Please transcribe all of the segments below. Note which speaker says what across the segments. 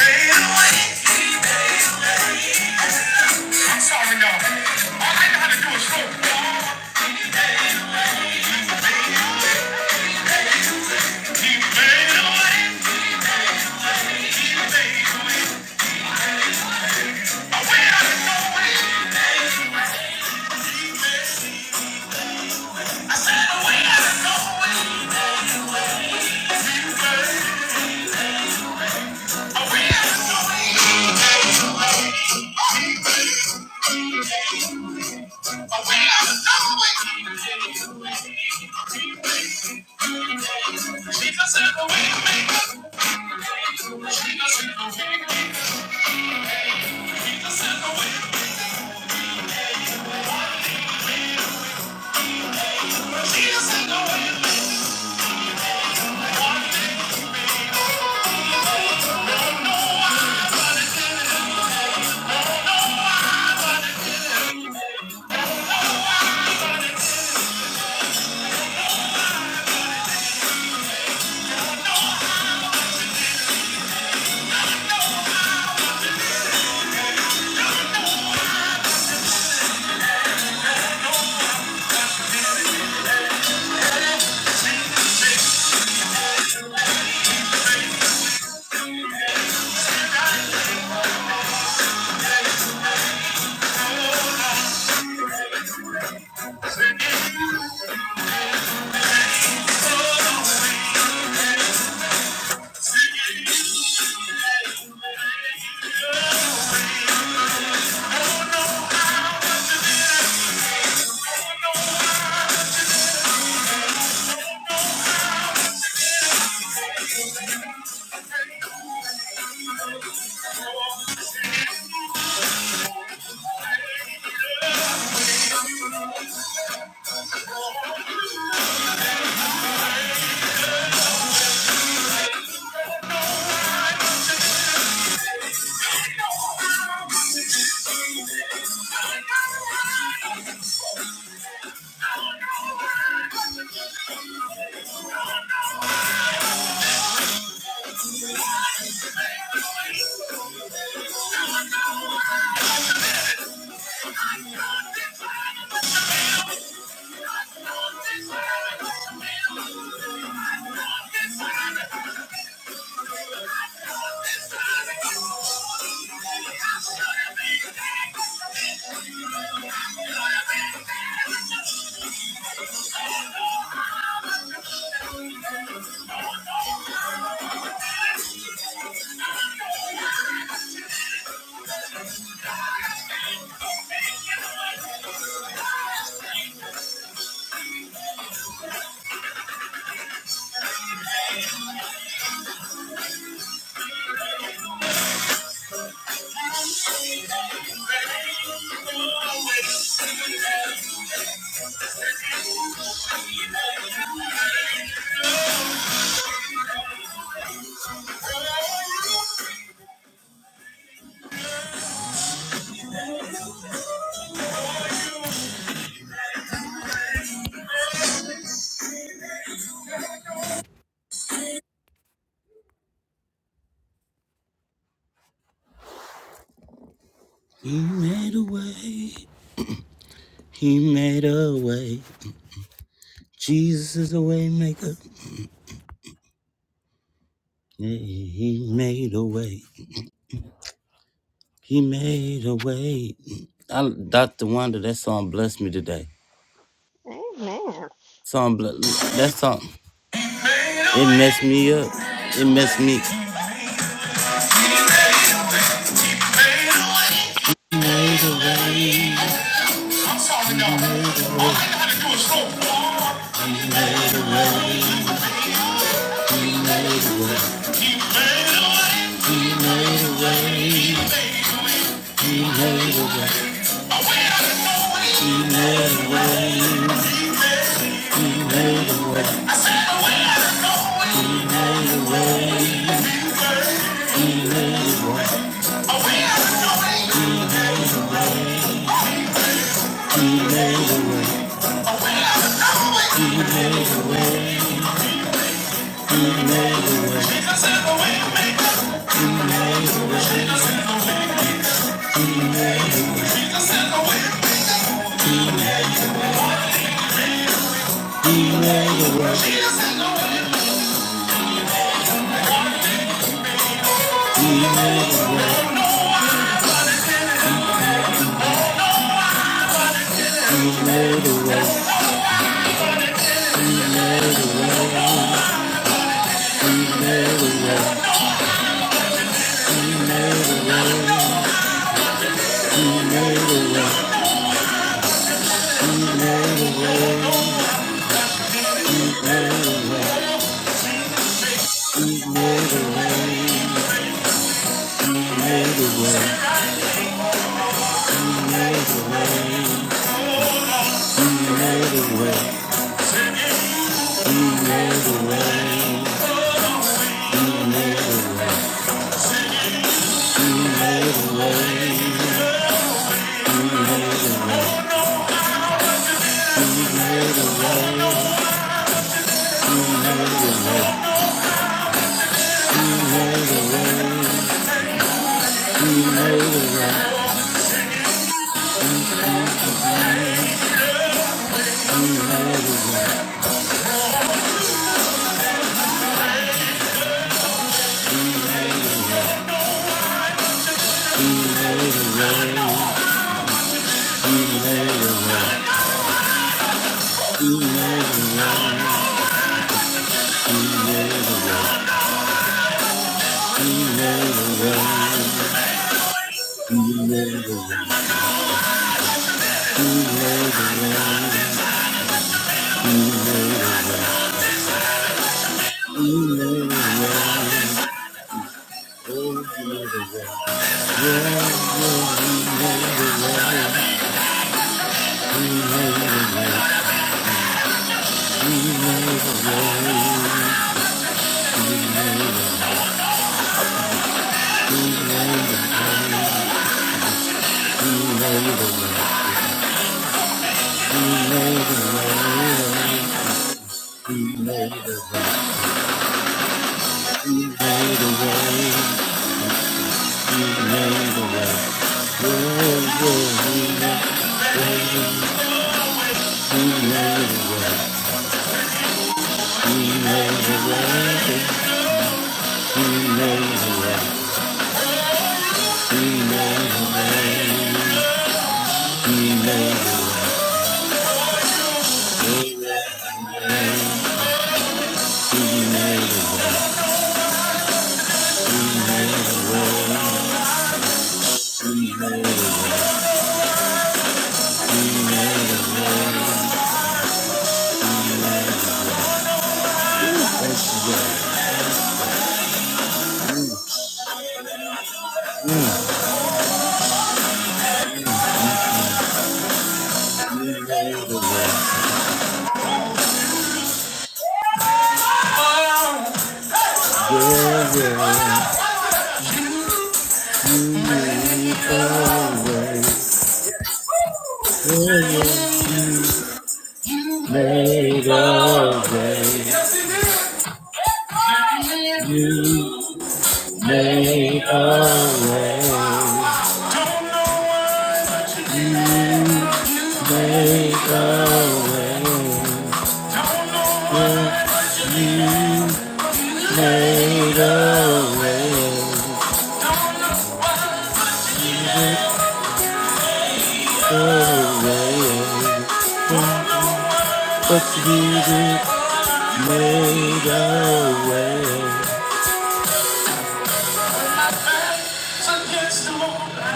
Speaker 1: Because of the way I don't Oh, no.
Speaker 2: Amen.
Speaker 1: I'm sorry, y'all. All I know how to do is roll. I went out of Norway. I said, away out of nowhere. Yes, he did. Don't know why. Made a way. Don't know why. My back's against the wall. And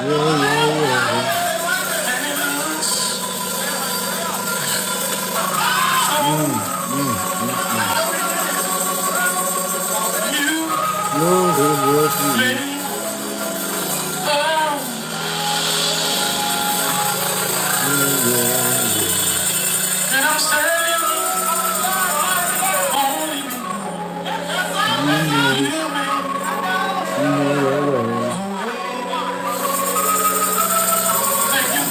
Speaker 1: it looks you And I'm standing on you. I'm sorry, y'all.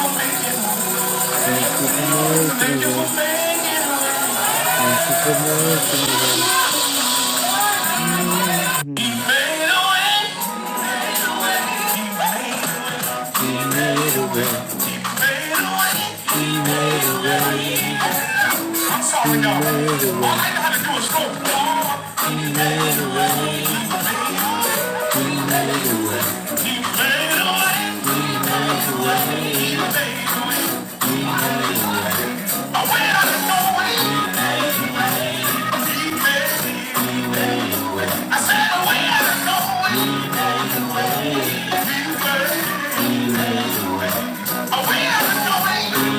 Speaker 1: All I know how to do is go. I went out of nowhere. I said, I went out of nowhere. I went out of nowhere.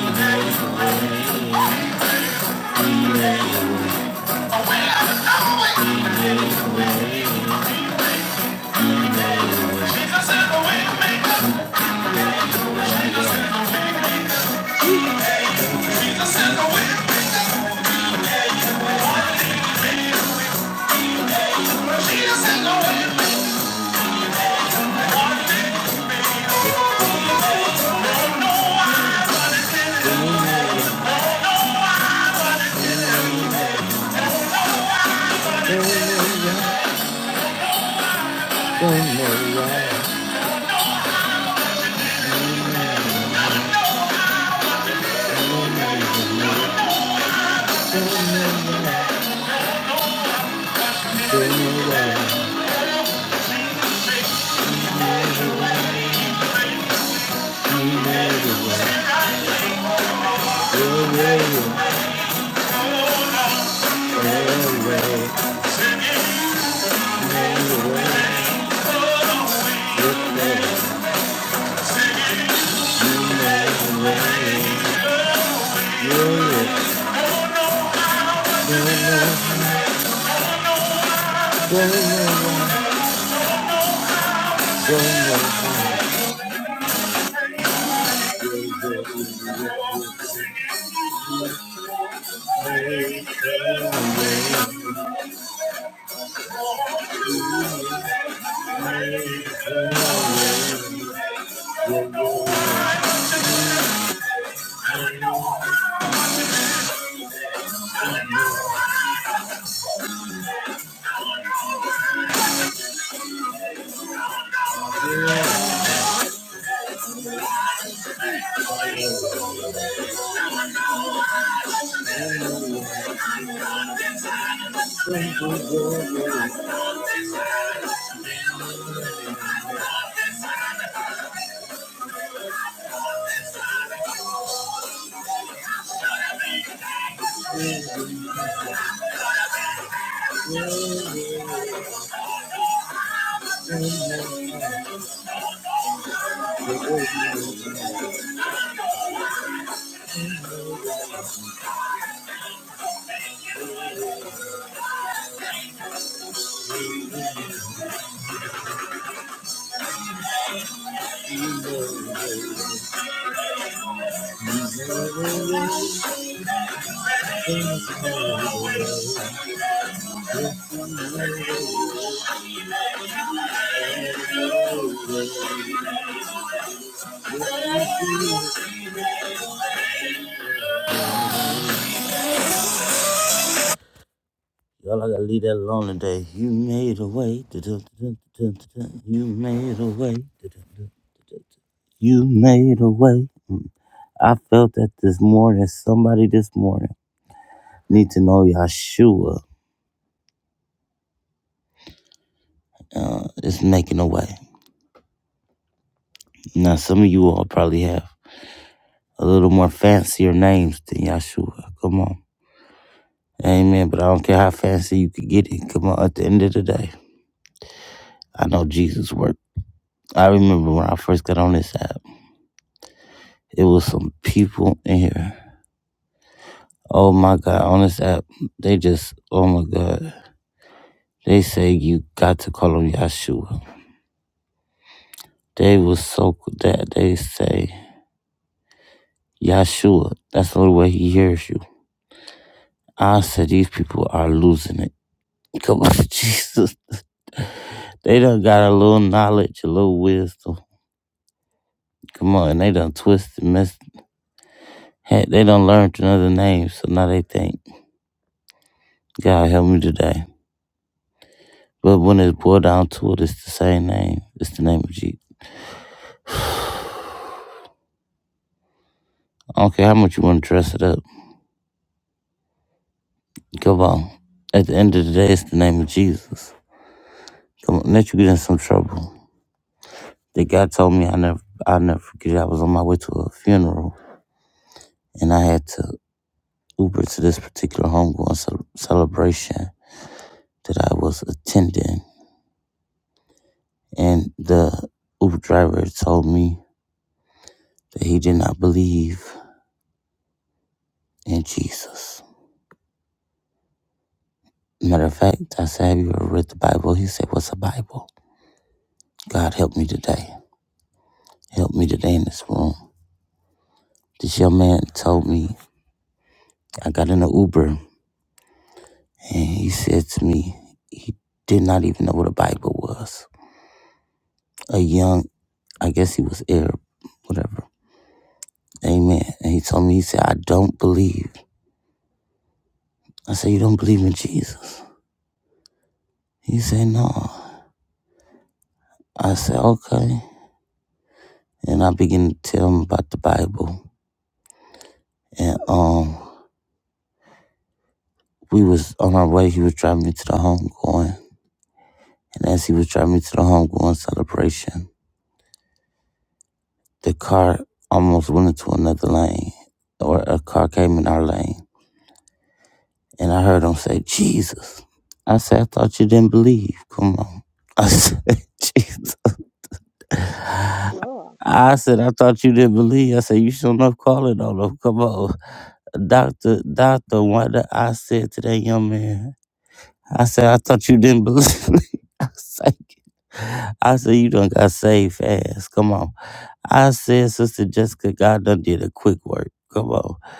Speaker 2: Well,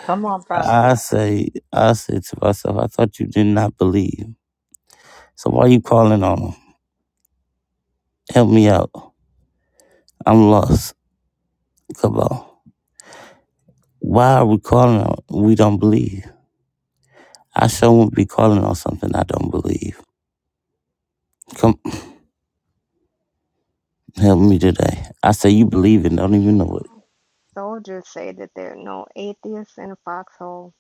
Speaker 3: Come on, prophet.
Speaker 2: soldiers say that there are no atheists in a foxhole.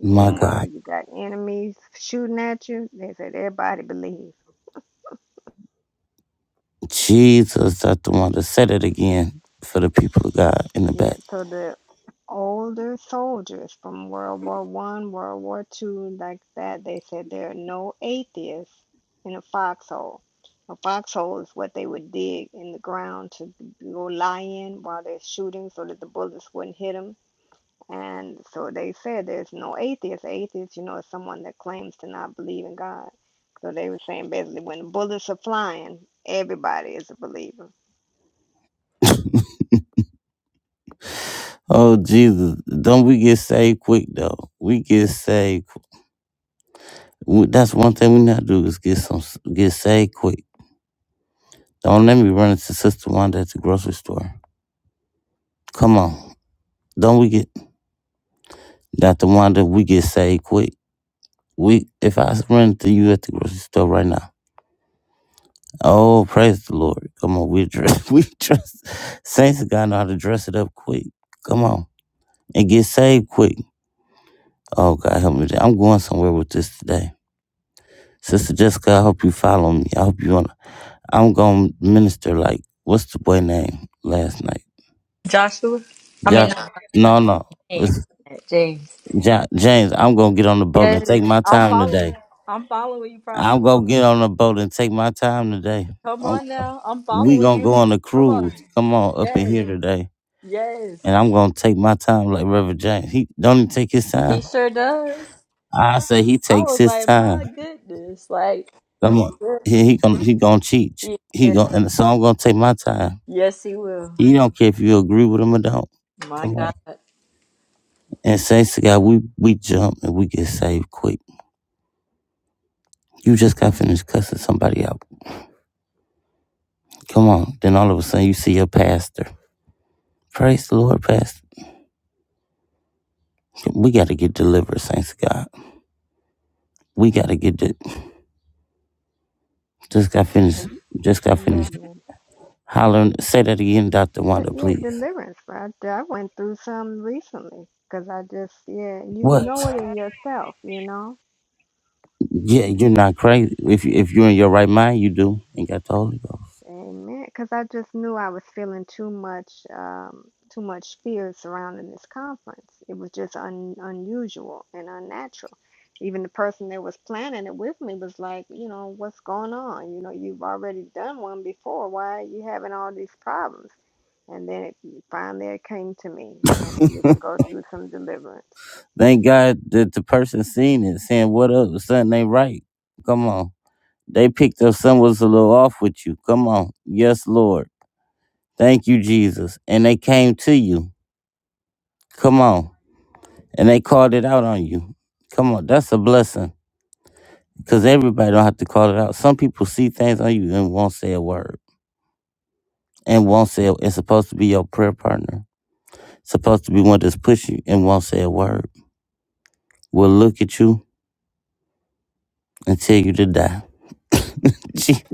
Speaker 2: Meanwhile, you got enemies shooting at you. They said everybody believes. Yeah, so the older soldiers from World War One, World War Two, like that, they said there are no atheists in a foxhole. A foxhole is what they would dig in the ground to go lie in while they're shooting, so that the bullets wouldn't hit hit them. And so they said there's no atheist. Atheist, you know, is someone that claims to not believe in God. So they were saying basically when bullets are flying, everybody is a believer.
Speaker 3: Joshua? I mean, no, no, no, James. my bad, James. Yes, I'm following. I'm following you, prophet. Come on, come on now. I'm following you. Come on. Yes, yes. He sure does. I was like, my goodness, like, goodness. Yes, yes, he will. My God,
Speaker 2: Deliverance. But yeah, deliverance. But I, I went through some recently because I just, yeah, you know it in yourself, you know? Amen. Because I just knew I was feeling too much, um, too much fear surrounding this conference. It was just un unusual and unnatural. Even the person that was planning it with me was like, you know, what's going on? You know, you've already done one before. Why are you having all these problems? And then it finally it came to me. I needed to go through some deliverance.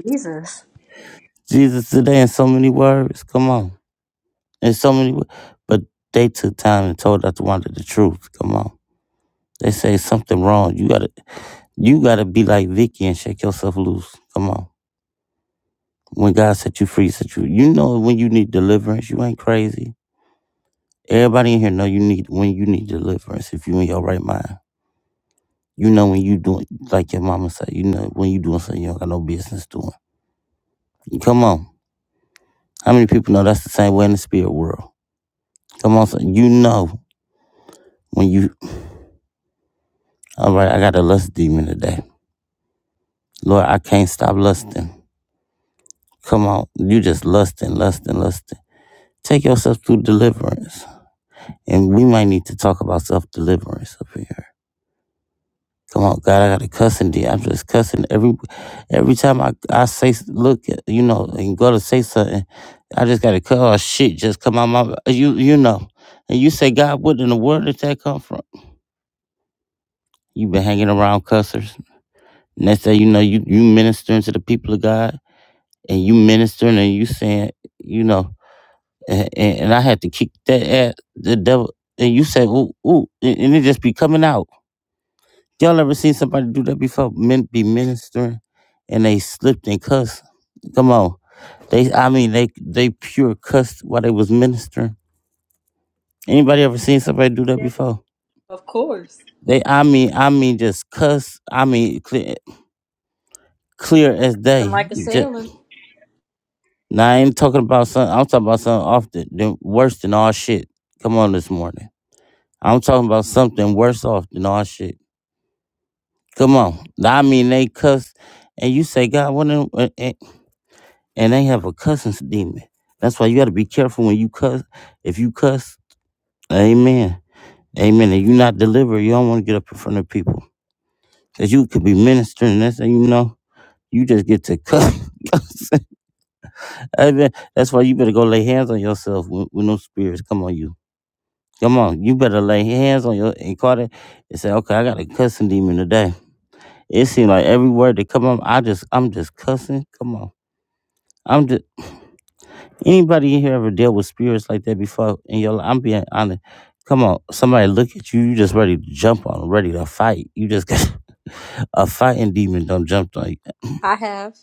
Speaker 3: Jesus. Yes, of course. And like a sailor, I have.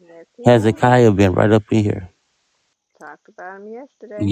Speaker 2: Yes, he had talked about him yesterday.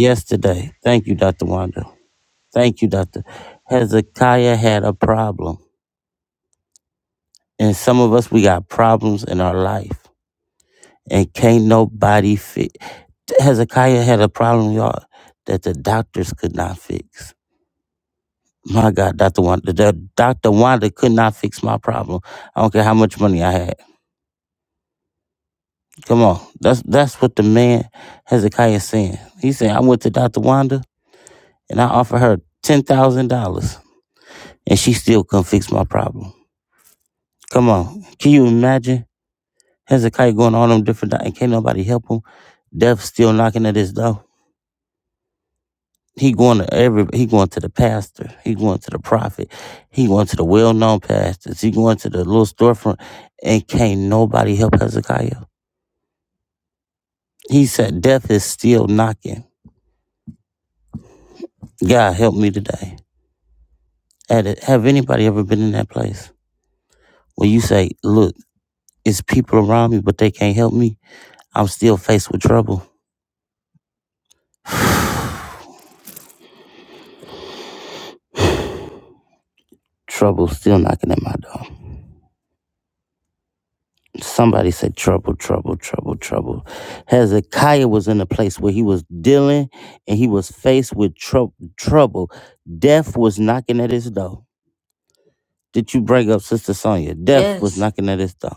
Speaker 3: Yes.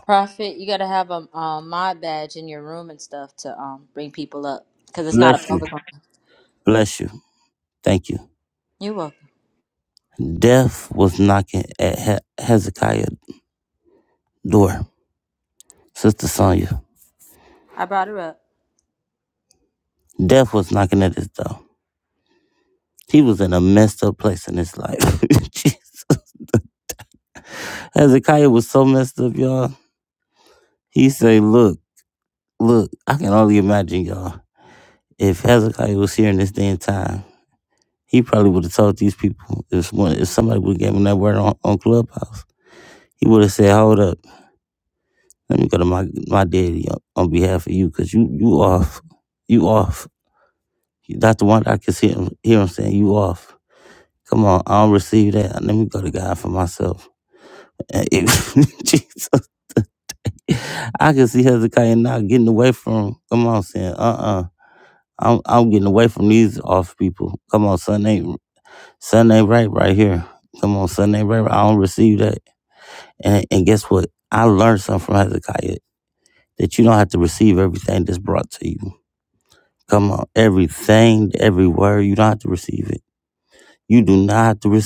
Speaker 3: Prophet, you gotta have a um, mod badge in your room and stuff to um bring people up because it's not a public one. You're welcome. I brought her up.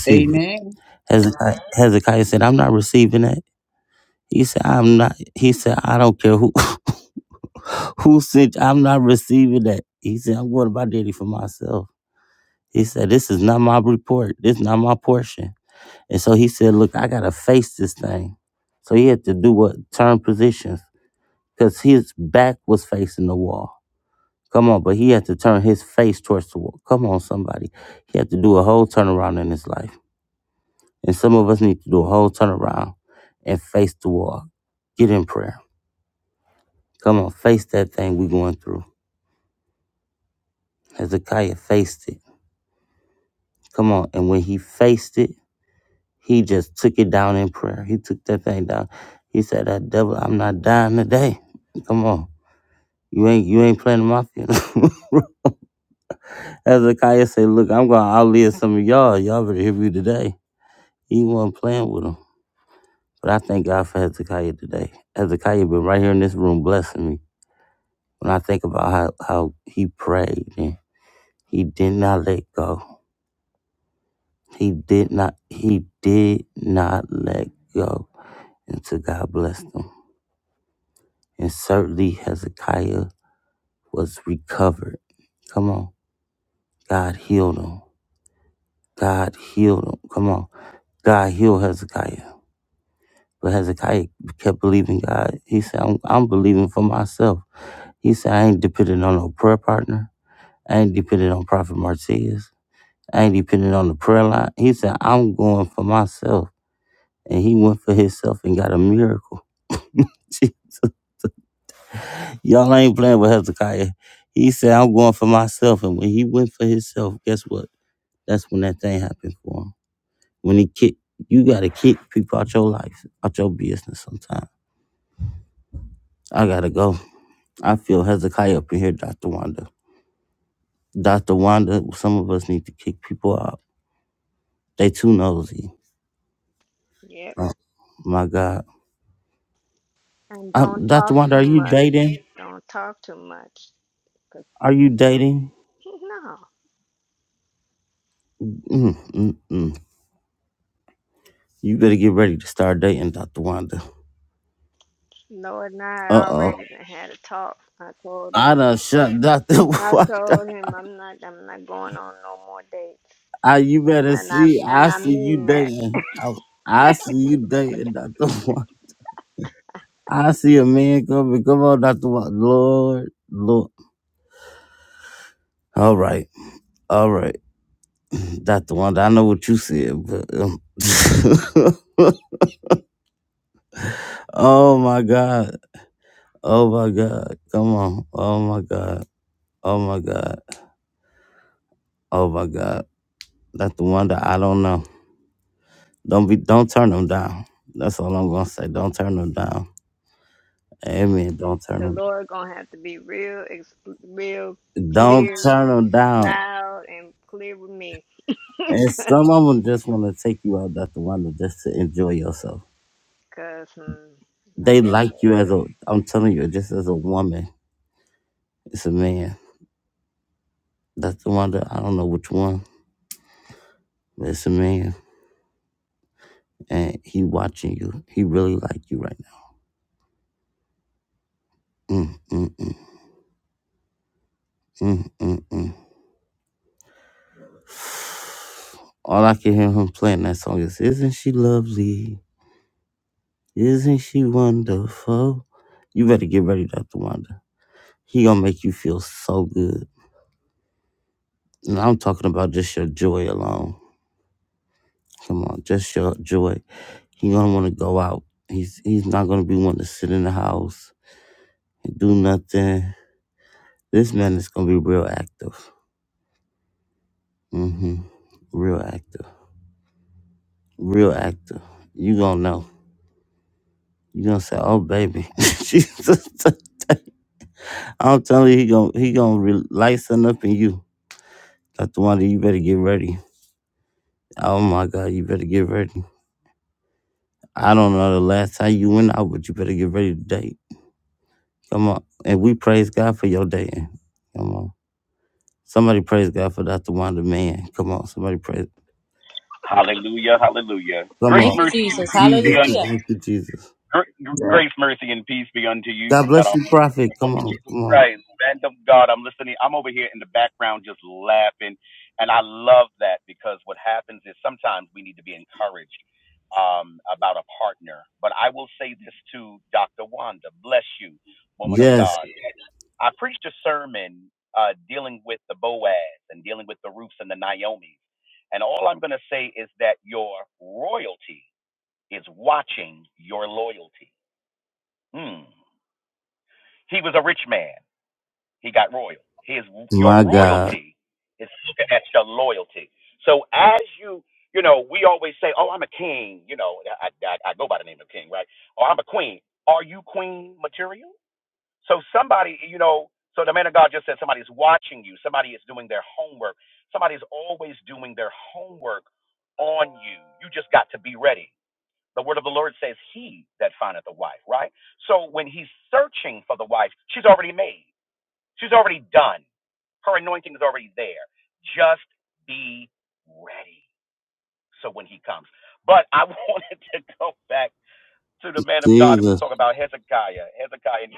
Speaker 4: Amen.
Speaker 2: Yep. And don't talk too much. Don't talk too much. No. No, and I already done had a talk. I told him. I told him I'm not. I'm not going on no more dates. And, and I and I mean that the Lord gonna have to be real, ex- real clear, loud, and clear with me. Cause hmm, like I said,
Speaker 5: Hallelujah, hallelujah. Grace,
Speaker 3: Thank you,
Speaker 5: mercy, and
Speaker 3: Jesus.
Speaker 5: peace be unto
Speaker 3: Hallelujah.
Speaker 4: Yeah.
Speaker 5: grace, mercy, and peace be unto you from God our Lord Jesus Christ, man of God, I'm listening. I'm over here in the background just laughing. And I love that because what happens is sometimes we need to be encouraged um, about a partner. But I will say this to Dr. Wanda bless you, woman of God. I preached a sermon uh, dealing with the Boaz and dealing with the Ruths and the Naomis. And all I'm going to say is that your royalty is watching your loyalty. Hmm. He was a rich man. He got royal. His your royalty is looking at your loyalty. So as you you know, we always say, "Oh, I'm a king." You know, I I, I go by the name of king, right? Or I'm a queen. Are you queen material? So somebody, you know, so the man of God just said somebody's watching you. Somebody is doing their homework. Somebody's always doing their homework on you. You just got to be ready. The word of the Lord says, "He that findeth a wife," right? So when he's searching for the wife, she's already made. She's already done. Her anointing is already there. Just be ready. So when he comes. But I wanted to go back to the man of God who was talking about Hezekiah. Hezekiah,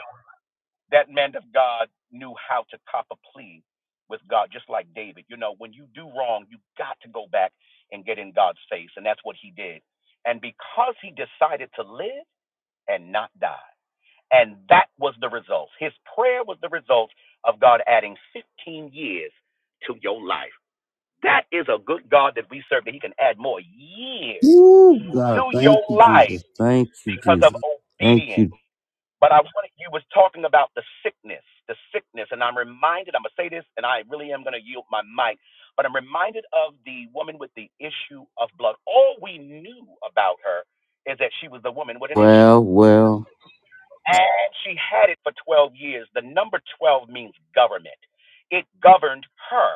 Speaker 5: that man of God knew how to cop a plea with God, just like David. You know, when you do wrong, you got to go back and get in God's face. And that's what he did. And because he decided to live and not die, and that was the result. His prayer was the result of God adding 15 years to your life. That is a good God that we serve, that He can add more years to your life because of obedience. But I wanted, you was talking about the sickness, the sickness, and I'm reminded, I'm going to say this, and I really am going to yield my mic, but I'm reminded of the woman with the issue of blood. All we knew about her is that she was the woman with an issue. And she had it for 12 years. The number 12 means government. It governed her.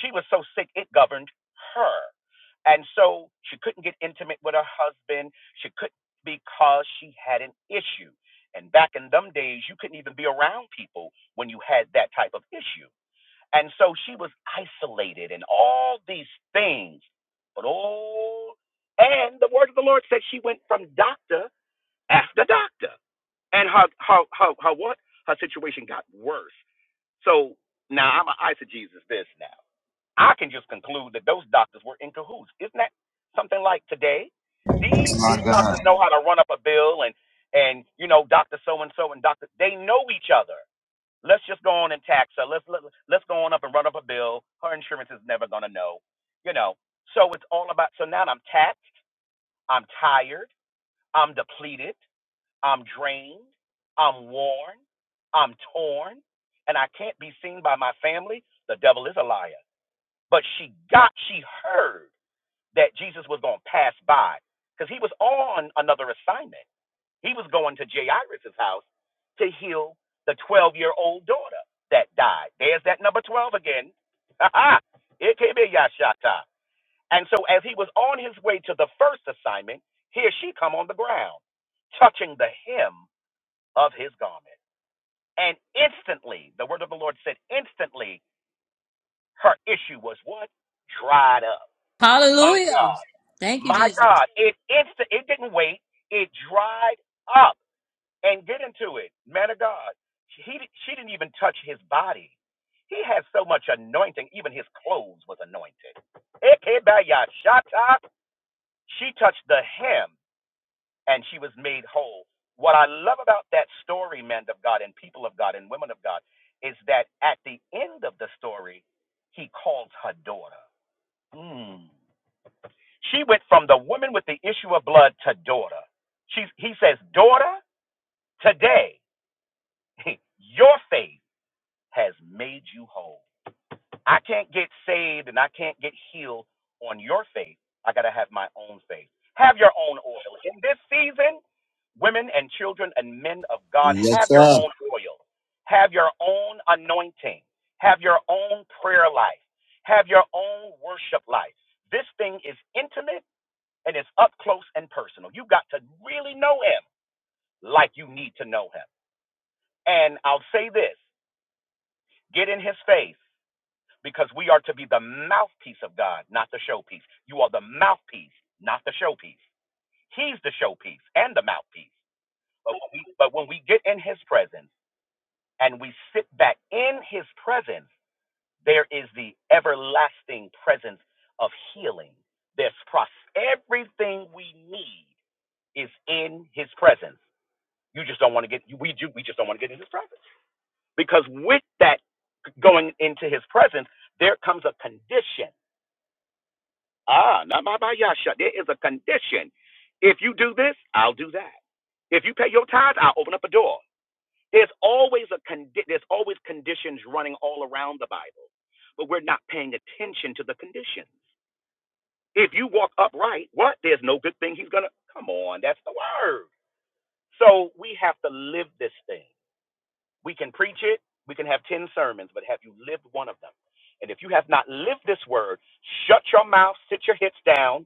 Speaker 5: She was so sick, it governed her. And so she couldn't get intimate with her husband. She couldn't because she had an issue. And back in them days, you couldn't even be around people when you had that type of issue. And so she was isolated and all these things. But oh, and the word of the Lord said she went from doctor ask the doctor. And her her her, her what? Her situation got worse. So now I'm a eisegesis this now. I can just conclude that those doctors were in cahoots. Isn't that something like today? These these doctors know how to run up a bill and and you know Doctor so and so and Doctor they know each other. Let's just go on and tax her. Let's let, let's go on up and run up a bill. Her insurance is never gonna know, you know. So it's all about. So now I'm taxed. I'm tired. I'm depleted. I'm drained, I'm worn, I'm torn, and I can't be seen by my family, the devil is a liar. But she got, she heard that Jesus was going to pass by because he was on another assignment. He was going to Jairus' house to heal the 12 year old daughter that died. There's that number 12 again. it can be Yashata. And so as he was on his way to the first assignment, here she come on the ground, touching the hem of his garment. And instantly, the word of the Lord said, instantly, her issue was what? Dried up. My
Speaker 3: Hallelujah.
Speaker 5: God.
Speaker 3: Thank you,
Speaker 5: My
Speaker 3: Jesus.
Speaker 5: God. It instant it didn't wait. It dried up. And get into it. Man of God. He she didn't even touch his body. He had so much anointing, even his clothes was anointed. Ekebayashata. She touched the hem and she was made whole. What I love about that story, men of God and people of God and women of God, is that at the end of the story, he calls her daughter. Mm. She went from the woman with the issue of blood to daughter. She's, he says, Daughter, today your faith has made you whole. I can't get saved and I can't get healed on your faith. I got to have my own faith. Have your own oil. In this season, women and children and men of God, have your own oil. Have your own anointing. Have your own prayer life. Have your own worship life. This thing is intimate and it's up close and personal. You got to really know him like you need to know him. And I'll say this get in his face because we are to be the mouthpiece of God, not the showpiece. You are the mouthpiece, not the showpiece. He's the showpiece and the mouthpiece. But when we, but when we get in His presence and we sit back in His presence, there is the everlasting presence of healing. There's pros- everything we need is in His presence. You just don't want to get we do. we just don't want to get in His presence because with that going into His presence, there comes a condition Ah, namabayasha. There is a condition. If you do this, I'll do that. If you pay your tithes, I'll open up a door. There's always a condi- there's always conditions running all around the Bible, but we're not paying attention to the conditions. If you walk upright, what? There's no good thing he's gonna. Come on, that's the word. So we have to live this thing. We can preach it. We can have ten sermons, but have you lived one of them? And if you have not lived this word, shut your mouth, sit your hips down,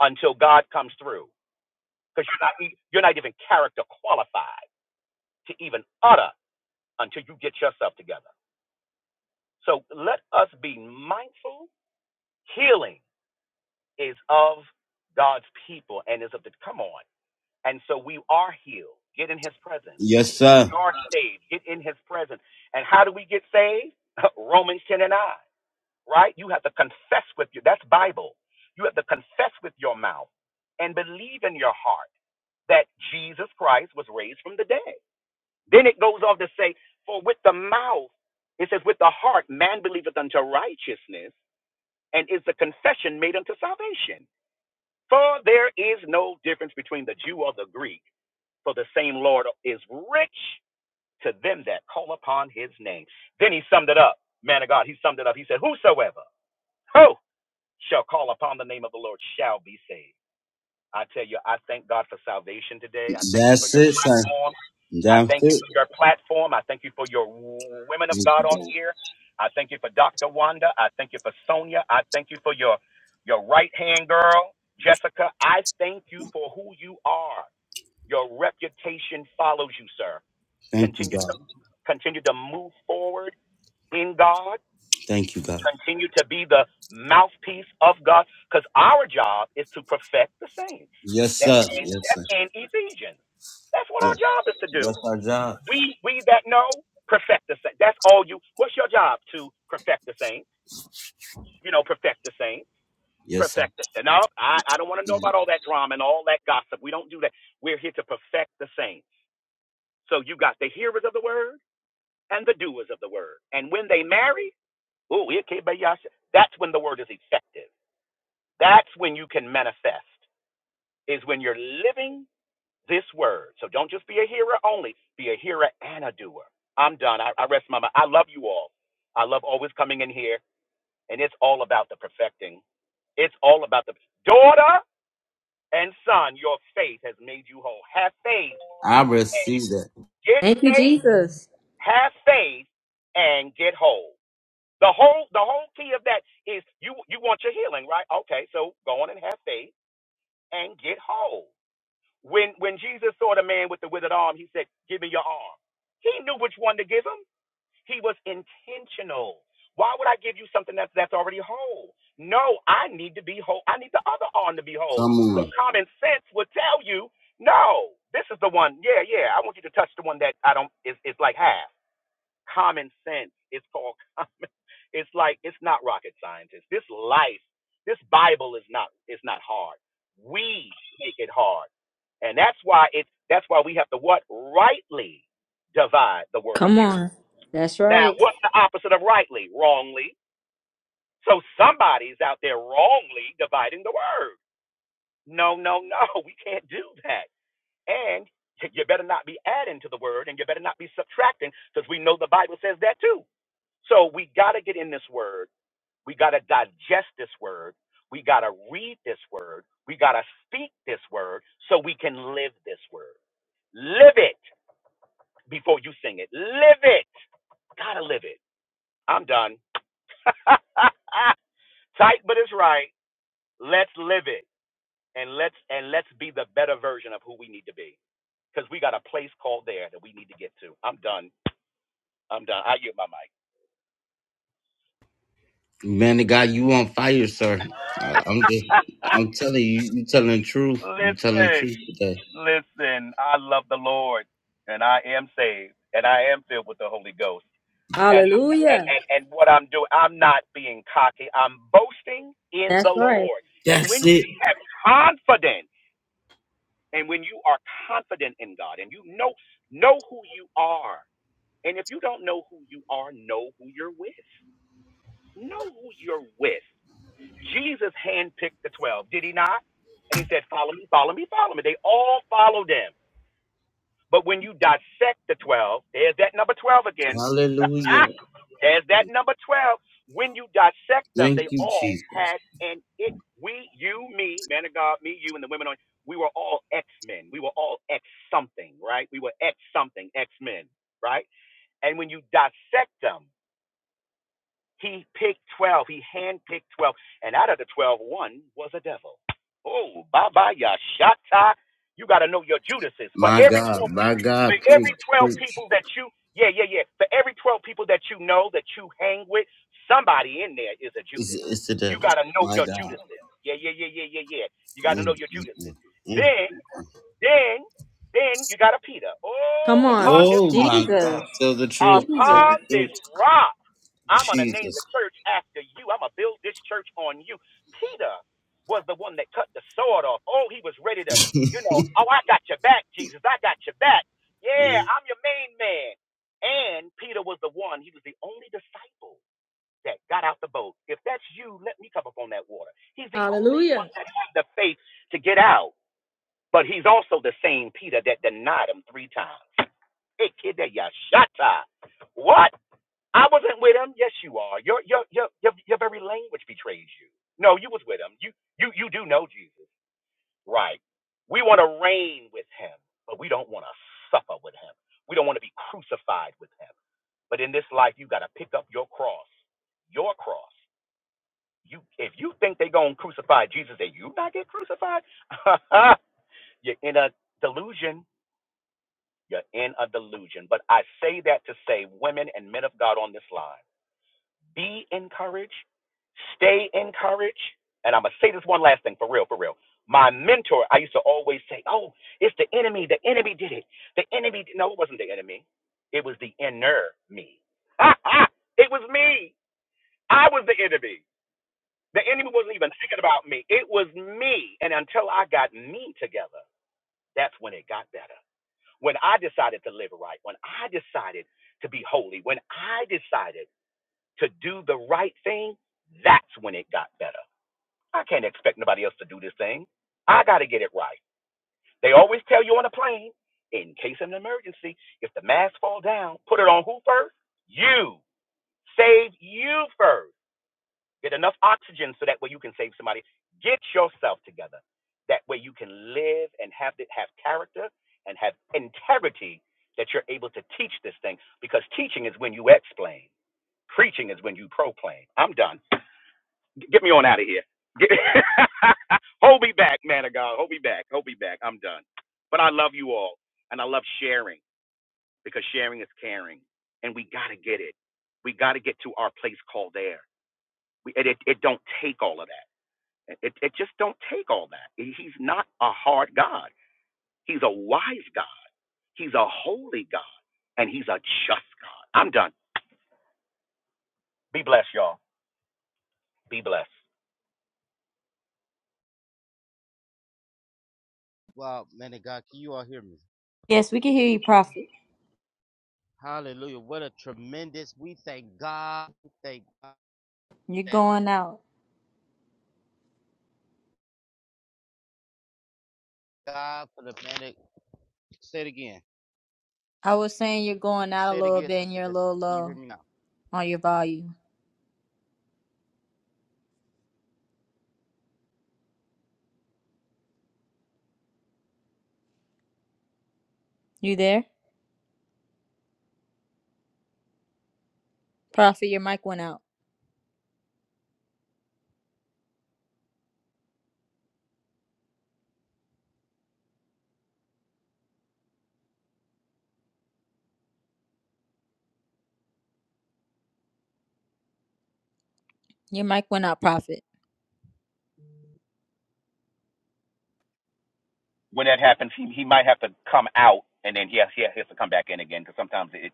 Speaker 5: until God comes through because you're not e- you're not even character qualified to even utter until you get yourself together. So let us be mindful. Healing is of God's people and is of the come on. And so we are healed. Get in His presence. We are saved. Get in His presence. And how do we get saved? Romans ten and nine. Right? You have to confess with your that's Bible. You have to confess with your mouth and believe in your heart that Jesus Christ was raised from the dead. Then it goes on to say, For with the mouth, it says, with the heart man believeth unto righteousness, and is the confession made unto salvation. For there is no difference between the Jew or the Greek, for the same Lord is rich to them that call upon his name. Then he summed it up, man of God, he summed it up. He said, Whosoever, who shall call upon the name of the Lord shall be saved. I tell you, I thank God for salvation today. I thank you for your platform. I thank you for your platform. I thank you for your women of God on here. I thank you for Dr. Wanda. I thank you for Sonia. I thank you for your your right hand girl, Jessica. I thank you for who you are. Your reputation follows you, sir. Continue to continue to move forward in God continue to be the mouthpiece of God because our job is to perfect the saints. That's in, that's in Ephesians. That's what our job is to do. We we that know perfect the saints. That's all you. What's your job to perfect the saints? You know, perfect the saints. Perfect the saints. No, I, I don't want to know about all that drama and all that gossip. We don't do that. We're here to perfect the saints. So you got the hearers of the word and the doers of the word. And when they marry, ooh, it can't be you that's when the word is effective That's when you can manifest, is when you're living this word. So don't just be a hearer only, be a hearer and a doer. I'm done. I, I rest my mind. I love you all. I love always coming in here, and it's all about the perfecting. It's all about the daughter and son. Your faith has made you whole. Have faith and get
Speaker 3: Thank you,
Speaker 5: faith.
Speaker 3: Jesus.
Speaker 5: Have faith and get whole. The whole the whole key of that is you you want your healing, right? Okay, so go on and have faith and get whole. When when Jesus saw the man with the withered arm, he said, "Give me your arm." He knew which one to give him. He was intentional. Why would I give you something that's that's already whole? No, I need to be whole. I need the other arm to be whole. So common sense would tell you, no, this is the one. Yeah, yeah. I want you to touch the one that I don't It's it's like half. Common sense. It's called it's like it's not rocket scientist. This life, this Bible is not It's not hard. We make it hard. And that's why it that's why we have to what? Rightly divide the word of
Speaker 3: Come
Speaker 5: truth.
Speaker 3: on. That's
Speaker 5: Now,
Speaker 3: right.
Speaker 5: what's the opposite of rightly? Wrongly. So somebody's out there wrongly dividing the word. No, no, no. We can't do that. And you better not be adding to the word and you better not be subtracting because we know the Bible says that too. So we got to get in this word we got to digest this word. We got to read this word. We got to speak this word so we can live this word. Live it before you sing it. Live it. Got to live it. I'm done. Tight, but it's right. Let's live it and let's and let's be the better version of who we need to be because we got a place called there that we need to get to. I'm done. I'm done. I yield my mic. Listen, listen, I love the Lord and I am saved and I am filled with the Holy Ghost. And and,
Speaker 3: Hallelujah.
Speaker 5: and, and what I'm doing, I'm not being cocky. I'm boasting in
Speaker 3: That's
Speaker 5: the
Speaker 3: right.
Speaker 5: Lord. And when you have confidence and when you are confident in God and you know know who you are. And if you don't know who you are, know who you're with. Know who you're with. Jesus handpicked the 12, did he not? And he said, Follow me, follow me, follow me. They all followed him. But when you dissect the 12, there's that number 12 again. there's that number 12. When you dissect them, they all had an it. We, you, me, man of God, me, you, and the women on, we were all X men. We were all X something, right? We were X something, X men, right? And when you dissect them, he picked 12. He handpicked 12. And out of the twelve, one was a devil. Oh, Baba Yashata. You got to know your Judases. For every 12 people, for every 12 people that you, yeah, yeah, yeah. For every 12 people that you know, that you hang with, somebody in there is a Judas. You got to know your Judases. Yeah, yeah, yeah, yeah, yeah, yeah. You got to know your Judases. Then, then, then you got a Peter.
Speaker 3: Come
Speaker 5: Oh,
Speaker 3: on.
Speaker 5: upon this rock.
Speaker 3: Jesus. Jesus.
Speaker 5: Upon this rock, I'm going to name the church after you. I'm going to build this church on you. Peter was the one that cut the sword off. Oh, he was ready to, you know, oh, I got your back, Jesus. I got your back. Yeah, I'm your main man. And Peter was the one, he was the only disciple that got out the boat. If that's you, let me come up on that water. He's the only
Speaker 3: Hallelujah.
Speaker 5: one that had the faith to get out. But he's also the same Peter that denied him three times. Hey, kid, that ya shut up. What? I wasn't with him. Yes, you are. Your your your your, your very language betrays you. No, you was with him. You you you do know Jesus, right? We want to reign with him, but we don't want to suffer with him. We don't want to be crucified with him. But in this life, you got to pick up your cross, your cross. You if you think they gonna crucify Jesus and you not get crucified, you're in a delusion. You're in a delusion. But I say that to say, women and men of God on this line. Be encouraged. Stay encouraged. And I'm going to say this one last thing for real, for real. My mentor, I used to always say, Oh, it's the enemy. The enemy did it. The enemy. Did. No, it wasn't the enemy. It was the inner me. Ha, ha. it was me. I was the enemy. The enemy wasn't even thinking about me. It was me. And until I got me together, that's when it got better. When I decided to live right, when I decided to be holy, when I decided to do the right thing, that's when it got better. I can't expect nobody else to do this thing. I got to get it right. They always tell you on a plane, in case of an emergency, if the mask fall down, put it on who first? You. Save you first. Get enough oxygen so that way you can save somebody. Get yourself together. That way you can live and have have character and have integrity that you're able to teach this thing because teaching is when you explain. Preaching is when you proclaim. I'm done get me on out of here. Get, hold me back, man of God. Hold me back. Hold me back. I'm done. But I love you all, and I love sharing because sharing is caring, and we gotta get it. We gotta get to our place called there. We, it, it it don't take all of that. It it just don't take all that. He's not a hard God. He's a wise God. He's a holy God, and he's a just God. I'm done. Be blessed, y'all. Be blessed.
Speaker 3: Yes, we can hear you, Prophet. You're going out. I was saying you're going out a little bit and you're a little low on your volume. You there? Prophet, your mic went out. Your mic went out, Prophet.
Speaker 5: when that happens, he he might have to come out, and then he has, he has to come back in again because sometimes it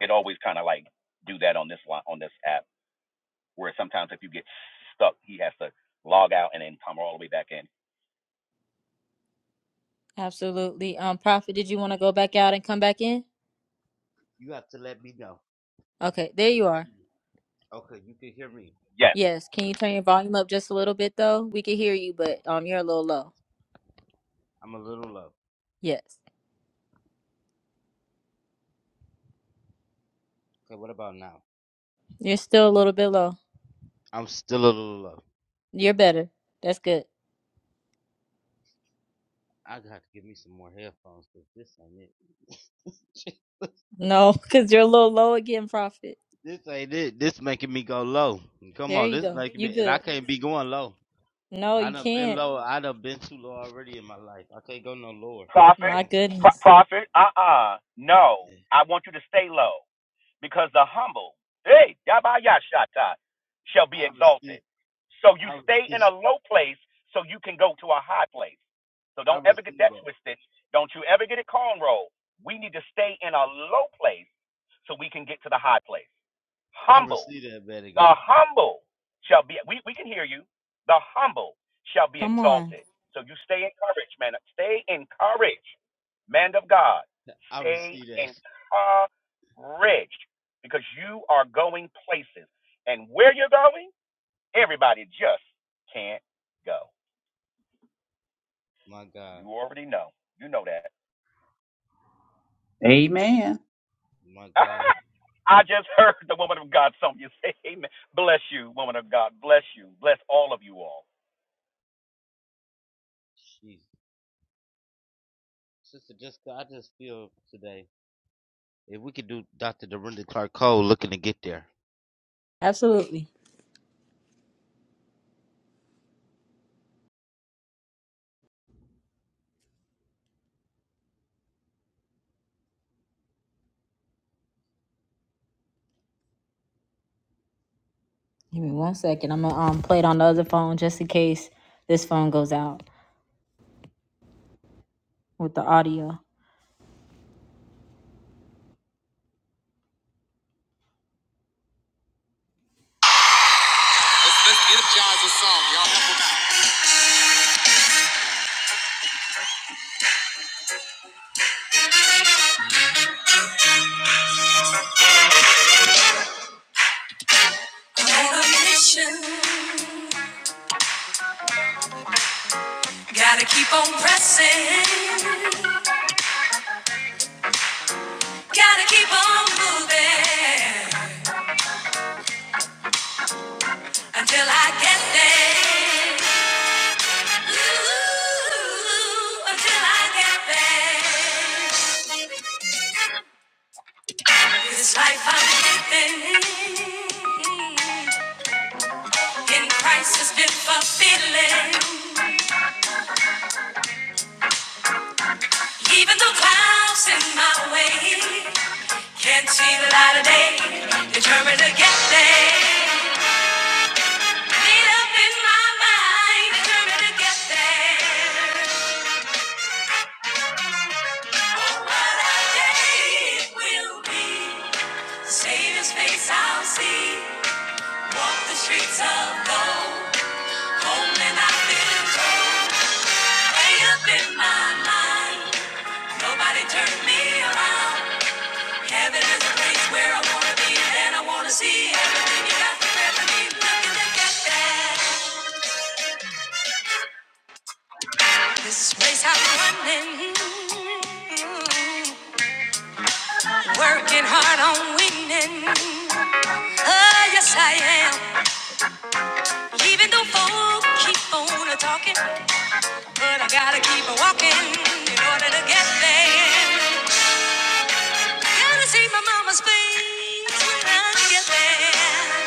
Speaker 5: it always kind of like do that on this line on this app, where sometimes if you get stuck, he has to log out and then come all the way back in.
Speaker 3: Absolutely. Um, Prophet, did you want to go back out and come back in? Okay, there you are.
Speaker 5: Yes,
Speaker 3: Yes. Can you turn your volume up just a little bit though? We can hear you, but um, you're a little low. Yes. You're still a little bit low. You're better. That's good. No, because you're a little low again, Prophet. There you go. You good. No, you can't. My
Speaker 5: profit, pro-
Speaker 3: goodness.
Speaker 5: profit. Uh uh no, I want you to stay low. because the humble, hey, yabayashata, shall be exalted. So you stay in a low place so you can go to a high place. So don't ever get that twisted. Don't you ever get it cornrow. We need to stay in a low place so we can get to the high place. Humble. The humble shall be, we, we can hear you. The humble shall be
Speaker 3: Come on.
Speaker 5: exalted. So you stay encouraged, man. Stay encouraged, man of God. Stay encouraged because you are going places. And where you're going, everybody just can't go. You already know. You know that.
Speaker 4: Amen.
Speaker 5: I just heard the woman of God, Sonia, say, Amen. Bless you, woman of God. Bless you. Bless all of you all.
Speaker 3: Absolutely. Give me one second. I'm gonna um play it on the other phone just in case this phone goes out with the audio. Let's energize the song, y'all. Gotta keep on pressing, gotta keep on moving until I get there. Ooh, until I get there. This life I'm living in Christ has been fulfilling. Even though clouds in my way can't see the light of day, determined to get there. Made up in my mind, determined to get there. What a day it will be. Savior's face I'll see. Walk the streets of gold. Home and I've been told. Way up in my mind. Nobody turned me around. Heaven is a place where I wanna be, and I wanna see everything you got to grab me. Looking to get there. This place I'm running. Working hard on winning. Oh, yes, I am. Even though folk keep on talking, but I gotta keep on walking in order to get there. Gotta see my mama's face when I get there.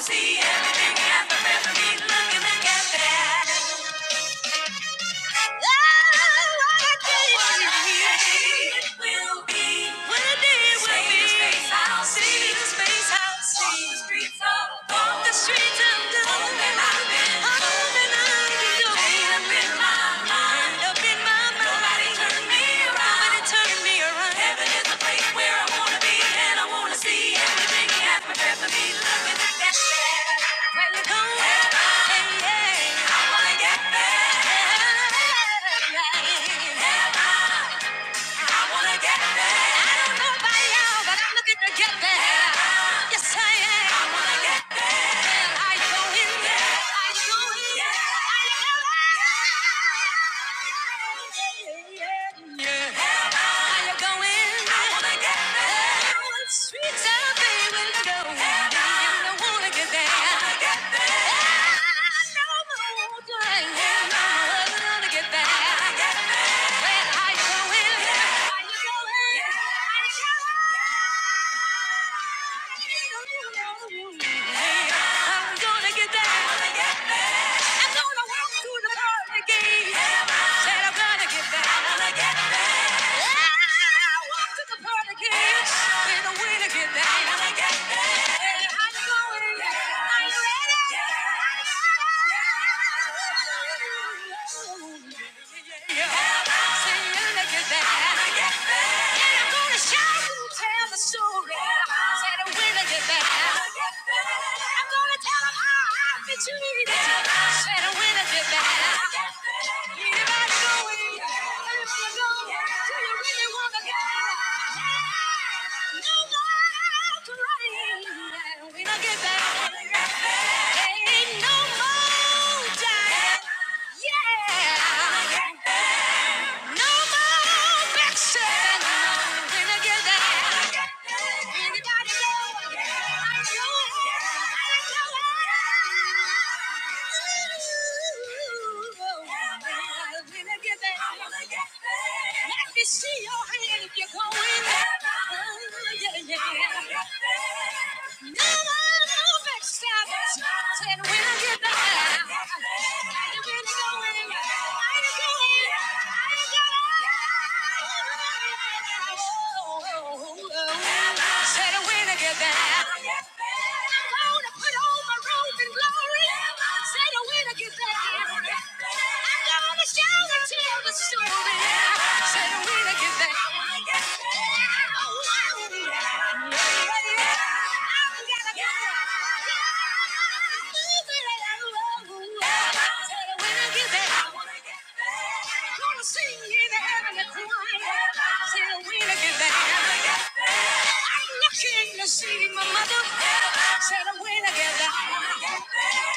Speaker 3: See everything happening for me. Look at that. Up in my mind. Nobody turned me around. Heaven is the place where I wanna be, and I wanna see everything He has for me. Love me like that. When I go, hey, yeah. I wanna get there. Heaven, I wanna get there. I don't know about y'all, but I'm looking to get there. Yes, I am. I wanna get there. Well, I know it. I know it. I know it. Yeah. yeah, yeah. How you going? I wanna get there. What streets are they you go? You don't wanna get there. I wanna get there. I know the water. I I wanna get there. I'm gonna get there. I'm gonna walk through the pearly gates. Said I'm gonna get there. I walked through the pearly gates with a way to get there. Hey, how you going? Are you ready? Get back no more time. Yeah. No more mixing when I get there. Anybody know? I know it. I know it. When I get there. Let me see your hand if you're going. Yeah, yeah. yeah. Said when I get back. See my mother said I'm winning together.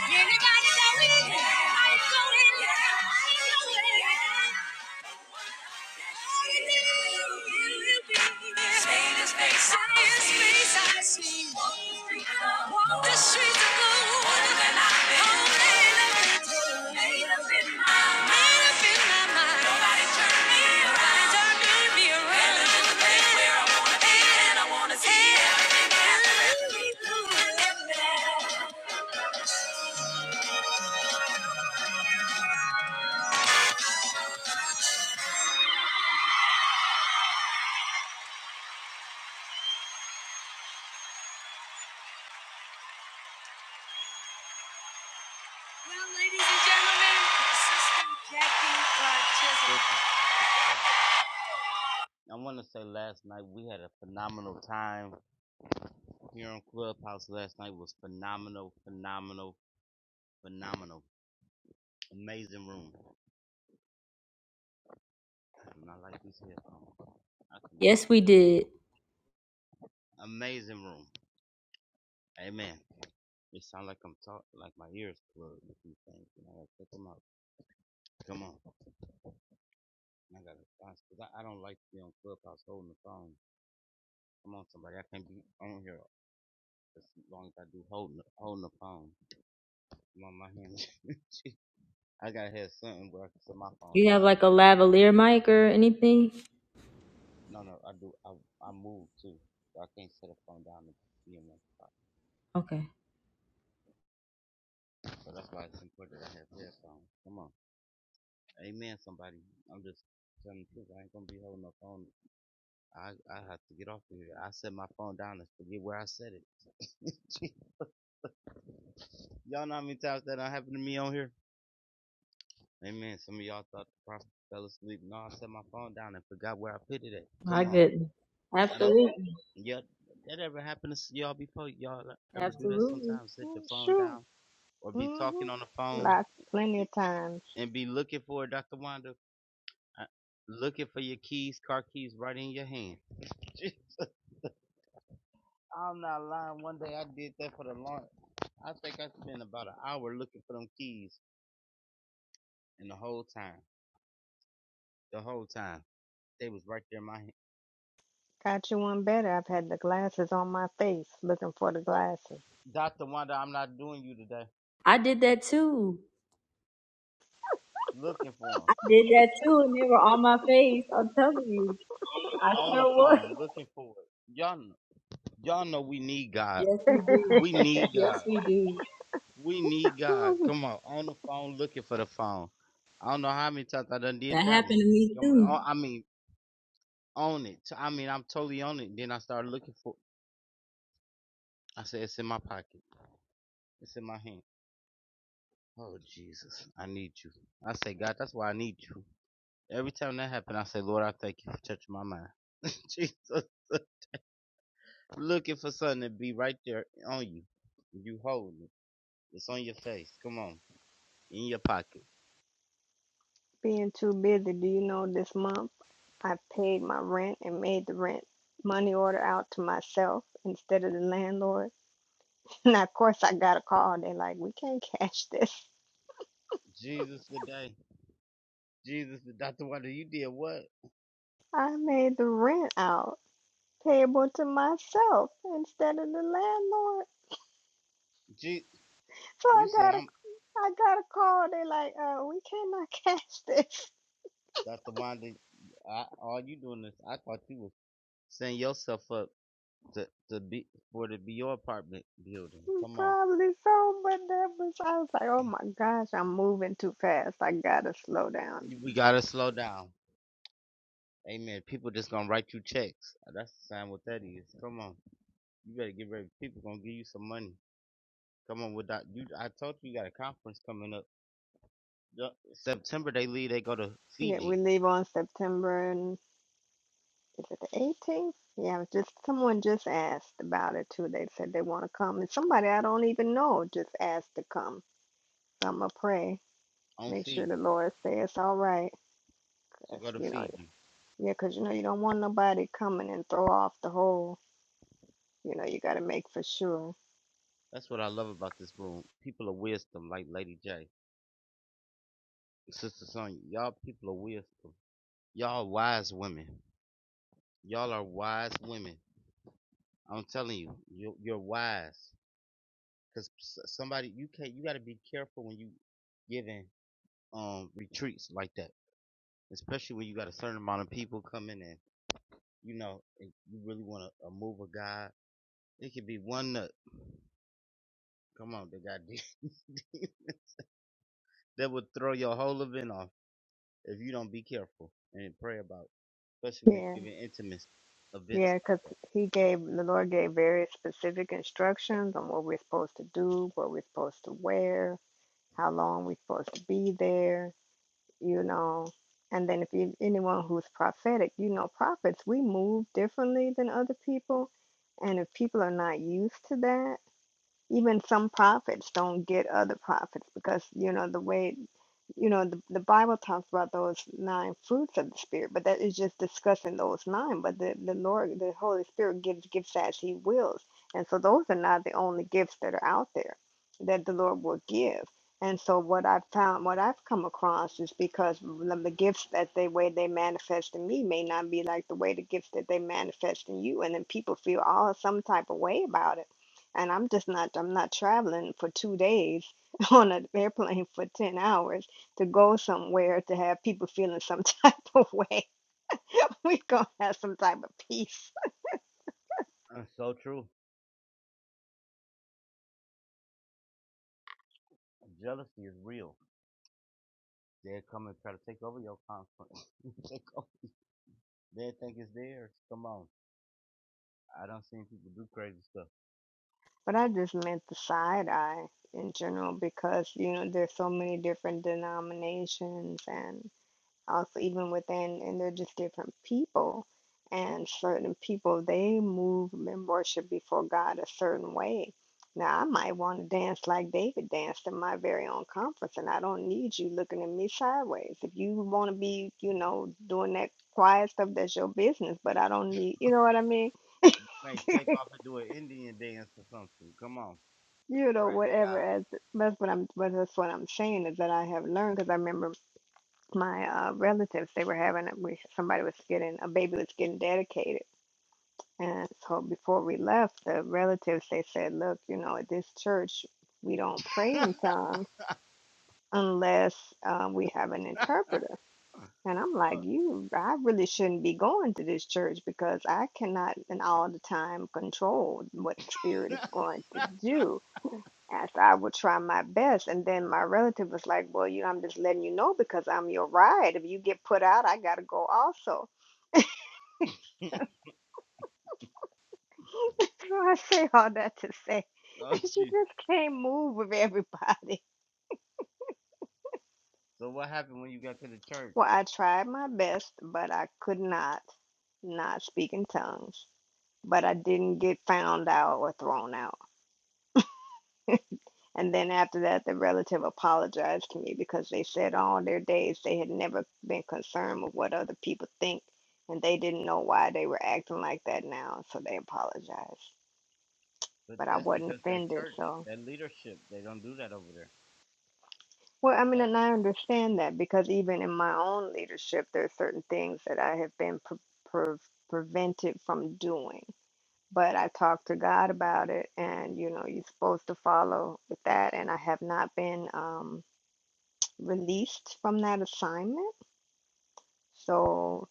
Speaker 3: Anybody that wins, I'm going. I'm going. Yes, we did. You have like a lavalier mic or anything? Okay. I couldn't. Absolutely. Absolutely.
Speaker 2: "Mm, sure, mm-hmm. Lots, plenty of times. Got you one better. I've had the glasses on my face, looking for the glasses.
Speaker 3: I did that too. I did that too, and they were on my face. I'm telling you. I sure was. Yes, we do. Yes, we do. That happened to me too.
Speaker 2: Being too busy, do you know this month I paid my rent and made the rent money order out to myself instead of the landlord? And of course, I got a call. They're like, we can't cash this. I made the rent out payable to myself instead of the landlord. So I got a, I got a call. They're like, uh, we cannot cash this. Probably so, but that was, I was like, oh my gosh, I'm moving too fast. I gotta slow down Yeah, we leave on September, and is it the 18th? Yeah, I was just someone just asked about it too. They said they want to come, and somebody I don't even know just asked to come. So I'm gonna pray, make sure the Lord says it's all right. 'Cause, you know, yeah, 'cause you know you don't want nobody coming and throw off the whole. You know, you got to make for sure. Yeah, yeah, 'cause he gave the Lord gave very specific instructions on what we're supposed to do, what we're supposed to wear, how long we're supposed to be there you know. And then if you, anyone who's prophetic, you know, prophets, we move differently than other people. And if people are not used to that, even some prophets don't get other prophets because you know the way you know the, the bible talks about those nine fruits of the spirit but that is just discussing those nine but the, the lord the holy spirit gives gifts as he wills and so those are not the only gifts that are out there that the lord will give and so what i've found what i've come across is because the the gifts that they way they manifest in me may not be like the way the gifts that they manifest in you and then people feel all some type of way about it and I'm just not I'm not traveling for two days on an airplane for 10 hours to go somewhere to have people feeling some type of way. we gonna have some type of peace. But I just meant the side eye in general because you know there's so many different denominations and. also even within and they're just different people and certain people they move and worship before god a certain way now i might want to dance like david danced in my very own conference and i don't need you looking at me sideways if you want to be you know doing that quiet stuff that's your business but i don't need you know what i mean you know whatever as that's what i'm but that's what i'm saying is that i have learned because i remember my uh, relatives they were having a, we, somebody was getting a baby was getting dedicated And so before we left, the relatives they said, "Look, you know, at this church, we don't pray in tongues unless um, we have an interpreter." And I'm like, "You, I really shouldn't be going to this church because I cannot, and all the time, control what the spirit is going to do." As I would try my best, and then my relative was like, "Well, you know, I'm just letting you know because I'm your ride. If you get put out, I gotta go also." So I say all that to say she just can't move with everybody. Well, I tried my best, but I could not not speak in tongues. But I didn't get found out or thrown out. And then after that, the relative apologized to me because they said all their days they had never been concerned with what other people think, and they didn't know why they were acting like that now, so they apologized. But I wasn't offended, so. Well, I mean, and I understand that because even in my own leadership, there are certain things that I have been pre- pre- prevented from doing. But I talked to God about it, and you know, you're supposed to follow with that. And I have not been um, released from that assignment. So,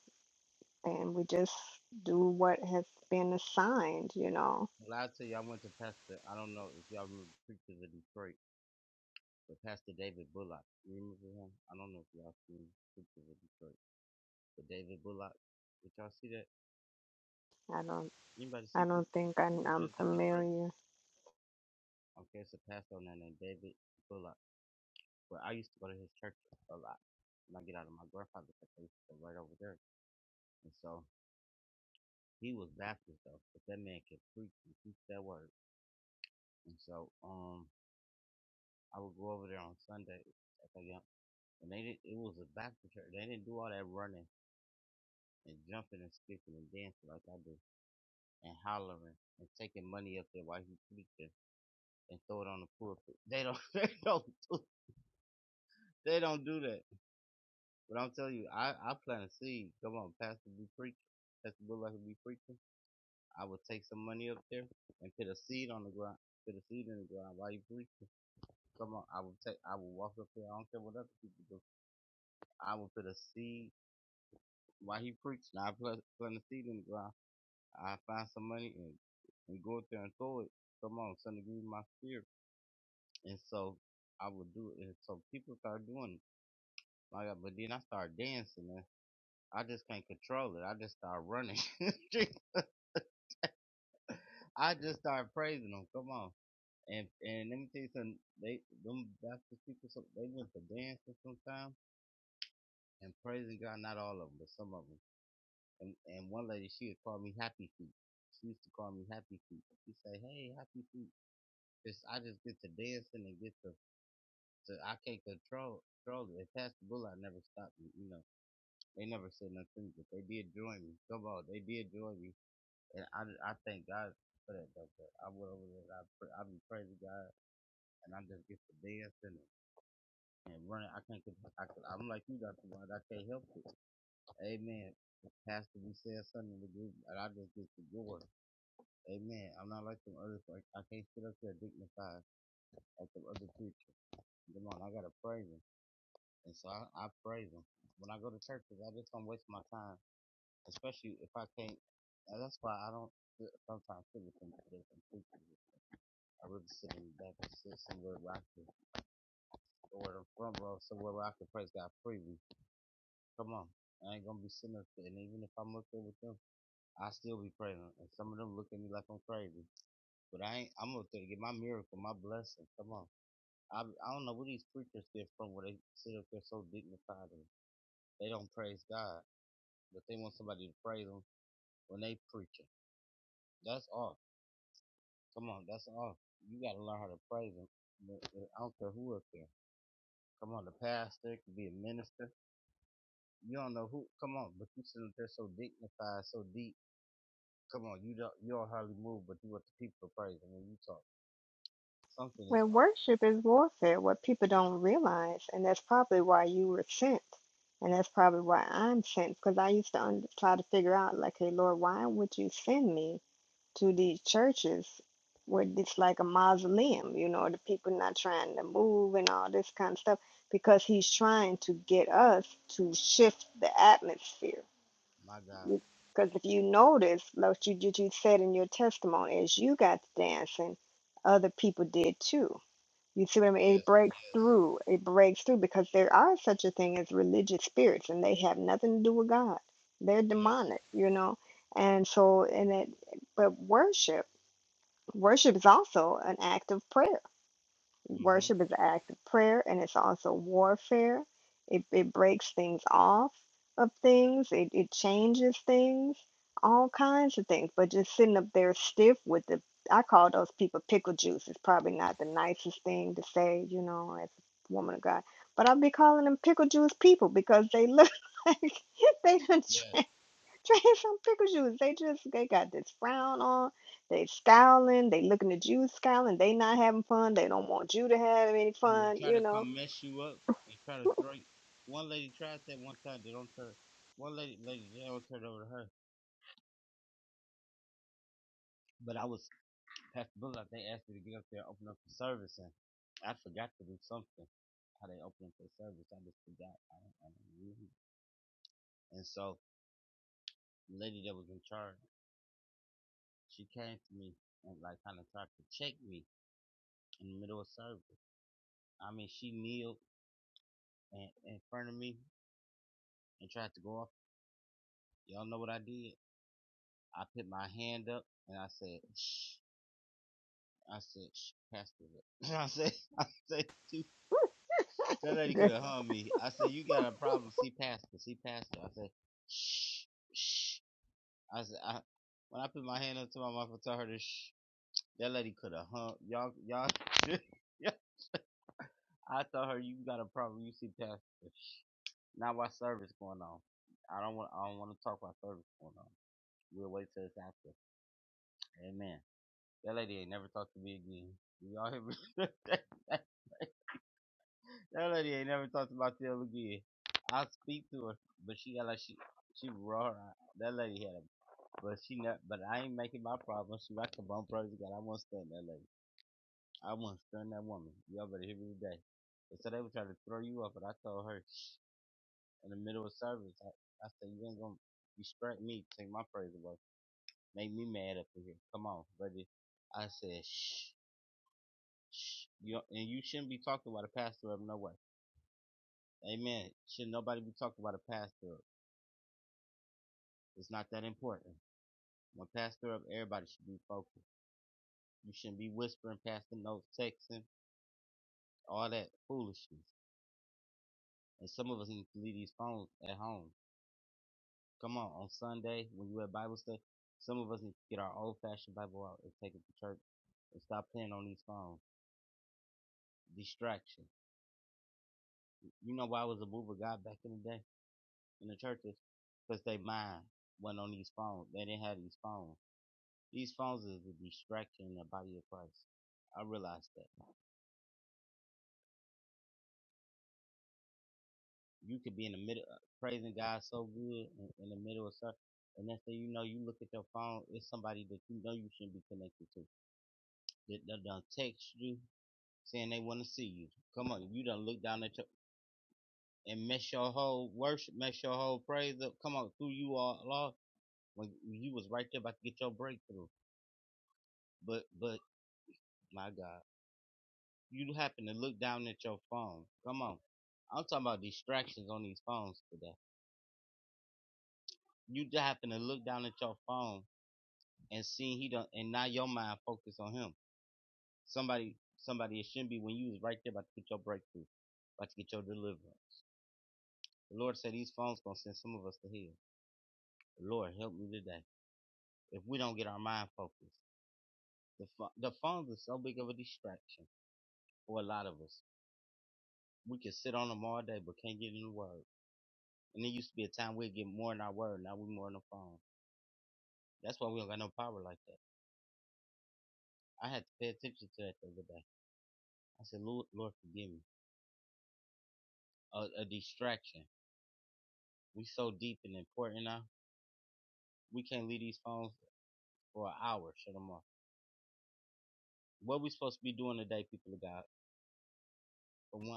Speaker 2: and we just do what has been assigned. You know, I don't, I don't think I'm, I'm familiar. When worship is warfare, what people don't realize, and that's probably why you were sent, and that's probably why I'm sent, because I used to un- try to figure out, like, hey, Lord, why would you send me to these churches where it's like a mausoleum, you know, the people not trying to move and all this kind of stuff, because He's trying to get us to shift the atmosphere. Because if you notice, like you, you said in your testimony, as you got to dancing, other people did too you see what I mean? It breaks through. It breaks through because there are such a thing as religious spirits, and they have nothing to do with God. They're demonic, you know. And so, and it, but worship, worship is also an act of prayer. Worship is an act of prayer and it's also warfare. It, it breaks things off of things, it, it changes things, all kinds of things. But just sitting up there stiff with the, I call those people pickle juice. It's probably not the nicest thing to say, you know, as a woman of God. But I'll be calling them pickle juice people because they look like they done Drink some pickle juice. They just they got this frown on. They scowling. They looking at you scowling. They not having fun. They don't want you to have any fun. You know.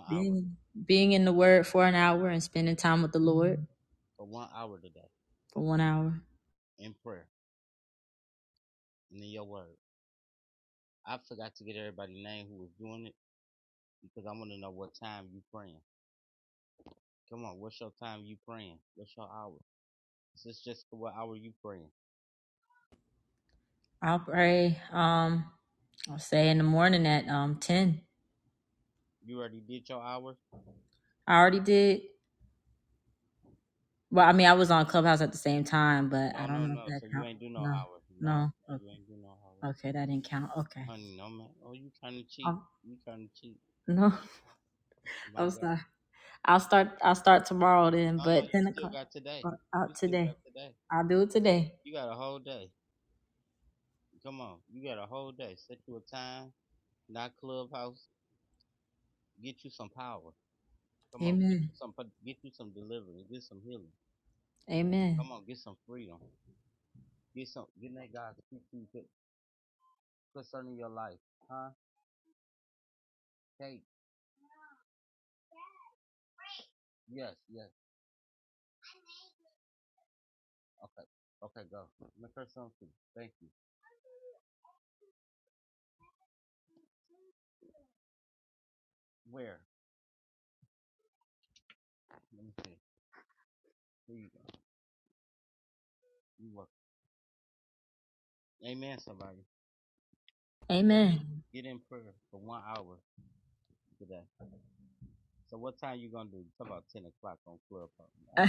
Speaker 3: Being, being in the Word for an hour and spending time with the Lord for one hour. I'll pray. Um, I'll say in the morning at um ten. I already did. Well, I mean, I was on Clubhouse at the same time, but I don't know if that count. No, no. Okay, okay that didn't count. Okay. Um, no, I'm sorry. I'll start. I'll start tomorrow then, but ten o'clock. But out today. I'll do it today. Amen. Amen. Amen.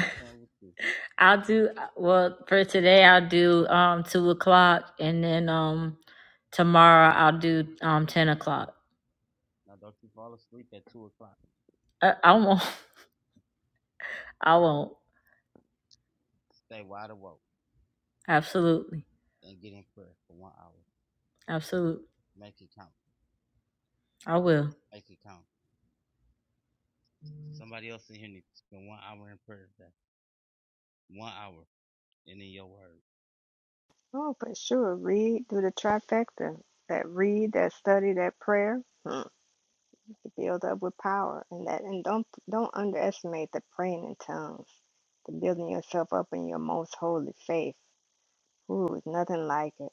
Speaker 3: I'll do well for today. I'll do um two o'clock, and then um tomorrow I'll do um ten o'clock. I, I won't. I won't. Absolutely. Absolutely. I will.
Speaker 2: Oh, for sure. Read, do the trifecta. That read, that study, that prayer. Hmm. build up with power, and that and don't don't underestimate the praying in tongues. The building yourself up in your most holy faith. Ooh, nothing like it.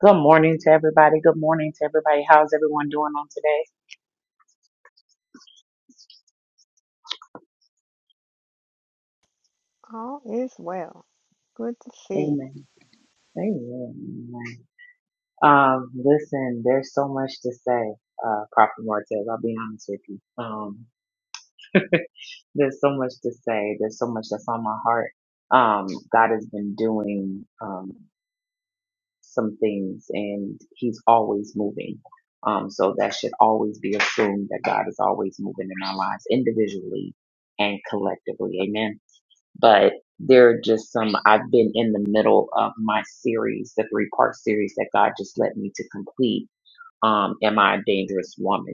Speaker 6: Good morning to everybody. Good morning to everybody. How's everyone doing on today?
Speaker 2: All is well. Good to see. you.
Speaker 6: Amen. Amen. Amen. Um, listen, there's so much to say, uh, Prophet Martez. I'll be honest with you. Um, there's so much to say. There's so much that's on my heart. Um, God has been doing. Um, some things and he's always moving. Um, so that should always be assumed that God is always moving in our lives individually and collectively. Amen. But there are just some, I've been in the middle of my series, the three part series that God just led me to complete. Um, Am I a Dangerous Woman?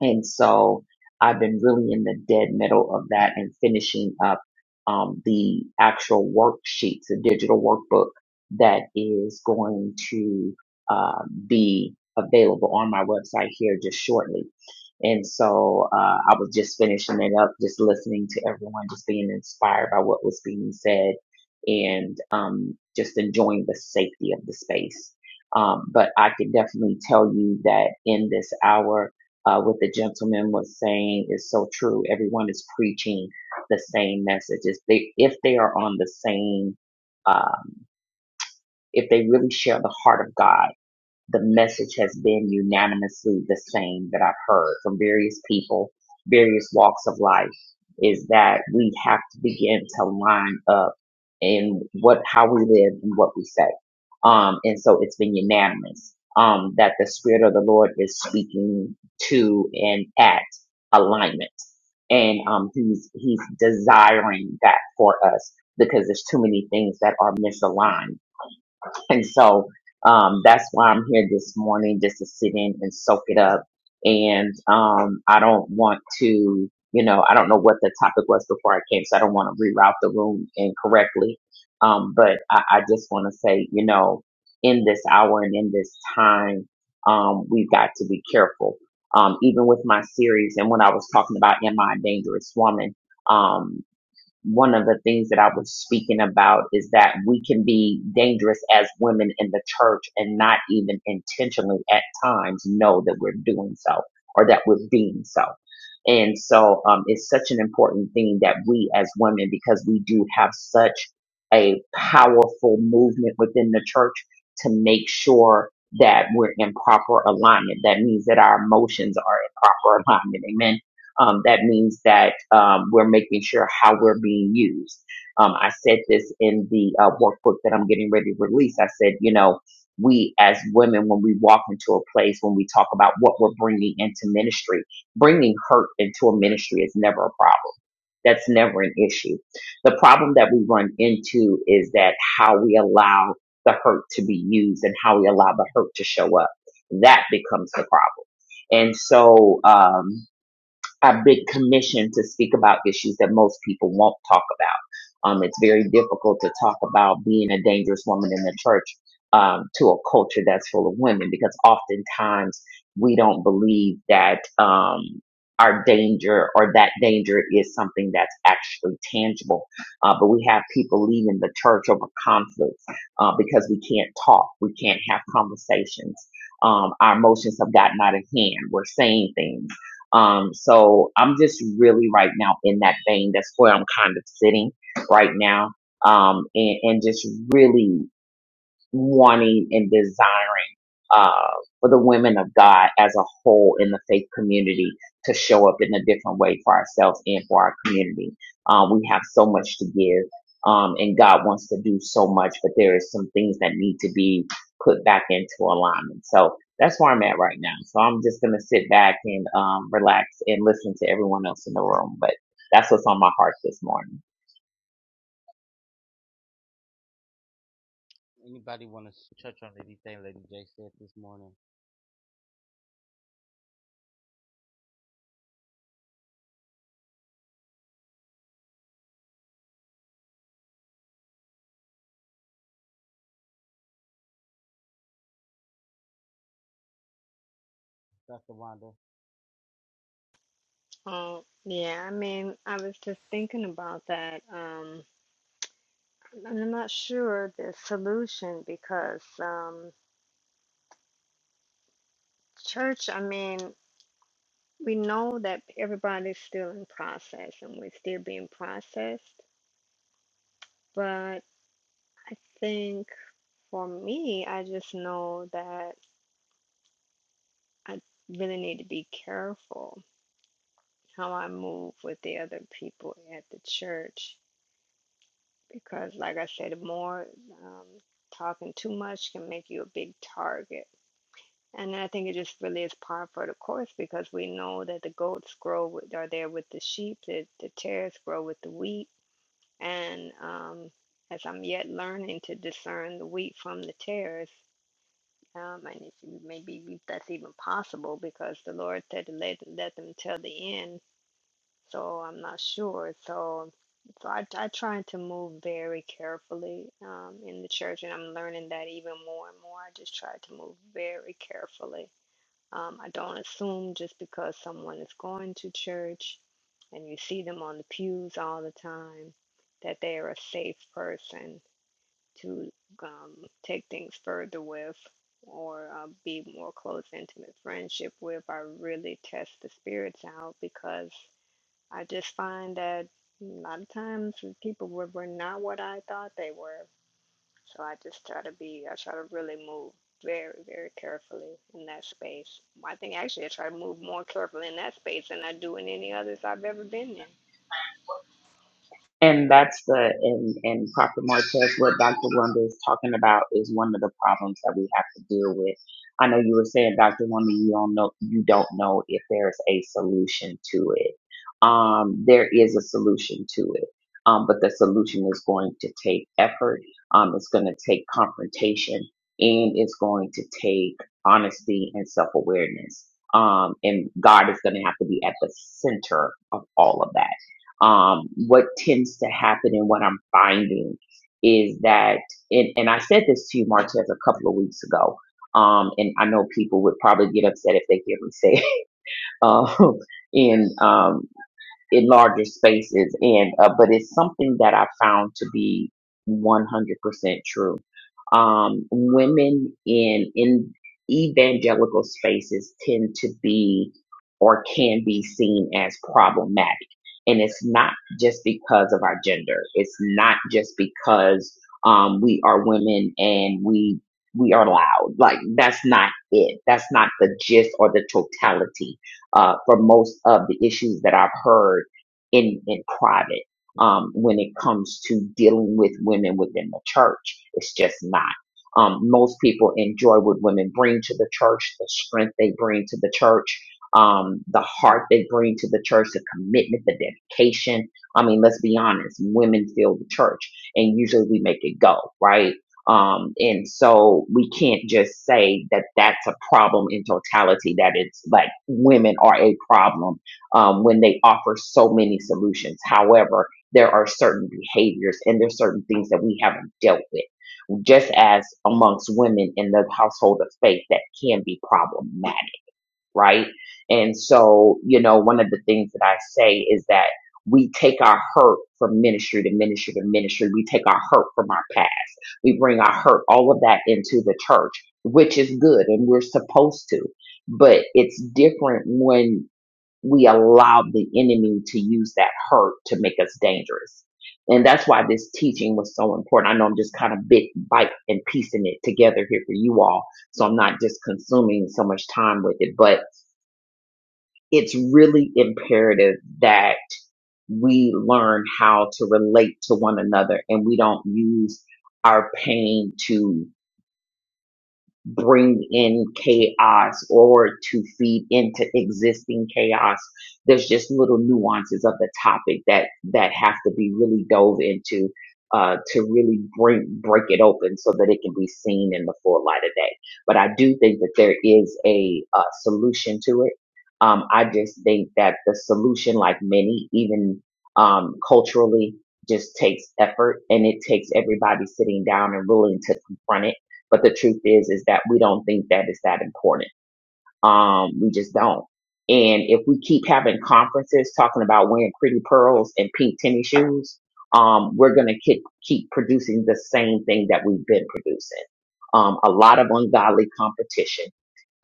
Speaker 6: And so I've been really in the dead middle of that and finishing up um, the actual worksheets, a digital workbook that is going to uh, be available on my website here just shortly. And so uh, I was just finishing it up, just listening to everyone, just being inspired by what was being said and um, just enjoying the safety of the space. Um, but I can definitely tell you that in this hour, uh, what the gentleman was saying is so true. Everyone is preaching the same messages. They, if they are on the same, um, if they really share the heart of God the message has been unanimously the same that I've heard from various people, various walks of life, is that we have to begin to line up in what how we live and what we say. Um, and so it's been unanimous um, that the spirit of the Lord is speaking to and at alignment, and um, he's he's desiring that for us because there's too many things that are misaligned And so um, that's why I'm here this morning, just to sit in and soak it up. And um, I don't want to, you know, I don't know what the topic was before I came, so I don't want to reroute the room incorrectly. Um, but I, I just want to say, you know, in this hour and in this time, um, we've got to be careful. Um, even with my series and when I was talking about Am I a Dangerous Woman? Um, one of the things that I was speaking about is that we can be dangerous as women in the church and not even intentionally at times know that we're doing so or that we're being so. And so um, it's such an important thing that we as women, because we do have such a powerful movement within the church to make sure that we're in proper alignment. That means that our emotions are in proper alignment. Amen um, that means that um, we're making sure how we're being used. Um, I said this in the uh, workbook that I'm getting ready to release. I said, you know, we as women, when we walk into a place, when we talk about what we're bringing into ministry, bringing hurt into a ministry is never a problem. That's never an issue. The problem that we run into is that how we allow the hurt to be used and how we allow the hurt to show up. That becomes the problem. And so, um, a big commission to speak about issues that most people won't talk about. Um, it's very difficult to talk about being a dangerous woman in the church um, to a culture that's full of women because oftentimes we don't believe that um, our danger or that danger is something that's actually tangible. Uh, but we have people leaving the church over conflicts uh, because we can't talk, we can't have conversations. Um, our emotions have gotten out of hand. We're saying things um, so I'm just really right now in that vein. That's where I'm kind of sitting right now. Um, and, and just really wanting and desiring uh, for the women of God as a whole in the faith community to show up in a different way for ourselves and for our community. Um, we have so much to give, um, and God wants to do so much, but there is some things that need to be put back into alignment. So that's where I'm at right now. So I'm just gonna sit back and um, relax and listen to everyone else in the room. But that's what's on my heart this morning.
Speaker 2: Oh, yeah. I mean, I was just thinking about that. Um, and I'm not sure the solution because um, church, I mean, we know that everybody's still in process and we're still being processed. But I think for me, I just know that I really need to be careful how I move with the other people at the church because, like I said, more um, talking too much can make you a big target. And I think it just really is par for the course because we know that the goats grow with, are there with the sheep, that the tares grow with the wheat. And um, as I'm yet learning to discern the wheat from the tares, um, and if you- maybe that's even possible because the Lord said, to let, let them till the end so I'm not sure. So, so I, I try to move very carefully um, in the church, and I'm learning that even more and more. I just try to move very carefully. Um, I don't assume just because someone is going to church and you see them on the pews all the time that they are a safe person to um, take things further with or uh, be more close, intimate friendship with. I really test the spirits out because I just find that a lot of times the people were, were not what I thought they were. So I just try to be, I try to really move very, very carefully in that space. I think actually I try to move more carefully in that space than I do in any others I've ever been
Speaker 6: And that's the and and Prophet Martez, what Dr. Wanda is talking about is one of the problems that we have to deal with. I know you were saying, Dr. Wanda, you don't know you don't know if there's a solution to it. Um, there is a solution to it. Um, but the solution is going to take effort, um, it's gonna take confrontation, and it's going to take honesty and self awareness. Um, and God is gonna have to be at the center of all of that um, what tends to happen and what I'm finding is that, and, and I said this to you, Martez, a couple of weeks ago. Um, and I know people would probably get upset if they hear me say it um, in um, in larger spaces, and uh, but it's something that I found to be 100% true um, women in in evangelical spaces tend to be or can be seen as problematic. And it's not just because of our gender. It's not just because um, we are women and we we are loud. Like that's not it. That's not the gist or the totality uh, for most of the issues that I've heard in in private um, when it comes to dealing with women within the church. It's just not. Um, most people enjoy what women bring to the church, the strength they bring to the church, um, the heart they bring to the church, the commitment, the dedication. I mean, let's be honest, women fill the church, and usually we make it go, right? Um, and so we can't just say that that's a problem in totality, that it's like women are a problem um, when they offer so many solutions. However, there are certain behaviors and there's certain things that we haven't dealt with, just as amongst women in the household of faith that can be problematic, right? And so, you know, one of the things that I say is that we take our hurt from ministry to ministry to ministry. We take our hurt from our past. We bring our hurt, all of that into the church, which is good and we're supposed to. But it's different when we allowed the enemy to use that hurt to make us dangerous. And that's why this teaching was so important. I know I'm just kind of bit, bite, and piecing it together here for you all. So I'm not just consuming so much time with it, but it's really imperative that we learn how to relate to one another and we don't use our pain to bring in chaos or to feed into existing chaos. There's just little nuances of the topic that that have to be really dove into uh, to really break break it open so that it can be seen in the full light of day. But I do think that there is a, uh solution to it. Um, I just think that the solution, like many, even um, culturally, just takes effort and it takes everybody sitting down and willing to confront it but the truth is, is that we don't think that it's that important. Um, we just don't. And if we keep having conferences talking about wearing pretty pearls and pink tennis shoes, um, we're going to keep, keep producing the same thing that we've been producing. Um, a lot of ungodly competition,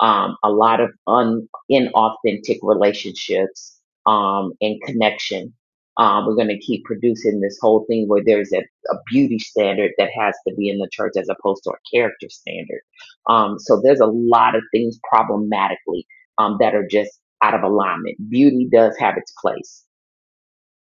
Speaker 6: um, a lot of un, inauthentic relationships, um, and connection. Um, we're going to keep producing this whole thing where there's a, a beauty standard that has to be in the church as opposed to a character standard um, so there's a lot of things problematically um, that are just out of alignment. Beauty does have its place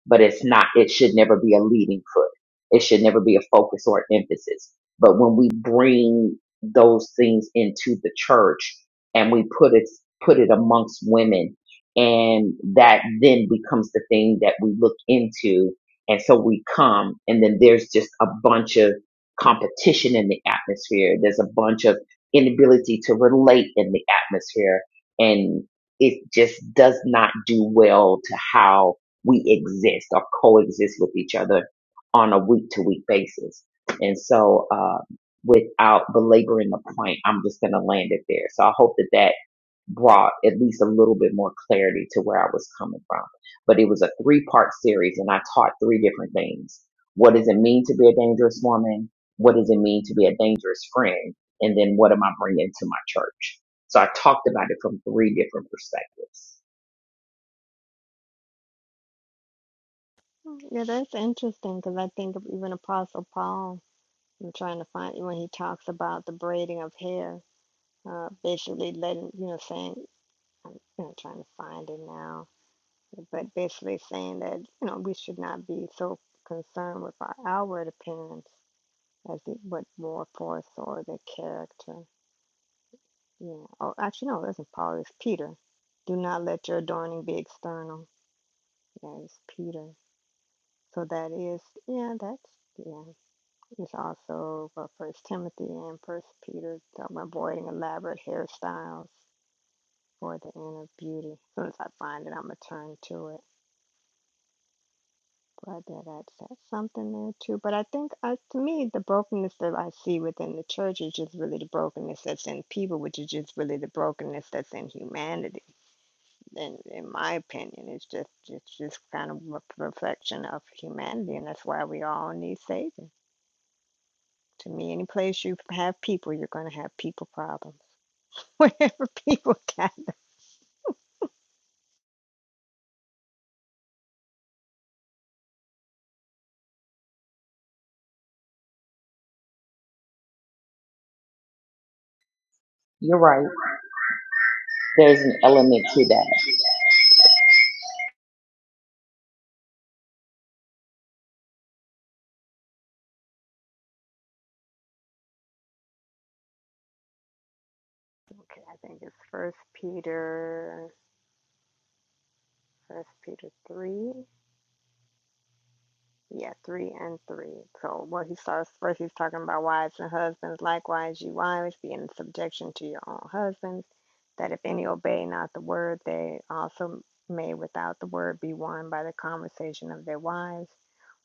Speaker 6: but it's not, it should never be a leading foot. It should never be a focus or emphasis. But when we bring those things into the church and we put it, put it amongst women and that then becomes the thing that we look into. And so we come and then there's just a bunch of competition in the atmosphere. There's a bunch of inability to relate in the atmosphere and it just does not do well to how we exist or coexist with each other on a week to week basis. And so, uh, without belaboring the point, I'm just going to land it there. So I hope that that brought at least a little bit more clarity to where I was coming from. But it was a three part series and I taught three different things. What does it mean to be a dangerous woman? What does it mean to be a dangerous friend? And then what am I bringing to my church? So I talked about it from three different perspectives.
Speaker 2: in. Yeah, that's interesting because I think of even Apostle Paul. I'm trying to find when he talks about the braiding of hair, uh, basically letting you know saying, I'm you know, trying to find it now but basically saying that you know we should not be so concerned with our outward appearance as it but more forth or the character. Yeah. Oh, actually, no, it isn't Paul. It's Peter. Do not let your adorning be external. Yeah, it's Peter. So that is yeah. That's yeah. It's also uh, First Timothy and First Peter talking about avoiding elaborate hairstyles for the inner beauty. As soon as I find it, I'm gonna turn to it. Glad that I said something there too. But I think, uh, to me, the brokenness that I see within the church is just really the brokenness that's in people, which is just really the brokenness that's in humanity. In, in my opinion, it's just it's just kind of a reflection of humanity, and that's why we all need saving. To me, any place you have people, you're going to have people problems. Whenever people got,
Speaker 6: You're right. There's an element to that.
Speaker 2: okay, I think it's First Peter, First Peter three. Yeah, three and three. So what he starts first, he's talking about wives and husbands. Likewise, you wives, be in subjection to your own husbands, that if any obey not the word, they also may without the word be won by the conversation of their wives,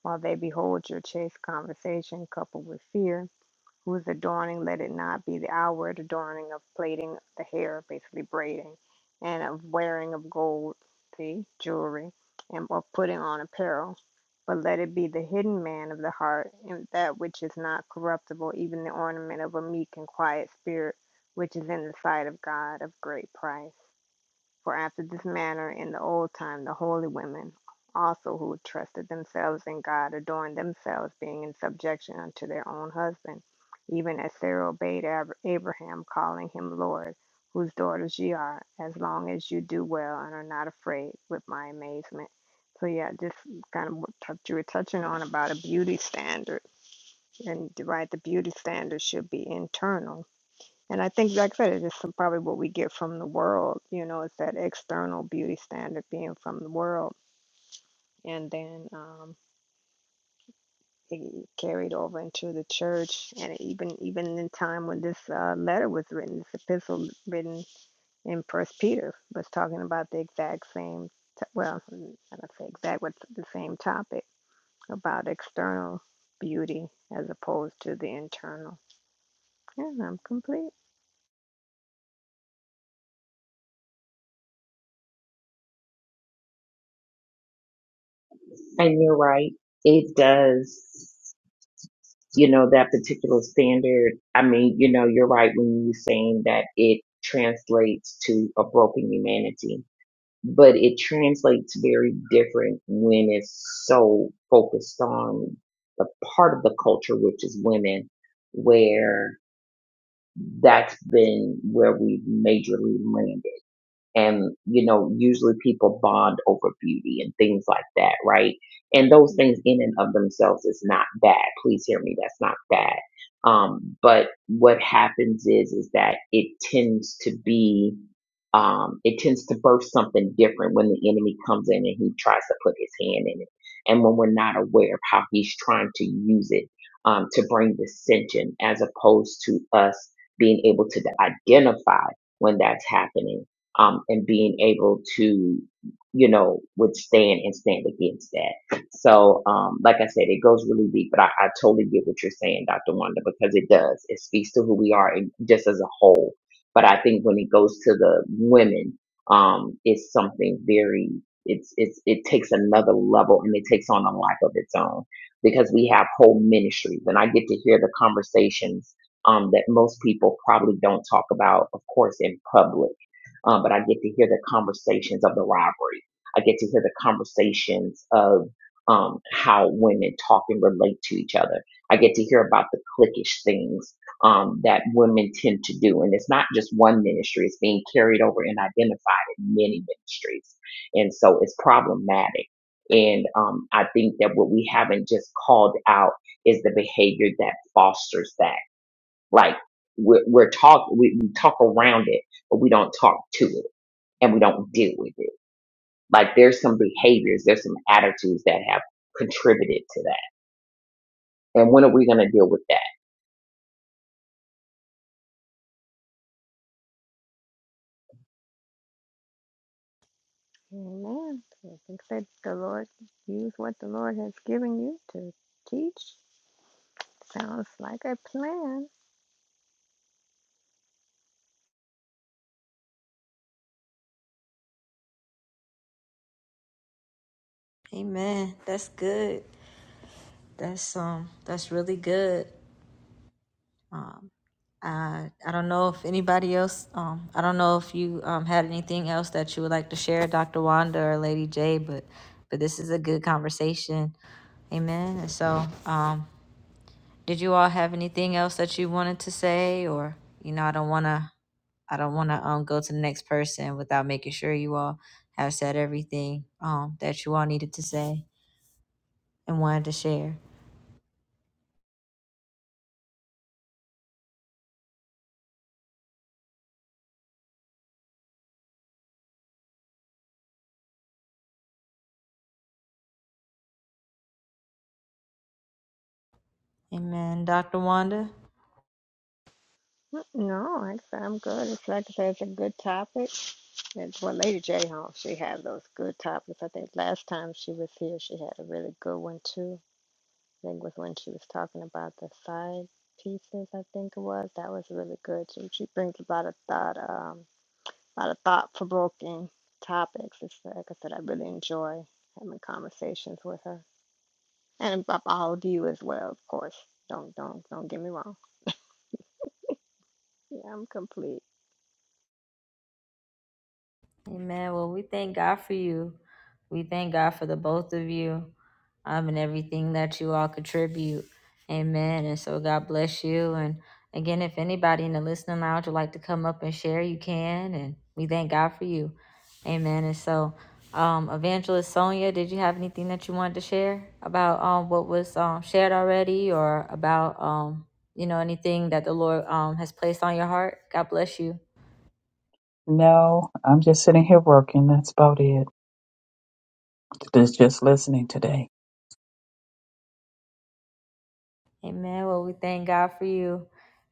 Speaker 2: while they behold your chaste conversation coupled with fear whose adorning let it not be the outward adorning of plaiting the hair, basically braiding, and of wearing of gold, see, jewelry, and of putting on apparel. But let it be the hidden man of the heart, and that which is not corruptible, even the ornament of a meek and quiet spirit, which is in the sight of God of great price. For after this manner in the old time the holy women also who trusted themselves in God adorned themselves, being in subjection unto their own husband, even as Sarah obeyed Ab- Abraham, calling him Lord, whose daughters ye are, as long as you do well and are not afraid with my amazement. So yeah, just kind of what touch, you were touching on about a beauty standard, and right, the beauty standard should be internal and I think, like I said, it's just some, probably what we get from the world, you know, it's that external beauty standard being from the world. And then um, it carried over into the church. And even even in time when this uh, letter was written, this epistle written in First Peter was talking about the exact same, t- well, I don't say exact, but the same topic about external beauty as opposed to the internal. Yeah, I'm complete.
Speaker 6: And you're right. It does, you know, that particular standard. I mean, you know, you're right when you're saying that it translates to a broken humanity, but it translates very different when it's so focused on the part of the culture, which is women, where that's been where we've majorly landed and you know usually people bond over beauty and things like that right and those things in and of themselves is not bad please hear me that's not bad um but what happens is is that it tends to be um it tends to burst something different when the enemy comes in and he tries to put his hand in it and when we're not aware of how he's trying to use it um to bring dissension as opposed to us being able to identify when that's happening um, and being able to, you know, withstand and stand against that. So, um, like I said, it goes really deep, but I, I totally get what you're saying, Dr. Wanda, because it does. It speaks to who we are and just as a whole. But I think when it goes to the women, um, it's something very, it's, it's, it takes another level and it takes on a life of its own because we have whole ministries and I get to hear the conversations um, that most people probably don't talk about, of course, in public um, but I get to hear the conversations of the rivalry. I get to hear the conversations of um, how women talk and relate to each other. I get to hear about the cliquish things um, that women tend to do. And it's not just one ministry, it's being carried over and identified in many ministries. And so it's problematic. And um, I think that what we haven't just called out is the behavior that fosters that. Like we're, we're talk, we, we talk around it, but we don't talk to it and we don't deal with it. Like there's some behaviors, there's some attitudes that have contributed to that. And when are we going to deal with
Speaker 2: Amen. Except the Lord, use what the Lord has given you to teach. Sounds like a plan.
Speaker 3: know if anybody else, um, I don't know if you, um, had anything else that you would like to share, Dr. Wanda or Lady J, but, but this is a good conversation. Amen. And so, um, did you all have anything else that you wanted to say or, you know, I don't want to, I don't want to, um, go to the next person without making sure you all have said everything, um, that you all needed to say and wanted to share. Amen.
Speaker 2: Mm, No, I said I'm good. It's like I said, it's a good topic. It's well, Lady J. Hall, she had those good topics. I think last time she was here, she had a really good one too. I think was when she was talking about the side pieces. I think it was that was really good. She she brings a lot of thought. Um. a lot of thought-provoking topics. It's uh, like I said, I really enjoy having conversations with her, and all of you as well, of course. Don't don't don't get me wrong. Yeah, I'm complete.
Speaker 3: Amen. Well, we thank God for you. We thank God for the both of you um, and everything that you all contribute. Amen. And so God bless you. And again, if anybody in the listening lounge would like to come up and share, you can. And we thank God for you. Amen. And so, um, Evangelist Sonia, did you have anything that you wanted to share about um, what was um, shared already or about, um, you know, anything that the Lord um, has placed on your heart? God bless you.
Speaker 4: No, I'm just sitting here working. That's about it. Just just listening today.
Speaker 3: Amen. Well, we thank God for you.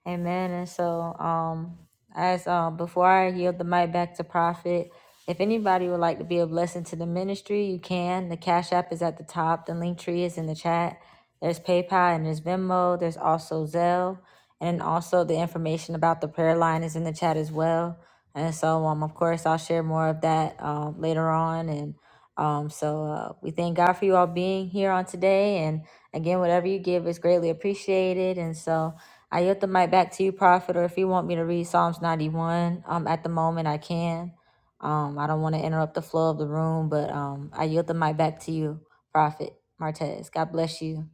Speaker 3: Amen. And so, um, as um, before I yield the mic back to Prophet, if anybody would like to be a blessing to the ministry, you can. The Cash App is at the top. The link tree is in the chat. There's PayPal and there's Venmo. There's also Zelle. And then also the information about the prayer line is in the chat as well. And so, um, of course, I'll share more of that um, later on. And um, so uh, we thank God for you all being here on today. and. Again, whatever you give is greatly appreciated. And so I yield the mic back to you, Prophet, or if you want me to read Psalms 91 um, at the moment, I can. Um, I don't want to interrupt the flow of the room, but um, I yield the mic back to you, Prophet Martez. God bless you.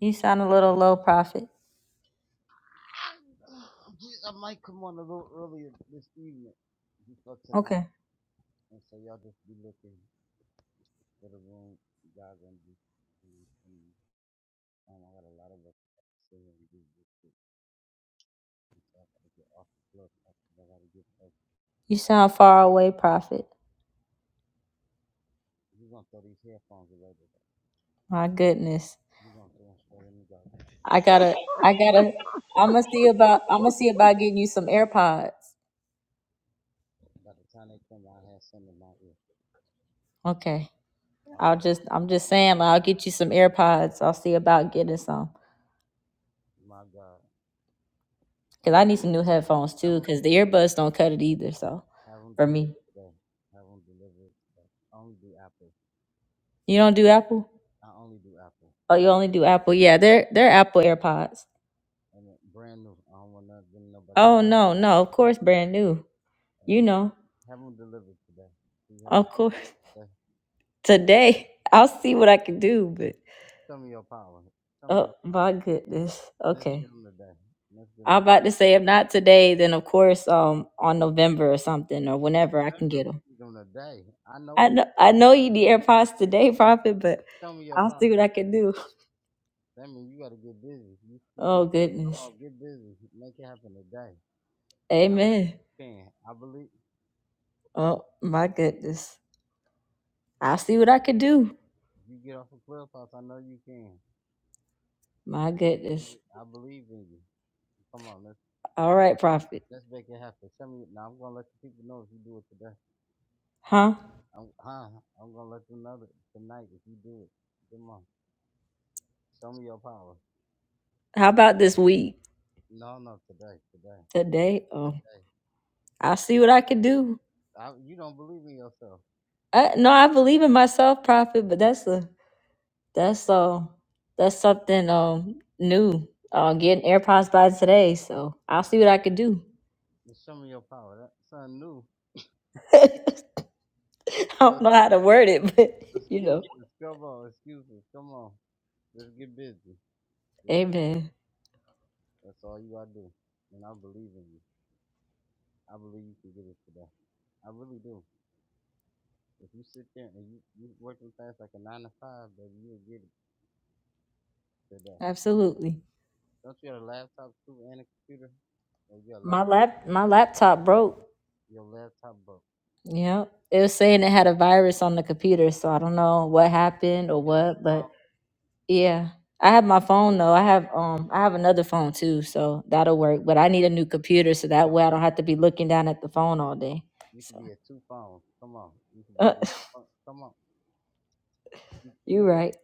Speaker 3: You sound a little low, Prophet. Okay. You sound far away, Prophet. My goodness. I gotta, I gotta, I'm gonna see about, I'm gonna see about getting you some AirPods. Okay. I'll just I'm just saying like, I'll get you some AirPods. I'll see about getting some because I need some new headphones too because the earbuds don't cut it either. So for me, you don't do Apple. Oh, you only do Apple. Yeah, they're they're Apple AirPods. Oh no, no, of course brand new. You know, of course today I'll see what I can do. But oh my goodness, okay. I'm about to say if not today, then of course um on November or something or whenever I can get them. I know I know you need AirPods today, Prophet, but I'll see what I can do. Oh goodness. Amen. Oh my goodness. I'll see what I can do. My goodness. All right, Prophet. Huh? How about this week? Today? Oh. I'll see what I can do. I, no, I believe in myself, Prophet, but that's a that's um that's something um new. Uh, getting AirPods by today, so I'll see what I can do. I don't know how to word it, but you know. Amen. Absolutely. My lap my laptop broke. Yeah. It was saying it had a virus on the computer, so I don't know what happened or what, but yeah. I have my phone though. I have um I have another phone too, so that'll work. But I need a new computer so that way I don't have to be looking down at the phone all day. So you right.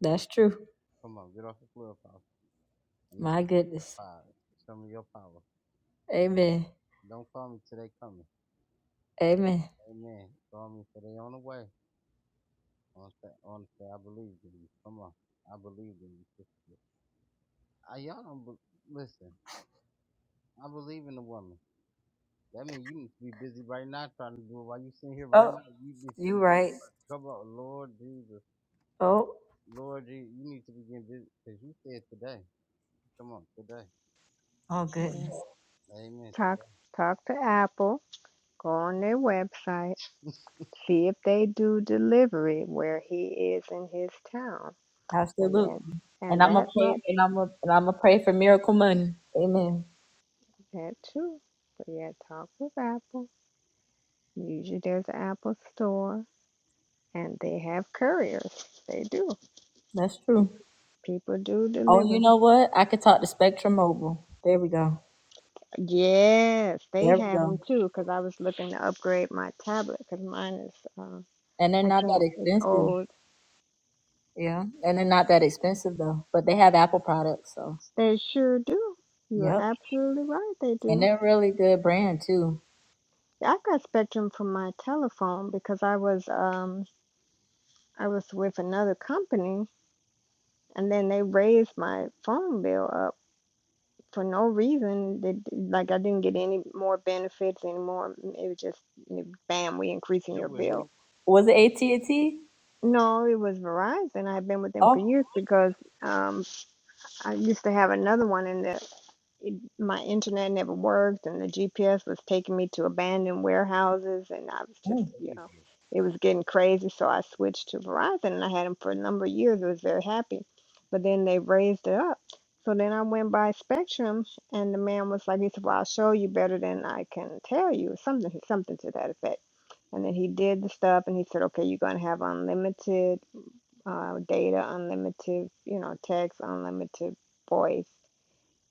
Speaker 3: That's true. My goodness. Amen. Amen. Oh, you right. Oh, oh goodness.
Speaker 2: Yeah, talk talk to Apple. Go on their website, see if they do delivery where he is in his town, and then
Speaker 3: Absolutely. And
Speaker 2: and
Speaker 3: I'm gonna
Speaker 2: that
Speaker 3: pray
Speaker 2: might
Speaker 3: and I'm gonna and I'm gonna pray for miracle money. Amen.
Speaker 2: be that too. But yeah, talk with Apple. Usually there's an Apple store, and they have couriers. They do.
Speaker 3: That's true.
Speaker 2: People do
Speaker 3: Oh,
Speaker 2: deliver.
Speaker 3: you know what? I could talk to Spectrum Mobile. There we go.
Speaker 2: Yes, they
Speaker 3: There we
Speaker 2: have them
Speaker 3: go.
Speaker 2: too. Because I was looking to upgrade my tablet. Because mine is, uh,
Speaker 3: And they're
Speaker 2: I
Speaker 3: not that
Speaker 2: can't. It's
Speaker 3: expensive.
Speaker 2: old.
Speaker 3: Yeah. And they're not that expensive though. But they have Apple products, so
Speaker 2: They sure do. You are
Speaker 3: yep.
Speaker 2: absolutely right. They
Speaker 3: And
Speaker 2: do.
Speaker 3: they're a really good brand too.
Speaker 2: Yeah, I got Spectrum from my telephone because I was, um, I was with another company, and then they raised my phone bill up for no reason. They, d- like I didn't get any more benefits anymore. It was just, bam, we increasing your bill.
Speaker 3: Was it AT and T?
Speaker 2: No, it was Verizon. I've been with them
Speaker 3: Oh,
Speaker 2: for years because. um. I used to have another one, and the, it, my internet never worked, and the GPS was taking me to abandoned warehouses, and I was just,
Speaker 3: mm.
Speaker 2: you know, it was getting crazy. So I switched to Verizon, and I had them for a number of years. I was very happy, but then they raised it up. So then I went by Spectrum, and the man was like, he said, "Well, I'll show you better than I can tell you," something, something to that effect. And then he did the stuff, and he said, "Okay, you're gonna have unlimited." uh, data unlimited, you know, text unlimited voice,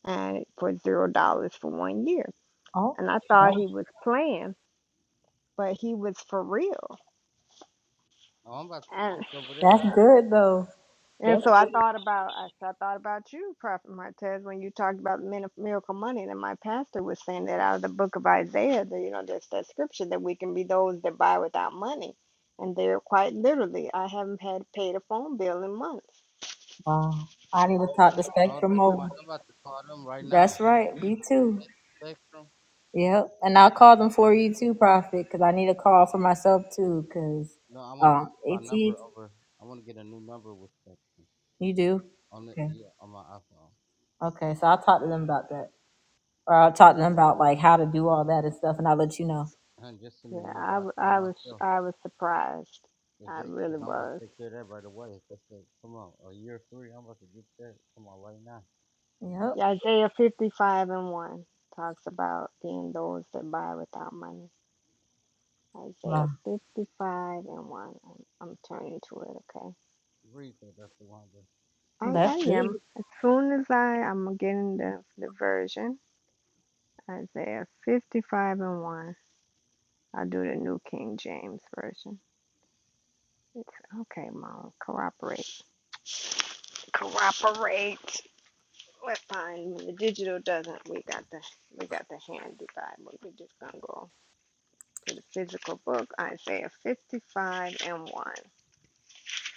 Speaker 2: and for zero dollars for one year.
Speaker 3: oh,
Speaker 2: And I thought
Speaker 3: wow.
Speaker 2: he was playing, but he was for real. And
Speaker 3: that's good though.
Speaker 2: and
Speaker 3: That's
Speaker 2: so I
Speaker 3: good.
Speaker 2: thought about I, I thought about you, Prophet Martez, when you talked about min- miracle money. And my pastor was saying that out of the book of Isaiah, that you know, there's that scripture that we can be those that buy without money. And they're quite literally, I haven't had paid a phone bill in months
Speaker 3: Wow. I need to talk to Spectrum Mobile. That's right. Me too. Yep, and I'll call them for you too, Prophet, because I need a call for myself too. Because uh, AT, you do. Okay. Okay, so I'll talk to them about that, or I'll talk to them about like how to do all that and stuff, and I'll let you know.
Speaker 2: Yeah, I, w- I was I was surprised. I really was.
Speaker 3: Yep.
Speaker 2: Yeah, Isaiah 55 and 1 talks about being those that buy without money. Isaiah
Speaker 3: Wow,
Speaker 2: 55 and 1. I'm, I'm turning to it, okay? I,
Speaker 3: that's
Speaker 2: I am.
Speaker 3: good.
Speaker 2: As soon as I, I'm getting the, the version, Isaiah 55 and 1. I'll do the New King James Version. It's okay, Mom. Cooperate. Cooperate. We're fine. When the digital doesn't, we got the we got the handy Bible. We're just gonna go to the physical book, Isaiah 55 and 1.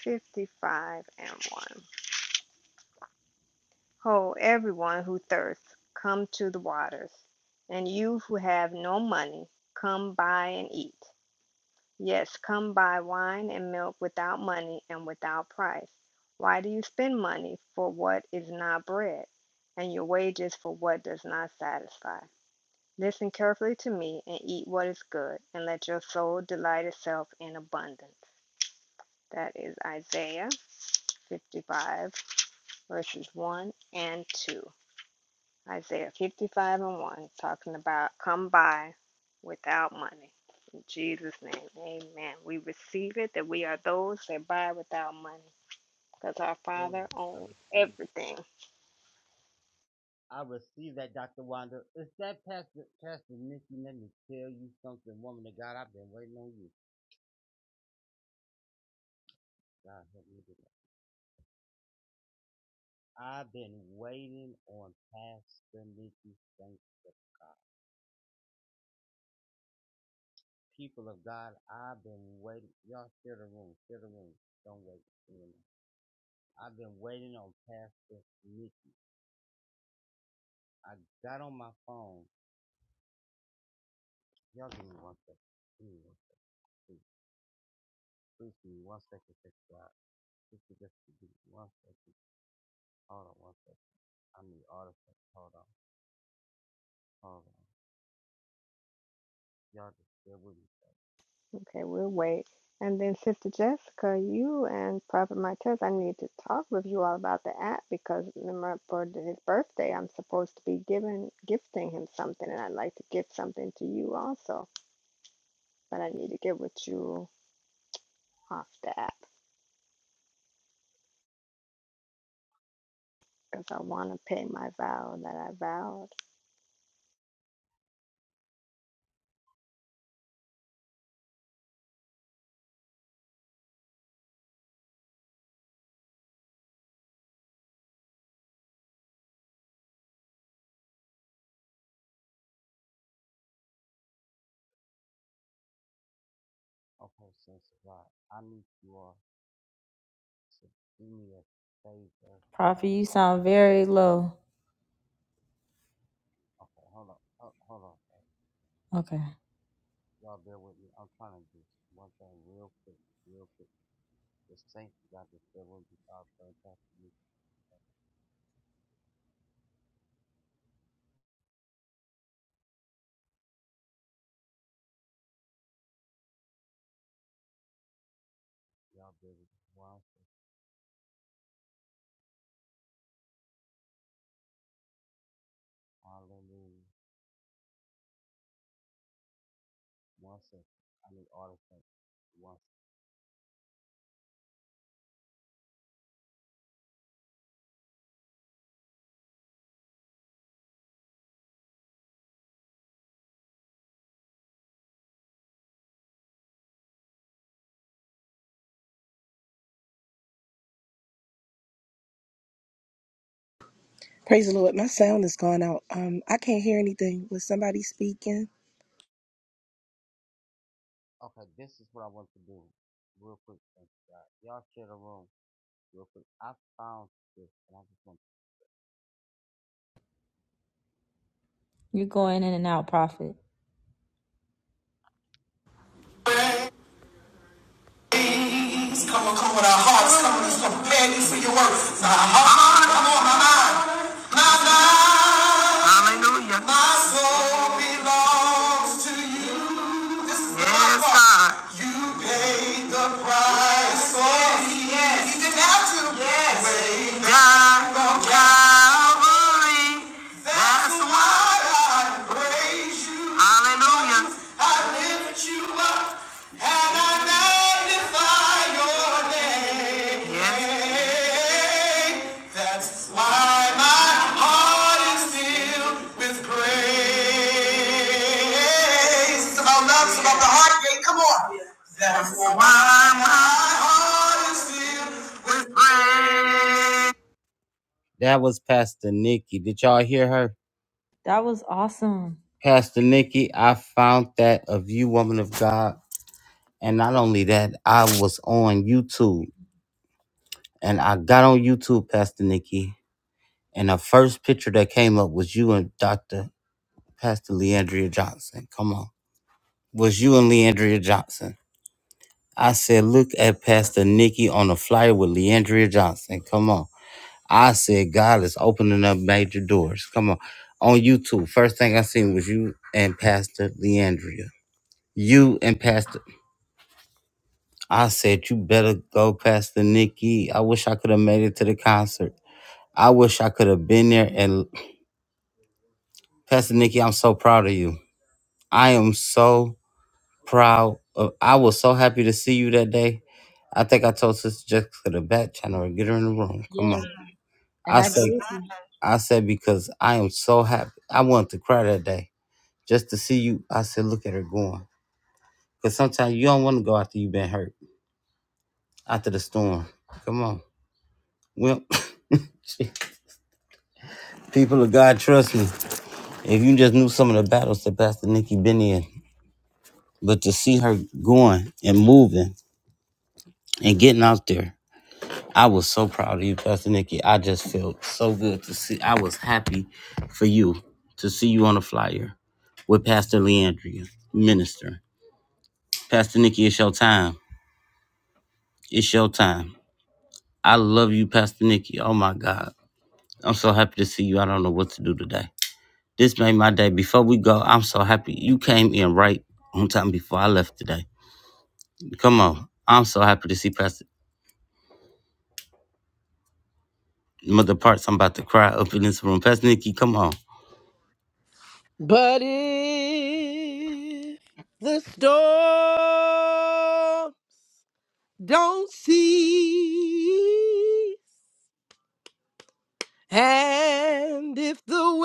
Speaker 2: 55 and 1. Ho, everyone who thirsts, come to the waters. And you who have no money, come buy and eat. Yes, come buy wine and milk without money and without price. Why do you spend money for what is not bread, and your wages for what does not satisfy? Listen carefully to me and eat what is good, and let your soul delight itself in abundance. That is Isaiah 55, verses 1 and 2. Isaiah 55 and 1, talking about come by without money. In Jesus' name, amen. We receive it that we are those that buy without money because our Father owns everything. Okay, we'll wait. And then Sister Jessica, you and Prophet Martez, I need to talk with you all about the app because remember for his birthday, I'm supposed to be giving gifting him something, and I'd like to give something to you also. But I need to get with you off the app because I want to pay my vow that I vowed.
Speaker 3: Prophet, you sound very low. Okay,
Speaker 7: Praise the Lord. My sound is gone out. Um, I can't hear anything. Was somebody speaking?
Speaker 3: you're going in and out, Prophet.
Speaker 1: Please come and come with our hearts. Come on, let's go. Pay for your work. My heart, come on, my mind. My mind, my soul belongs to you. Yes. Yes. Calvary. That's why I praise you. Hallelujah. I lift you up and I magnify your name. Yes. That's why my heart is filled with praise. It's about love, it's about the heart gate. Come on. That's why my heart is filled with praise.
Speaker 3: That was awesome. Yes, and I did
Speaker 7: But if the storm don't cease, and if the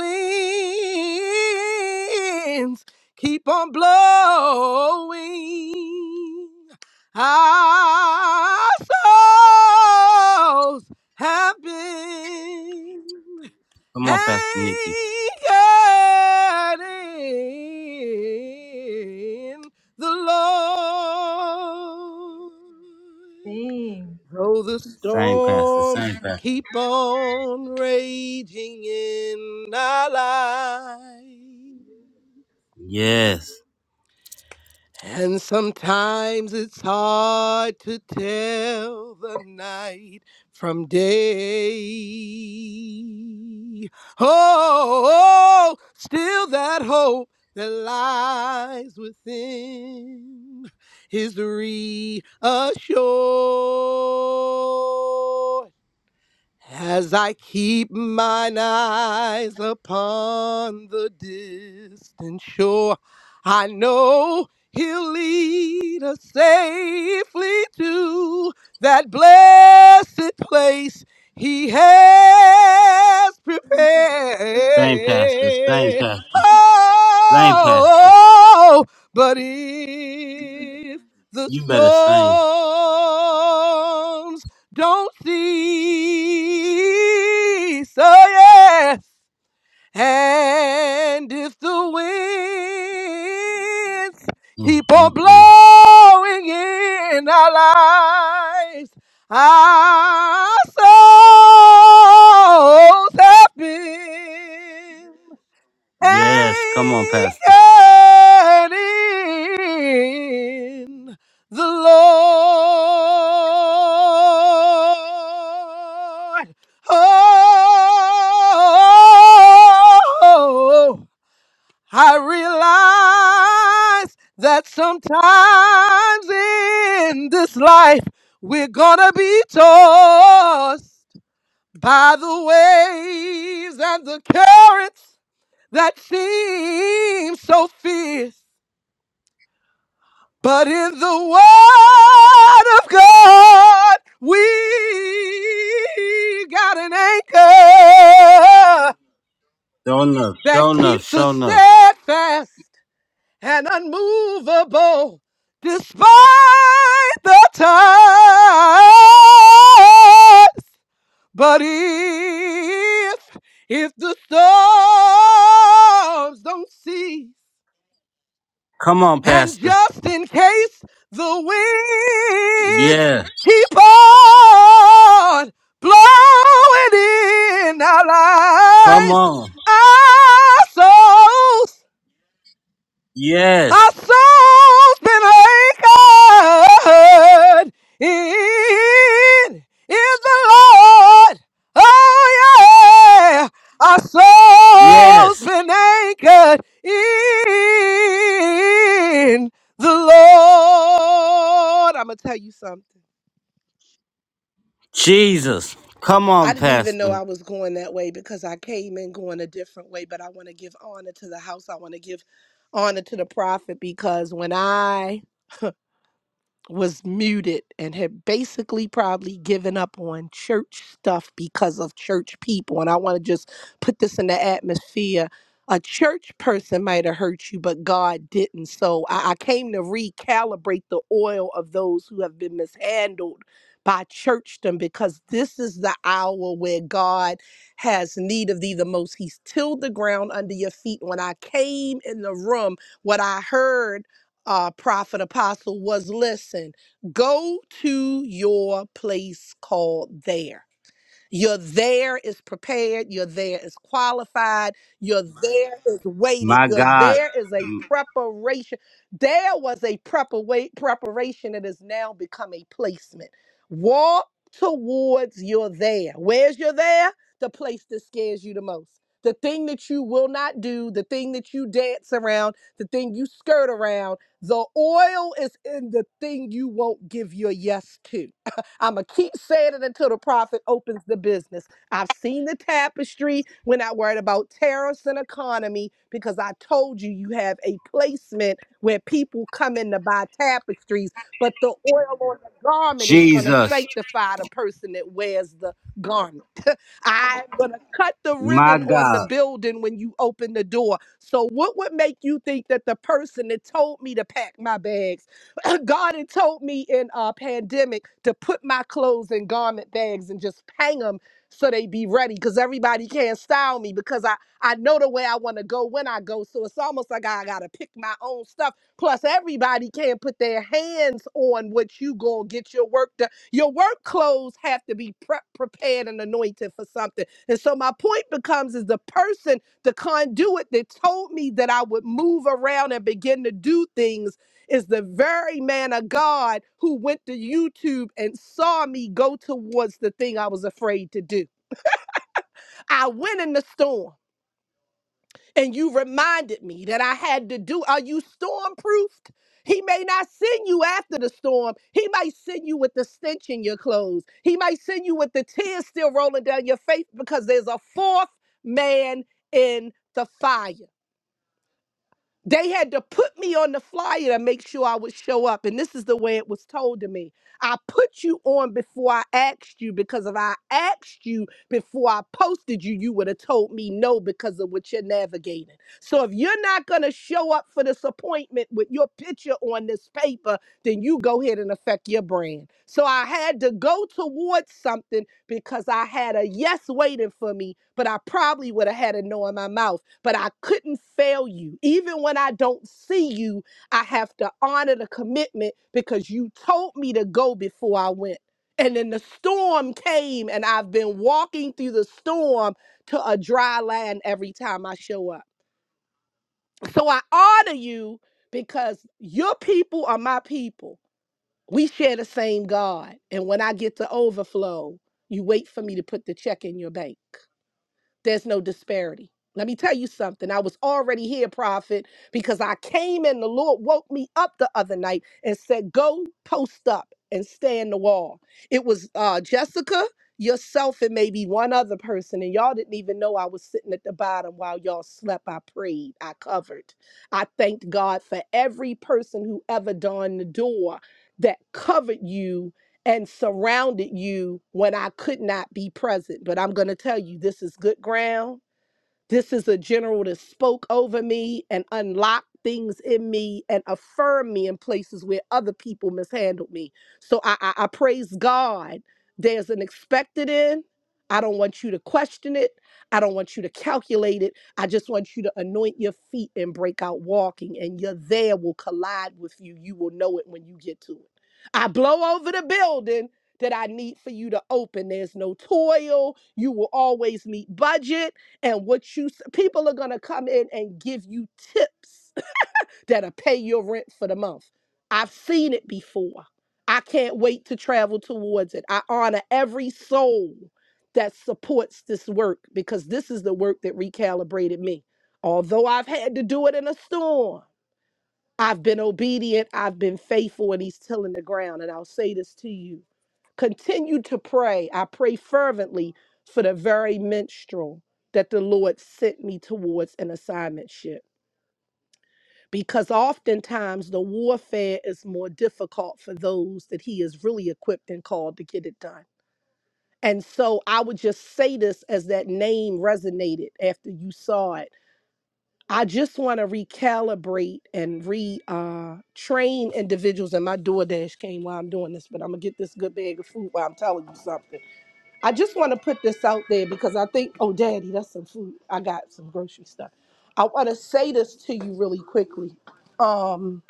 Speaker 7: winds keep on blowing, our souls have been Hiding in the Lord.
Speaker 3: sing.
Speaker 7: Though the storms keep on raging in our lives. And sometimes it's hard to tell the night from day. Oh, oh! still that hope that lies within is reassured. As I keep mine eyes upon the distant shore, I know he'll lead us safely to that blessed place he has prepared. Oh, but if the storm don't cease. Oh yes. And if the winds keep on blowing in our lives, our souls have been anchored in the Lord. Oh, I realize that sometimes in this life we're gonna be tossed by the waves and the currents that seems so fierce. But in the Word of God, we got an anchor that keeps us steadfast and unmovable despite the times. But if, if the storms don't cease, And just in case the winds keep on blowing in our lives, our souls our soul's been anchored in, in the Lord. Oh yeah, our soul's been anchored in the Lord. I'm gonna tell you something. I didn't even know I was going that way because I came in going a different way, but I want to give honor to the house. I want to give honor to the prophet because when I was muted and had basically probably given up on church stuff because of church people. And I want to just put this in the atmosphere. A church person might have hurt you, but God didn't. So I, I came to recalibrate the oil of those who have been mishandled by churchdom because this is the hour where God has need of thee the most. He's tilled the ground under your feet. When I came in the room, what I heard uh, prophet apostle was listen, go to your place called there. You're there is prepared. You're there is qualified. You're My there God. is waiting. You're there is a preparation. There was a prepara- preparation that has now become a placement. Walk towards your there. Where's your there? The place that scares you the most. The thing that you will not do, the thing that you dance around, the thing you skirt around. The oil is in the thing you won't give your yes to. I'm going to keep saying it until the prophet opens the business. I've seen the tapestry. We're not worried about tariffs and economy because I told you you have a placement where people come in to buy tapestries, but the oil on the garment is going to sanctify the person that wears the garment. I'm going to cut the ribbon on the building when you open the door. So, what would make you think that the person that told me to pack my bags? God had told me in a pandemic to put my clothes in garment bags and just hang them so they be ready because everybody can't style me because I, I know the way I want to go when I go. So it's almost like I got to pick my own stuff. Plus, everybody can't put their hands on what you going to get your work done. Your work clothes have to be prep prepared and anointed for something. And so my point becomes is the person, the conduit that told me that I would move around and begin to do things is the very man of God who went to YouTube and saw me go towards the thing I was afraid to do. I went in the storm and you reminded me that I had to do. Are you storm proofed? He may not send you after the storm. He might send you with the stench in your clothes. He might send you with the tears still rolling down your face because there's a fourth man in the fire. They had to put me on the flyer to make sure I would show up. And this is the way it was told to me. I put you on before I asked you because if I asked you before I posted you, you would have told me no because of what you're navigating. So if you're not going to show up for this appointment with your picture on this paper, then you go ahead and affect your brand. So I had to go towards something because I had a yes waiting for me, but I probably would have had a no in my mouth. But I couldn't fail you. Even when I don't see you, I have to honor the commitment because you told me to go before I went. And then the storm came, and I've been walking through the storm to a dry land every time I show up. So I honor you because your people are my people we share the same God. And when I get to overflow, you wait for me to put the check in your bank there's no disparity. Let me tell you something. I was already here, prophet, because I came and the Lord woke me up the other night and said, Go post up and stay in the wall. It was uh, Jessica, yourself, and maybe one other person. And y'all didn't even know I was sitting at the bottom while y'all slept. I prayed, I covered. I thanked God for every person who ever dawned the door that covered you and surrounded you when I could not be present. But I'm going to tell you, this is good ground this is a general that spoke over me and unlocked things in me and affirmed me in places where other people mishandled me. So I, I, I praise God. There's an expected end. I don't want you to question it. I don't want you to calculate it. I just want you to anoint your feet and break out walking, and your there will collide with you. You will know it when you get to it. I blow over the building that I need for you to open. There's no toil. You will always meet budget and what you s- people are going to come in and give you tips that'll pay your rent for the month. I've seen it before. I can't wait to travel towards it. I honor every soul that supports this work because this is the work that recalibrated me. Although I've had to do it in a storm, I've been obedient, I've been faithful, and he's tilling the ground. And I'll say this to you Continue to pray. I pray fervently for the very minstrel that the Lord sent me towards an assignment ship. Because oftentimes the warfare is more difficult for those that He is really equipped and called to get it done. And so I would just say this as that name resonated after you saw it. I just want to recalibrate and re uh, train individuals. And my DoorDash came while I'm doing this, but I'm gonna get this good bag of food while I'm telling you something. I just want to put this out there because I think, oh, Daddy, that's some food. I got some grocery stuff. I want to say this to you really quickly. Um,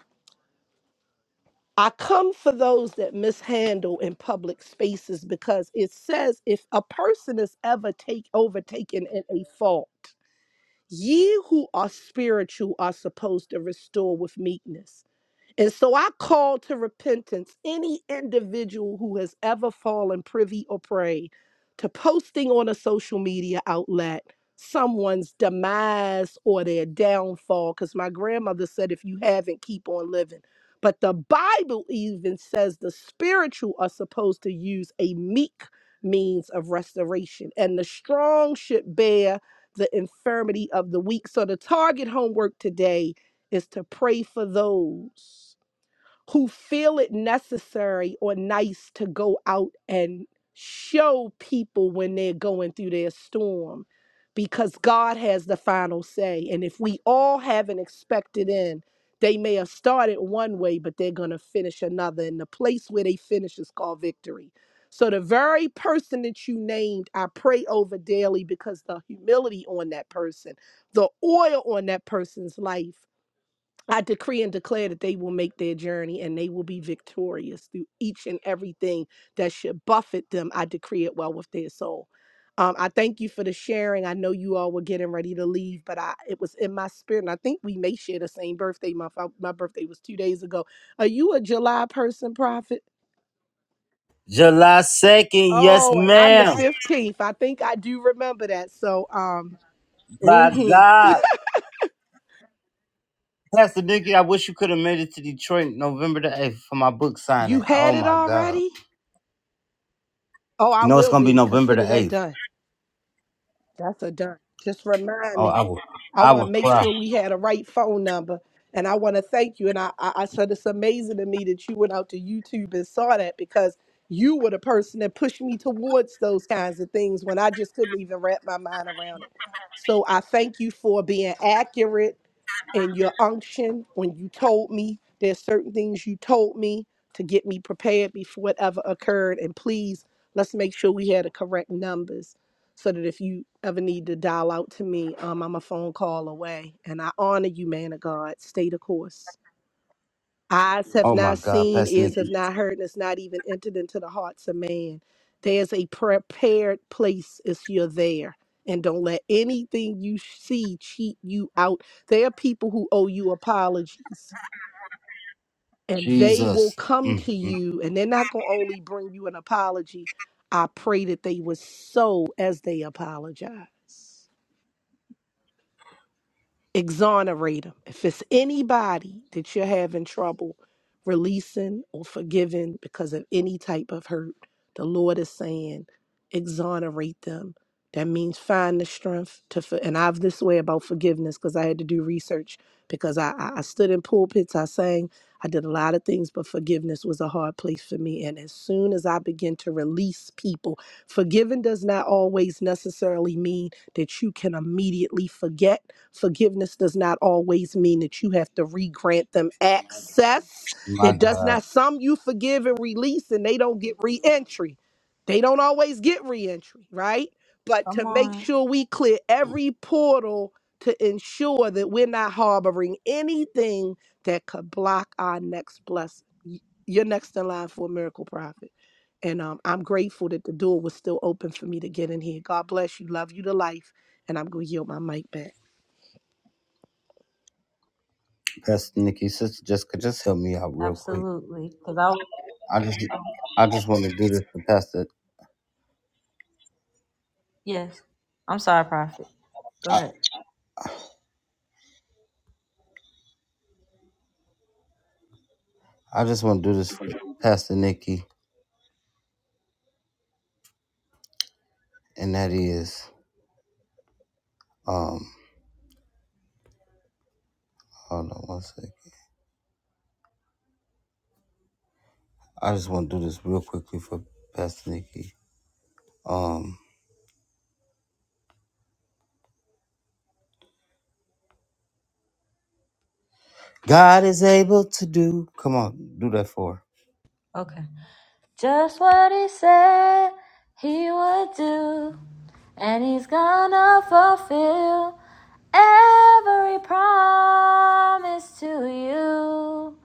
Speaker 7: I come for those that mishandle in public spaces because it says if a person is ever take overtaken in a fault, ye who are spiritual are supposed to restore with meekness. And so I call to repentance any individual who has ever fallen privy or prey to posting on a social media outlet someone's demise or their downfall. Because my grandmother said, if you haven't, keep on living. But the Bible even says the spiritual are supposed to use a meek means of restoration, and the strong should bear the infirmity of the weak. So the target homework today is to pray for those who feel it necessary or nice to go out and show people when they're going through their storm because God has the final say. And if we all haven't expected in, they may have started one way, but they're going to finish another. And the place where they finish is called victory. So the very person that you named, I pray over daily because the humility on that person, the oil on that person's life. I decree and declare that they will make their journey and they will be victorious through each and everything that should buffet them. I decree it well with their soul. Um, I thank you for the sharing. I know you all were getting ready to leave, but I it was in my spirit, and I think we may share the same birthday month. I- my birthday was two days ago. Are you a July person, Prophet? Oh, and I'm the fifteenth. I think I do remember that. So, um, mhm. you had it already. Oh, I will be. Consider that done. That's a done. Just remind me. I want to make sure we had a right phone number. And I want to thank you. And I, I, I said it's amazing to me that you went out to YouTube and saw that because you were the person that pushed me towards those kinds of things when I just couldn't even wrap my mind around it. So I thank you for being accurate and your unction when you told me there's certain things you told me to get me prepared before it ever occurred. And please, let's make sure we had the correct numbers so that if you ever need to dial out to me, um, I'm a phone call away. And I honor you, man of God. Stay the course. Eyes have not seen, ears have not heard, and it's not even entered into the hearts of man. There's a prepared place if you're there. And don't let anything you see cheat you out. There are people who owe you apologies, and they will come to you, and they're not going to only bring you an apology. I pray that they were so as they apologize. exonerate them. If it's anybody that you're having trouble releasing or forgiving because of any type of hurt, the Lord is saying, exonerate them. That means find the strength to, for, and I've this way about forgiveness because I had to do research because I, I, I stood in pulpits, I sang, I did a lot of things, but forgiveness was a hard place for me. And as soon as I begin to release people, forgiving does not always necessarily mean that you can immediately forget Forgiveness does not always mean that you have to re-grant them access. It does not. Some you forgive and release, and they don't get re-entry. They don't always get re-entry, right? But
Speaker 3: Come
Speaker 7: to make
Speaker 3: on,
Speaker 7: sure we clear every portal to ensure that we're not harboring anything that could block our next blessing. Y- You're next in line for a miracle prophet. And um, I'm grateful that the door was still open for me to get in here. God bless you. Love you to life. And I'm going to yield my mic back.
Speaker 3: absolutely, because I. was- um, Yes, I'm sorry, Prophet. Go ahead. Okay. Just what he said he would do, and he's gonna fulfill every promise to you.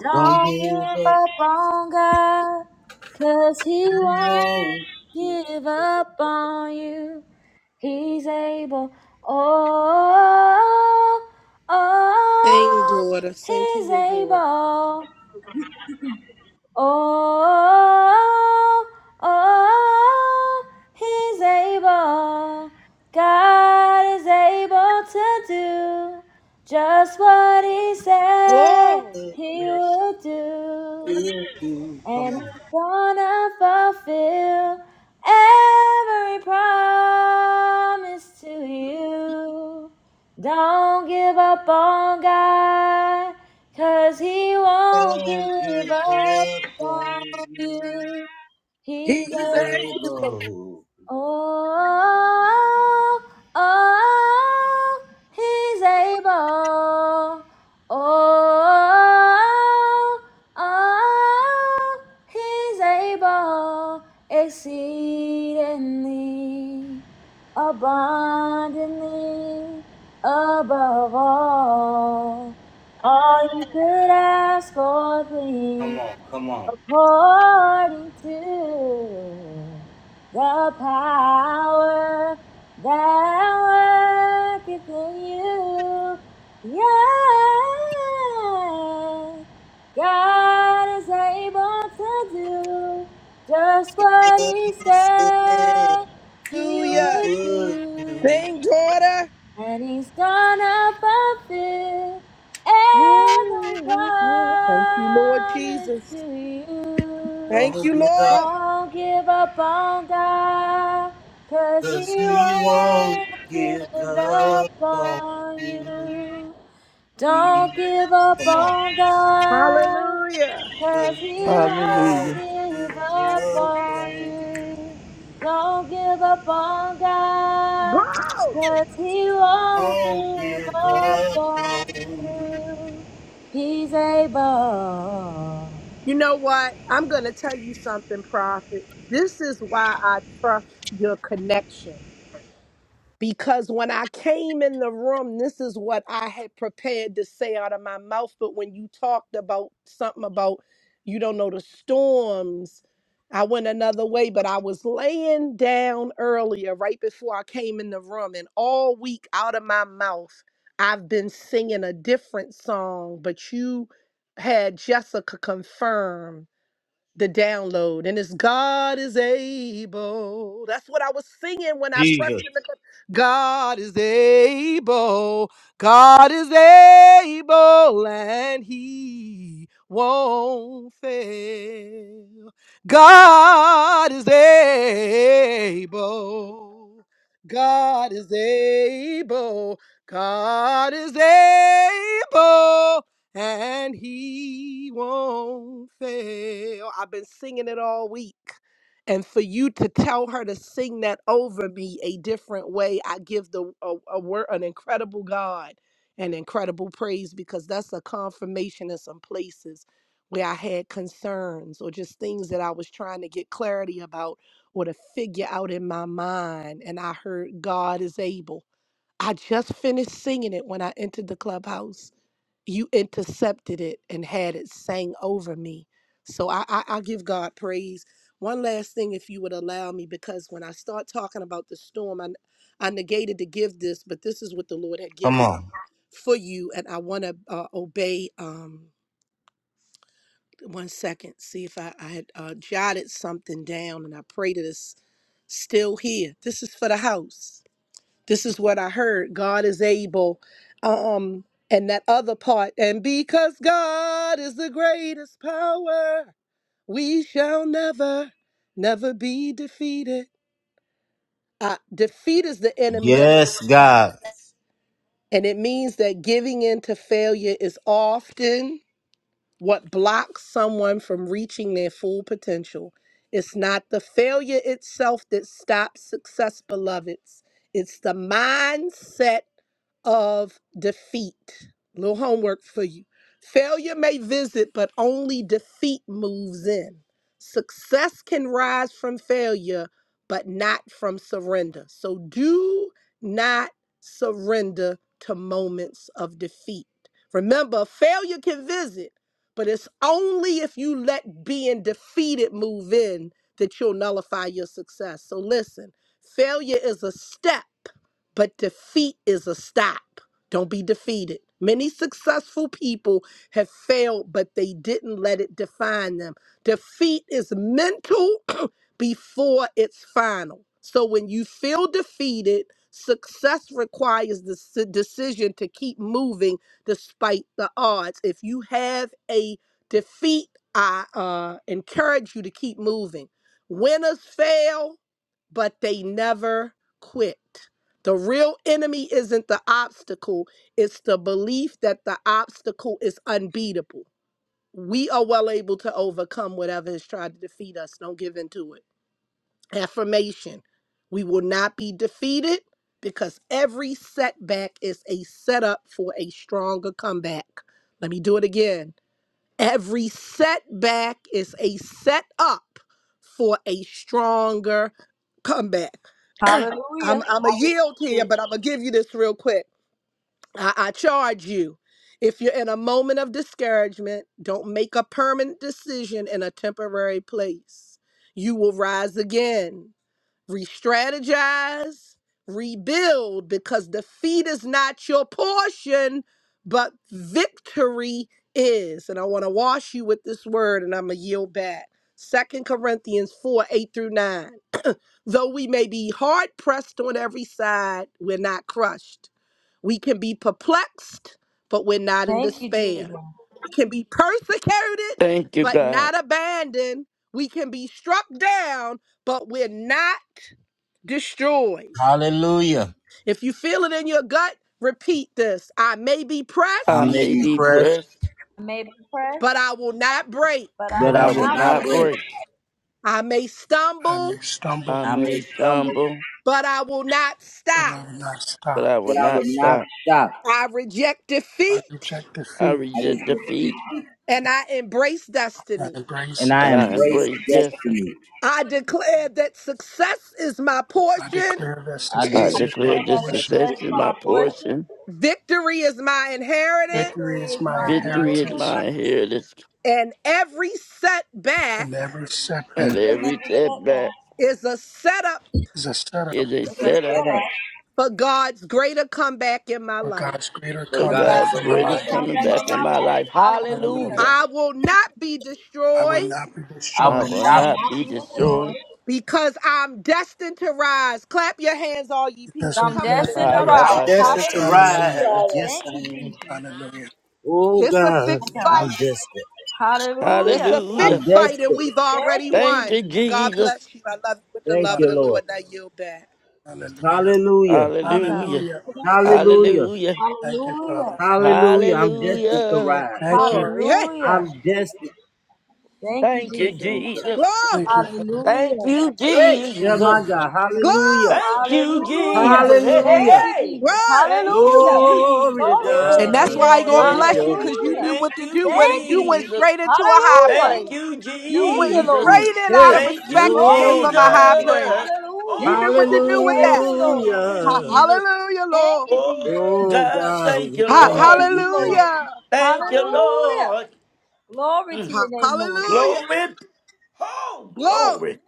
Speaker 3: Don't give up on God, 'cause he won't give up on you. He's able. Oh,
Speaker 7: Sing,
Speaker 3: oh,
Speaker 7: daughter. Sing to
Speaker 3: he's
Speaker 7: your daughter.
Speaker 3: able. Oh, oh, oh, he's able. God is able to do just what he said
Speaker 7: Glory.
Speaker 3: he would do and He's gonna fulfill every promise to you. Don't give up on God, 'cause He won't give up on you.
Speaker 7: He's
Speaker 3: He's
Speaker 7: a
Speaker 3: Oh, oh, oh, he's able. Oh, oh, oh, he's able exceedingly, abundantly, above all, all you could ask or think according to the power that worketh in you. Yeah, God is able to do just what He said He
Speaker 7: hallelujah.
Speaker 3: would do.
Speaker 7: Sing, daughter.
Speaker 3: And he's gonna fulfill every
Speaker 7: Thank you, Lord
Speaker 3: promise to
Speaker 7: Jesus.
Speaker 3: you.
Speaker 7: Thank you, Lord.
Speaker 3: Don't give up on God, cause he won't give up on you. Don't give up on God,
Speaker 7: Hallelujah.
Speaker 3: cause He won't
Speaker 8: Hallelujah.
Speaker 3: give up on you. Don't give up on God,
Speaker 7: Go.
Speaker 3: cause He won't give up on you. He's able.
Speaker 7: You know what? I'm going to tell you something, Prophet. This is why I trust your connection. Because when I came in the room, this is what I had prepared to say out of my mouth. But when you talked about something about, you don't know, the storms, I went another way. But I was laying down earlier, right before I came in the room. And all week out of my mouth, I've been singing a different song. But you had Jessica confirm the download and it's god is able that's what i was singing when i pressed in the clip god is able god is able and he won't fail god is able god is able god is able and he won't fail. I've been singing it all week. And for you to tell her to sing that over me a different way, I give the a, a word an incredible God an incredible praise because that's a confirmation in some places where I had concerns or just things that I was trying to get clarity about or to figure out in my mind. And I heard God is able. I just finished singing it when I entered the clubhouse you intercepted it and had it sang over me. So I, I, I give God praise. One last thing, if you would allow me, because when I start talking about the storm, I, I negated to give this, but this is what the Lord had given for you, and I want to uh, obey. Um, one second, see if I, I had uh, jotted something down, and I pray that it's still here. This is for the house this is what I heard. God is able. Um, and that other part, and because God is the greatest power, we shall never, never be defeated. Uh, defeat is the enemy of success. And it means that giving in to failure is often what blocks someone from reaching their full potential is not the failure itself that stops success, beloveds. It's the mindset of defeat. little homework for you. Failure may visit, but only defeat moves in. Success can rise from failure, but not from surrender. So do not surrender to moments of defeat. Remember, failure can visit but it's only if you let being defeated move in that you'll nullify your success. So listen, failure is a step, but defeat is a stop. Don't be defeated. Many successful people have failed, but they didn't let it define them. Defeat is mental before it's final. So when you feel defeated, success requires the s- decision to keep moving despite the odds. If you have a defeat, I uh, encourage you to keep moving. Winners fail, but they never quit. The real enemy isn't the obstacle, it's the belief that the obstacle is unbeatable. We are well able to overcome whatever has tried to defeat us. Don't give in to it affirmation. We will not be defeated because every setback is a setup for a stronger comeback. Let me do it again. Every setback is a setup for a stronger comeback. I'm,
Speaker 3: Hallelujah.
Speaker 7: I'm a
Speaker 3: I
Speaker 7: yield
Speaker 3: received
Speaker 7: here,
Speaker 3: it.
Speaker 7: but I'm going to give you this real quick. I, I charge you. If you're in a moment of discouragement, don't make a permanent decision in a temporary place. You will rise again re-strategize, rebuild, because defeat is not your portion, but victory is. And I want to wash you with this word, and I'm gonna yield back. Second Corinthians 4, 8 through 9. Though we may be hard pressed on every side, we're not crushed. We can be perplexed, but we're not in
Speaker 3: Thank you, Jesus.
Speaker 7: despair. We can be persecuted,
Speaker 8: Thank you,
Speaker 7: but
Speaker 8: God.
Speaker 7: not abandoned. We can be struck down, but we're not destroyed. If you feel it in your gut, repeat this. I may be
Speaker 8: I
Speaker 7: pressed,
Speaker 8: may be pressed,
Speaker 3: I may be pressed,
Speaker 7: but I will not break.
Speaker 3: but I
Speaker 9: I
Speaker 8: but
Speaker 9: will
Speaker 3: am
Speaker 8: I
Speaker 9: not
Speaker 8: will
Speaker 9: break.
Speaker 8: not break.
Speaker 7: I may
Speaker 9: I
Speaker 7: stumble,
Speaker 9: may stumble,
Speaker 8: I may stumble,
Speaker 7: but I will not
Speaker 9: but
Speaker 7: stop.
Speaker 9: I will not
Speaker 8: but
Speaker 9: stop.
Speaker 8: I will not stop.
Speaker 7: I reject
Speaker 9: I
Speaker 7: defeat
Speaker 9: reject
Speaker 8: I
Speaker 9: defeat.
Speaker 8: reject defeat
Speaker 7: and I embrace
Speaker 9: I
Speaker 7: destiny.
Speaker 9: embrace
Speaker 8: and I
Speaker 9: destiny.
Speaker 8: embrace destiny.
Speaker 7: I declare that success is my
Speaker 9: I
Speaker 7: portion,
Speaker 9: declare that
Speaker 8: I
Speaker 9: success is my
Speaker 8: declare that
Speaker 9: portion.
Speaker 8: success
Speaker 3: blessed
Speaker 8: is
Speaker 3: with
Speaker 8: my
Speaker 3: my portion.
Speaker 8: portion,
Speaker 7: victory is my
Speaker 3: Victory
Speaker 7: inheritance,
Speaker 9: Victory
Speaker 3: is
Speaker 9: is my
Speaker 3: my hand
Speaker 8: victory is
Speaker 9: inheritance,
Speaker 8: my inheritance,
Speaker 7: and every setback
Speaker 9: and every
Speaker 8: and
Speaker 9: setback
Speaker 8: every
Speaker 3: every
Speaker 8: setback
Speaker 3: setback.
Speaker 7: is a setup
Speaker 9: is a setup
Speaker 8: is a
Speaker 3: It's a
Speaker 8: setup
Speaker 3: setup.
Speaker 7: for God's greater comeback in my
Speaker 9: for
Speaker 7: life.
Speaker 9: God's greater
Speaker 8: for
Speaker 3: For
Speaker 9: comeback
Speaker 8: God's
Speaker 3: God's
Speaker 9: for my
Speaker 3: word
Speaker 8: greatest
Speaker 9: life.
Speaker 3: come
Speaker 8: coming
Speaker 3: back in
Speaker 8: back in
Speaker 3: my
Speaker 8: my
Speaker 3: life.
Speaker 8: life.
Speaker 9: Hallelujah.
Speaker 3: Hallelujah.
Speaker 8: Hallelujah.
Speaker 7: I will not be
Speaker 9: I
Speaker 7: destroyed
Speaker 9: will not be
Speaker 8: I
Speaker 9: destroyed
Speaker 8: will
Speaker 3: I will
Speaker 8: not be
Speaker 3: not be
Speaker 8: destroyed.
Speaker 3: destroyed.
Speaker 7: because I'm destined to rise. Clap your hands, all ye
Speaker 3: So
Speaker 9: because
Speaker 7: people.
Speaker 9: of
Speaker 3: I'm
Speaker 7: Come on and
Speaker 9: His
Speaker 3: destined to
Speaker 7: shout out
Speaker 9: word.
Speaker 3: rise.
Speaker 7: to
Speaker 8: Ayabashaka.
Speaker 3: Hallelujah.
Speaker 9: Hallelujah.
Speaker 7: Israel.
Speaker 3: Thank you, Jesus.
Speaker 9: Hallelujah.
Speaker 7: It's a
Speaker 3: My
Speaker 7: fixed
Speaker 3: God.
Speaker 7: fight. It's a
Speaker 3: Hallelujah.
Speaker 8: Hallelujah.
Speaker 7: fixed fight, and we've
Speaker 3: Thank
Speaker 7: already
Speaker 3: you,
Speaker 8: Thank
Speaker 7: won.
Speaker 8: you,
Speaker 3: Jesus.
Speaker 7: God
Speaker 8: Jesus.
Speaker 7: bless you. I love you with the love of the
Speaker 9: Hallelujah.
Speaker 7: Lord. Now yield back.
Speaker 9: Hallelujah.
Speaker 3: My God.
Speaker 8: Hallelujah.
Speaker 9: Hallelujah.
Speaker 8: Hallelujah.
Speaker 9: Thank you, Father.
Speaker 3: Hallelujah.
Speaker 8: Hallelujah.
Speaker 9: Thank you.
Speaker 7: Glory. Hey.
Speaker 3: Hallelujah. Thank you,
Speaker 8: Thank you,
Speaker 7: Hallelujah.
Speaker 3: Jesus.
Speaker 8: Jesus.
Speaker 7: Glory.
Speaker 9: Thank you, Father.
Speaker 8: Thank
Speaker 3: Hallelujah.
Speaker 8: you,
Speaker 9: Thank you,
Speaker 8: Jesus.
Speaker 9: Father.
Speaker 7: Glory.
Speaker 8: Thank you,
Speaker 3: Hallelujah.
Speaker 8: Jesus. Hey, hey,
Speaker 9: Hallelujah.
Speaker 3: Thank you,
Speaker 8: hey.
Speaker 3: Jesus.
Speaker 7: Word.
Speaker 8: Thank you,
Speaker 3: Hallelujah.
Speaker 8: Jesus.
Speaker 3: Glory to
Speaker 9: Yes,
Speaker 3: your
Speaker 7: And
Speaker 8: Oh,
Speaker 7: that's
Speaker 3: name,
Speaker 7: why he
Speaker 3: Lord.
Speaker 7: gonna bless
Speaker 8: yes.
Speaker 7: you because you
Speaker 3: Hallelujah.
Speaker 7: knew what
Speaker 8: Thank
Speaker 7: to
Speaker 8: you,
Speaker 7: do with it.
Speaker 3: Thank you,
Speaker 7: You went
Speaker 3: Jesus.
Speaker 8: Jesus.
Speaker 7: straight into a high
Speaker 3: Hallelujah.
Speaker 8: Thank
Speaker 7: praise.
Speaker 8: you,
Speaker 7: You
Speaker 3: Thank
Speaker 7: went
Speaker 3: you,
Speaker 8: Jesus.
Speaker 3: Lord.
Speaker 7: straight in out of
Speaker 8: Thank
Speaker 7: respect
Speaker 8: you,
Speaker 7: and gave
Speaker 3: Glory to
Speaker 7: him a
Speaker 3: your
Speaker 7: high
Speaker 3: name, Lord.
Speaker 7: praise.
Speaker 8: Jesus.
Speaker 7: You
Speaker 3: Hallelujah.
Speaker 7: knew what to do
Speaker 8: Oh,
Speaker 7: with
Speaker 3: Thank
Speaker 7: that.
Speaker 3: you,
Speaker 8: thank you,
Speaker 3: Lord.
Speaker 7: Ha-
Speaker 8: Jesus.
Speaker 7: hallelujah,
Speaker 3: Thank
Speaker 7: Lord.
Speaker 3: you, Jesus.
Speaker 8: Oh, God, thank you,
Speaker 7: Ha-
Speaker 8: Lord.
Speaker 3: Thank you, Lord.
Speaker 7: hallelujah.
Speaker 8: Thank you,
Speaker 7: Hallelujah.
Speaker 3: Hallelujah.
Speaker 8: Lord.
Speaker 3: Glory to
Speaker 8: Mm.
Speaker 3: your
Speaker 7: Ha-
Speaker 3: name, Lord.
Speaker 7: hallelujah.
Speaker 8: Glory. Oh,
Speaker 7: Glory.
Speaker 8: glory.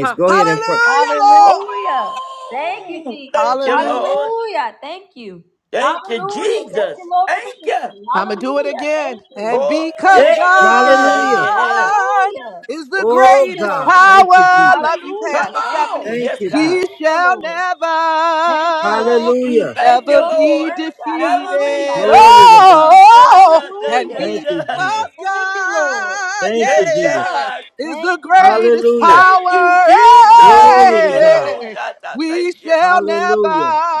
Speaker 7: Ha- hallelujah, Lord.
Speaker 3: Hallelujah. Thank you,
Speaker 8: Oh,
Speaker 3: Jesus.
Speaker 8: thank you,
Speaker 7: Hallelujah.
Speaker 8: Lord.
Speaker 3: Hallelujah. Thank you.
Speaker 8: Thank you,
Speaker 3: Hallelujah. Thank
Speaker 8: Jesus.
Speaker 3: you, Lord, for the
Speaker 8: Thank you.
Speaker 3: victory.
Speaker 7: I'm going to do it
Speaker 3: Hallelujah. Thank
Speaker 7: again.
Speaker 3: you.
Speaker 7: And
Speaker 8: Oh,
Speaker 7: because
Speaker 3: Thank you,
Speaker 8: yeah,
Speaker 3: Jesus.
Speaker 8: yeah.
Speaker 7: God
Speaker 3: Hallelujah.
Speaker 7: is the
Speaker 3: Thank you,
Speaker 7: greatest
Speaker 3: Lord, for the victory.
Speaker 7: power, love you,
Speaker 3: Hallelujah.
Speaker 8: Come
Speaker 7: Pastor
Speaker 3: Thank you.
Speaker 7: Stephanie,
Speaker 8: on. Yes, God.
Speaker 7: we shall
Speaker 3: Thank,
Speaker 7: never,
Speaker 8: Mm,
Speaker 3: thank
Speaker 8: Thank
Speaker 7: never
Speaker 8: you,
Speaker 7: be
Speaker 8: Lord.
Speaker 3: God. Hallelujah.
Speaker 8: Never be
Speaker 7: defeated.
Speaker 3: Thank
Speaker 8: God.
Speaker 3: you.
Speaker 7: Oh, and
Speaker 3: Hallelujah.
Speaker 8: Yes,
Speaker 7: because
Speaker 8: God.
Speaker 3: Thank you, Lord.
Speaker 7: God,
Speaker 8: Yes,
Speaker 7: yeah,
Speaker 8: God.
Speaker 7: is the greatest
Speaker 8: Thank you,
Speaker 7: power,
Speaker 8: Jesus.
Speaker 3: Hallelujah.
Speaker 7: eh, we
Speaker 8: Thank you.
Speaker 7: shall never,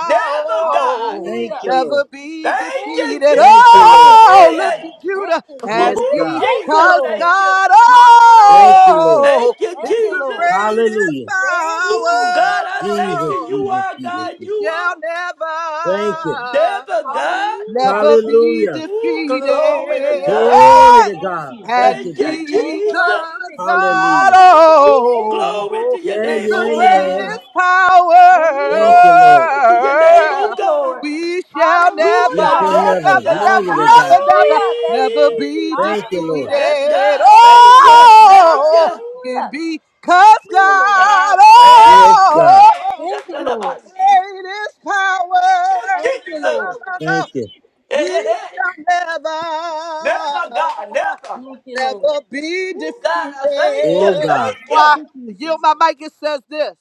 Speaker 8: Never, God.
Speaker 7: oh,
Speaker 3: Hallelujah.
Speaker 7: never be
Speaker 8: Thank
Speaker 3: Thank you,
Speaker 8: you,
Speaker 7: defeated.
Speaker 3: Jesus.
Speaker 8: Jesus.
Speaker 7: Oh,
Speaker 3: Hallelujah.
Speaker 8: Yeah.
Speaker 7: lifted
Speaker 3: Thank
Speaker 7: Judah
Speaker 3: you, Lord.
Speaker 7: and
Speaker 8: Oh,
Speaker 3: Thank you,
Speaker 8: Jesus,
Speaker 7: because
Speaker 3: Lord.
Speaker 8: thank you.
Speaker 7: God,
Speaker 3: Hallelujah.
Speaker 7: oh,
Speaker 8: Thank you,
Speaker 3: Thank
Speaker 7: is
Speaker 3: you,
Speaker 7: the
Speaker 8: Jesus.
Speaker 3: Lord.
Speaker 7: greatest
Speaker 3: Thank you,
Speaker 7: power.
Speaker 8: Oh,
Speaker 3: Jesus.
Speaker 8: God, I thank you. You are God.
Speaker 7: We
Speaker 8: You
Speaker 7: shall
Speaker 8: are
Speaker 7: never,
Speaker 8: never God.
Speaker 3: Hallelujah.
Speaker 7: never
Speaker 3: Thank you.
Speaker 7: be
Speaker 8: Oh,
Speaker 7: defeated.
Speaker 3: Glory
Speaker 8: glory
Speaker 3: to
Speaker 8: to
Speaker 3: your name,
Speaker 8: God.
Speaker 3: Lord.
Speaker 7: Hey!
Speaker 3: Thank you.
Speaker 7: And
Speaker 8: Thank you,
Speaker 3: Thank you,
Speaker 8: Jesus.
Speaker 3: Lord, for
Speaker 7: because
Speaker 3: victory.
Speaker 7: God
Speaker 3: Hallelujah.
Speaker 8: Oh,
Speaker 3: Thank you.
Speaker 8: glory to
Speaker 7: oh,
Speaker 8: your
Speaker 7: is
Speaker 8: name,
Speaker 7: the
Speaker 8: oh
Speaker 3: Thank you,
Speaker 8: God.
Speaker 7: greatest
Speaker 3: Lord.
Speaker 7: power,
Speaker 3: Thank you,
Speaker 8: Oh,
Speaker 3: Lord.
Speaker 8: glory to your name,
Speaker 3: Thank
Speaker 8: oh
Speaker 3: you,
Speaker 8: God.
Speaker 3: Lord.
Speaker 7: we shall
Speaker 8: We
Speaker 3: Hallelujah.
Speaker 8: shall
Speaker 7: never,
Speaker 3: Thank
Speaker 8: never
Speaker 3: you.
Speaker 7: never,
Speaker 8: God,
Speaker 7: never,
Speaker 8: He
Speaker 7: never, never,
Speaker 3: Hallelujah. Thank
Speaker 7: never
Speaker 3: you.
Speaker 7: be
Speaker 8: see.
Speaker 3: Hallelujah.
Speaker 8: Yes,
Speaker 7: defeated.
Speaker 8: God,
Speaker 3: Thank you,
Speaker 8: thank you,
Speaker 3: Lord.
Speaker 8: thank
Speaker 7: Oh,
Speaker 8: you.
Speaker 3: Hallelujah.
Speaker 7: and because
Speaker 3: Thank
Speaker 7: God
Speaker 3: you, Lord.
Speaker 8: God praise you. Hey,
Speaker 7: oh,
Speaker 8: hey,
Speaker 3: Thank you, Lord.
Speaker 8: Shakalabasi.
Speaker 7: Great is power.
Speaker 8: Thank you,
Speaker 3: Thank you,
Speaker 8: Jesus.
Speaker 3: Lord.
Speaker 8: Hey,
Speaker 7: We
Speaker 8: hey, hey.
Speaker 7: shall
Speaker 8: Never,
Speaker 7: never,
Speaker 8: God, never.
Speaker 3: Thank you, Lord.
Speaker 7: never be
Speaker 8: God, I thank you,
Speaker 7: defeated. That's
Speaker 8: thank you.
Speaker 3: Thank
Speaker 7: why
Speaker 3: you,
Speaker 7: the yield
Speaker 3: Jesus.
Speaker 7: my mic. It says this: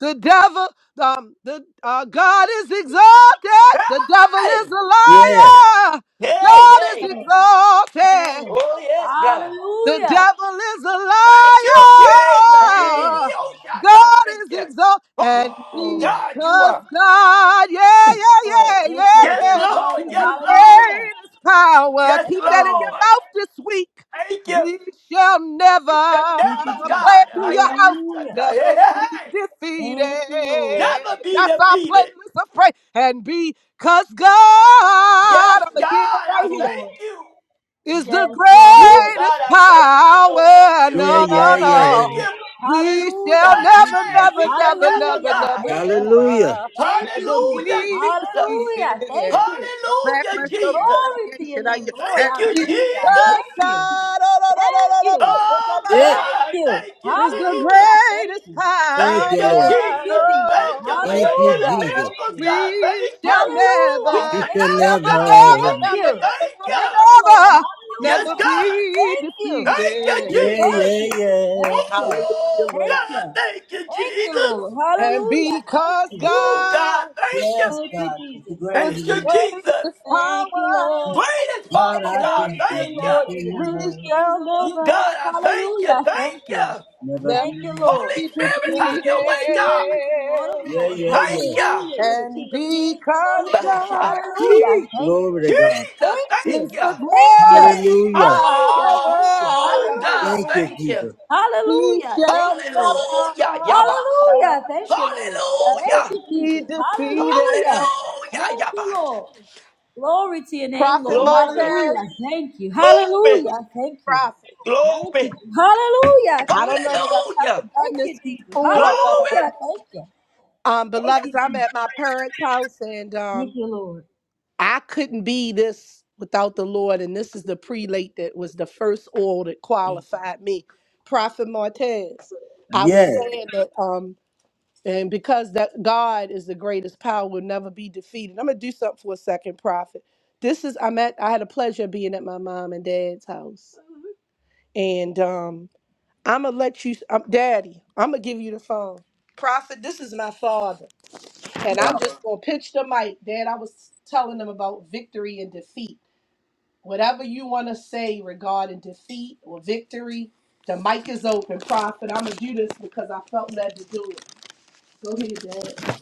Speaker 7: the devil, um, the uh, God is exalted. The devil is
Speaker 8: Hey,
Speaker 7: a liar.
Speaker 8: hey,
Speaker 7: God is
Speaker 8: hey.
Speaker 3: Yes.
Speaker 7: exalted.
Speaker 3: Yes.
Speaker 8: Oh, yes, God.
Speaker 7: The
Speaker 3: Hallelujah.
Speaker 7: devil is a
Speaker 8: Thank you,
Speaker 7: liar.
Speaker 8: Jesus. He did
Speaker 3: Yes.
Speaker 8: the old shot. I
Speaker 7: God is
Speaker 8: Thank you.
Speaker 7: exalted.
Speaker 3: Yes,
Speaker 7: And
Speaker 8: Oh,
Speaker 3: Lord.
Speaker 8: God, you
Speaker 7: because
Speaker 8: are.
Speaker 7: God, yeah, yeah,
Speaker 3: Lord.
Speaker 7: yeah,
Speaker 3: Yes,
Speaker 7: yeah,
Speaker 3: Lord.
Speaker 8: Yes,
Speaker 3: Your
Speaker 7: yeah,
Speaker 3: dark
Speaker 8: Lord.
Speaker 7: is
Speaker 8: Yes,
Speaker 7: the
Speaker 8: Lord.
Speaker 3: hallelujah.
Speaker 7: greatest power.
Speaker 8: Yes,
Speaker 3: Yes,
Speaker 7: Keep that in your
Speaker 3: Lord.
Speaker 8: Lord.
Speaker 7: mouth this week.
Speaker 8: Thank you.
Speaker 7: We shall never
Speaker 8: It's your
Speaker 3: Thank you,
Speaker 8: never
Speaker 3: Jesus.
Speaker 7: play
Speaker 8: God.
Speaker 7: it through
Speaker 8: I
Speaker 7: your
Speaker 8: am.
Speaker 7: house,
Speaker 3: Hallelujah.
Speaker 8: Hey, hey,
Speaker 7: never be
Speaker 8: hey.
Speaker 3: Thank you, Lord.
Speaker 7: defeated.
Speaker 8: never be
Speaker 7: That's our
Speaker 8: defeated.
Speaker 7: playlist of praise. And because God,
Speaker 8: Yes,
Speaker 7: I'm a
Speaker 8: God,
Speaker 7: year
Speaker 8: I
Speaker 7: right here
Speaker 8: thank
Speaker 3: Lord.
Speaker 8: you.
Speaker 7: is
Speaker 3: Yes,
Speaker 7: the
Speaker 8: Ooh,
Speaker 3: Lord.
Speaker 8: God,
Speaker 7: greatest
Speaker 8: I thank you for your healing
Speaker 7: power. No,
Speaker 8: miracles,
Speaker 7: no,
Speaker 8: God.
Speaker 3: Thank
Speaker 7: no.
Speaker 8: Thank
Speaker 3: you.
Speaker 8: you.
Speaker 7: We
Speaker 3: Hallelujah.
Speaker 7: shall
Speaker 3: Thank
Speaker 7: never,
Speaker 3: you.
Speaker 8: Hey,
Speaker 7: never,
Speaker 8: we shall
Speaker 7: never,
Speaker 8: never,
Speaker 7: never,
Speaker 3: Hallelujah.
Speaker 8: God.
Speaker 7: never,
Speaker 3: Thank you.
Speaker 7: never,
Speaker 3: Thank you,
Speaker 7: never
Speaker 3: Jesus.
Speaker 8: Hallelujah,
Speaker 7: be
Speaker 8: Jesus.
Speaker 3: Hallelujah. Thank
Speaker 7: defeated.
Speaker 3: you.
Speaker 7: No
Speaker 8: Hallelujah,
Speaker 7: backlash, no
Speaker 8: Jesus.
Speaker 3: Glory to your
Speaker 7: retaliation. I,
Speaker 3: name, Lord.
Speaker 7: and
Speaker 8: Thank you,
Speaker 7: because
Speaker 3: Hallelujah.
Speaker 8: Jesus.
Speaker 7: God,
Speaker 3: Thank you.
Speaker 7: oh, no, no, no,
Speaker 3: Thank
Speaker 7: no, no,
Speaker 3: you.
Speaker 7: no, so, no,
Speaker 8: Oh,
Speaker 7: no,
Speaker 3: Thank
Speaker 8: God,
Speaker 3: you.
Speaker 8: thank you,
Speaker 7: is the
Speaker 8: Jesus.
Speaker 3: Hallelujah. Thank
Speaker 7: greatest
Speaker 3: you.
Speaker 7: power.
Speaker 8: Thank you,
Speaker 3: Thank you,
Speaker 8: Jesus.
Speaker 3: Jesus.
Speaker 8: Thank you for your healing
Speaker 3: Hallelujah. Thank
Speaker 8: miracles,
Speaker 3: you.
Speaker 8: God.
Speaker 7: We
Speaker 8: Thank you.
Speaker 7: shall
Speaker 8: We
Speaker 3: Hallelujah.
Speaker 7: never,
Speaker 8: shall
Speaker 3: Thank
Speaker 7: never,
Speaker 3: you.
Speaker 8: never,
Speaker 7: never,
Speaker 8: God, be
Speaker 7: never,
Speaker 3: Thank you.
Speaker 7: never,
Speaker 8: defeated. Thank
Speaker 3: Thank
Speaker 8: you.
Speaker 3: you,
Speaker 7: never,
Speaker 3: Lord.
Speaker 7: never,
Speaker 8: Yes,
Speaker 7: never
Speaker 3: Hallelujah.
Speaker 8: God.
Speaker 7: be
Speaker 3: Thank you.
Speaker 8: Thank you,
Speaker 3: Thank you.
Speaker 7: defeated.
Speaker 3: Thank
Speaker 8: Jesus.
Speaker 3: you. Thank you.
Speaker 7: Hallelujah,
Speaker 8: Oh,
Speaker 3: Thank
Speaker 7: Lord.
Speaker 3: you.
Speaker 8: God, thank you,
Speaker 3: Thank you, Lord.
Speaker 8: Jesus.
Speaker 7: And
Speaker 3: Hallelujah. Thank
Speaker 7: because
Speaker 3: you.
Speaker 8: Oh, God,
Speaker 7: God
Speaker 8: thank you.
Speaker 3: Thank you, Jesus.
Speaker 7: is
Speaker 8: Thank
Speaker 7: the
Speaker 8: you, Jesus.
Speaker 7: greatest
Speaker 3: Thank you, Lord.
Speaker 7: power,
Speaker 8: Greatest Father, God,
Speaker 3: Thank you,
Speaker 8: thank you.
Speaker 3: Lord. You're the
Speaker 7: we
Speaker 3: King of Kings
Speaker 7: shall
Speaker 3: and Lord of
Speaker 8: Oh,
Speaker 7: never,
Speaker 8: God,
Speaker 3: Lords.
Speaker 8: I thank you.
Speaker 3: Hallelujah. Thank
Speaker 8: Thank
Speaker 3: you.
Speaker 8: you.
Speaker 7: never
Speaker 3: Thank you, Lord.
Speaker 8: Holy
Speaker 7: be
Speaker 8: Spirit,
Speaker 3: You're the
Speaker 7: defeated.
Speaker 8: have
Speaker 3: King
Speaker 8: your way,
Speaker 3: of
Speaker 8: God.
Speaker 3: Kings and Lord of Lords.
Speaker 8: Thank
Speaker 3: Hallelujah.
Speaker 8: you.
Speaker 3: You're the King
Speaker 7: And
Speaker 3: of Kings and Lord
Speaker 7: because
Speaker 8: Ooh,
Speaker 3: of
Speaker 8: God,
Speaker 3: Lords.
Speaker 8: yeah.
Speaker 7: God
Speaker 3: Hallelujah. Thank you.
Speaker 8: Jesus,
Speaker 3: Thank you.
Speaker 8: thank
Speaker 7: is the
Speaker 8: you.
Speaker 3: Thank you.
Speaker 7: greatest
Speaker 3: Hallelujah. Thank you.
Speaker 8: Oh,
Speaker 3: Hallelujah.
Speaker 8: God,
Speaker 7: power,
Speaker 3: Thank
Speaker 8: thank
Speaker 3: you.
Speaker 8: you.
Speaker 7: we
Speaker 3: Hallelujah. Thank
Speaker 7: shall
Speaker 3: you, Lord.
Speaker 7: never,
Speaker 8: Hallelujah. Yabasha.
Speaker 3: Hallelujah. Thank you, Lord. Thank
Speaker 7: never
Speaker 8: Hallelujah.
Speaker 3: you,
Speaker 7: be
Speaker 3: Jesus.
Speaker 7: defeated.
Speaker 3: Hallelujah.
Speaker 8: Hallelujah.
Speaker 3: Thank you,
Speaker 8: Yabba.
Speaker 3: Lord. Glory to your name,
Speaker 7: Prophet
Speaker 3: Lord.
Speaker 7: Martez,
Speaker 8: Glory.
Speaker 3: Hallelujah. Thank you.
Speaker 8: Glory.
Speaker 3: Hallelujah. Thank you.
Speaker 7: prophet.
Speaker 3: Thank you.
Speaker 8: Glory.
Speaker 3: Hallelujah.
Speaker 7: I
Speaker 3: Thank
Speaker 7: don't know
Speaker 3: you.
Speaker 7: that I've
Speaker 8: Hallelujah.
Speaker 7: ever done
Speaker 3: Thank you,
Speaker 7: this
Speaker 3: Jesus.
Speaker 7: before, but
Speaker 8: Glory.
Speaker 7: um,
Speaker 3: Hallelujah. Thank you.
Speaker 7: um,
Speaker 3: Thank you,
Speaker 7: beloveds, I'm at
Speaker 3: Jesus.
Speaker 7: my parents' house and
Speaker 3: Thank
Speaker 7: um,
Speaker 3: you, Lord.
Speaker 7: I couldn't be this without the Lord. And this is the prelate that was the first oil that qualified me, Prophet Martez. I was saying that, um, and because that God is the greatest power, will never be defeated. I'm gonna do something for a second, Prophet. This is I'm at. I had a pleasure of being at my mom and dad's house, and um, I'm gonna let you, um, Daddy. I'm gonna give you the phone. Prophet, this is my father, and I'm just gonna pitch the mic. Dad, I was telling them about victory and defeat Whatever you want to say regarding defeat or victory, the mic is open, Prophet. I'm going to do this because I felt led to do it. Go ahead, Dad.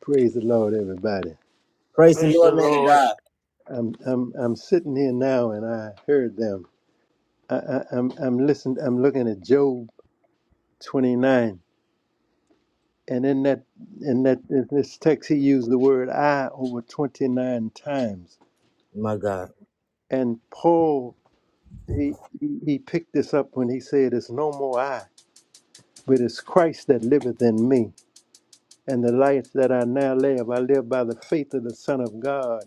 Speaker 7: Praise the Lord, everybody.
Speaker 8: Praise the Lord.
Speaker 7: I'm I'm I'm sitting here now, and I heard them. I, I, I'm I'm listening. I'm looking at Job 29, and in that in that in this text, he used the word "I" over 29 times. And Paul he he he picked this up when he said, "It's no more I, but it's Christ that liveth in me." And the life that I now live, I live by the faith of the Son of God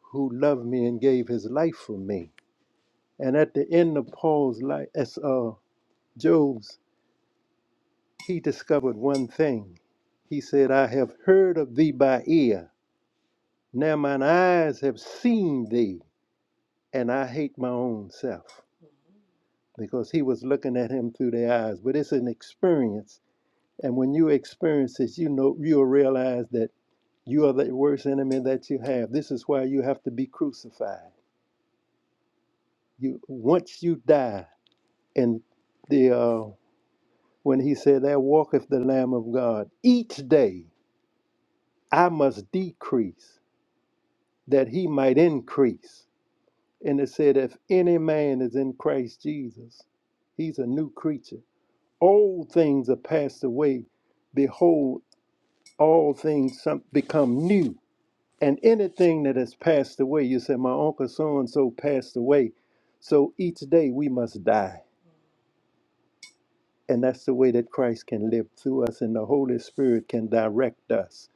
Speaker 7: who loved me and gave his life for me. And at the end of Paul's life, as uh, Job's, he discovered one thing. He said, I have heard of thee by ear. Now mine eyes have seen thee, and I hate my own self. Because he was looking at him through their eyes. But it's an experience. And when you experience this, you know you'll realize that You are the worst enemy that you have. This is why you have to be crucified. You once you die, and the uh, when he said, "There walketh the Lamb of God." Each day I must decrease that he might increase. And it said, "If any man is in Christ Jesus, he's a new creature. Old things are passed away; behold, all things some- become new." and anything that has passed away you say my uncle so and so passed away so each day we must die and that's the way that christ can live through us and the holy spirit can direct us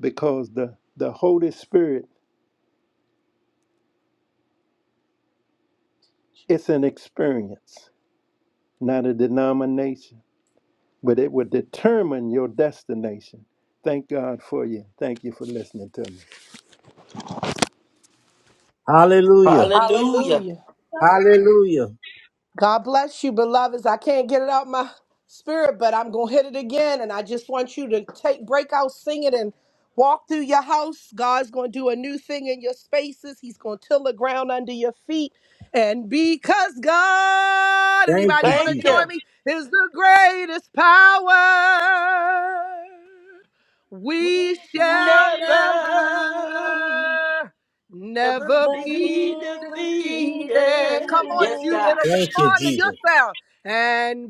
Speaker 7: because the the holy spirit it's an experience not a denomination but it will determine your destination thank god for you thank you for listening to me
Speaker 8: Hallelujah.
Speaker 7: Hallelujah. God bless you, beloveds. I can't get it out my spirit, but I'm gonna hit it again. And I just want you to take break out, sing it, and walk through your house. God's gonna do a new thing in your spaces. He's gonna till the ground under your feet. And because God, anybody gonna
Speaker 8: Thank
Speaker 7: join
Speaker 8: you.
Speaker 7: me, is the greatest power.
Speaker 3: With
Speaker 7: We
Speaker 3: thy
Speaker 7: shall
Speaker 8: Never,
Speaker 7: never.
Speaker 3: name,
Speaker 8: never
Speaker 7: Never
Speaker 3: the
Speaker 7: be
Speaker 8: be
Speaker 3: beauty
Speaker 7: defeated. Come
Speaker 8: defeated.
Speaker 7: on,
Speaker 8: Yes,
Speaker 7: Judah,
Speaker 8: God.
Speaker 7: to respond to yourself. And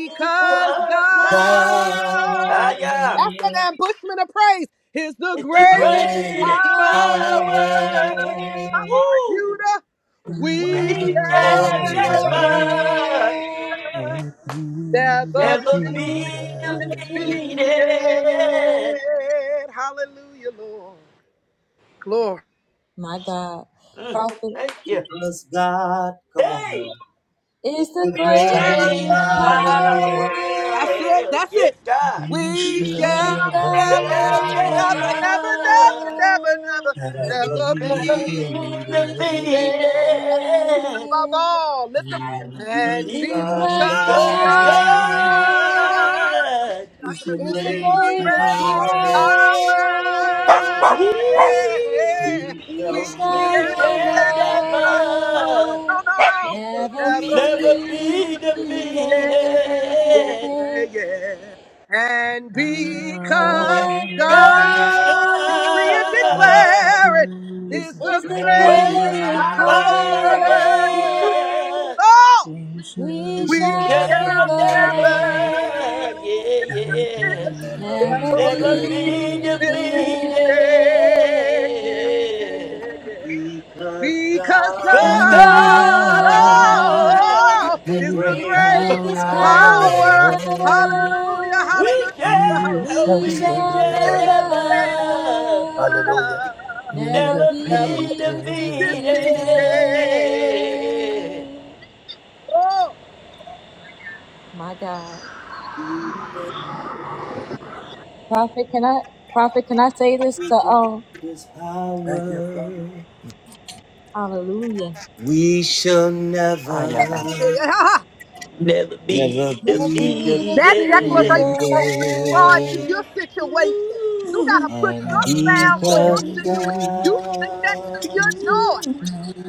Speaker 3: of because
Speaker 8: God,
Speaker 7: God,
Speaker 8: ah,
Speaker 3: love
Speaker 8: yeah,
Speaker 7: that's an ambushment of praise, is the
Speaker 3: is
Speaker 8: is
Speaker 3: the
Speaker 8: the
Speaker 7: greatest
Speaker 3: greatest
Speaker 8: greatest
Speaker 7: power.
Speaker 3: power.
Speaker 8: power.
Speaker 7: Come on,
Speaker 8: Woo!
Speaker 7: Judah,
Speaker 9: Jesus.
Speaker 3: With
Speaker 7: we
Speaker 8: We
Speaker 3: thy
Speaker 7: shall
Speaker 8: can never.
Speaker 3: name,
Speaker 9: Yes,
Speaker 7: never, never
Speaker 8: Never be
Speaker 7: be
Speaker 9: Jesus.
Speaker 7: defeated.
Speaker 8: defeated.
Speaker 7: Hallelujah, Lord. glory.
Speaker 3: My God,
Speaker 8: Mm,
Speaker 3: prophet
Speaker 8: thank you. Hey,
Speaker 3: is the
Speaker 8: great
Speaker 3: greatest
Speaker 7: power.
Speaker 8: is
Speaker 3: power
Speaker 9: How
Speaker 7: That's it.
Speaker 8: power.
Speaker 7: That's
Speaker 8: Yes,
Speaker 7: it.
Speaker 8: God.
Speaker 9: you
Speaker 7: We
Speaker 3: we
Speaker 9: should
Speaker 7: shall never,
Speaker 8: Yes,
Speaker 9: never,
Speaker 3: come
Speaker 7: never, never, never,
Speaker 8: Never,
Speaker 7: never,
Speaker 3: about.
Speaker 7: never,
Speaker 9: never
Speaker 7: never
Speaker 9: be
Speaker 3: The
Speaker 7: be
Speaker 8: never
Speaker 3: beat of
Speaker 8: be
Speaker 7: defeated.
Speaker 9: defeated.
Speaker 8: defeated.
Speaker 3: Jesus
Speaker 7: That means he's above all. Lift him.
Speaker 9: You
Speaker 7: And
Speaker 9: touch
Speaker 8: He's
Speaker 3: is the
Speaker 7: because God,
Speaker 8: Good
Speaker 9: love.
Speaker 3: God
Speaker 7: bless you,
Speaker 8: God.
Speaker 9: This
Speaker 7: Joshua,
Speaker 3: is the
Speaker 7: is
Speaker 9: is
Speaker 7: the
Speaker 3: greatest
Speaker 9: power.
Speaker 7: greatest power,
Speaker 3: power,
Speaker 7: yeah,
Speaker 8: We,
Speaker 3: we
Speaker 7: we
Speaker 3: shall
Speaker 8: we
Speaker 7: shall
Speaker 8: shall
Speaker 7: never,
Speaker 8: never,
Speaker 3: never
Speaker 7: no, no, no
Speaker 3: Never
Speaker 7: never
Speaker 8: never
Speaker 7: be
Speaker 3: be
Speaker 8: be
Speaker 3: defeated.
Speaker 7: defeated.
Speaker 8: defeated.
Speaker 7: Yeah, yeah. And because
Speaker 3: What
Speaker 9: Power.
Speaker 7: God decree and
Speaker 3: God
Speaker 9: is the
Speaker 8: God,
Speaker 7: declare it
Speaker 9: greatest
Speaker 7: is the
Speaker 3: is the
Speaker 7: greatest
Speaker 9: power.
Speaker 8: great
Speaker 3: great
Speaker 8: is
Speaker 7: power. He supers
Speaker 3: power.
Speaker 8: power,
Speaker 7: all.
Speaker 9: We shall
Speaker 3: We
Speaker 7: We
Speaker 9: never,
Speaker 3: shall
Speaker 7: shall
Speaker 8: can
Speaker 3: never,
Speaker 7: never,
Speaker 8: never,
Speaker 7: even
Speaker 8: yeah,
Speaker 7: in your
Speaker 9: never be
Speaker 8: yeah,
Speaker 7: spirit,
Speaker 3: never
Speaker 7: never
Speaker 8: never
Speaker 7: be
Speaker 3: be
Speaker 8: be
Speaker 9: defeated.
Speaker 7: defeated.
Speaker 3: defeated.
Speaker 7: Yeah, yeah,
Speaker 8: defeated.
Speaker 7: yeah, yeah. Because
Speaker 3: The
Speaker 8: Cause
Speaker 7: God oh,
Speaker 9: Oh,
Speaker 3: God
Speaker 7: oh, is the
Speaker 3: is
Speaker 9: greatest
Speaker 3: the
Speaker 8: God,
Speaker 7: greatest
Speaker 3: greatest
Speaker 9: power
Speaker 3: power.
Speaker 7: power. Hallelujah,
Speaker 8: we
Speaker 7: hallelujah,
Speaker 9: is
Speaker 8: shall,
Speaker 3: He
Speaker 7: hallelujah. We
Speaker 8: we
Speaker 3: shall
Speaker 8: shall
Speaker 7: shall
Speaker 3: never,
Speaker 9: sovereign.
Speaker 8: never,
Speaker 9: Hallelujah. Be
Speaker 3: never
Speaker 8: never
Speaker 7: never, never
Speaker 8: be
Speaker 3: be
Speaker 9: defeated.
Speaker 3: defeated.
Speaker 7: be defeated.
Speaker 8: defeated.
Speaker 7: Oh.
Speaker 3: My God. Prophet, can I, prophet, can I say this to all?
Speaker 9: Thank you, Father.
Speaker 3: Hallelujah.
Speaker 7: that.
Speaker 8: Never be
Speaker 3: Never be
Speaker 7: That
Speaker 8: defeated.
Speaker 7: declaration will respond to your
Speaker 3: defeated.
Speaker 7: situation. You got to
Speaker 8: Ooh,
Speaker 7: put your sound on your
Speaker 8: early bird.
Speaker 7: situation.
Speaker 9: Hallelujah.
Speaker 7: You sing that to your
Speaker 9: His
Speaker 7: joy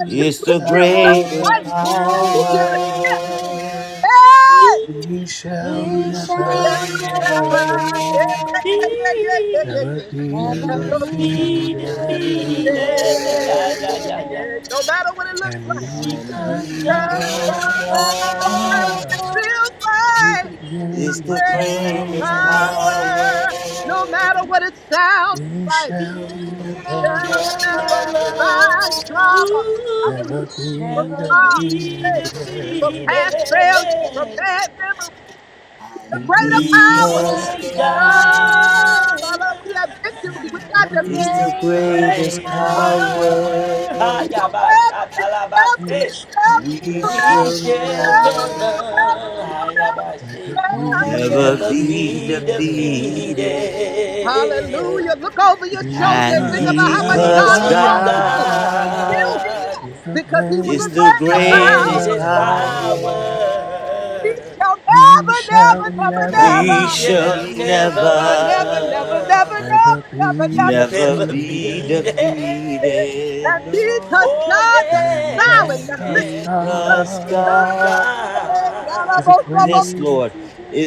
Speaker 7: until you
Speaker 8: Ooh,
Speaker 7: feel something
Speaker 9: power.
Speaker 7: great,
Speaker 3: Great
Speaker 8: early
Speaker 7: till you get a shift.
Speaker 3: power.
Speaker 8: bird.
Speaker 7: Hey!
Speaker 8: Ooh,
Speaker 9: We shall
Speaker 3: We
Speaker 7: We can
Speaker 9: never,
Speaker 3: shall never,
Speaker 7: never,
Speaker 8: never
Speaker 7: yeah, yeah, yeah, yeah, yeah, yeah,
Speaker 8: be,
Speaker 9: never
Speaker 7: yeah. yeah.
Speaker 9: be
Speaker 3: never
Speaker 7: Never be
Speaker 3: be
Speaker 8: be
Speaker 7: defeated.
Speaker 9: defeated.
Speaker 8: defeated. Ah,
Speaker 7: Yeah,
Speaker 8: yeah, yeah,
Speaker 7: yeah.
Speaker 8: yeah.
Speaker 7: yeah.
Speaker 3: defeated.
Speaker 7: No matter what it looks
Speaker 9: And
Speaker 7: like.
Speaker 9: lead
Speaker 8: Because
Speaker 9: us
Speaker 7: 'Cause
Speaker 8: God
Speaker 9: now
Speaker 7: God,
Speaker 3: Love
Speaker 7: no matter what it feels
Speaker 9: with the
Speaker 7: like, the
Speaker 8: is
Speaker 9: greatest
Speaker 8: the
Speaker 7: greatest
Speaker 8: greatest
Speaker 9: power.
Speaker 7: power, no matter what
Speaker 8: power.
Speaker 7: it sounded
Speaker 9: We
Speaker 7: like,
Speaker 9: shall
Speaker 3: each
Speaker 7: we
Speaker 8: It
Speaker 7: shall
Speaker 9: never,
Speaker 3: other,
Speaker 8: shall
Speaker 7: never
Speaker 8: never,
Speaker 7: abide
Speaker 3: but
Speaker 7: trauma. I
Speaker 8: ooh,
Speaker 9: never
Speaker 7: release from
Speaker 9: be
Speaker 3: never
Speaker 8: never
Speaker 7: trauma,
Speaker 8: be
Speaker 7: hey, from past
Speaker 9: defeated.
Speaker 7: failures, from
Speaker 8: defeated
Speaker 7: bad memories. He's a
Speaker 9: And
Speaker 7: greater
Speaker 9: there's
Speaker 7: power.
Speaker 9: God,
Speaker 8: because
Speaker 7: God.
Speaker 8: God
Speaker 7: Hallelujah. We have victory. We're not defeated.
Speaker 9: reign of
Speaker 7: It's The
Speaker 9: power,
Speaker 7: great
Speaker 8: great
Speaker 7: is
Speaker 8: is
Speaker 7: power.
Speaker 8: power.
Speaker 7: We will
Speaker 8: Hayabash
Speaker 7: never, we will never,
Speaker 9: who
Speaker 7: we will never,
Speaker 9: shall
Speaker 7: we will
Speaker 8: we
Speaker 7: never, we will
Speaker 9: never
Speaker 8: shall
Speaker 7: never, we
Speaker 8: never,
Speaker 9: end.
Speaker 7: will never, we will never, we
Speaker 9: And
Speaker 7: will
Speaker 9: the
Speaker 8: hayabash,
Speaker 7: never.
Speaker 9: creed
Speaker 8: never be
Speaker 9: exceeded,
Speaker 8: defeated.
Speaker 7: Hallelujah. Look over your shoulder and think
Speaker 8: Be
Speaker 9: because
Speaker 7: about how much God has
Speaker 8: because
Speaker 7: brought you through. We're
Speaker 9: God
Speaker 7: still
Speaker 8: God.
Speaker 7: here
Speaker 9: is the
Speaker 7: because he was a
Speaker 9: greatest
Speaker 7: greater
Speaker 8: Great
Speaker 7: power.
Speaker 8: is power.
Speaker 9: power.
Speaker 7: We shall
Speaker 9: We
Speaker 7: never,
Speaker 3: could
Speaker 7: never,
Speaker 9: shall
Speaker 3: be
Speaker 7: never,
Speaker 3: that.
Speaker 7: never.
Speaker 8: We shall
Speaker 9: never,
Speaker 7: Never, never, never, never,
Speaker 8: never,
Speaker 9: never
Speaker 7: never, never, never,
Speaker 9: be
Speaker 7: never.
Speaker 8: never be there.
Speaker 9: defeated.
Speaker 7: And because
Speaker 8: Oh,
Speaker 7: God that's
Speaker 9: And
Speaker 8: yeah.
Speaker 7: solid, that's fixed.
Speaker 9: because
Speaker 8: And
Speaker 7: Because
Speaker 8: because
Speaker 9: God
Speaker 7: God
Speaker 9: is the
Speaker 8: God
Speaker 7: is
Speaker 9: greatest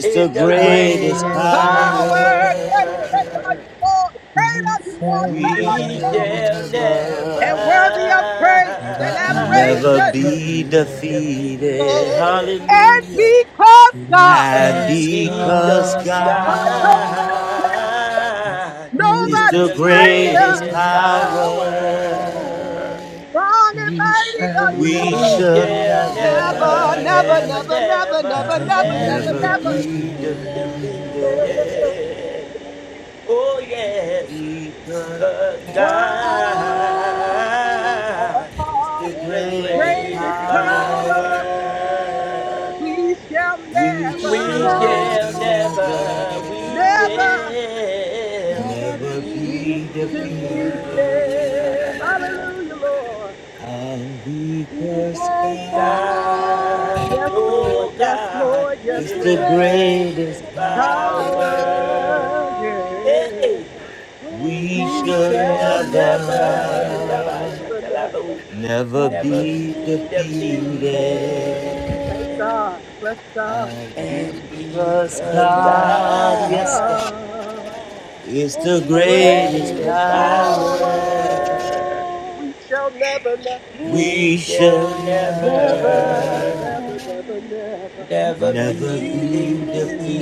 Speaker 8: is the greatest
Speaker 7: power.
Speaker 9: power,
Speaker 7: Great, great are
Speaker 8: power,
Speaker 7: you, Lord. Great
Speaker 9: we
Speaker 7: are you, Lord.
Speaker 9: shall
Speaker 7: Great are you,
Speaker 8: we
Speaker 7: Lord.
Speaker 8: shall
Speaker 9: never,
Speaker 8: never,
Speaker 7: And worthy of praise and
Speaker 9: never be
Speaker 7: adoration.
Speaker 8: never be
Speaker 9: defeated.
Speaker 8: defeated.
Speaker 7: And because God,
Speaker 8: And
Speaker 9: Because
Speaker 8: because
Speaker 7: God,
Speaker 9: God,
Speaker 7: nobody greater,
Speaker 8: God is
Speaker 7: nobody
Speaker 9: greatest
Speaker 8: the
Speaker 7: mightier.
Speaker 8: greatest
Speaker 9: power,
Speaker 8: power,
Speaker 7: Strong and
Speaker 9: we
Speaker 7: mighty
Speaker 9: shall
Speaker 7: are you, O
Speaker 8: we
Speaker 7: Lord.
Speaker 9: never,
Speaker 8: shall
Speaker 7: Never,
Speaker 8: never,
Speaker 3: It's
Speaker 7: never,
Speaker 8: never,
Speaker 7: never, never, never,
Speaker 8: never,
Speaker 9: never
Speaker 7: never,
Speaker 3: Because
Speaker 8: never,
Speaker 7: never,
Speaker 9: be
Speaker 7: never.
Speaker 8: never be
Speaker 9: defeated.
Speaker 8: defeated. Oh, yes, because
Speaker 7: God,
Speaker 8: God is the
Speaker 7: greatest
Speaker 8: greatest
Speaker 7: power
Speaker 8: power.
Speaker 7: we shall
Speaker 8: We
Speaker 7: never,
Speaker 8: shall never, we
Speaker 7: never
Speaker 8: shall, we
Speaker 7: be
Speaker 8: shall.
Speaker 7: defeated.
Speaker 8: never.
Speaker 7: Hallelujah, Lord.
Speaker 3: God
Speaker 8: God,
Speaker 7: Yes, Lord.
Speaker 8: oh
Speaker 7: Yes,
Speaker 8: God,
Speaker 7: Lord. Yes,
Speaker 3: is the
Speaker 8: is the
Speaker 7: Lord.
Speaker 3: great
Speaker 8: greatest power.
Speaker 7: Power,
Speaker 3: power.
Speaker 7: yeah.
Speaker 8: Hey, we
Speaker 7: We
Speaker 3: Oh,
Speaker 7: shall
Speaker 8: shall
Speaker 7: never,
Speaker 8: never,
Speaker 7: never,
Speaker 8: Yabba
Speaker 7: never, never
Speaker 8: never be
Speaker 7: be changed. Thank
Speaker 8: defeated.
Speaker 7: God, bless God.
Speaker 8: and because
Speaker 7: God,
Speaker 8: God. is
Speaker 7: the
Speaker 8: the
Speaker 7: greatest
Speaker 8: greatest
Speaker 7: power.
Speaker 8: power.
Speaker 7: We shall never, never,
Speaker 8: We shall
Speaker 7: never, never,
Speaker 8: never,
Speaker 7: never, never, never
Speaker 8: never be
Speaker 7: be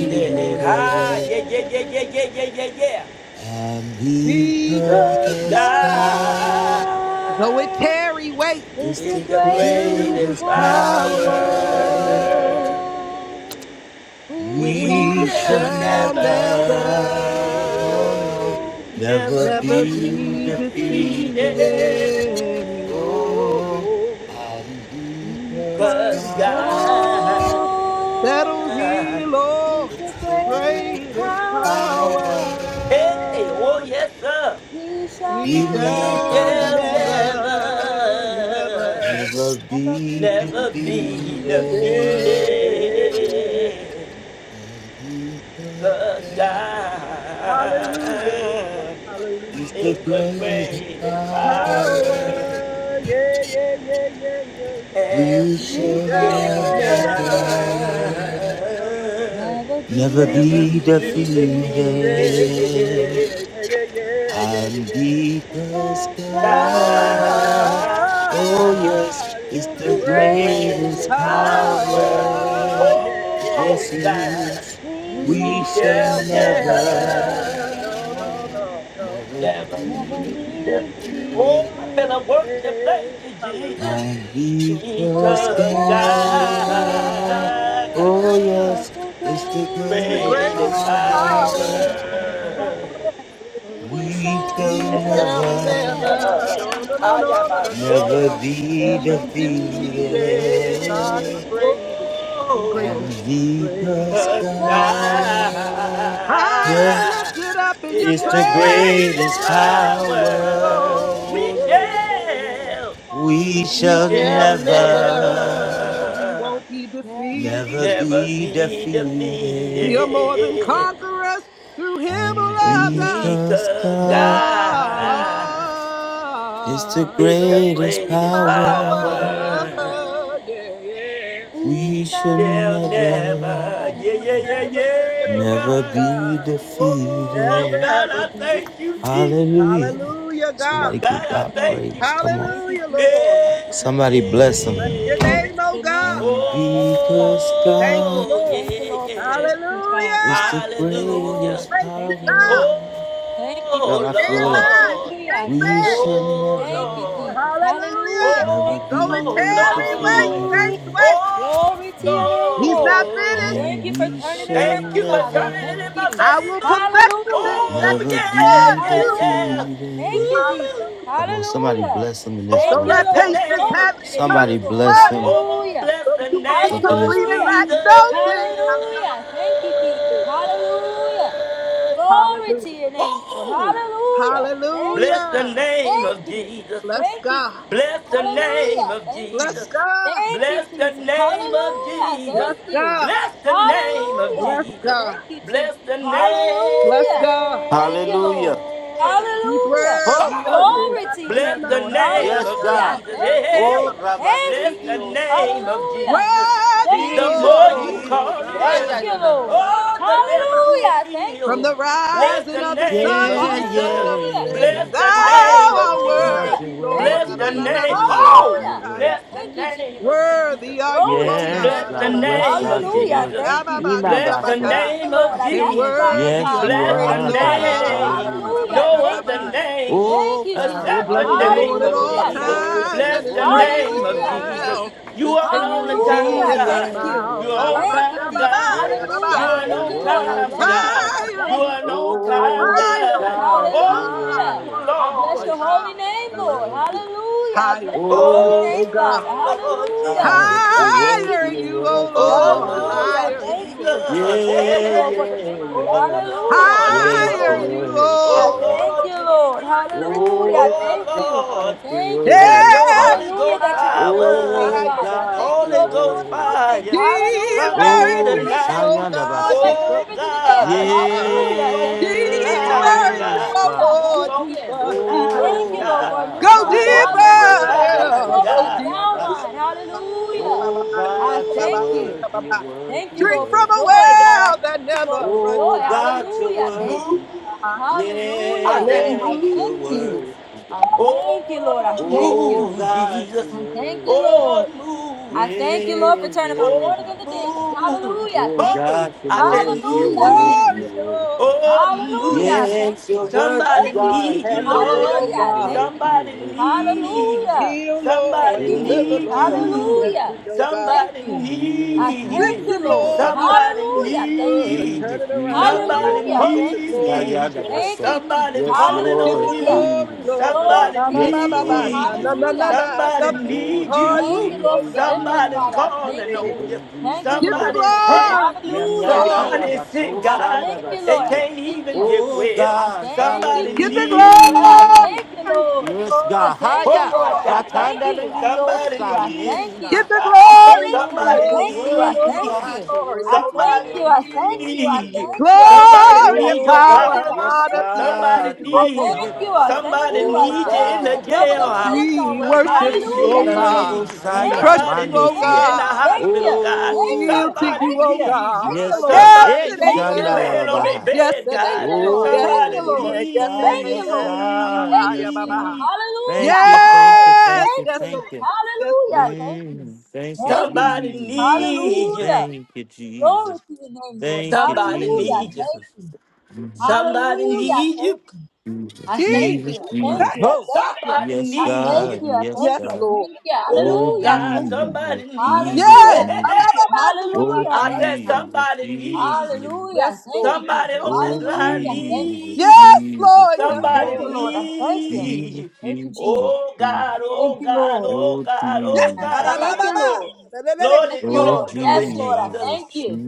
Speaker 7: defeated.
Speaker 8: Ha! Yeah, yeah, yeah, yeah, yeah, yeah, yeah, yeah.
Speaker 7: Because
Speaker 8: Because
Speaker 7: God, though
Speaker 8: God
Speaker 7: it tarry, wait.
Speaker 3: it's
Speaker 8: is
Speaker 3: a
Speaker 8: the
Speaker 3: great
Speaker 7: greatest
Speaker 8: greatest
Speaker 3: power.
Speaker 7: power.
Speaker 8: power.
Speaker 3: Who's
Speaker 8: We
Speaker 3: that
Speaker 7: We
Speaker 8: shall
Speaker 3: girl
Speaker 7: shall never,
Speaker 8: never, ooh, never
Speaker 3: that
Speaker 7: never
Speaker 3: did
Speaker 8: be
Speaker 7: be
Speaker 8: defeated.
Speaker 7: defeated. Oh, because
Speaker 8: Cause God,
Speaker 7: God settled
Speaker 3: God
Speaker 7: here,
Speaker 3: is
Speaker 7: Lord,
Speaker 3: the greatest
Speaker 7: greatest
Speaker 3: power.
Speaker 8: hey, oh
Speaker 7: power.
Speaker 8: yes, sir.
Speaker 3: He shall
Speaker 7: We
Speaker 3: never,
Speaker 8: We
Speaker 7: shall
Speaker 8: shall
Speaker 7: never, never,
Speaker 8: never,
Speaker 7: ever.
Speaker 3: never be
Speaker 8: never
Speaker 7: seated.
Speaker 8: be
Speaker 3: defeated.
Speaker 7: Yeah.
Speaker 8: defeated. Cause
Speaker 7: Hallelujah, Lord.
Speaker 8: God
Speaker 7: Hallelujah.
Speaker 8: is
Speaker 7: Lord.
Speaker 8: the greatest power.
Speaker 7: Power. Yeah, yeah, yeah, yeah, yeah, yeah.
Speaker 8: and
Speaker 3: He
Speaker 7: We
Speaker 8: we
Speaker 7: shall
Speaker 3: shall
Speaker 8: shall
Speaker 3: never,
Speaker 7: never, never, never, never,
Speaker 8: never,
Speaker 3: never
Speaker 7: never be
Speaker 3: be
Speaker 8: never be
Speaker 7: defeated. Yeah,
Speaker 3: defeated.
Speaker 8: defeated.
Speaker 7: yeah, yeah, yeah, yeah, yeah, yeah.
Speaker 8: God
Speaker 7: God is the
Speaker 8: is the
Speaker 7: greatest
Speaker 8: greatest power.
Speaker 7: power. Yeah, yeah,
Speaker 8: Oh,
Speaker 7: yeah.
Speaker 8: God,
Speaker 7: We
Speaker 8: we
Speaker 7: shall
Speaker 8: shall never,
Speaker 7: never, no, no, no,
Speaker 8: never
Speaker 7: no,
Speaker 3: Never
Speaker 8: be
Speaker 3: be
Speaker 7: be
Speaker 8: defeated.
Speaker 7: defeated.
Speaker 8: Oh, I feel
Speaker 3: defeated.
Speaker 8: a worship. Thank you, Jesus
Speaker 7: Hallelujah.
Speaker 3: But
Speaker 8: because
Speaker 7: Because
Speaker 3: God
Speaker 8: God
Speaker 3: is
Speaker 7: God,
Speaker 3: the greatest
Speaker 7: the
Speaker 8: great
Speaker 7: great
Speaker 3: power.
Speaker 7: power,
Speaker 8: power.
Speaker 3: We shall
Speaker 7: we
Speaker 3: never,
Speaker 8: never.
Speaker 7: shall never,
Speaker 8: never.
Speaker 7: no, no, no,
Speaker 8: I am
Speaker 7: no, no,
Speaker 8: a
Speaker 7: no, no,
Speaker 8: Ayabase,
Speaker 3: never,
Speaker 7: no,
Speaker 8: never
Speaker 3: never
Speaker 7: be
Speaker 8: be.
Speaker 3: be
Speaker 8: defeated.
Speaker 7: defeated. God is
Speaker 3: defeated.
Speaker 7: great and greatly
Speaker 8: Oh,
Speaker 7: to be praised.
Speaker 3: Thank
Speaker 8: 'cause
Speaker 7: High and
Speaker 8: thine
Speaker 7: lifted up in your
Speaker 8: It's the
Speaker 7: train
Speaker 8: greatest
Speaker 7: fills the
Speaker 8: power.
Speaker 7: temple.
Speaker 8: We
Speaker 7: Yeah, yeah, yeah.
Speaker 8: shall,
Speaker 7: We
Speaker 8: we
Speaker 7: shall
Speaker 8: shall
Speaker 7: never, we
Speaker 8: never,
Speaker 7: won't be defeated.
Speaker 8: never be
Speaker 7: We are more than
Speaker 8: defeated.
Speaker 7: conquerors through him who
Speaker 8: And
Speaker 7: loved us.
Speaker 8: because God
Speaker 7: God,
Speaker 8: is the
Speaker 7: greatest
Speaker 8: greatest
Speaker 7: power.
Speaker 8: power,
Speaker 7: Yeah, yeah.
Speaker 8: they'll never, yeah, yeah, yeah,
Speaker 7: Never is
Speaker 8: yeah,
Speaker 7: the Lord
Speaker 8: God.
Speaker 7: God.
Speaker 8: Oh,
Speaker 7: Never
Speaker 8: God,
Speaker 3: you.
Speaker 7: ever
Speaker 8: I
Speaker 7: be defeated.
Speaker 8: thank you, Jesus.
Speaker 7: Hallelujah, God.
Speaker 8: God, I thank you.
Speaker 7: Hallelujah, Lord. Bless your
Speaker 8: Hey,
Speaker 7: name, oh God. Thank you,
Speaker 8: oh,
Speaker 7: Lord.
Speaker 8: yeah, yeah.
Speaker 7: Hallelujah.
Speaker 8: Hallelujah.
Speaker 7: Thank you, God. Stand by.
Speaker 8: Oh,
Speaker 7: You
Speaker 8: Lord.
Speaker 7: can't fail.
Speaker 8: Oh,
Speaker 7: Oh,
Speaker 8: Lord.
Speaker 7: Hallelujah. Go and
Speaker 8: Oh
Speaker 7: tarry. Wait,
Speaker 8: Lord.
Speaker 7: saints, wait. He's not finished.
Speaker 8: Oh Lord. Thank you for turning it in my
Speaker 7: I will perfect
Speaker 8: favor.
Speaker 7: the things that
Speaker 8: Oh yeah,
Speaker 7: concern
Speaker 8: yeah,
Speaker 7: you.
Speaker 8: yeah. Ooh.
Speaker 7: Hallelujah.
Speaker 8: Oh
Speaker 7: So
Speaker 8: bless
Speaker 7: let
Speaker 8: the
Speaker 7: patience
Speaker 8: name
Speaker 7: have
Speaker 8: of
Speaker 7: its
Speaker 8: Jesus.
Speaker 7: perfect work.
Speaker 8: Oh bless
Speaker 7: So
Speaker 8: the
Speaker 7: you will be
Speaker 8: name of
Speaker 7: complete and lack
Speaker 8: Jesus.
Speaker 7: no thing. Hallelujah.
Speaker 8: Oh bless the
Speaker 7: Hallelujah.
Speaker 8: name of Jesus.
Speaker 7: Bless God.
Speaker 8: Bless the name of
Speaker 7: Bless
Speaker 8: Jesus.
Speaker 7: God.
Speaker 8: Bless the name of Jesus.
Speaker 7: Bless
Speaker 3: you.
Speaker 7: God.
Speaker 8: Bless the name of
Speaker 3: Hallelujah.
Speaker 7: Bless
Speaker 8: Jesus.
Speaker 7: God.
Speaker 3: Thank you, Jesus.
Speaker 8: Bless the
Speaker 7: Bless
Speaker 3: Hallelujah.
Speaker 7: God.
Speaker 3: Thank you, Lord.
Speaker 8: name.
Speaker 7: He's
Speaker 3: Hallelujah.
Speaker 7: worthy of
Speaker 8: Oh,
Speaker 7: it.
Speaker 3: Glory to your
Speaker 8: bless
Speaker 3: name,
Speaker 8: the
Speaker 3: Lord.
Speaker 8: name of
Speaker 7: Ananasababasa,
Speaker 3: Hallelujah.
Speaker 8: Jesus.
Speaker 3: Thank
Speaker 8: Hey,
Speaker 3: you.
Speaker 8: hey, hey.
Speaker 7: ananasiababa.
Speaker 3: Thank you,
Speaker 8: bless the
Speaker 3: Jesus.
Speaker 8: name of
Speaker 3: Hallelujah.
Speaker 8: Jesus.
Speaker 7: Worthy,
Speaker 8: The
Speaker 3: Thank you,
Speaker 7: Lord,
Speaker 8: more
Speaker 7: are
Speaker 8: you
Speaker 3: Lord.
Speaker 7: you, O
Speaker 8: call
Speaker 7: God.
Speaker 3: Thank you,
Speaker 8: him,
Speaker 3: Lord.
Speaker 8: oh, the better
Speaker 7: Ananabasadabashataba.
Speaker 8: you will
Speaker 3: Hallelujah. Thank
Speaker 7: From
Speaker 3: you.
Speaker 8: feel.
Speaker 7: the
Speaker 8: Bless
Speaker 3: Thank
Speaker 7: rising
Speaker 8: the
Speaker 3: you,
Speaker 7: of the
Speaker 3: Jesus.
Speaker 8: name
Speaker 7: sun to
Speaker 8: of
Speaker 7: the setting
Speaker 8: Jesus.
Speaker 7: of the
Speaker 3: Hallelujah.
Speaker 7: same,
Speaker 8: Bless the
Speaker 7: thou
Speaker 8: name of
Speaker 7: art
Speaker 8: Jesus.
Speaker 3: Hallelujah.
Speaker 7: worthy, Lord.
Speaker 3: Thank
Speaker 8: Bless
Speaker 3: you,
Speaker 8: the
Speaker 3: Jesus.
Speaker 8: name. Oh,
Speaker 3: Hallelujah.
Speaker 7: Ananabasatabashaya.
Speaker 8: bless the
Speaker 3: Thank you, Jesus.
Speaker 8: name of Jesus.
Speaker 7: Worthy are you,
Speaker 3: Glory
Speaker 7: O
Speaker 3: to your name,
Speaker 8: Bless
Speaker 7: God,
Speaker 8: the
Speaker 7: Abba
Speaker 3: Lord.
Speaker 7: Abba Ba Ba
Speaker 8: name of
Speaker 7: Ba
Speaker 3: Hallelujah.
Speaker 8: Jesus.
Speaker 3: Thank you.
Speaker 7: Abababasia,
Speaker 8: Bless
Speaker 3: I
Speaker 8: the
Speaker 7: Ababandiabaka,
Speaker 3: thank the
Speaker 8: name of
Speaker 3: Lord. I
Speaker 7: and
Speaker 8: Jesus.
Speaker 3: magnify your
Speaker 7: worthy of
Speaker 3: Father. I
Speaker 8: Bless the
Speaker 7: praise, O
Speaker 3: magnify your Lord.
Speaker 7: God.
Speaker 8: name.
Speaker 7: Abba
Speaker 3: Hallelujah.
Speaker 8: No
Speaker 3: Thank
Speaker 8: other
Speaker 3: you.
Speaker 7: Abababashatabaya.
Speaker 8: name
Speaker 3: Thank you,
Speaker 7: I will
Speaker 3: Jesus.
Speaker 8: except
Speaker 7: bless
Speaker 8: the
Speaker 7: the Lord
Speaker 8: name
Speaker 7: at
Speaker 8: of
Speaker 7: all
Speaker 3: Hallelujah.
Speaker 8: Jesus.
Speaker 3: Thank you.
Speaker 7: times, and
Speaker 8: Bless
Speaker 7: his
Speaker 8: the
Speaker 7: praises
Speaker 8: name of
Speaker 3: Hallelujah. Thank
Speaker 8: Jesus.
Speaker 7: shall
Speaker 3: you.
Speaker 8: You are on the
Speaker 7: continually be
Speaker 8: time,
Speaker 3: Hallelujah.
Speaker 7: in my
Speaker 8: God.
Speaker 3: Thank you.
Speaker 7: mouth.
Speaker 8: You're on
Speaker 3: Thank you,
Speaker 8: time,
Speaker 3: Jesus.
Speaker 8: God.
Speaker 7: Alabashababaya,
Speaker 3: Hallelujah.
Speaker 8: You're an
Speaker 3: Thank
Speaker 8: on
Speaker 7: babaya.
Speaker 3: you, Lord. I
Speaker 8: time,
Speaker 3: bless you,
Speaker 8: God.
Speaker 3: Lord. I
Speaker 7: Higher
Speaker 3: bless
Speaker 7: in
Speaker 8: You're
Speaker 7: you,
Speaker 8: an
Speaker 3: you.
Speaker 7: O
Speaker 8: on
Speaker 3: I
Speaker 7: God,
Speaker 8: time,
Speaker 3: bless you,
Speaker 7: higher
Speaker 3: Lord.
Speaker 7: in
Speaker 8: God.
Speaker 7: you, O God,
Speaker 3: Hallelujah.
Speaker 8: Oh,
Speaker 7: higher in
Speaker 3: I
Speaker 7: you,
Speaker 3: bless
Speaker 7: O
Speaker 3: your
Speaker 8: Lord.
Speaker 3: holy
Speaker 7: God. Abba
Speaker 3: name,
Speaker 7: Ba
Speaker 3: Lord.
Speaker 7: Abababastia.
Speaker 3: Hallelujah. I bless your
Speaker 7: Higher in you,
Speaker 3: holy
Speaker 7: O
Speaker 3: name,
Speaker 8: Oh,
Speaker 7: God.
Speaker 3: Father. Hallelujah.
Speaker 8: Lord
Speaker 3: Thank
Speaker 8: Jesus.
Speaker 3: you,
Speaker 7: Higher you,
Speaker 3: Jesus.
Speaker 7: O Lord.
Speaker 8: Oh Lord
Speaker 7: Higher you, O God.
Speaker 8: Jesus, hey, hey.
Speaker 7: Alababandi,
Speaker 8: hey.
Speaker 7: alabak.
Speaker 8: oh Lord, oh
Speaker 7: Higher
Speaker 8: Lord,
Speaker 7: you,
Speaker 8: oh
Speaker 7: O
Speaker 8: Lord
Speaker 7: Lord.
Speaker 8: Jesus,
Speaker 7: Higher you, O
Speaker 8: oh
Speaker 7: God.
Speaker 8: Lord, have your Holy
Speaker 7: Every
Speaker 8: Ghost
Speaker 7: round goes
Speaker 8: power,
Speaker 7: higher in you, O
Speaker 8: Holy
Speaker 7: God.
Speaker 8: Ghost fire, come
Speaker 7: Deeper
Speaker 8: in here
Speaker 7: in you,
Speaker 8: tonight,
Speaker 7: O God. Deeper
Speaker 8: oh
Speaker 7: in you,
Speaker 8: God,
Speaker 7: O God.
Speaker 8: move on
Speaker 7: Deeper
Speaker 8: this line,
Speaker 7: in you,
Speaker 8: God,
Speaker 3: Hallelujah.
Speaker 7: oh
Speaker 8: move
Speaker 7: Lord,
Speaker 3: Thank
Speaker 8: on
Speaker 3: you.
Speaker 8: this
Speaker 7: deeper, deeper in
Speaker 3: Thank
Speaker 8: line,
Speaker 3: you,
Speaker 7: you.
Speaker 3: Lord,
Speaker 8: God,
Speaker 3: for a new
Speaker 7: Go
Speaker 3: mind.
Speaker 8: move on this
Speaker 3: Hallelujah. Thank you,
Speaker 8: line,
Speaker 7: deeper,
Speaker 3: Lord, for
Speaker 7: go
Speaker 3: a
Speaker 8: God.
Speaker 3: sound
Speaker 7: deeper.
Speaker 3: mind. Hallelujah. I thank you.
Speaker 8: Move.
Speaker 3: Thank you,
Speaker 7: Drink
Speaker 3: Lord,
Speaker 7: from
Speaker 3: for
Speaker 7: a
Speaker 3: joy, God. I
Speaker 7: well that
Speaker 3: thank you, Lord,
Speaker 7: never
Speaker 3: for
Speaker 7: runs
Speaker 3: joy.
Speaker 7: dry.
Speaker 3: Hallelujah. Thank you.
Speaker 8: Move. I
Speaker 3: Hallelujah.
Speaker 8: said,
Speaker 7: Glory,
Speaker 3: I thank you.
Speaker 8: move.
Speaker 3: I thank you, Lord.
Speaker 7: glory,
Speaker 3: I
Speaker 8: Oh,
Speaker 7: glory,
Speaker 3: thank you.
Speaker 8: move, Jesus.
Speaker 3: I thank you, Lord.
Speaker 8: Oh,
Speaker 3: I
Speaker 8: move,
Speaker 3: thank you,
Speaker 8: Jesus.
Speaker 3: Lord, for turning my quarters into dance.
Speaker 8: Oh, move.
Speaker 3: Hallelujah. I thank you.
Speaker 8: Oh, I said,
Speaker 3: Hallelujah. I thank
Speaker 8: move.
Speaker 7: glory,
Speaker 3: you.
Speaker 7: glory.
Speaker 8: Oh, move. Somebody need you,
Speaker 7: Have your way,
Speaker 8: Lord.
Speaker 7: oh God.
Speaker 8: Somebody need you.
Speaker 7: Heal, Lord.
Speaker 8: Somebody
Speaker 7: Deliver,
Speaker 8: need
Speaker 7: Lord. Set
Speaker 8: you.
Speaker 7: free, oh God.
Speaker 8: Somebody need
Speaker 7: Fix
Speaker 8: you.
Speaker 7: it, Lord, like
Speaker 8: Somebody
Speaker 7: you said you would.
Speaker 8: need
Speaker 7: Turn
Speaker 8: you.
Speaker 7: it around,
Speaker 8: Somebody
Speaker 7: Lord. Get
Speaker 8: need
Speaker 7: the glory,
Speaker 8: you.
Speaker 7: Lord.
Speaker 8: Somebody's calling
Speaker 7: Get
Speaker 8: on
Speaker 7: the
Speaker 8: you.
Speaker 7: glory, Lord. Ah,
Speaker 8: Somebody
Speaker 7: ba, ba, ba, ba, ba. Na,
Speaker 8: need you.
Speaker 7: na, na, na, na.
Speaker 8: Somebody
Speaker 7: Nothing's too
Speaker 8: need
Speaker 7: hard for
Speaker 8: you.
Speaker 7: you, oh God. Ah, ba, ba,
Speaker 8: Somebody's
Speaker 7: ba.
Speaker 8: calling on you.
Speaker 7: Get the
Speaker 8: Somebody's sick.
Speaker 7: glory, get the
Speaker 3: Hallelujah. Thank
Speaker 7: glory,
Speaker 3: you.
Speaker 8: Somebody
Speaker 7: get the glory,
Speaker 8: sick,
Speaker 3: I
Speaker 8: God.
Speaker 3: thank
Speaker 7: Lord.
Speaker 3: you,
Speaker 8: They
Speaker 3: Lord. I
Speaker 8: can't
Speaker 3: Thank
Speaker 8: even
Speaker 3: you.
Speaker 8: get well.
Speaker 3: Thank you.
Speaker 8: Somebody
Speaker 7: Get the
Speaker 3: I
Speaker 7: glory,
Speaker 3: thank you,
Speaker 7: get the
Speaker 3: Lord.
Speaker 8: needs.
Speaker 3: I
Speaker 7: glory, get
Speaker 3: thank
Speaker 7: the
Speaker 3: you, Lord. I
Speaker 7: glory, oh
Speaker 3: thank,
Speaker 8: Kobashata.
Speaker 7: God.
Speaker 3: I thank
Speaker 8: Somebody
Speaker 3: you. I thank
Speaker 8: needs
Speaker 3: you.
Speaker 7: Get
Speaker 8: you,
Speaker 7: the
Speaker 8: God.
Speaker 3: I
Speaker 7: glory,
Speaker 3: thank
Speaker 7: get the
Speaker 3: you. I
Speaker 8: Somebody
Speaker 7: glory,
Speaker 3: thank
Speaker 7: get
Speaker 3: you.
Speaker 7: the
Speaker 3: I
Speaker 8: needs
Speaker 3: thank
Speaker 7: glory,
Speaker 8: you.
Speaker 3: you.
Speaker 7: glory,
Speaker 3: I
Speaker 7: oh Lord
Speaker 8: Somebody
Speaker 3: thank you.
Speaker 7: God.
Speaker 3: I thank you. I
Speaker 8: needs you.
Speaker 3: thank you. I thank
Speaker 8: Somebody
Speaker 3: you.
Speaker 7: Glory
Speaker 3: I
Speaker 7: and
Speaker 8: needs your
Speaker 7: power and
Speaker 8: power.
Speaker 7: honor
Speaker 3: thank
Speaker 7: be
Speaker 3: you.
Speaker 7: unto
Speaker 8: Somebody
Speaker 7: you,
Speaker 3: I
Speaker 7: O
Speaker 8: needs
Speaker 7: Lord.
Speaker 8: you.
Speaker 3: thank
Speaker 7: Ah,
Speaker 3: you. I thank you.
Speaker 7: bah,
Speaker 3: I
Speaker 7: bah, bah,
Speaker 3: thank
Speaker 8: Somebody
Speaker 7: yeah,
Speaker 3: you.
Speaker 7: bah,
Speaker 3: I
Speaker 8: needs you
Speaker 3: thank
Speaker 8: in
Speaker 3: you.
Speaker 8: the
Speaker 3: The trouble doesn't
Speaker 8: jailhouse.
Speaker 3: last
Speaker 7: We
Speaker 3: always.
Speaker 8: Somebody
Speaker 7: worship you, O
Speaker 3: Hallelujah. Thank you.
Speaker 8: needs you.
Speaker 7: God. We
Speaker 3: Thank you.
Speaker 7: trust
Speaker 8: Somebody
Speaker 7: you, O
Speaker 8: needs you
Speaker 3: Thank you.
Speaker 8: in the
Speaker 7: God.
Speaker 3: Thank you.
Speaker 8: hospital, God.
Speaker 7: We
Speaker 3: Thank you.
Speaker 7: yield to
Speaker 8: Somebody
Speaker 7: you,
Speaker 3: Thank
Speaker 7: O
Speaker 3: you.
Speaker 8: needs you.
Speaker 3: Thank you,
Speaker 7: God.
Speaker 3: Lord.
Speaker 7: Yes
Speaker 8: Somebody
Speaker 7: and
Speaker 3: Thank
Speaker 8: needs you
Speaker 3: you, Lord.
Speaker 7: amen.
Speaker 8: laying on their
Speaker 3: Thank you.
Speaker 7: Yes
Speaker 8: bed,
Speaker 7: and
Speaker 3: Thank
Speaker 8: God.
Speaker 3: you,
Speaker 7: amen.
Speaker 3: Lord.
Speaker 7: Yes
Speaker 3: Thank
Speaker 7: and
Speaker 8: Somebody
Speaker 3: you, Lord.
Speaker 7: amen. Yes and
Speaker 3: Thank you,
Speaker 7: amen.
Speaker 3: Lord.
Speaker 7: Ah, bah, bah,
Speaker 3: Thank
Speaker 7: bah,
Speaker 3: you,
Speaker 7: yeah, bah,
Speaker 3: Jesus.
Speaker 8: needs
Speaker 3: Hallelujah. Thank you.
Speaker 8: Oh,
Speaker 7: Yes,
Speaker 3: Thank you,
Speaker 7: yes,
Speaker 3: Lord.
Speaker 7: yes, yes, yes,
Speaker 3: Hallelujah.
Speaker 7: Lord,
Speaker 3: Thank you.
Speaker 7: yes.
Speaker 3: Thank you,
Speaker 8: somebody
Speaker 3: Jesus.
Speaker 8: need
Speaker 7: Ooh,
Speaker 8: you.
Speaker 3: Hallelujah. Glory to your name, Lord.
Speaker 8: Somebody
Speaker 3: Hallelujah.
Speaker 8: need you.
Speaker 3: Thank you.
Speaker 8: Somebody
Speaker 7: Jeez.
Speaker 3: Hallelujah.
Speaker 8: need you.
Speaker 3: Thank you. I thank
Speaker 7: Jeez.
Speaker 3: you. I thank you. I thank you.
Speaker 8: Somebody
Speaker 3: I
Speaker 8: need
Speaker 3: thank
Speaker 8: you.
Speaker 3: you. I thank
Speaker 7: Yes,
Speaker 3: you.
Speaker 7: Lord.
Speaker 3: I
Speaker 8: Oh
Speaker 3: thank
Speaker 8: God,
Speaker 3: you.
Speaker 8: somebody need you.
Speaker 3: Hallelujah.
Speaker 8: Hey,
Speaker 7: Yay!
Speaker 3: I
Speaker 8: hey,
Speaker 3: Thank you.
Speaker 8: hey.
Speaker 3: Hallelujah. I
Speaker 8: I
Speaker 3: Thank
Speaker 8: said
Speaker 7: Abababandiyabakabasa.
Speaker 3: you.
Speaker 8: somebody need you.
Speaker 3: Hallelujah. I Thank you. Hallelujah.
Speaker 7: Yes,
Speaker 3: I Thank
Speaker 7: Lord.
Speaker 3: you,
Speaker 8: Somebody
Speaker 3: Jesus.
Speaker 8: on this line
Speaker 3: Hallelujah. I Thank you.
Speaker 8: need you.
Speaker 7: Yes, Lord.
Speaker 3: Whew,
Speaker 7: Yes,
Speaker 3: Thank
Speaker 8: Somebody
Speaker 3: you,
Speaker 7: Lord.
Speaker 3: Lord.
Speaker 7: Yes.
Speaker 3: I thank you.
Speaker 8: need you.
Speaker 3: Thank you, Jesus.
Speaker 8: Oh God,
Speaker 3: Thank
Speaker 8: oh
Speaker 3: you,
Speaker 8: God,
Speaker 3: Lord.
Speaker 8: oh God,
Speaker 7: Yes.
Speaker 8: oh
Speaker 3: I thank
Speaker 8: God.
Speaker 3: you,
Speaker 7: Ababababa.
Speaker 3: Lord.
Speaker 8: Lord,
Speaker 3: Yes,
Speaker 8: if you
Speaker 7: Ababababashabaka.
Speaker 8: don't
Speaker 3: Lord.
Speaker 8: do
Speaker 3: Yes,
Speaker 8: it,
Speaker 3: Lord. I
Speaker 8: Jesus.
Speaker 3: thank you.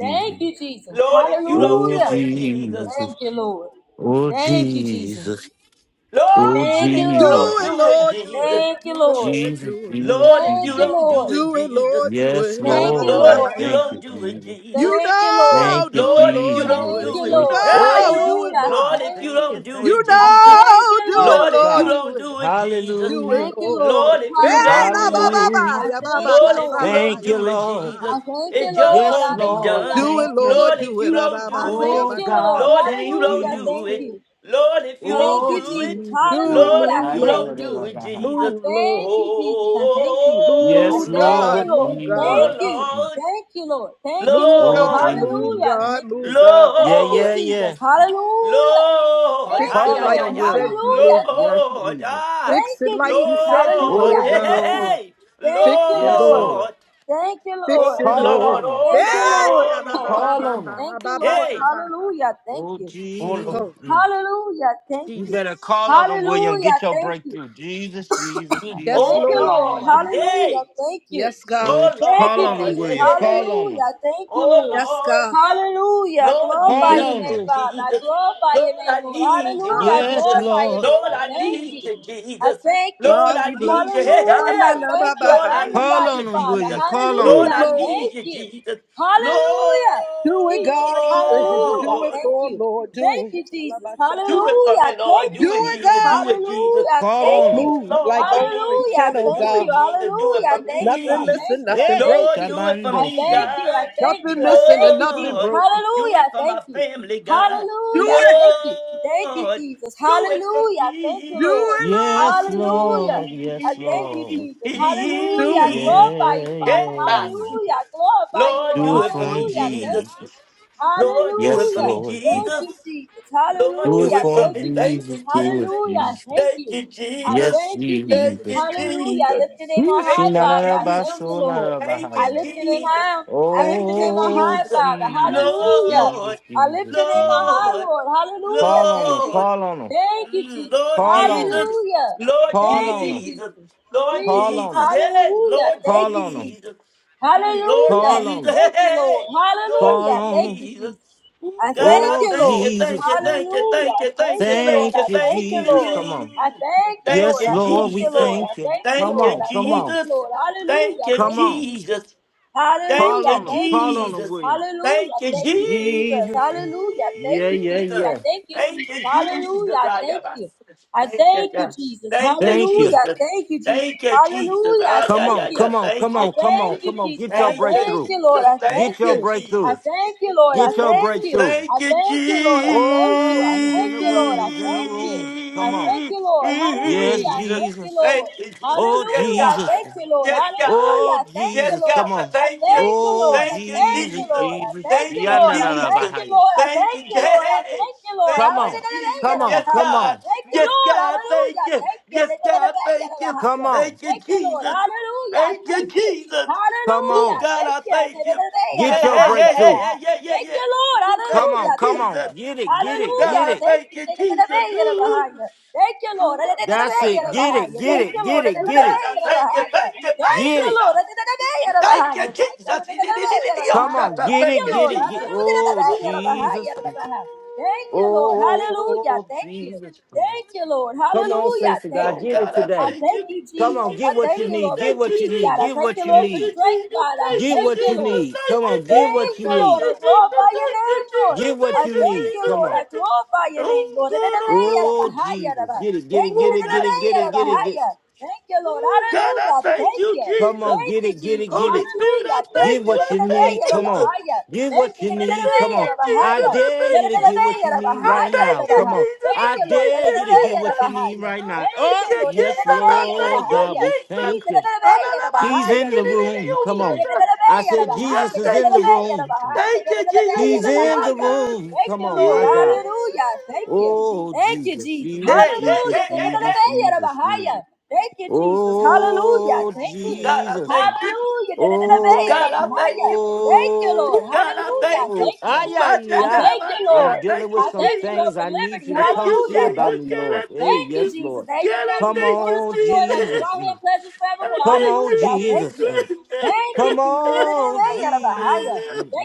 Speaker 3: Thank you, Jesus.
Speaker 8: Lord, if you don't do
Speaker 3: Hallelujah.
Speaker 8: it, Jesus.
Speaker 3: Thank you, Lord. Thank you, Jesus.
Speaker 8: Lord,
Speaker 3: Thank you,
Speaker 8: if you
Speaker 3: Lord.
Speaker 8: don't
Speaker 7: Do it,
Speaker 8: do it,
Speaker 7: Lord. Do
Speaker 8: Jesus.
Speaker 7: it.
Speaker 3: Thank you,
Speaker 7: Do it,
Speaker 3: Lord.
Speaker 7: Lord. Do it.
Speaker 8: Lord, if
Speaker 3: Thank
Speaker 8: you
Speaker 3: you,
Speaker 8: don't
Speaker 3: Lord.
Speaker 8: do it,
Speaker 7: Do it,
Speaker 8: Jesus.
Speaker 7: Lord. Do it.
Speaker 3: Thank you,
Speaker 8: Lord,
Speaker 3: Lord.
Speaker 7: Ababababa.
Speaker 8: if you don't do it,
Speaker 7: You
Speaker 8: Jesus.
Speaker 3: Thank you, Lord.
Speaker 7: know, do it,
Speaker 8: Lord, if you
Speaker 7: Lord. Do
Speaker 8: don't
Speaker 3: Thank
Speaker 7: it.
Speaker 8: do
Speaker 3: you,
Speaker 8: it,
Speaker 7: You
Speaker 8: Je-
Speaker 3: Lord.
Speaker 7: know,
Speaker 8: hey,
Speaker 7: do it,
Speaker 3: Hallelujah.
Speaker 7: Lord. Do
Speaker 8: Lord,
Speaker 7: it.
Speaker 8: if
Speaker 3: Thank
Speaker 8: you
Speaker 3: you.
Speaker 8: don't do
Speaker 7: You
Speaker 8: it,
Speaker 3: I
Speaker 8: Jesus.
Speaker 3: thank
Speaker 7: know, do
Speaker 3: you,
Speaker 7: it,
Speaker 3: Lord.
Speaker 8: Lord, if you
Speaker 7: Lord. Do
Speaker 8: don't
Speaker 7: it.
Speaker 8: do it, Jesus.
Speaker 7: Do it,
Speaker 3: Thank you,
Speaker 7: Lord.
Speaker 3: Lord.
Speaker 7: Do
Speaker 8: Lord,
Speaker 7: it.
Speaker 8: if you
Speaker 7: Hey,
Speaker 8: don't
Speaker 7: la
Speaker 8: do
Speaker 7: ba
Speaker 3: Hallelujah.
Speaker 7: ba
Speaker 8: it,
Speaker 7: ba,
Speaker 3: I
Speaker 7: ya ba
Speaker 3: thank
Speaker 7: ba
Speaker 3: you,
Speaker 7: ka
Speaker 8: Lord, if
Speaker 3: Lord.
Speaker 8: you don't
Speaker 7: ya
Speaker 8: do
Speaker 7: ba
Speaker 8: it,
Speaker 7: ba ba,
Speaker 8: Jesus,
Speaker 3: I
Speaker 7: la
Speaker 3: thank
Speaker 7: bo
Speaker 8: it
Speaker 3: you,
Speaker 8: just
Speaker 3: Lord.
Speaker 8: won't be
Speaker 3: Hallelujah.
Speaker 8: done.
Speaker 7: Do it,
Speaker 3: Thank you.
Speaker 7: Lord.
Speaker 8: Lord, if
Speaker 7: Do it.
Speaker 8: you don't
Speaker 3: I
Speaker 8: do it,
Speaker 3: thank you,
Speaker 7: Adabandiabakai.
Speaker 3: Lord.
Speaker 8: Lord, if you don't
Speaker 3: Hallelujah.
Speaker 8: do
Speaker 3: Thank
Speaker 8: it,
Speaker 7: Do,
Speaker 3: you.
Speaker 8: Lord, if you
Speaker 3: Thank
Speaker 8: don't
Speaker 3: you,
Speaker 8: do
Speaker 3: Jesus.
Speaker 8: it,
Speaker 7: do it.
Speaker 8: Lord,
Speaker 3: Hallelujah. I
Speaker 8: if
Speaker 7: Move,
Speaker 8: you
Speaker 3: Thank
Speaker 8: don't
Speaker 7: Lord.
Speaker 8: do
Speaker 3: you.
Speaker 8: it,
Speaker 3: I
Speaker 8: Jesus.
Speaker 7: Move, Lord.
Speaker 3: thank you, Jesus. I thank you. I
Speaker 8: Oh,
Speaker 7: Move,
Speaker 3: thank you,
Speaker 8: Lord.
Speaker 7: God.
Speaker 3: Lord.
Speaker 7: Move,
Speaker 3: Thank
Speaker 7: God.
Speaker 3: you.
Speaker 8: Oh, Lord.
Speaker 3: Thank you, Lord. Thank you,
Speaker 7: Move,
Speaker 3: Lord.
Speaker 7: God.
Speaker 8: Lord,
Speaker 7: Move,
Speaker 3: Hallelujah.
Speaker 7: God.
Speaker 3: Thank you.
Speaker 7: Move, God.
Speaker 3: Thank you,
Speaker 8: Lord,
Speaker 3: Jesus. Hallelujah.
Speaker 8: Lord,
Speaker 3: Thank
Speaker 7: Fix
Speaker 8: ah,
Speaker 3: you,
Speaker 7: it
Speaker 8: yeah,
Speaker 7: like
Speaker 8: yeah,
Speaker 3: Lord.
Speaker 7: you
Speaker 8: yeah,
Speaker 7: said you
Speaker 3: Hallelujah.
Speaker 7: would.
Speaker 3: Thank you.
Speaker 8: Lord, ah,
Speaker 3: Thank
Speaker 7: Fix it
Speaker 3: you,
Speaker 7: like you
Speaker 3: Jesus.
Speaker 7: said you
Speaker 8: Lord,
Speaker 3: Hallelujah.
Speaker 7: would, God.
Speaker 3: Thank you.
Speaker 8: hey,
Speaker 3: Thank
Speaker 7: Fix
Speaker 3: you,
Speaker 7: it,
Speaker 3: Lord.
Speaker 7: Lord.
Speaker 8: Lord,
Speaker 3: Thank you,
Speaker 7: Fix
Speaker 3: Lord.
Speaker 8: oh
Speaker 7: it,
Speaker 8: Lord,
Speaker 7: Lord. Yay!
Speaker 8: oh Lord,
Speaker 3: Thank you, Lord.
Speaker 8: oh Lord,
Speaker 3: Thank you, Lord.
Speaker 8: hey,
Speaker 7: Yadabababababababakaba.
Speaker 3: Hallelujah. Thank you.
Speaker 8: oh Lord,
Speaker 7: Oh,
Speaker 3: Hallelujah. Thank you.
Speaker 7: Jesus.
Speaker 3: Hallelujah. Thank you.
Speaker 8: Mm.
Speaker 7: Yes,
Speaker 3: Thank
Speaker 8: oh
Speaker 3: you,
Speaker 7: Lord.
Speaker 3: Lord.
Speaker 8: Lord,
Speaker 3: Hallelujah.
Speaker 8: hey,
Speaker 3: Thank you.
Speaker 7: Yes, God.
Speaker 3: Thank you,
Speaker 8: oh Lord,
Speaker 3: Jesus.
Speaker 8: hey, hey, hey.
Speaker 3: Hallelujah. Thank you,
Speaker 8: oh
Speaker 3: Lord.
Speaker 7: Yes,
Speaker 8: Lord.
Speaker 7: God.
Speaker 3: Hallelujah. I
Speaker 8: Lord, we
Speaker 3: Glorify
Speaker 7: Yes,
Speaker 3: your
Speaker 8: need
Speaker 3: name,
Speaker 8: you,
Speaker 7: Lord.
Speaker 3: Father. I
Speaker 8: Jesus.
Speaker 3: glorify your
Speaker 8: Lord,
Speaker 3: name,
Speaker 8: I
Speaker 3: Lord.
Speaker 8: need you,
Speaker 7: God,
Speaker 3: Hallelujah. I
Speaker 7: I
Speaker 8: Jesus.
Speaker 7: bless
Speaker 3: glorify you, Lord.
Speaker 8: Lord,
Speaker 3: I
Speaker 8: I
Speaker 3: thank
Speaker 8: need
Speaker 3: you.
Speaker 8: you,
Speaker 3: I
Speaker 8: Jesus.
Speaker 3: thank you,
Speaker 8: Lord,
Speaker 7: God,
Speaker 8: I
Speaker 7: we
Speaker 3: Jesus.
Speaker 8: need you.
Speaker 7: bless you.
Speaker 8: Hey, hey,
Speaker 7: Ah,
Speaker 3: Hallelujah.
Speaker 7: na,
Speaker 3: I
Speaker 8: hey.
Speaker 7: na,
Speaker 3: thank
Speaker 7: ba,
Speaker 3: you.
Speaker 7: ba,
Speaker 3: I
Speaker 8: Lord,
Speaker 7: hi.
Speaker 8: I
Speaker 3: magnify
Speaker 8: need
Speaker 3: you,
Speaker 8: you,
Speaker 3: Father.
Speaker 8: Jesus. Lord,
Speaker 3: Hallelujah.
Speaker 7: Ooh,
Speaker 8: I
Speaker 3: I
Speaker 7: Lord.
Speaker 3: thank
Speaker 8: need you,
Speaker 3: you.
Speaker 8: Jesus.
Speaker 3: Hallelujah.
Speaker 7: Do it,
Speaker 3: Jesus.
Speaker 7: God. Do it.
Speaker 3: Hallelujah.
Speaker 7: Do it
Speaker 8: Lord.
Speaker 3: Thank
Speaker 7: for
Speaker 3: you.
Speaker 7: 'em, Lord. Do
Speaker 3: Thank
Speaker 7: it.
Speaker 3: you,
Speaker 7: Allah,
Speaker 3: Jesus.
Speaker 7: ba,
Speaker 8: Do
Speaker 7: shatta.
Speaker 8: it for
Speaker 3: Hallelujah.
Speaker 8: me, Lord.
Speaker 3: Thank you,
Speaker 7: Do
Speaker 8: Do it,
Speaker 7: it,
Speaker 3: Jesus.
Speaker 8: Jesus.
Speaker 7: God.
Speaker 8: Do it, Jesus.
Speaker 3: Hallelujah. Thank you.
Speaker 8: Oh,
Speaker 7: Move like
Speaker 8: Lord.
Speaker 7: only
Speaker 8: Do
Speaker 7: you
Speaker 8: it,
Speaker 7: can,
Speaker 3: Hallelujah.
Speaker 8: Jesus.
Speaker 7: oh
Speaker 3: Thank
Speaker 8: Do
Speaker 3: you.
Speaker 7: God.
Speaker 8: it, Jesus. Do it
Speaker 3: Hallelujah.
Speaker 8: for
Speaker 3: Thank you. I
Speaker 7: Nothing
Speaker 8: me.
Speaker 3: thank
Speaker 7: missing,
Speaker 3: you. I
Speaker 7: nothing broken.
Speaker 3: thank
Speaker 8: Lord,
Speaker 3: you.
Speaker 8: do it for
Speaker 3: I
Speaker 8: me,
Speaker 3: thank you. I
Speaker 8: God.
Speaker 3: thank you.
Speaker 7: Nothing
Speaker 3: I
Speaker 7: missing
Speaker 3: thank
Speaker 7: and
Speaker 3: you,
Speaker 7: nothing
Speaker 3: Jesus.
Speaker 8: Lord,
Speaker 7: broken.
Speaker 8: do
Speaker 3: Hallelujah.
Speaker 8: it for my
Speaker 3: Thank you.
Speaker 8: family, God.
Speaker 7: Do
Speaker 3: Hallelujah.
Speaker 7: it.
Speaker 3: Thank you. Thank you,
Speaker 8: Lord,
Speaker 3: Jesus.
Speaker 8: do it for
Speaker 3: Hallelujah. Thank
Speaker 8: me.
Speaker 3: you,
Speaker 7: Do
Speaker 3: Lord.
Speaker 7: it, Lord.
Speaker 3: Hallelujah. I thank you, Jesus. Hallelujah.
Speaker 7: Do
Speaker 3: I
Speaker 7: it.
Speaker 3: glorify you, Father.
Speaker 8: Hey, boss.
Speaker 3: Hallelujah. I glorify you,
Speaker 8: Lord,
Speaker 3: Lord.
Speaker 8: do it for me,
Speaker 3: Hallelujah. I
Speaker 8: Jesus.
Speaker 3: Thank you.
Speaker 8: Lord, do it for
Speaker 3: Hallelujah.
Speaker 8: me,
Speaker 3: Thank you,
Speaker 8: Jesus.
Speaker 3: Jesus.
Speaker 8: Lord, do
Speaker 3: Hallelujah.
Speaker 8: it for
Speaker 3: Thank
Speaker 8: me.
Speaker 3: you,
Speaker 8: Thank
Speaker 3: Jesus.
Speaker 8: you,
Speaker 3: Hallelujah. I
Speaker 8: Jesus.
Speaker 3: Thank
Speaker 8: Thank
Speaker 3: you.
Speaker 8: you,
Speaker 3: I
Speaker 8: Jesus.
Speaker 3: thank you,
Speaker 8: Thank
Speaker 3: Jesus.
Speaker 8: you,
Speaker 3: Hallelujah. I lift your
Speaker 8: Jesus.
Speaker 3: name on high,
Speaker 8: Thank you,
Speaker 3: Father. I thank you,
Speaker 8: Jesus.
Speaker 3: Lord.
Speaker 8: Thank
Speaker 3: I
Speaker 8: you,
Speaker 3: lift your name
Speaker 8: Jesus.
Speaker 3: high. I lift
Speaker 8: Thank
Speaker 3: your
Speaker 8: you,
Speaker 3: name on high,
Speaker 8: Jesus.
Speaker 3: Father. Hallelujah.
Speaker 8: Lord,
Speaker 3: I lift your name on high,
Speaker 8: Lord,
Speaker 3: Lord. Hallelujah. Thank you.
Speaker 8: Lord.
Speaker 3: Thank you,
Speaker 8: Mm,
Speaker 3: Jesus.
Speaker 8: Lord Jesus,
Speaker 3: Hallelujah.
Speaker 8: Lord
Speaker 3: Thank you,
Speaker 8: Jesus,
Speaker 3: Jesus.
Speaker 8: Lord
Speaker 3: Jesus.
Speaker 8: Jesus, hey,
Speaker 3: Hallelujah.
Speaker 8: Lord
Speaker 3: Thank you, Jesus.
Speaker 8: Jesus, Mm, Lord
Speaker 3: Hallelujah.
Speaker 8: Jesus, hey,
Speaker 3: Thank you, Lord.
Speaker 8: hey, Lord
Speaker 3: Hallelujah. Thank you,
Speaker 8: Jesus.
Speaker 3: Jesus.
Speaker 8: Ooh,
Speaker 3: I
Speaker 8: God,
Speaker 3: thank
Speaker 8: I
Speaker 3: you,
Speaker 8: thank
Speaker 3: Lord.
Speaker 8: you, thank you, thank you,
Speaker 3: Hallelujah.
Speaker 8: thank
Speaker 3: I
Speaker 8: you, thank
Speaker 3: thank
Speaker 8: you,
Speaker 3: you,
Speaker 8: thank
Speaker 3: Lord.
Speaker 8: you,
Speaker 3: I thank
Speaker 8: thank
Speaker 3: you, Lord. I
Speaker 8: you.
Speaker 3: thank you,
Speaker 8: Thank
Speaker 3: Lord.
Speaker 8: you,
Speaker 3: I thank you,
Speaker 8: Jesus.
Speaker 3: Lord. I thank you,
Speaker 8: Thank you,
Speaker 3: Lord. I thank you,
Speaker 8: Jesus.
Speaker 3: Lord.
Speaker 8: Thank
Speaker 3: Hallelujah.
Speaker 8: you,
Speaker 3: Thank you, Jesus.
Speaker 8: Jesus. Thank
Speaker 3: Hallelujah.
Speaker 8: you,
Speaker 3: Thank you, Jesus.
Speaker 8: Jesus.
Speaker 3: Hallelujah.
Speaker 8: Thank you,
Speaker 3: Thank
Speaker 8: Jesus.
Speaker 3: you, Jesus. Hallelujah. Thank you, Jesus. I thank you,
Speaker 8: Thank
Speaker 3: Jesus.
Speaker 8: you,
Speaker 3: Hallelujah.
Speaker 8: Jesus.
Speaker 3: I
Speaker 8: I
Speaker 3: thank
Speaker 8: am a-
Speaker 3: you. I
Speaker 8: Thank you,
Speaker 3: thank you,
Speaker 8: God.
Speaker 3: Jesus.
Speaker 8: Thank you,
Speaker 3: Hallelujah. I
Speaker 8: Jesus.
Speaker 3: Thank you, Jesus.
Speaker 8: Thank you, Jesus.
Speaker 3: Hallelujah. I
Speaker 8: Ah, yeah,
Speaker 3: Thank
Speaker 8: yeah,
Speaker 3: you.
Speaker 8: yeah. Thank
Speaker 3: I
Speaker 8: you,
Speaker 3: thank
Speaker 8: Jesus.
Speaker 3: you, Jesus. I
Speaker 8: Thank you,
Speaker 3: thank you, Lord.
Speaker 8: Jesus.
Speaker 3: I thank
Speaker 8: Thank you,
Speaker 3: you. I
Speaker 8: Jesus.
Speaker 3: thank you, Lord. I thank
Speaker 8: Ooh,
Speaker 3: you. I
Speaker 8: Thank you,
Speaker 3: thank you, Lord. I thank you. I thank you, Lord. I thank you. I thank you, Lord. Hallelujah.
Speaker 8: Jesus.
Speaker 3: Thank you, Lord.
Speaker 8: Thank you, Jesus. Yes,
Speaker 3: Hallelujah.
Speaker 8: God.
Speaker 3: Thank you, Lord.
Speaker 8: Yes, God.
Speaker 3: Hallelujah. Thank you,
Speaker 8: Yes, God.
Speaker 3: Lord. I
Speaker 8: Thank you.
Speaker 3: thank you, Lord. I
Speaker 8: Thank you,
Speaker 3: thank you,
Speaker 8: Jesus.
Speaker 3: Lord. I thank you,
Speaker 8: Thank you,
Speaker 3: Lord. I thank you,
Speaker 8: Jesus.
Speaker 3: Lord. I
Speaker 8: Thank you.
Speaker 3: thank you, Lord. I
Speaker 8: Hey.
Speaker 3: thank you, Lord.
Speaker 8: Thank you,
Speaker 3: Hallelujah.
Speaker 8: Jesus. Yes, God.
Speaker 3: Thank you,
Speaker 8: Yes,
Speaker 3: Lord.
Speaker 8: God. Thank
Speaker 3: Hallelujah.
Speaker 8: you.
Speaker 3: Thank you.
Speaker 8: Yes,
Speaker 3: Thank
Speaker 8: God. Thank you. Thank you,
Speaker 3: you, Lord.
Speaker 8: Jesus.
Speaker 3: Hallelujah.
Speaker 8: Thank you,
Speaker 3: Thank you.
Speaker 8: Jesus. Oh,
Speaker 3: Hallelujah.
Speaker 8: God,
Speaker 3: Thank
Speaker 8: I
Speaker 3: you.
Speaker 8: thank you. Hey, hey, hey, hey, hey, yeah, yeah,
Speaker 3: Thank
Speaker 8: yeah.
Speaker 3: you, Lord.
Speaker 8: Ooh, Thank you,
Speaker 3: Hallelujah. Thank
Speaker 8: Jesus.
Speaker 3: you.
Speaker 8: Ooh, God,
Speaker 3: Hallelujah.
Speaker 8: I
Speaker 3: Thank
Speaker 8: thank
Speaker 3: you.
Speaker 8: you,
Speaker 3: Thank you, Thank you,
Speaker 8: Jesus. Ooh, ooh.
Speaker 3: Lord. Thank you, Lord.
Speaker 8: Hallelujah.
Speaker 3: Thank you, Lord. Thank you, Lord. Thank
Speaker 8: God, I thank you, thank you, thank you,
Speaker 3: you,
Speaker 8: sir. Thank you, Jesus. Thank you, Jesus. Woo.
Speaker 3: Lord. Thank you, Lord. Hallelujah. Thank you, Lord. Hallelujah. Thank you. Thank you, Lord. Hallelujah. Thank
Speaker 8: Oh
Speaker 3: you.
Speaker 8: God, I
Speaker 3: I
Speaker 8: thank
Speaker 3: thank
Speaker 8: you.
Speaker 3: you,
Speaker 8: Thank
Speaker 3: Jesus.
Speaker 8: you,
Speaker 3: I thank
Speaker 8: Jesus.
Speaker 3: you, Lord, for
Speaker 8: Thank you,
Speaker 3: peace, God. I
Speaker 8: Jesus.
Speaker 3: thank you, Lord,
Speaker 8: Thank
Speaker 3: for
Speaker 8: you,
Speaker 3: strength,
Speaker 8: Jesus.
Speaker 3: God. I
Speaker 8: Thank you,
Speaker 3: thank you, Lord.
Speaker 8: Jesus. Thank
Speaker 3: I
Speaker 8: you, Jesus.
Speaker 3: thank you,
Speaker 8: Thank
Speaker 3: Lord. I
Speaker 8: you, Jesus.
Speaker 3: glorify
Speaker 8: Thank
Speaker 3: your name,
Speaker 8: you,
Speaker 3: Lord.
Speaker 8: Jesus.
Speaker 3: I
Speaker 8: Thank you,
Speaker 3: thank you,
Speaker 8: Jesus.
Speaker 3: Lord. I
Speaker 8: Thank you.
Speaker 3: glorify your name,
Speaker 8: Oh
Speaker 3: Lord. Thank
Speaker 8: God, I thank you.
Speaker 3: you.
Speaker 8: Oh God, I thank you.
Speaker 3: Thank you, Lord.
Speaker 8: Oh God, I
Speaker 3: Hallelujah.
Speaker 8: thank
Speaker 3: Thank
Speaker 8: you,
Speaker 3: you.
Speaker 8: Jesus.
Speaker 3: Thank you, Jesus.
Speaker 8: Holy Spirit,
Speaker 3: Hallelujah.
Speaker 8: I
Speaker 3: Thank
Speaker 8: thank
Speaker 3: you.
Speaker 8: you. I thank you.
Speaker 3: Thank you.
Speaker 8: Thank you,
Speaker 3: Thank
Speaker 8: Jesus. I
Speaker 3: you
Speaker 8: thank you.
Speaker 3: yadadadabaya
Speaker 8: I thank you, Jesus.
Speaker 3: Thank
Speaker 8: I
Speaker 3: you, Lord.
Speaker 8: thank you, Jesus. I
Speaker 3: Thank
Speaker 8: thank
Speaker 3: you,
Speaker 8: you,
Speaker 3: Lord.
Speaker 8: Jesus. I thank you, Jesus.
Speaker 3: Jesus, Jesus, Jesus,
Speaker 8: Alalabasikiririyosata. Oh, God, thank you. Thank you, Jesus. He's a healer, God.
Speaker 3: Thank you, Lord.
Speaker 8: He-
Speaker 3: Hallelujah. Thank you. Thank you, Jesus.
Speaker 8: Hey, hey,
Speaker 3: Hallelujah.
Speaker 8: hey, hey, hey.
Speaker 3: Thank you, Jesus. Hallelujah. Thank
Speaker 8: Oh,
Speaker 3: you.
Speaker 8: God, I thank you.
Speaker 3: Hallelujah.
Speaker 8: Oh, God, I thank you.
Speaker 3: Thank you, Lord.
Speaker 8: Oh, God, I
Speaker 3: Hallelujah.
Speaker 8: thank you.
Speaker 3: Thank
Speaker 8: Oh,
Speaker 3: you.
Speaker 8: my God,
Speaker 3: I thank
Speaker 8: I
Speaker 3: you, Lord.
Speaker 8: thank
Speaker 3: I
Speaker 8: you,
Speaker 3: thank you,
Speaker 8: Jesus.
Speaker 3: Lord, for liberty.
Speaker 8: Thank you,
Speaker 3: Hallelujah. I thank
Speaker 8: Jesus.
Speaker 3: you.
Speaker 8: God, I thank
Speaker 3: Thank you,
Speaker 8: you.
Speaker 3: Jesus. That in your
Speaker 8: God, I
Speaker 3: presence is
Speaker 8: thank you,
Speaker 3: fullness of joy, and at your
Speaker 8: Jesus.
Speaker 3: right hand pleasures forevermore.
Speaker 8: I thank you,
Speaker 3: Hallelujah. I thank you.
Speaker 8: Jesus.
Speaker 3: Thank you, Jesus. Thank you,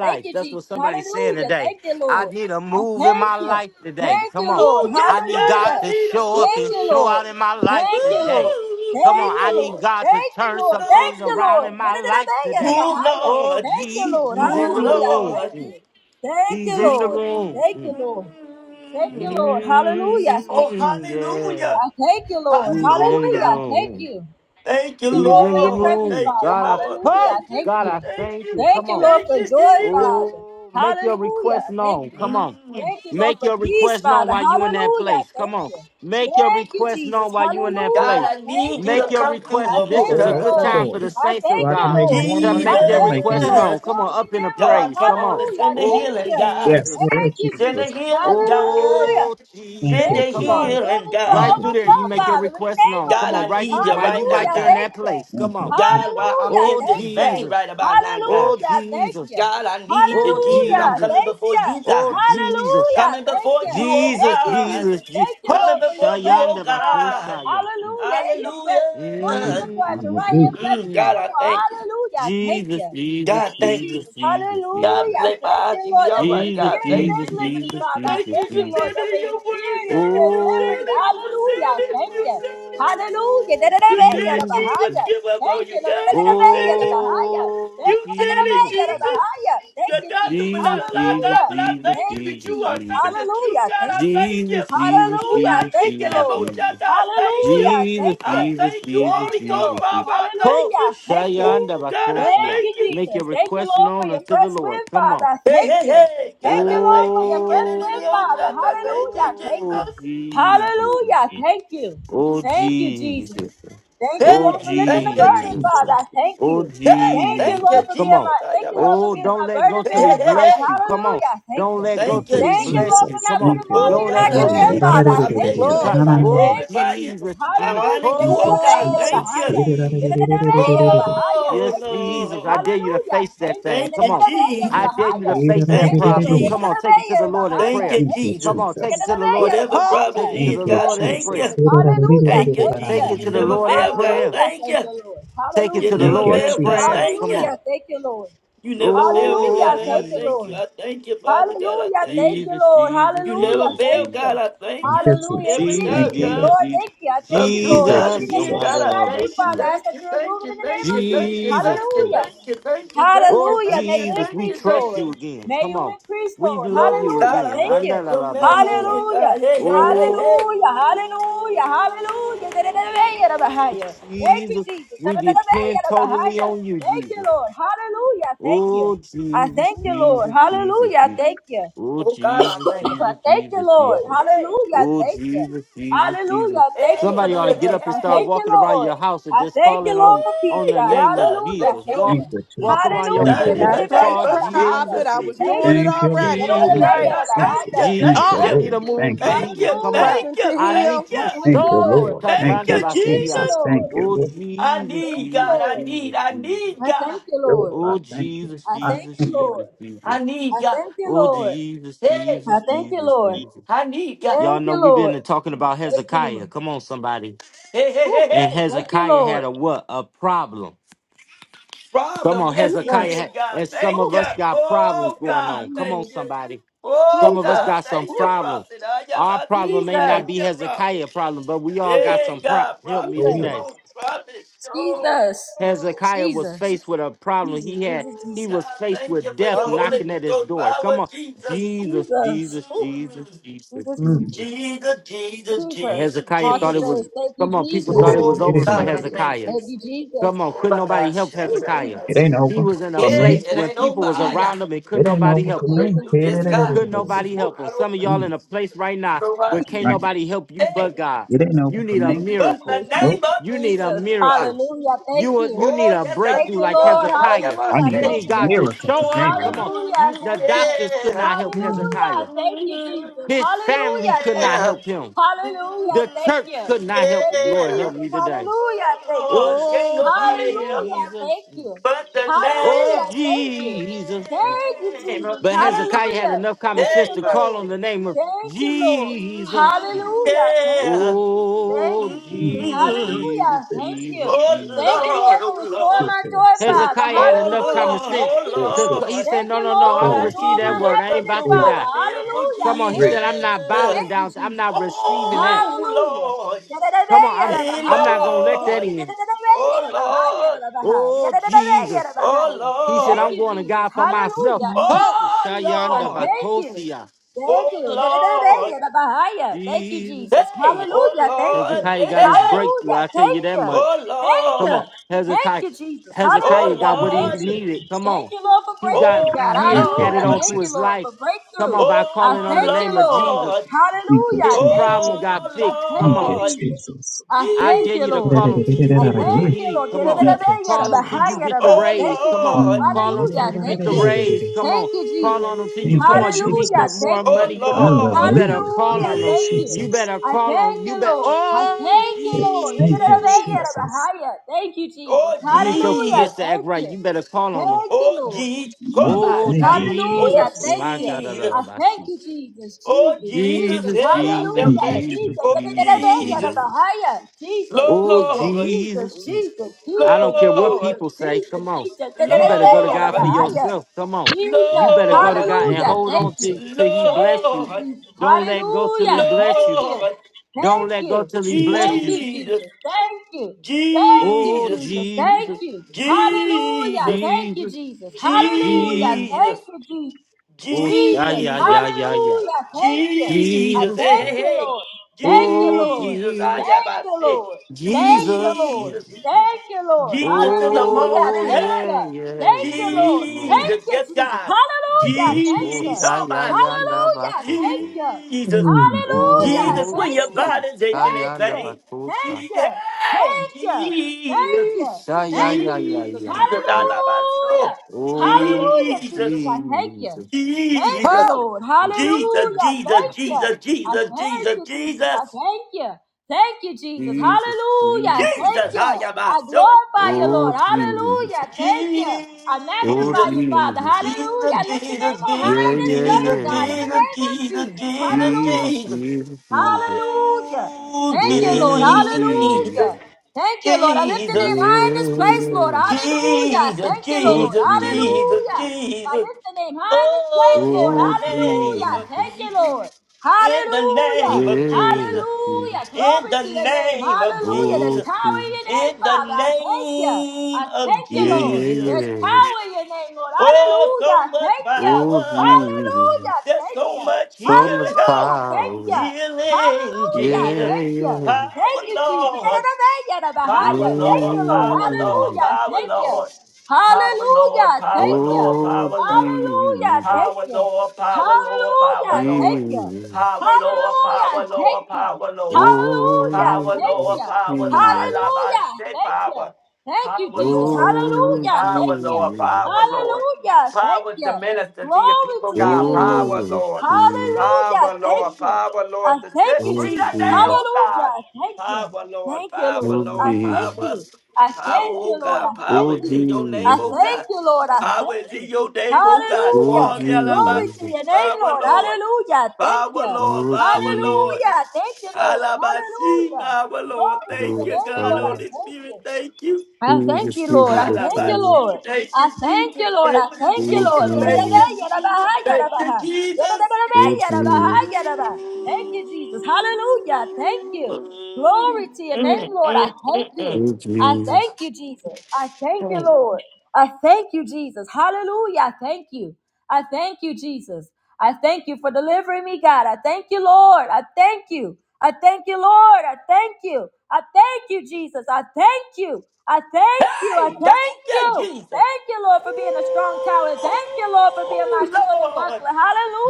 Speaker 3: Thank you, Jesus. Hallelujah. Thank you, Lord. I thank you. Thank you, Lord.
Speaker 8: oh, yes, God,
Speaker 3: Hallelujah.
Speaker 8: I need a
Speaker 3: Thank you, Lord.
Speaker 8: move.
Speaker 3: Thank you, Lord.
Speaker 8: Move,
Speaker 3: Thank you, Lord.
Speaker 8: move,
Speaker 3: Thank you,
Speaker 8: move,
Speaker 3: Lord. Thank you, Lord.
Speaker 8: Lord. Move, Lord.
Speaker 3: Thank you, Lord.
Speaker 8: Move,
Speaker 3: Hallelujah. Thank
Speaker 8: Lord.
Speaker 3: you. Thank you, Lord. Thank you, Lord. Thank you,
Speaker 8: Mm-hmm.
Speaker 3: Lord. Hallelujah. Thank
Speaker 8: Oh,
Speaker 3: you.
Speaker 8: hallelujah.
Speaker 3: I thank you, Lord.
Speaker 8: Hallelujah.
Speaker 3: Hallelujah. Thank you
Speaker 8: Thank you,
Speaker 3: you, Lord, for your
Speaker 8: Lord.
Speaker 3: presence,
Speaker 8: Thank
Speaker 3: Father.
Speaker 8: you, Lord.
Speaker 3: Hallelujah. I
Speaker 8: Thank you.
Speaker 3: Thank you.
Speaker 8: Thank you.
Speaker 3: Thank you, Lord,
Speaker 8: Thank
Speaker 3: for
Speaker 8: you,
Speaker 3: joy,
Speaker 8: Jesus.
Speaker 3: Father. Hallelujah. Thank you.
Speaker 8: Mm.
Speaker 3: Thank you, Lord, for peace, Father. Hallelujah. Thank you. Thank you, Jesus.
Speaker 8: God,
Speaker 3: Hallelujah.
Speaker 8: I
Speaker 3: Thank
Speaker 8: need you
Speaker 3: you.
Speaker 8: to come through
Speaker 3: I
Speaker 8: one more
Speaker 3: thank
Speaker 4: Lord,
Speaker 3: you,
Speaker 8: time,
Speaker 4: open a
Speaker 3: Lord.
Speaker 4: door
Speaker 8: Jesus.
Speaker 3: I
Speaker 4: so
Speaker 3: thank
Speaker 4: I
Speaker 3: you,
Speaker 4: can make
Speaker 3: Lord.
Speaker 4: more money
Speaker 8: Jesus.
Speaker 3: I
Speaker 4: than I'm
Speaker 3: thank
Speaker 4: making
Speaker 3: you,
Speaker 4: now.
Speaker 3: Lord. Fill me again, Lord.
Speaker 8: God, come on and
Speaker 3: Hallelujah. I
Speaker 8: send a
Speaker 3: Thank
Speaker 8: healing,
Speaker 3: you.
Speaker 8: God.
Speaker 4: Yes,
Speaker 3: Thank
Speaker 4: Lord
Speaker 3: you,
Speaker 8: Send a
Speaker 4: Jesus.
Speaker 3: Jesus.
Speaker 8: healing, God.
Speaker 3: Hallelujah.
Speaker 4: Thank
Speaker 8: Send
Speaker 4: you,
Speaker 3: Thank
Speaker 8: a
Speaker 3: you,
Speaker 4: Jesus.
Speaker 3: Lord. Fill
Speaker 8: healing,
Speaker 3: me to
Speaker 4: Thank
Speaker 8: God.
Speaker 4: you,
Speaker 3: overflow,
Speaker 4: Jesus.
Speaker 3: Father, in the name of
Speaker 8: God, I
Speaker 3: Jesus.
Speaker 8: need you right now,
Speaker 3: Hallelujah.
Speaker 8: God.
Speaker 3: Thank you.
Speaker 4: Thank you, Jesus.
Speaker 8: God, while I'm
Speaker 3: Hallelujah.
Speaker 8: in this
Speaker 3: Thank you.
Speaker 8: vein right about now, God.
Speaker 3: Hallelujah. Thank you.
Speaker 8: God, I need you, Jesus.
Speaker 3: Hallelujah.
Speaker 8: I'm coming
Speaker 3: Thank
Speaker 8: before
Speaker 3: you.
Speaker 8: you, God.
Speaker 3: Hallelujah.
Speaker 8: Coming
Speaker 3: Thank
Speaker 8: before
Speaker 3: you.
Speaker 8: you, oh
Speaker 3: Thank you,
Speaker 8: God.
Speaker 3: Jesus. Thank you,
Speaker 8: Coming
Speaker 3: Lord, for your
Speaker 8: before you, oh
Speaker 3: presence, Father.
Speaker 8: God.
Speaker 3: Hallelujah. In your presence, the fullness
Speaker 8: Hallelujah.
Speaker 3: of God, your right hand,
Speaker 4: Hallelujah.
Speaker 3: pleasure
Speaker 8: Mm, God, I
Speaker 3: forevermore.
Speaker 8: thank you.
Speaker 3: Hallelujah. Thank you. Thank
Speaker 8: God,
Speaker 3: you,
Speaker 8: thank you.
Speaker 3: Jesus.
Speaker 8: God,
Speaker 3: Hallelujah.
Speaker 8: let my
Speaker 3: Thank
Speaker 8: eyes
Speaker 3: you,
Speaker 8: to be
Speaker 3: Lord, that
Speaker 8: all
Speaker 3: when your
Speaker 8: right, God.
Speaker 3: spirit is,
Speaker 8: Thank
Speaker 3: there's
Speaker 8: you,
Speaker 3: liberty,
Speaker 8: Jesus.
Speaker 3: Father. I
Speaker 8: Thank you
Speaker 3: thank
Speaker 8: for
Speaker 3: you, Lord, that
Speaker 8: sending
Speaker 3: when
Speaker 8: your
Speaker 3: your
Speaker 8: word,
Speaker 3: spirit is,
Speaker 8: God.
Speaker 3: there's
Speaker 8: You said
Speaker 3: liberty.
Speaker 8: it. You
Speaker 3: Hallelujah.
Speaker 8: said it.
Speaker 3: Thank
Speaker 8: You
Speaker 3: you.
Speaker 8: said it.
Speaker 3: Hallelujah.
Speaker 8: You
Speaker 3: Da-da-da-ba-ya,
Speaker 8: said she would
Speaker 3: da-ba-ha-ya.
Speaker 8: give up
Speaker 3: Thank
Speaker 8: on
Speaker 3: you,
Speaker 8: you,
Speaker 3: Lord.
Speaker 8: God. You said
Speaker 3: Da-da-da-da-ba-ya,
Speaker 8: it.
Speaker 3: da-ba-ha-ya. Thank
Speaker 8: You
Speaker 3: you,
Speaker 8: said it,
Speaker 3: da-da-da-da-ba-ya,
Speaker 8: Jesus.
Speaker 3: da-ba-ha-ya. Thank
Speaker 8: The
Speaker 3: you,
Speaker 8: doctor
Speaker 3: Jesus.
Speaker 8: will not lie, God,
Speaker 3: Hallelujah.
Speaker 8: but I thank
Speaker 3: Thank
Speaker 8: you
Speaker 3: you,
Speaker 8: that you are
Speaker 3: Jesus.
Speaker 8: telling the truth,
Speaker 3: Hallelujah.
Speaker 8: God.
Speaker 3: Thank
Speaker 8: I
Speaker 3: you.
Speaker 8: thank you. Who
Speaker 3: Hallelujah.
Speaker 8: I
Speaker 3: Thank
Speaker 8: kick
Speaker 3: you,
Speaker 8: it
Speaker 3: Lord.
Speaker 8: about, God, I thank
Speaker 3: Hallelujah.
Speaker 8: you.
Speaker 3: Thank you.
Speaker 8: I thank you,
Speaker 3: Thank
Speaker 8: Holy
Speaker 3: you,
Speaker 8: Ghost,
Speaker 3: Lord.
Speaker 8: Baba. I thank
Speaker 3: Hallelujah.
Speaker 8: you.
Speaker 3: Thank you.
Speaker 8: Ooh, God, I
Speaker 3: Thank
Speaker 8: thank
Speaker 3: you,
Speaker 8: you.
Speaker 3: Jesus. Thank you, Lord, for your fresh wind, Father. I
Speaker 8: Hey,
Speaker 3: Thank
Speaker 8: hey,
Speaker 3: you.
Speaker 8: hey,
Speaker 3: Thank
Speaker 8: God,
Speaker 3: you,
Speaker 8: I
Speaker 3: Lord,
Speaker 8: thank
Speaker 3: for
Speaker 8: you.
Speaker 3: your
Speaker 8: He get
Speaker 3: fresh
Speaker 8: it in
Speaker 3: wind,
Speaker 8: the old
Speaker 3: Father.
Speaker 8: shot. I thank you,
Speaker 3: Hallelujah. Thank you.
Speaker 8: Jesus.
Speaker 3: Hallelujah. Thank you. Thank you, Jesus. Thank you, Lord,
Speaker 8: Hey,
Speaker 3: for lifting the
Speaker 4: Thank
Speaker 8: thank you,
Speaker 4: you,
Speaker 3: burden, Father.
Speaker 8: Jesus.
Speaker 3: I
Speaker 4: Jesus.
Speaker 3: thank you.
Speaker 8: Hey,
Speaker 3: Thank you,
Speaker 8: thank you,
Speaker 3: Lord, for being my
Speaker 8: Jesus. I
Speaker 3: thank
Speaker 8: got
Speaker 3: you,
Speaker 8: my-
Speaker 3: Lord, for being my burden
Speaker 8: Hey, hey,
Speaker 3: bearer,
Speaker 8: hey,
Speaker 3: Father.
Speaker 8: hey.
Speaker 3: Hallelujah. I Thank you.
Speaker 4: Thank
Speaker 8: Thank you,
Speaker 4: you,
Speaker 3: Thank you,
Speaker 8: Jesus.
Speaker 3: Lord, for
Speaker 4: Jesus.
Speaker 3: not
Speaker 4: Thank
Speaker 3: putting
Speaker 4: you,
Speaker 3: more on
Speaker 8: Oh
Speaker 3: me
Speaker 4: Lord.
Speaker 3: than I
Speaker 8: God, I
Speaker 3: can bear,
Speaker 7: Yeah.
Speaker 8: thank you.
Speaker 3: Father.
Speaker 4: Hallelujah.
Speaker 3: I
Speaker 8: I
Speaker 3: thank
Speaker 8: bless your
Speaker 3: you.
Speaker 7: Glory.
Speaker 8: name. I
Speaker 3: Thank you,
Speaker 8: glorify you.
Speaker 3: Jesus.
Speaker 8: I honor
Speaker 3: Hallelujah.
Speaker 8: you,
Speaker 4: Thank
Speaker 8: oh
Speaker 4: you,
Speaker 8: God. Thank you.
Speaker 4: Jesus.
Speaker 8: Oh
Speaker 3: Thank you, Jesus.
Speaker 8: Lord.
Speaker 3: Hallelujah. Thank you.
Speaker 8: Thank you,
Speaker 4: Hmm.
Speaker 8: Jesus.
Speaker 4: Thank
Speaker 3: Thank
Speaker 8: Thank
Speaker 3: you,
Speaker 8: you,
Speaker 3: Lord.
Speaker 8: Jesus. Thank you,
Speaker 3: Thank
Speaker 4: you,
Speaker 3: you,
Speaker 8: Jesus.
Speaker 4: Jesus.
Speaker 3: Jesus.
Speaker 8: Whatever problem it
Speaker 4: Thank
Speaker 8: is,
Speaker 4: you,
Speaker 8: God,
Speaker 3: Thank you,
Speaker 4: Jesus.
Speaker 8: thank you.
Speaker 3: Jesus.
Speaker 4: Thank
Speaker 3: Hallelujah.
Speaker 8: Thank you,
Speaker 3: Thank
Speaker 8: Jesus.
Speaker 3: you.
Speaker 8: You never fail, God.
Speaker 3: Hallelujah.
Speaker 8: Thank
Speaker 3: Thank
Speaker 8: you.
Speaker 3: you, Lord.
Speaker 8: You
Speaker 3: Hallelujah.
Speaker 8: never
Speaker 4: you,
Speaker 8: fail, God.
Speaker 4: Jesus.
Speaker 8: Thank you.
Speaker 3: Hallelujah. Thank you, Lord.
Speaker 8: You never fail me, God,
Speaker 3: Hallelujah.
Speaker 8: and I
Speaker 3: Thank you,
Speaker 8: thank you.
Speaker 3: Lord.
Speaker 8: I thank you, Father God. I
Speaker 3: Hallelujah.
Speaker 8: thank
Speaker 3: Thank
Speaker 8: you.
Speaker 3: you, Lord.
Speaker 8: You
Speaker 3: Hallelujah.
Speaker 8: never fail,
Speaker 3: Thank you.
Speaker 8: God. I thank
Speaker 4: Thank
Speaker 8: you.
Speaker 4: you,
Speaker 3: Hallelujah.
Speaker 8: Every
Speaker 4: Jesus.
Speaker 3: Anything that,
Speaker 4: Thank
Speaker 8: time,
Speaker 4: you,
Speaker 8: God.
Speaker 4: Lord.
Speaker 3: Lord, thank you. I thank
Speaker 8: Come
Speaker 3: you,
Speaker 8: through,
Speaker 4: Thank
Speaker 3: Lord.
Speaker 4: you,
Speaker 8: God,
Speaker 3: Anything that's
Speaker 8: again,
Speaker 3: in me
Speaker 8: God.
Speaker 4: Jesus.
Speaker 3: that's
Speaker 8: I
Speaker 3: not of you,
Speaker 8: thank you,
Speaker 3: Father, I ask
Speaker 8: thank
Speaker 3: that
Speaker 8: you,
Speaker 3: you
Speaker 8: thank
Speaker 3: remove it
Speaker 8: you,
Speaker 3: in the name
Speaker 8: thank
Speaker 3: of
Speaker 8: you,
Speaker 3: Jesus.
Speaker 8: thank you, thank you,
Speaker 3: Hallelujah.
Speaker 8: thank you, thank you, thank you,
Speaker 3: Hallelujah.
Speaker 8: thank
Speaker 3: May
Speaker 8: you,
Speaker 3: you
Speaker 8: thank you,
Speaker 3: increase,
Speaker 8: thank
Speaker 3: Lord.
Speaker 8: you.
Speaker 3: May you increase, Lord.
Speaker 8: Ooh,
Speaker 3: Hallelujah.
Speaker 8: God, I
Speaker 3: Thank you.
Speaker 8: worship your name on here, God.
Speaker 3: Hallelujah.
Speaker 8: Hey, hey, hey, hey.
Speaker 3: Hallelujah. Hallelujah. Hallelujah. Da-da-da-da-da-da-da-da-da-da. Thank you, Jesus. Da-da-da-da-da-da-da-da-da-da. Thank you, Lord. Hallelujah. Thank you. I thank you, Lord. Hallelujah. I thank you.
Speaker 8: Oh, God, I thank you.
Speaker 3: I thank you, Lord.
Speaker 8: Ooh, hey,
Speaker 3: Hallelujah. I thank you. Hallelujah. I thank you for
Speaker 8: hey, hey, hey,
Speaker 3: deliverance. I
Speaker 8: hey.
Speaker 3: thank you, Lord. I thank you, Lord, for peace,
Speaker 8: Yee,
Speaker 3: God.
Speaker 8: Yes, sir.
Speaker 3: Hallelujah. I
Speaker 8: Let's
Speaker 3: Thank
Speaker 8: go.
Speaker 4: Thank
Speaker 3: you.
Speaker 4: you, Jesus.
Speaker 8: Ooh,
Speaker 4: Thank
Speaker 3: Hallelujah.
Speaker 4: you,
Speaker 8: God, in
Speaker 4: Lord.
Speaker 8: the
Speaker 7: That's right,
Speaker 8: name of
Speaker 7: prophet.
Speaker 8: Jesus,
Speaker 7: I
Speaker 8: he
Speaker 7: was
Speaker 8: be
Speaker 3: Thank
Speaker 7: doing
Speaker 3: you,
Speaker 8: me.
Speaker 7: it
Speaker 4: Thank you,
Speaker 3: Jesus.
Speaker 7: already.
Speaker 4: Lord.
Speaker 7: That's
Speaker 8: Oh,
Speaker 4: Thank
Speaker 8: God,
Speaker 4: you,
Speaker 7: right.
Speaker 8: God, thank you,
Speaker 4: Jesus. Thank
Speaker 8: thank
Speaker 4: you,
Speaker 8: you,
Speaker 3: Thank you,
Speaker 4: Lord.
Speaker 3: Jesus.
Speaker 4: Thank you, Lord.
Speaker 8: thank you,
Speaker 3: Hallelujah.
Speaker 8: thank
Speaker 7: Present
Speaker 8: you,
Speaker 7: to heal.
Speaker 8: thank
Speaker 3: I
Speaker 8: you,
Speaker 3: thank
Speaker 4: Thank
Speaker 3: you,
Speaker 4: you,
Speaker 3: Lord.
Speaker 4: Lord. Thank
Speaker 8: thank
Speaker 4: you,
Speaker 8: you,
Speaker 3: I thank you,
Speaker 8: Jesus.
Speaker 4: Jesus.
Speaker 3: Lord.
Speaker 4: Thank you, Lord.
Speaker 3: I
Speaker 8: I
Speaker 3: thank
Speaker 8: need
Speaker 3: you,
Speaker 8: God. I
Speaker 3: Lord.
Speaker 8: need, I need
Speaker 3: I
Speaker 8: God.
Speaker 3: thank you,
Speaker 4: Oh,
Speaker 3: Lord.
Speaker 4: I thank you.
Speaker 3: I
Speaker 4: I
Speaker 3: thank you,
Speaker 4: thank you.
Speaker 3: Lord.
Speaker 8: I need
Speaker 3: I
Speaker 8: God.
Speaker 3: thank you, Lord.
Speaker 8: Hey,
Speaker 3: I thank you, Lord.
Speaker 8: I need God.
Speaker 3: Thank you, Lord. Thank you, Lord.
Speaker 8: Hey, hey,
Speaker 3: Ooh,
Speaker 8: hey, hey. Yeah,
Speaker 3: thank
Speaker 8: yeah.
Speaker 3: you, Lord.
Speaker 8: Problem. Yes, he
Speaker 3: Jesus.
Speaker 8: did, God. Thank you.
Speaker 3: Ooh,
Speaker 8: Oh,
Speaker 3: thank you,
Speaker 8: God. Thank
Speaker 3: Jesus.
Speaker 8: you. Oh,
Speaker 3: Jesus.
Speaker 8: God. Thank you,
Speaker 3: Ooh,
Speaker 8: prophet. I am my seat.
Speaker 3: Jesus.
Speaker 8: Thank you, prophet.
Speaker 3: Ooh,
Speaker 8: Hey, God, prophet.
Speaker 4: Oh,
Speaker 3: Jesus.
Speaker 8: Come on,
Speaker 4: yes.
Speaker 8: prophet. Oh,
Speaker 3: Jesus.
Speaker 8: oh.
Speaker 3: Jesus. Jesus. Jesus.
Speaker 8: Ooh,
Speaker 3: Jesus.
Speaker 8: God, thank you for your
Speaker 3: Oh,
Speaker 8: Holy
Speaker 3: Jesus.
Speaker 8: Ghost power, Jesus.
Speaker 3: Jesus. Ooh,
Speaker 8: Mm.
Speaker 3: Jesus. Jesus. Jesus.
Speaker 4: Mm.
Speaker 8: Jesus, Jesus, Jesus,
Speaker 3: All I can say
Speaker 8: Jesus.
Speaker 3: is thank you, Jesus.
Speaker 8: Oh, God, I thank you.
Speaker 3: Thank you, Jesus.
Speaker 8: Oh, la, la, sha, la,
Speaker 3: Ooh,
Speaker 8: la, la.
Speaker 3: Jesus.
Speaker 4: It ain't over
Speaker 8: Hey,
Speaker 4: for me.
Speaker 8: it
Speaker 3: Jesus,
Speaker 8: ain't over.
Speaker 3: Jesus,
Speaker 8: Hiya.
Speaker 3: Jesus,
Speaker 4: It ain't over
Speaker 8: Your
Speaker 4: for me.
Speaker 3: Jesus,
Speaker 8: breakthrough just
Speaker 3: Jesus,
Speaker 8: got
Speaker 3: Jesus. Whew.
Speaker 8: not over.
Speaker 4: Mm,
Speaker 8: So what?
Speaker 4: Right.
Speaker 8: Hey,
Speaker 4: It ain't over for me.
Speaker 8: but the
Speaker 3: Jesus,
Speaker 8: name
Speaker 4: Nope.
Speaker 8: of
Speaker 3: Jesus.
Speaker 8: Jesus. Oh, my.
Speaker 3: Hallelujah. Thank you.
Speaker 8: Oh, yes, I
Speaker 3: Thank
Speaker 8: do,
Speaker 3: you, Lord.
Speaker 8: prophet. Hiya, my
Speaker 4: I
Speaker 3: Hallelujah.
Speaker 4: need a
Speaker 8: shit.
Speaker 3: Thank you.
Speaker 4: miracle today, Lord.
Speaker 3: Hallelujah.
Speaker 8: Mm,
Speaker 3: Thank you.
Speaker 8: Yeah.
Speaker 4: Mm,
Speaker 3: Hallelujah. Thank you,
Speaker 8: Mm,
Speaker 3: Jesus. Hallelujah. Thank
Speaker 8: Yeah.
Speaker 3: you.
Speaker 8: Yeah.
Speaker 3: Hallelujah. Thank you. Thank you, Jesus. Hallelujah.
Speaker 8: Oh
Speaker 3: Thank you.
Speaker 8: Lord, can't nobody help
Speaker 3: Hallelujah.
Speaker 8: you
Speaker 3: Thank you.
Speaker 8: but the
Speaker 3: Hallelujah. Thank you. Thank you,
Speaker 8: name
Speaker 3: Jesus.
Speaker 8: of
Speaker 3: Hallelujah.
Speaker 8: Jesus.
Speaker 3: Thank you,
Speaker 8: Hey, Marcy.
Speaker 3: Lord. Thank you, Lord. Hallelujah. Thank you.
Speaker 8: Yeah.
Speaker 3: Thank you, Jesus.
Speaker 4: Mm.
Speaker 8: Mm.
Speaker 3: Hallelujah.
Speaker 4: Six,
Speaker 3: Thank you.
Speaker 8: Oh
Speaker 3: Thank you,
Speaker 8: Lord,
Speaker 3: Lord, for
Speaker 8: oh
Speaker 3: restoring
Speaker 4: two,
Speaker 8: Lord,
Speaker 3: my
Speaker 4: four,
Speaker 3: joy,
Speaker 4: six,
Speaker 3: Father.
Speaker 8: oh
Speaker 3: Hallelujah.
Speaker 8: Lord,
Speaker 3: Thank you.
Speaker 4: four,
Speaker 8: oh
Speaker 4: six,
Speaker 8: Lord.
Speaker 3: Thank you, Lord, for
Speaker 8: Lord,
Speaker 4: four,
Speaker 8: I
Speaker 3: restoring
Speaker 8: need
Speaker 3: my
Speaker 8: you
Speaker 4: three,
Speaker 8: to come
Speaker 3: happiness,
Speaker 8: through
Speaker 4: eight,
Speaker 8: for
Speaker 3: Father.
Speaker 8: a miracle,
Speaker 3: Hallelujah.
Speaker 8: Jesus.
Speaker 3: Thank
Speaker 4: three.
Speaker 3: you. Thank you, Jesus. Hallelujah.
Speaker 8: Oh Lord, hey
Speaker 3: Yadadabeyadabahaya. Thank
Speaker 8: Lord.
Speaker 3: you.
Speaker 8: Oh
Speaker 3: Dadadabeyadabahaya,
Speaker 8: Lord,
Speaker 3: dadabahaya. Yadadabeyadabahaya.
Speaker 8: oh
Speaker 3: Thank
Speaker 8: Lord,
Speaker 3: you, Jesus. Hallelujah.
Speaker 4: Mm,
Speaker 3: Thank you. I
Speaker 8: oh Lord,
Speaker 3: thank you. Thank
Speaker 8: oh
Speaker 3: you.
Speaker 8: Lord,
Speaker 3: Dadadabeyadabahaya. Thank you, Jesus.
Speaker 8: hey, oh
Speaker 3: Hallelujah. Thank
Speaker 8: Lord,
Speaker 3: you.
Speaker 8: hey, hey, hey.
Speaker 3: Hallelujah. Thank you.
Speaker 8: oh
Speaker 3: Thank you.
Speaker 8: Lord,
Speaker 3: Thank you, Jesus.
Speaker 8: oh
Speaker 3: Hallelujah.
Speaker 4: Thank
Speaker 3: Thank
Speaker 4: you,
Speaker 8: Lord,
Speaker 3: you.
Speaker 4: Jesus.
Speaker 3: Thank you, Lord, for breakthrough, God.
Speaker 8: oh
Speaker 4: Thank you,
Speaker 3: Hallelujah.
Speaker 8: Lord,
Speaker 3: Thank you,
Speaker 4: Jesus.
Speaker 3: Lord, for breakthrough. I thank you, Lord.
Speaker 8: oh Lord,
Speaker 4: Thank
Speaker 3: Hallelujah.
Speaker 4: you,
Speaker 3: I thank
Speaker 4: Jesus.
Speaker 3: you.
Speaker 8: oh
Speaker 3: I thank
Speaker 4: Thank
Speaker 3: you,
Speaker 4: you,
Speaker 8: Lord,
Speaker 3: Jesus.
Speaker 4: Jesus.
Speaker 3: I thank you,
Speaker 4: Thank
Speaker 3: Lord. I thank you, Lord. Thank you,
Speaker 4: you,
Speaker 8: Jesus,
Speaker 4: Jesus.
Speaker 8: oh
Speaker 3: Jesus.
Speaker 8: Lord,
Speaker 4: Mm,
Speaker 3: Hallelujah. I Thank you. Thank you, Jesus.
Speaker 4: Thank you,
Speaker 8: Jesus.
Speaker 3: Hallelujah. I
Speaker 4: Jesus.
Speaker 3: Thank you.
Speaker 8: Oh Lord
Speaker 4: Hallelujah. Thank
Speaker 8: Jesus.
Speaker 3: Hallelujah.
Speaker 4: you,
Speaker 3: Thank you.
Speaker 4: Jesus.
Speaker 3: I thank you, Lord. I thank you,
Speaker 4: Yes,
Speaker 3: Lord.
Speaker 4: thank you, Jesus.
Speaker 3: Thank you, Jesus.
Speaker 8: Oh
Speaker 3: Hallelujah.
Speaker 8: Jesus.
Speaker 3: Thank you. Thank you,
Speaker 8: Oh
Speaker 3: Lord.
Speaker 8: Jesus.
Speaker 4: Mm,
Speaker 3: Jesus,
Speaker 4: Thank you,
Speaker 3: hallelujah.
Speaker 8: Oh
Speaker 4: Jesus.
Speaker 3: Thank you.
Speaker 8: Jesus.
Speaker 3: I thank you, Jesus.
Speaker 8: Oh
Speaker 3: Jesus,
Speaker 8: Jesus.
Speaker 3: Jesus,
Speaker 8: Hey, I felt
Speaker 4: Thank
Speaker 3: hallelujah.
Speaker 4: you,
Speaker 8: that.
Speaker 3: Jesus,
Speaker 4: Jesus.
Speaker 8: Oh Jesus.
Speaker 3: hallelujah. Jesus, Jesus,
Speaker 8: Lord.
Speaker 3: Jesus, Jesus, Jesus,
Speaker 8: Lord.
Speaker 3: Jesus, Jesus, Jesus,
Speaker 8: Lord.
Speaker 4: Mm,
Speaker 3: Jesus, Jesus.
Speaker 8: Lord.
Speaker 4: Yes, thank
Speaker 3: Hallelujah.
Speaker 4: you,
Speaker 3: Thank you.
Speaker 4: Jesus.
Speaker 8: Lord.
Speaker 3: Thank you, Jesus. Hallelujah. Thank you.
Speaker 8: Lord.
Speaker 3: Thank you. Thank you,
Speaker 4: Jesus.
Speaker 8: Jesus.
Speaker 3: Jesus. Thank you. Thank you,
Speaker 8: Jesus.
Speaker 3: Jesus. Thank you. Hallelujah.
Speaker 8: Jesus,
Speaker 3: Thank you, Jesus. Hallelujah.
Speaker 8: Jesus,
Speaker 3: Thank you, Jesus. Jesus.
Speaker 8: Jesus,
Speaker 3: Hallelujah. Thank you. I
Speaker 8: Jesus, hey,
Speaker 3: thank
Speaker 8: hey,
Speaker 3: you,
Speaker 8: hey,
Speaker 3: Lord. Thank you, Lord.
Speaker 8: Jesus, I am
Speaker 3: Thank
Speaker 8: I
Speaker 3: you,
Speaker 8: say,
Speaker 3: Lord. Thank you, Lord.
Speaker 8: Jesus,
Speaker 3: Thank you, Lord.
Speaker 8: Jesus in the
Speaker 3: Hallelujah.
Speaker 8: morning,
Speaker 3: Thank
Speaker 8: hey,
Speaker 3: you. Thank you, Lord. Thank
Speaker 8: Jesus,
Speaker 3: you,
Speaker 8: yes,
Speaker 3: Jesus.
Speaker 8: God.
Speaker 4: Thank
Speaker 3: Hallelujah.
Speaker 4: you,
Speaker 3: Thank you.
Speaker 8: Jesus,
Speaker 4: Jesus.
Speaker 8: oh, my seat.
Speaker 3: Hallelujah. Thank you.
Speaker 8: Jesus,
Speaker 4: Mm, Thank you,
Speaker 3: Hallelujah.
Speaker 8: Jesus, when
Speaker 3: Thank
Speaker 8: your
Speaker 4: Jesus.
Speaker 3: you.
Speaker 8: body's aching in
Speaker 3: Thank you.
Speaker 8: pain.
Speaker 3: Thank
Speaker 8: Jesus,
Speaker 3: you.
Speaker 8: hey,
Speaker 3: Thank you. Thank
Speaker 8: Jesus,
Speaker 3: you. Thank you, Jesus.
Speaker 8: Jesus, I love my soul.
Speaker 3: Hallelujah. Hallelujah, Jesus.
Speaker 8: Jesus,
Speaker 3: I thank you. Thank you,
Speaker 8: Jesus,
Speaker 3: Lord.
Speaker 8: Jesus,
Speaker 3: Hallelujah.
Speaker 8: Jesus,
Speaker 3: Thank you.
Speaker 8: Jesus,
Speaker 3: I
Speaker 8: Jesus,
Speaker 3: thank
Speaker 8: Jesus,
Speaker 3: you, Jesus. I
Speaker 8: Jesus,
Speaker 3: thank you. Thank you, Jesus. Hallelujah. Thank
Speaker 8: Jesus,
Speaker 3: you.
Speaker 8: I am my
Speaker 3: I
Speaker 8: soul.
Speaker 3: glorify you, Lord. Hallelujah. Thank you. I magnify
Speaker 8: Jesus.
Speaker 3: you, Father.
Speaker 8: Jesus,
Speaker 3: Hallelujah.
Speaker 8: Jesus,
Speaker 3: I lift the name
Speaker 8: Jesus,
Speaker 3: on high in
Speaker 8: Jesus,
Speaker 3: this place, God. In the
Speaker 8: Jesus,
Speaker 3: name of
Speaker 8: Jesus,
Speaker 3: Jesus.
Speaker 8: Jesus,
Speaker 3: Hallelujah.
Speaker 8: Jesus.
Speaker 3: Hallelujah.
Speaker 8: Ooh,
Speaker 3: Thank you, Lord.
Speaker 8: Jesus,
Speaker 3: Hallelujah. Thank you, Lord. I lift your name
Speaker 8: Jesus,
Speaker 3: high in this place, Lord. Hallelujah.
Speaker 8: Jesus,
Speaker 3: Thank you, Lord.
Speaker 8: Jesus, Jesus,
Speaker 3: Hallelujah. I
Speaker 8: Jesus.
Speaker 3: lift the name high in this place,
Speaker 8: Oh, in
Speaker 3: Lord.
Speaker 8: the name
Speaker 3: Hallelujah.
Speaker 8: of
Speaker 3: Thank you,
Speaker 8: Jesus,
Speaker 3: Lord.
Speaker 8: in the
Speaker 3: Hallelujah.
Speaker 8: name of Jesus,
Speaker 3: Hallelujah.
Speaker 8: in
Speaker 3: Glory
Speaker 8: the
Speaker 3: to your name.
Speaker 8: name of
Speaker 3: Hallelujah. There's
Speaker 8: Jesus,
Speaker 3: power in your name,
Speaker 8: in the
Speaker 3: Father. I thank you. I
Speaker 8: name of
Speaker 3: thank you, Lord.
Speaker 8: Jesus.
Speaker 3: There's power in your name, Lord.
Speaker 8: Oh,
Speaker 3: Hallelujah.
Speaker 8: so
Speaker 3: I
Speaker 8: much
Speaker 3: Thank you.
Speaker 8: power.
Speaker 3: Hallelujah.
Speaker 8: There's
Speaker 3: Thank
Speaker 8: so
Speaker 3: you.
Speaker 8: much healing.
Speaker 3: Hallelujah.
Speaker 8: Oh,
Speaker 3: Thank you.
Speaker 8: healing,
Speaker 3: Hallelujah.
Speaker 8: Jesus.
Speaker 3: Thank you.
Speaker 8: Power,
Speaker 3: Thank you, Jesus.
Speaker 8: Lord.
Speaker 3: Da-da-da-da-ya-da-ba-ha-ya.
Speaker 8: Power,
Speaker 3: Thank
Speaker 8: Lord,
Speaker 3: you, Lord.
Speaker 8: power, Lord,
Speaker 3: Hallelujah.
Speaker 8: power,
Speaker 3: Thank you.
Speaker 8: Lord. Power,
Speaker 3: Hallelujah.
Speaker 8: Lord, power,
Speaker 3: Thank you.
Speaker 8: Lord, power, Lord.
Speaker 3: Hallelujah. Thank
Speaker 8: Power,
Speaker 3: you.
Speaker 8: Lord, power, Lord,
Speaker 3: Hallelujah.
Speaker 8: power, Lord.
Speaker 3: Thank you.
Speaker 8: Power, Lord,
Speaker 3: Hallelujah.
Speaker 8: power,
Speaker 3: Thank
Speaker 8: Lord,
Speaker 3: you.
Speaker 8: power, Lord.
Speaker 3: Hallelujah.
Speaker 8: Power,
Speaker 3: Thank
Speaker 8: Lord,
Speaker 3: you.
Speaker 8: power, Lord, I
Speaker 3: Hallelujah.
Speaker 8: say
Speaker 3: Thank you.
Speaker 8: power.
Speaker 3: Thank you,
Speaker 8: Power,
Speaker 3: Jesus.
Speaker 8: Lord. Mm,
Speaker 3: Hallelujah.
Speaker 8: Power,
Speaker 3: Thank you.
Speaker 8: Lord, power, Lord.
Speaker 3: Hallelujah. Thank
Speaker 8: Power
Speaker 3: you.
Speaker 8: to minister to your
Speaker 3: Glory
Speaker 8: people,
Speaker 3: to your
Speaker 8: God.
Speaker 3: name, Lord.
Speaker 8: Power, Lord.
Speaker 3: Hallelujah.
Speaker 8: Power,
Speaker 3: Thank
Speaker 8: Lord,
Speaker 3: you.
Speaker 8: power,
Speaker 3: I
Speaker 8: Lord, to
Speaker 3: thank
Speaker 8: set
Speaker 3: you,
Speaker 8: free
Speaker 3: Jesus.
Speaker 8: today, oh
Speaker 3: Hallelujah.
Speaker 8: God.
Speaker 3: I thank you.
Speaker 8: Power, Lord,
Speaker 3: Thank you,
Speaker 8: power,
Speaker 3: Lord. I
Speaker 8: Lord,
Speaker 3: thank
Speaker 8: power.
Speaker 3: you. I
Speaker 8: Power,
Speaker 3: thank
Speaker 8: oh
Speaker 3: you, Lord.
Speaker 8: God,
Speaker 3: I
Speaker 8: power
Speaker 3: thank
Speaker 8: is in
Speaker 3: you.
Speaker 8: your name,
Speaker 3: I
Speaker 8: oh
Speaker 3: thank
Speaker 8: God.
Speaker 3: you, Lord. I
Speaker 8: Power
Speaker 3: thank
Speaker 8: is in
Speaker 3: you.
Speaker 8: your name, oh God.
Speaker 3: Hallelujah.
Speaker 8: One
Speaker 3: Glory to
Speaker 8: Alabasi,
Speaker 3: your name,
Speaker 8: power,
Speaker 3: Lord.
Speaker 8: Lord.
Speaker 3: Hallelujah. I Thank
Speaker 8: Power,
Speaker 3: you.
Speaker 8: Lord, power, Lord.
Speaker 3: Hallelujah. Thank you, Lord.
Speaker 8: Alabasi,
Speaker 3: Hallelujah.
Speaker 8: power, Lord.
Speaker 3: Glory to
Speaker 8: Thank
Speaker 3: your
Speaker 8: you,
Speaker 3: name,
Speaker 8: God,
Speaker 3: Lord. I
Speaker 8: Holy
Speaker 3: thank you.
Speaker 8: Spirit, thank you.
Speaker 3: I thank you, Lord. I thank you, Lord.
Speaker 8: Alabasi, thank
Speaker 3: I
Speaker 8: you,
Speaker 3: thank
Speaker 8: Jesus,
Speaker 3: you, Lord. I
Speaker 8: thank you,
Speaker 3: thank you,
Speaker 8: Jesus,
Speaker 3: Lord.
Speaker 8: thank
Speaker 3: Yadadabai,
Speaker 8: you, Jesus,
Speaker 3: yadabaha,
Speaker 8: thank you,
Speaker 3: yadabaha.
Speaker 8: Jesus.
Speaker 3: Yadadabai, yadabaha,
Speaker 8: Hey,
Speaker 3: yadabaha. Thank you, Jesus. Hallelujah. Thank you. Glory to your name, Lord. I thank you. I thank you, Jesus. I thank you, Lord. I thank you, Jesus. Hallelujah. I thank you. I thank you, Jesus. I thank you for delivering me, God. I thank you, Lord. I thank you. I thank you, Lord. I thank you. I thank you, Jesus. I thank you. I thank you. I thank
Speaker 8: thank you,
Speaker 3: you.
Speaker 8: Jesus.
Speaker 3: Thank you, Lord, for being a strong tower. Thank you, Lord, for being
Speaker 8: Ooh,
Speaker 3: my shield and
Speaker 8: Lord,
Speaker 3: buckler.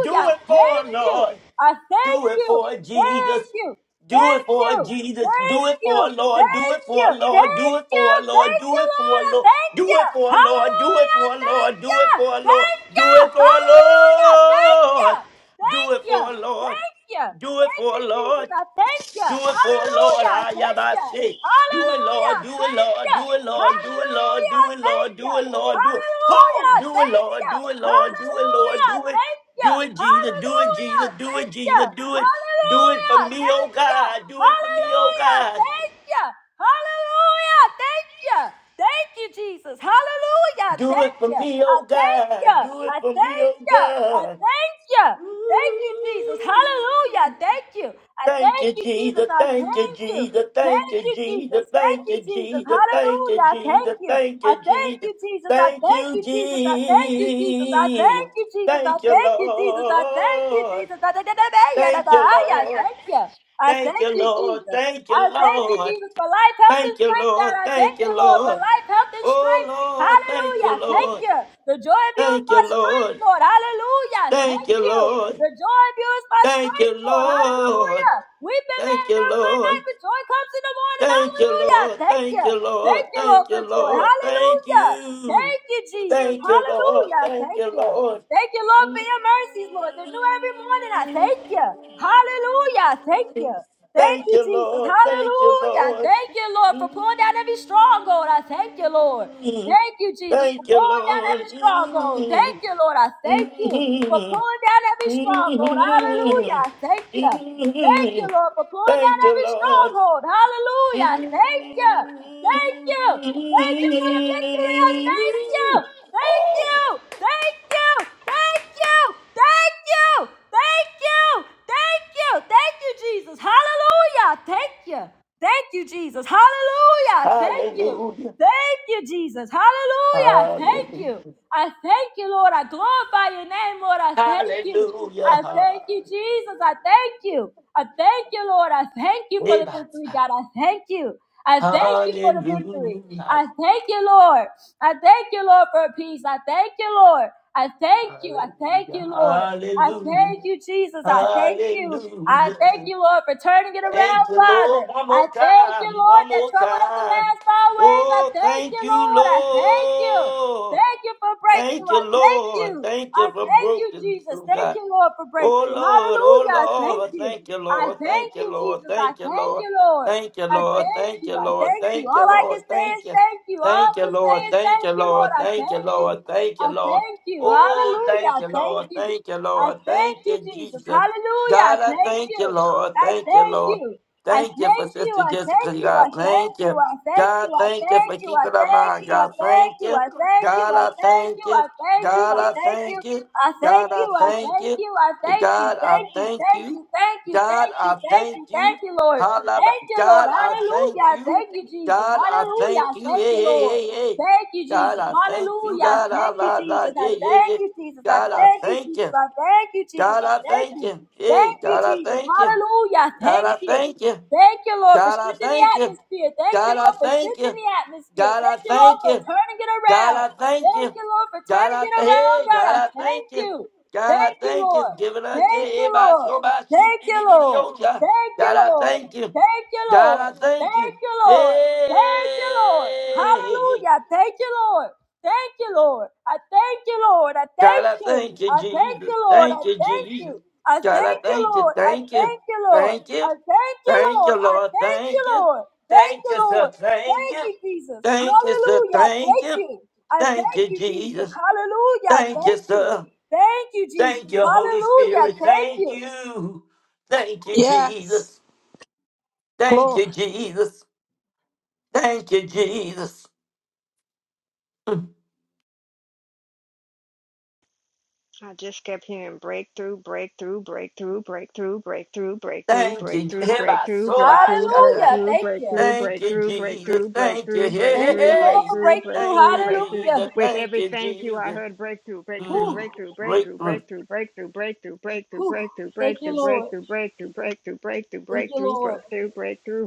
Speaker 8: do it for us,
Speaker 3: Thank you.
Speaker 8: Lord.
Speaker 3: I thank
Speaker 8: Do it
Speaker 3: you.
Speaker 8: for
Speaker 3: Thank
Speaker 8: Jesus.
Speaker 3: you.
Speaker 8: Do it
Speaker 3: Thank
Speaker 8: for
Speaker 3: you.
Speaker 8: Jesus. Do
Speaker 3: Thank
Speaker 8: it
Speaker 3: you.
Speaker 8: for Lord. Do
Speaker 3: Thank
Speaker 8: it
Speaker 3: you.
Speaker 8: for Lord. Do
Speaker 3: Thank
Speaker 8: it
Speaker 3: you.
Speaker 8: for Lord.
Speaker 3: Thank
Speaker 8: Do
Speaker 3: you,
Speaker 8: it for
Speaker 3: Lord. I
Speaker 8: Lord.
Speaker 3: thank
Speaker 8: Do
Speaker 3: you.
Speaker 8: it for Lord. Do it
Speaker 3: Hallelujah.
Speaker 8: for
Speaker 3: Thank
Speaker 8: Lord. Do it for
Speaker 3: you.
Speaker 8: Lord.
Speaker 3: Thank you.
Speaker 8: Do it for
Speaker 3: Hallelujah. Thank you.
Speaker 8: Lord. Do
Speaker 3: Thank
Speaker 8: it
Speaker 3: you.
Speaker 8: for Lord.
Speaker 3: Thank you.
Speaker 8: Do it
Speaker 3: Thank
Speaker 8: for
Speaker 3: you, Jesus.
Speaker 8: Lord.
Speaker 3: I thank you.
Speaker 8: Do it for Lord,
Speaker 3: Hallelujah.
Speaker 8: I am
Speaker 3: Thank
Speaker 8: I
Speaker 3: you.
Speaker 8: say. Do it,
Speaker 3: Hallelujah.
Speaker 8: Lord, do it,
Speaker 3: Thank
Speaker 8: Lord,
Speaker 3: you.
Speaker 8: do it, Lord, do it, Lord,
Speaker 3: Hallelujah.
Speaker 8: do it,
Speaker 3: Thank
Speaker 8: Lord,
Speaker 3: you.
Speaker 8: do it, Lord, do it. Oh,
Speaker 3: Hallelujah.
Speaker 8: do it,
Speaker 3: Thank
Speaker 8: Lord,
Speaker 3: you.
Speaker 8: do it, Lord, do it, Lord,
Speaker 3: Hallelujah.
Speaker 8: do it.
Speaker 3: Thank you.
Speaker 8: Do it, Jesus, do it,
Speaker 3: Hallelujah.
Speaker 8: Jesus, do
Speaker 3: Thank
Speaker 8: it,
Speaker 3: you.
Speaker 8: Jesus, do it. Do it for
Speaker 3: Hallelujah.
Speaker 8: me, oh
Speaker 3: Thank you.
Speaker 8: God, do it for me, oh
Speaker 3: Hallelujah.
Speaker 8: God.
Speaker 3: Thank you. Hallelujah. Thank you. Thank you, Jesus. Hallelujah.
Speaker 8: Do it
Speaker 3: Thank
Speaker 8: for
Speaker 3: you.
Speaker 8: me,
Speaker 3: I
Speaker 8: oh
Speaker 3: thank you.
Speaker 8: God, do it
Speaker 3: I
Speaker 8: for me,
Speaker 3: thank you. I
Speaker 8: oh God.
Speaker 3: thank you. Thank you,
Speaker 8: Ooh.
Speaker 3: Jesus. Hallelujah. Thank you. I
Speaker 8: Thank
Speaker 3: thank
Speaker 8: you,
Speaker 3: you, Jesus.
Speaker 8: Jesus.
Speaker 3: I
Speaker 8: Thank you,
Speaker 3: thank you.
Speaker 8: Jesus. Thank
Speaker 3: Thank
Speaker 8: you,
Speaker 3: you, Jesus.
Speaker 8: Jesus.
Speaker 3: Thank
Speaker 8: Thank
Speaker 3: you,
Speaker 8: you,
Speaker 3: Jesus.
Speaker 8: Jesus. Thank you,
Speaker 3: Hallelujah. I Thank
Speaker 8: Jesus.
Speaker 3: you. I thank you, Jesus. I
Speaker 8: Thank
Speaker 3: thank
Speaker 8: you, Jesus. Thank you,
Speaker 3: you, Jesus. I thank you, Jesus. I
Speaker 8: Jesus.
Speaker 3: thank you, Jesus. I
Speaker 8: Thank you,
Speaker 3: thank you, Jesus. I thank you,
Speaker 8: Lord.
Speaker 3: Jesus. I thank
Speaker 8: Thank you, Lord.
Speaker 3: you. I
Speaker 8: Thank
Speaker 3: thank
Speaker 8: you,
Speaker 3: you,
Speaker 8: Lord.
Speaker 3: Jesus.
Speaker 8: Thank you,
Speaker 3: I thank you,
Speaker 8: Lord.
Speaker 3: Jesus, for life, health,
Speaker 8: Thank
Speaker 3: and
Speaker 8: you,
Speaker 3: strength, God.
Speaker 8: Lord.
Speaker 3: I thank
Speaker 8: Thank you,
Speaker 3: you, Lord, for
Speaker 8: Lord.
Speaker 3: life, health, and
Speaker 8: Oh,
Speaker 3: strength.
Speaker 8: Lord. Thank
Speaker 3: Hallelujah.
Speaker 8: you,
Speaker 3: Thank
Speaker 8: Lord.
Speaker 3: you. The joy of you is
Speaker 8: Thank you,
Speaker 3: my strength,
Speaker 8: Lord.
Speaker 3: Lord. Hallelujah.
Speaker 8: Thank
Speaker 3: Thank
Speaker 8: you,
Speaker 3: you.
Speaker 8: Lord.
Speaker 3: The joy of you is my
Speaker 8: Thank you,
Speaker 3: strength, Lord.
Speaker 8: Lord.
Speaker 3: Hallelujah. We've been
Speaker 8: Thank
Speaker 3: made
Speaker 8: you,
Speaker 3: there for a
Speaker 8: Lord.
Speaker 3: night, but joy comes in the morning.
Speaker 8: Thank you,
Speaker 3: Hallelujah.
Speaker 8: Lord.
Speaker 3: Thank
Speaker 8: Thank
Speaker 3: you.
Speaker 8: you,
Speaker 3: Thank
Speaker 8: Lord.
Speaker 3: you, Lord,
Speaker 8: Thank you,
Speaker 3: for joy.
Speaker 8: Lord. Thank
Speaker 3: Hallelujah.
Speaker 8: you.
Speaker 3: Thank you, Jesus.
Speaker 8: Thank you, Lord.
Speaker 3: Hallelujah.
Speaker 8: Thank
Speaker 3: Thank
Speaker 8: you,
Speaker 3: you.
Speaker 8: Lord.
Speaker 3: Thank you, Lord, for
Speaker 8: Mm.
Speaker 3: your mercies, Lord. They're new every morning. I thank you. Hallelujah. Thank you. Thank
Speaker 8: Thank
Speaker 3: you,
Speaker 8: you,
Speaker 3: Jesus.
Speaker 8: Lord. Thank you,
Speaker 3: Hallelujah.
Speaker 8: Lord.
Speaker 3: Thank you, Lord, for pulling down every stronghold. I thank you, Lord.
Speaker 8: Mm.
Speaker 3: Thank you, Jesus, for
Speaker 8: Thank you,
Speaker 3: pulling down
Speaker 8: Lord.
Speaker 3: every stronghold.
Speaker 8: Mm.
Speaker 3: Thank you, Lord. I thank you for
Speaker 8: Mm.
Speaker 3: pulling down every stronghold. Hallelujah.
Speaker 8: Mm.
Speaker 3: I Thank you. Thank you,
Speaker 8: Mm.
Speaker 3: Lord, for pulling down
Speaker 8: Thank you,
Speaker 3: every
Speaker 8: Lord.
Speaker 3: stronghold. Hallelujah. I
Speaker 8: Hallelujah.
Speaker 3: Thank you. Thank you. Thank you for the victory. I thank you. Thank you. Thank you. Thank you. Thank you. Thank you. Thank you. Thank you, Jesus. Hallelujah. I Thank you. Thank you, Jesus. Hallelujah. I Thank you.
Speaker 8: Hallelujah.
Speaker 3: Thank you, Jesus.
Speaker 8: Hallelujah. Hallelujah.
Speaker 3: Hallelujah. Thank you.
Speaker 8: Hallelujah.
Speaker 3: I thank you, Lord. I glorify your name, Lord. I thank you. I thank you, Jesus. I thank you. I thank you, Lord. I thank you for the victory, God. I thank you. I thank you for the victory.
Speaker 8: Hallelujah.
Speaker 3: I thank you, Lord. I thank you, Lord, for peace. I thank you, Lord. I thank you. I thank you, Lord. I thank you,
Speaker 8: Hallelujah.
Speaker 3: Jesus. I thank you. I
Speaker 8: Hallelujah.
Speaker 3: thank you, Lord, for turning it
Speaker 8: Thank
Speaker 3: around,
Speaker 8: you,
Speaker 3: Father.
Speaker 8: Lord. One
Speaker 3: I
Speaker 8: more
Speaker 3: thank you,
Speaker 8: time.
Speaker 3: Lord,
Speaker 8: One
Speaker 3: that
Speaker 8: more
Speaker 3: troubled us the
Speaker 8: time.
Speaker 3: last always. I
Speaker 8: Oh,
Speaker 3: thank you,
Speaker 8: thank you,
Speaker 3: Lord. I thank you.
Speaker 8: Lord.
Speaker 3: Thank you for
Speaker 8: Thank
Speaker 3: breakthrough.
Speaker 8: you,
Speaker 3: I thank you.
Speaker 8: Lord. Thank
Speaker 3: I
Speaker 8: you for
Speaker 3: thank you,
Speaker 8: broken
Speaker 3: Jesus.
Speaker 8: through
Speaker 3: Thank
Speaker 8: God.
Speaker 3: you, Lord, for
Speaker 8: Oh
Speaker 3: breakthrough.
Speaker 8: Lord, oh
Speaker 3: Hallelujah. I thank
Speaker 8: Lord,
Speaker 3: you.
Speaker 8: thank you,
Speaker 3: I
Speaker 8: Lord,
Speaker 3: thank
Speaker 8: thank you,
Speaker 3: you,
Speaker 8: Lord,
Speaker 3: Jesus. I
Speaker 8: thank you,
Speaker 3: thank
Speaker 8: Lord,
Speaker 3: you, Lord.
Speaker 8: thank you,
Speaker 3: I
Speaker 8: Lord,
Speaker 3: thank
Speaker 8: thank
Speaker 3: you.
Speaker 8: you,
Speaker 3: I
Speaker 8: Lord,
Speaker 3: thank you.
Speaker 8: thank you,
Speaker 3: All I can
Speaker 8: Lord,
Speaker 3: say is
Speaker 8: thank you,
Speaker 3: thank you. All I
Speaker 8: thank you,
Speaker 3: can say
Speaker 8: Lord,
Speaker 3: is
Speaker 8: thank
Speaker 3: thank
Speaker 8: you,
Speaker 3: you, Lord.
Speaker 8: Lord,
Speaker 3: I
Speaker 8: thank you,
Speaker 3: thank you.
Speaker 8: Lord, thank you,
Speaker 3: I
Speaker 8: Lord.
Speaker 3: thank you.
Speaker 8: Oh, thank
Speaker 3: Hallelujah. I
Speaker 8: you,
Speaker 3: Thank
Speaker 8: Lord,
Speaker 3: you.
Speaker 8: thank you,
Speaker 3: I
Speaker 8: Lord,
Speaker 3: thank
Speaker 8: thank
Speaker 3: you,
Speaker 8: you,
Speaker 3: Jesus.
Speaker 8: Jesus.
Speaker 3: Hallelujah. I
Speaker 8: God, I
Speaker 3: Thank
Speaker 8: thank
Speaker 3: you.
Speaker 8: you, Lord,
Speaker 3: I
Speaker 8: thank you,
Speaker 3: thank
Speaker 8: Lord.
Speaker 3: you. I
Speaker 8: Thank you for
Speaker 3: thank you.
Speaker 8: Sister
Speaker 3: I
Speaker 8: Jessica,
Speaker 3: thank you.
Speaker 8: God.
Speaker 3: I thank
Speaker 8: Thank
Speaker 3: you.
Speaker 8: you.
Speaker 3: I thank you.
Speaker 8: God,
Speaker 3: I
Speaker 8: thank you
Speaker 3: thank
Speaker 8: for
Speaker 3: you. I
Speaker 8: keeping our
Speaker 3: thank
Speaker 8: mind.
Speaker 3: you. I
Speaker 8: God,
Speaker 3: thank
Speaker 8: thank
Speaker 3: you.
Speaker 8: you.
Speaker 3: I thank you.
Speaker 8: God,
Speaker 3: I
Speaker 8: I
Speaker 3: thank you.
Speaker 8: thank you.
Speaker 3: I thank you.
Speaker 8: God,
Speaker 3: I
Speaker 8: I
Speaker 3: thank you.
Speaker 8: thank you.
Speaker 3: I thank
Speaker 8: God, I
Speaker 3: you, I
Speaker 8: thank
Speaker 3: thank
Speaker 8: you.
Speaker 3: you, I thank you,
Speaker 8: God, I
Speaker 3: thank you,
Speaker 8: thank
Speaker 3: thank
Speaker 8: you.
Speaker 3: you, thank you,
Speaker 8: God,
Speaker 3: thank
Speaker 8: I
Speaker 3: you, thank
Speaker 8: thank
Speaker 3: you, thank
Speaker 8: you.
Speaker 3: you, Lord.
Speaker 8: Holla-
Speaker 3: Thank you, Lord.
Speaker 8: God, I thank
Speaker 3: Hallelujah. I
Speaker 8: you.
Speaker 3: Thank you, Jesus.
Speaker 8: God, I
Speaker 3: Hallelujah. I
Speaker 8: thank you.
Speaker 3: Thank
Speaker 8: Hey,
Speaker 3: you,
Speaker 8: hey,
Speaker 3: Lord.
Speaker 8: hey, hey.
Speaker 3: Thank you,
Speaker 8: God,
Speaker 3: Jesus.
Speaker 8: I thank you.
Speaker 3: Hallelujah.
Speaker 8: God, I
Speaker 3: Thank you,
Speaker 8: la la.
Speaker 3: Jesus. I
Speaker 8: Yeah, yeah,
Speaker 3: thank
Speaker 8: yeah.
Speaker 3: you, Jesus. I
Speaker 8: God, I
Speaker 3: thank you,
Speaker 8: thank
Speaker 3: Jesus.
Speaker 8: you.
Speaker 3: I thank you, Jesus.
Speaker 8: God,
Speaker 3: I
Speaker 8: I
Speaker 3: thank
Speaker 8: thank
Speaker 3: you.
Speaker 8: you.
Speaker 3: Thank
Speaker 8: Hey,
Speaker 3: you,
Speaker 8: God, I
Speaker 3: Jesus.
Speaker 8: thank you.
Speaker 3: Hallelujah.
Speaker 8: God,
Speaker 3: Thank
Speaker 8: I
Speaker 3: you.
Speaker 8: thank you.
Speaker 3: Thank you, Lord, for
Speaker 8: God, I
Speaker 3: shifting the
Speaker 8: thank you.
Speaker 3: atmosphere. Thank you,
Speaker 8: God, I
Speaker 3: Lord, for
Speaker 8: thank
Speaker 3: shifting
Speaker 8: you.
Speaker 3: the atmosphere.
Speaker 8: God, I
Speaker 3: Thank you, Lord,
Speaker 8: thank
Speaker 3: for
Speaker 8: you.
Speaker 3: turning it
Speaker 8: God,
Speaker 3: around.
Speaker 8: I thank
Speaker 3: Thank
Speaker 8: you.
Speaker 3: you, Lord, for
Speaker 8: God,
Speaker 3: turning
Speaker 8: I
Speaker 3: it
Speaker 8: thank
Speaker 3: around,
Speaker 8: hey,
Speaker 3: God.
Speaker 8: God,
Speaker 3: I
Speaker 8: I
Speaker 3: thank
Speaker 8: thank you.
Speaker 3: you.
Speaker 8: God, I
Speaker 3: Thank you,
Speaker 8: thank you.
Speaker 3: Lord.
Speaker 8: Giving us to
Speaker 3: Thank you,
Speaker 8: everybody
Speaker 3: Lord.
Speaker 8: so by sheep.
Speaker 3: Thank
Speaker 8: and
Speaker 3: you,
Speaker 8: the
Speaker 3: Lord.
Speaker 8: God,
Speaker 3: Thank you,
Speaker 8: I
Speaker 3: Lord.
Speaker 8: thank you.
Speaker 3: Thank you,
Speaker 8: God,
Speaker 3: Lord.
Speaker 8: I thank
Speaker 3: Thank
Speaker 8: you.
Speaker 3: you, Lord. Thank you, Lord.
Speaker 8: Hey,
Speaker 3: Hallelujah. Thank you, Lord. Thank you, Lord. I thank you, Lord. I
Speaker 8: God,
Speaker 3: thank
Speaker 8: I
Speaker 3: you.
Speaker 8: thank you,
Speaker 3: I thank
Speaker 8: Jesus.
Speaker 3: you, Lord. I
Speaker 8: Thank you,
Speaker 3: thank you.
Speaker 8: Jesus.
Speaker 3: I
Speaker 8: God, I
Speaker 3: thank you,
Speaker 8: thank you.
Speaker 3: Lord. I
Speaker 8: Thank you.
Speaker 3: thank you, Lord.
Speaker 8: Thank you.
Speaker 3: I thank you,
Speaker 8: Thank
Speaker 3: Lord.
Speaker 8: you,
Speaker 3: I
Speaker 8: Lord.
Speaker 3: thank you,
Speaker 8: Thank you.
Speaker 3: Lord. Thank
Speaker 8: Thank
Speaker 3: you,
Speaker 8: you, sir.
Speaker 3: Lord.
Speaker 8: Thank
Speaker 3: Thank
Speaker 8: you.
Speaker 3: you, Jesus.
Speaker 8: Thank you, sir.
Speaker 3: Hallelujah.
Speaker 8: Thank
Speaker 3: Thank
Speaker 8: you.
Speaker 3: you. I
Speaker 8: Thank
Speaker 3: thank
Speaker 8: you,
Speaker 3: you, Jesus.
Speaker 8: Jesus.
Speaker 3: Hallelujah.
Speaker 8: Thank you,
Speaker 3: Thank you.
Speaker 8: sir.
Speaker 3: Thank you, Jesus.
Speaker 8: Thank you, Holy
Speaker 3: Hallelujah.
Speaker 8: Spirit.
Speaker 3: Thank
Speaker 8: Thank
Speaker 3: you.
Speaker 8: you. Thank you,
Speaker 7: Yes.
Speaker 8: Jesus. Thank
Speaker 7: Glory.
Speaker 8: you, Jesus. Thank you, Jesus. Mm.
Speaker 2: I just kept hearing breakthrough, breakthrough, breakthrough, breakthrough, breakthrough, breakthrough,
Speaker 8: Thank you.
Speaker 2: breakthrough,
Speaker 8: Heba
Speaker 2: breakthrough,
Speaker 8: soba
Speaker 2: breakthrough,
Speaker 8: shata.
Speaker 3: Hallelujah.
Speaker 2: breakthrough,
Speaker 3: Thank you.
Speaker 2: breakthrough,
Speaker 8: Thank you,
Speaker 2: breakthrough,
Speaker 8: Jesus.
Speaker 2: breakthrough,
Speaker 8: Thank you.
Speaker 2: breakthrough, breakthrough,
Speaker 8: Hey, hey,
Speaker 3: Thank you, Lord,
Speaker 8: hey.
Speaker 3: for
Speaker 2: breakthrough,
Speaker 3: breakthrough.
Speaker 8: Thank
Speaker 2: breakthrough,
Speaker 8: you,
Speaker 2: breakthrough.
Speaker 8: Jesus.
Speaker 3: Hallelujah.
Speaker 2: With
Speaker 8: Thank
Speaker 2: every
Speaker 8: you,
Speaker 2: thank you, I
Speaker 8: Jesus.
Speaker 2: heard breakthrough, breakthrough,
Speaker 8: Mm,
Speaker 3: Whew,
Speaker 2: breakthrough, breakthrough,
Speaker 8: breakthrough.
Speaker 2: breakthrough, breakthrough, breakthrough, breakthrough,
Speaker 3: whew.
Speaker 2: breakthrough,
Speaker 3: Thank you,
Speaker 2: breakthrough, breakthrough,
Speaker 3: Lord.
Speaker 2: breakthrough, breakthrough, breakthrough, breakthrough,
Speaker 3: Thank you, Lord.
Speaker 2: breakthrough, breakthrough.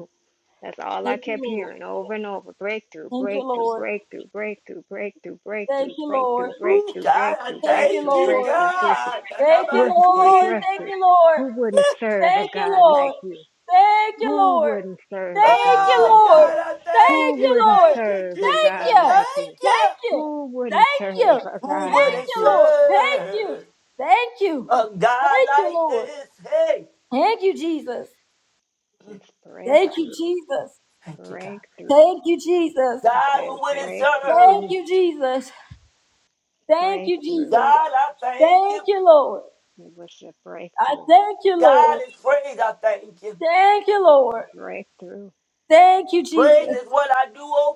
Speaker 2: That's all I
Speaker 3: Thank you,
Speaker 2: kept
Speaker 3: Lord.
Speaker 2: hearing over and over. Breakthrough,
Speaker 3: Thank you,
Speaker 2: breakthrough,
Speaker 3: Lord.
Speaker 2: breakthrough, breakthrough, breakthrough,
Speaker 3: Thank
Speaker 2: breakthrough,
Speaker 3: you, Lord.
Speaker 2: breakthrough,
Speaker 8: Ooh,
Speaker 2: breakthrough,
Speaker 8: God, I
Speaker 2: breakthrough,
Speaker 3: Thank you,
Speaker 8: thank
Speaker 2: breakthrough,
Speaker 8: you,
Speaker 3: Lord.
Speaker 2: breakthrough, breakthrough,
Speaker 8: God. And I'm
Speaker 3: Thank you,
Speaker 8: not
Speaker 2: breakthrough,
Speaker 3: Lord.
Speaker 8: Jesus.
Speaker 3: Thank
Speaker 2: breakthrough.
Speaker 3: you, Lord.
Speaker 2: Who wouldn't serve a
Speaker 3: Thank you,
Speaker 2: God like
Speaker 3: Lord.
Speaker 2: you?
Speaker 3: Thank you,
Speaker 2: Who
Speaker 3: Lord.
Speaker 2: wouldn't serve a
Speaker 3: Thank
Speaker 2: God
Speaker 3: you,
Speaker 8: Oh,
Speaker 2: like
Speaker 3: Lord.
Speaker 2: you?
Speaker 8: God, I thank
Speaker 2: Who
Speaker 3: Thank
Speaker 8: you.
Speaker 3: you,
Speaker 2: wouldn't
Speaker 3: Lord.
Speaker 8: Thank you,
Speaker 2: serve a
Speaker 3: Thank
Speaker 8: Jesus.
Speaker 2: God
Speaker 3: you.
Speaker 2: like
Speaker 8: Thank
Speaker 2: you?
Speaker 8: you.
Speaker 3: Thank you.
Speaker 2: Who
Speaker 3: Thank
Speaker 2: wouldn't serve
Speaker 3: you.
Speaker 2: a
Speaker 8: Who
Speaker 2: God
Speaker 8: would
Speaker 3: Thank
Speaker 2: like
Speaker 8: have
Speaker 3: you,
Speaker 2: you?
Speaker 3: Lord. Thank you.
Speaker 8: served
Speaker 3: Thank you.
Speaker 8: a God
Speaker 3: Thank you,
Speaker 8: like
Speaker 3: Lord.
Speaker 8: this? Hey,
Speaker 3: Thank you, Jesus.
Speaker 8: Mm,
Speaker 2: Just
Speaker 3: Thank you,
Speaker 2: breakthrough,
Speaker 3: Jesus.
Speaker 8: thank you, God.
Speaker 2: breakthrough.
Speaker 3: Thank you, Jesus.
Speaker 2: I
Speaker 8: God,
Speaker 2: said
Speaker 8: who would have
Speaker 2: breakthrough,
Speaker 3: Thank
Speaker 8: served?
Speaker 3: you, Jesus. Thank you,
Speaker 2: breakthrough.
Speaker 3: Jesus.
Speaker 8: God, I thank
Speaker 3: Thank
Speaker 8: you.
Speaker 3: you, Lord.
Speaker 2: It was a
Speaker 3: I
Speaker 2: breakthrough.
Speaker 3: thank you,
Speaker 8: God
Speaker 3: Lord.
Speaker 8: is praised. I thank you.
Speaker 3: Thank you,
Speaker 2: It's a
Speaker 3: Lord.
Speaker 2: breakthrough
Speaker 3: Thank you,
Speaker 8: Praise
Speaker 3: Jesus.
Speaker 8: is what I do, oh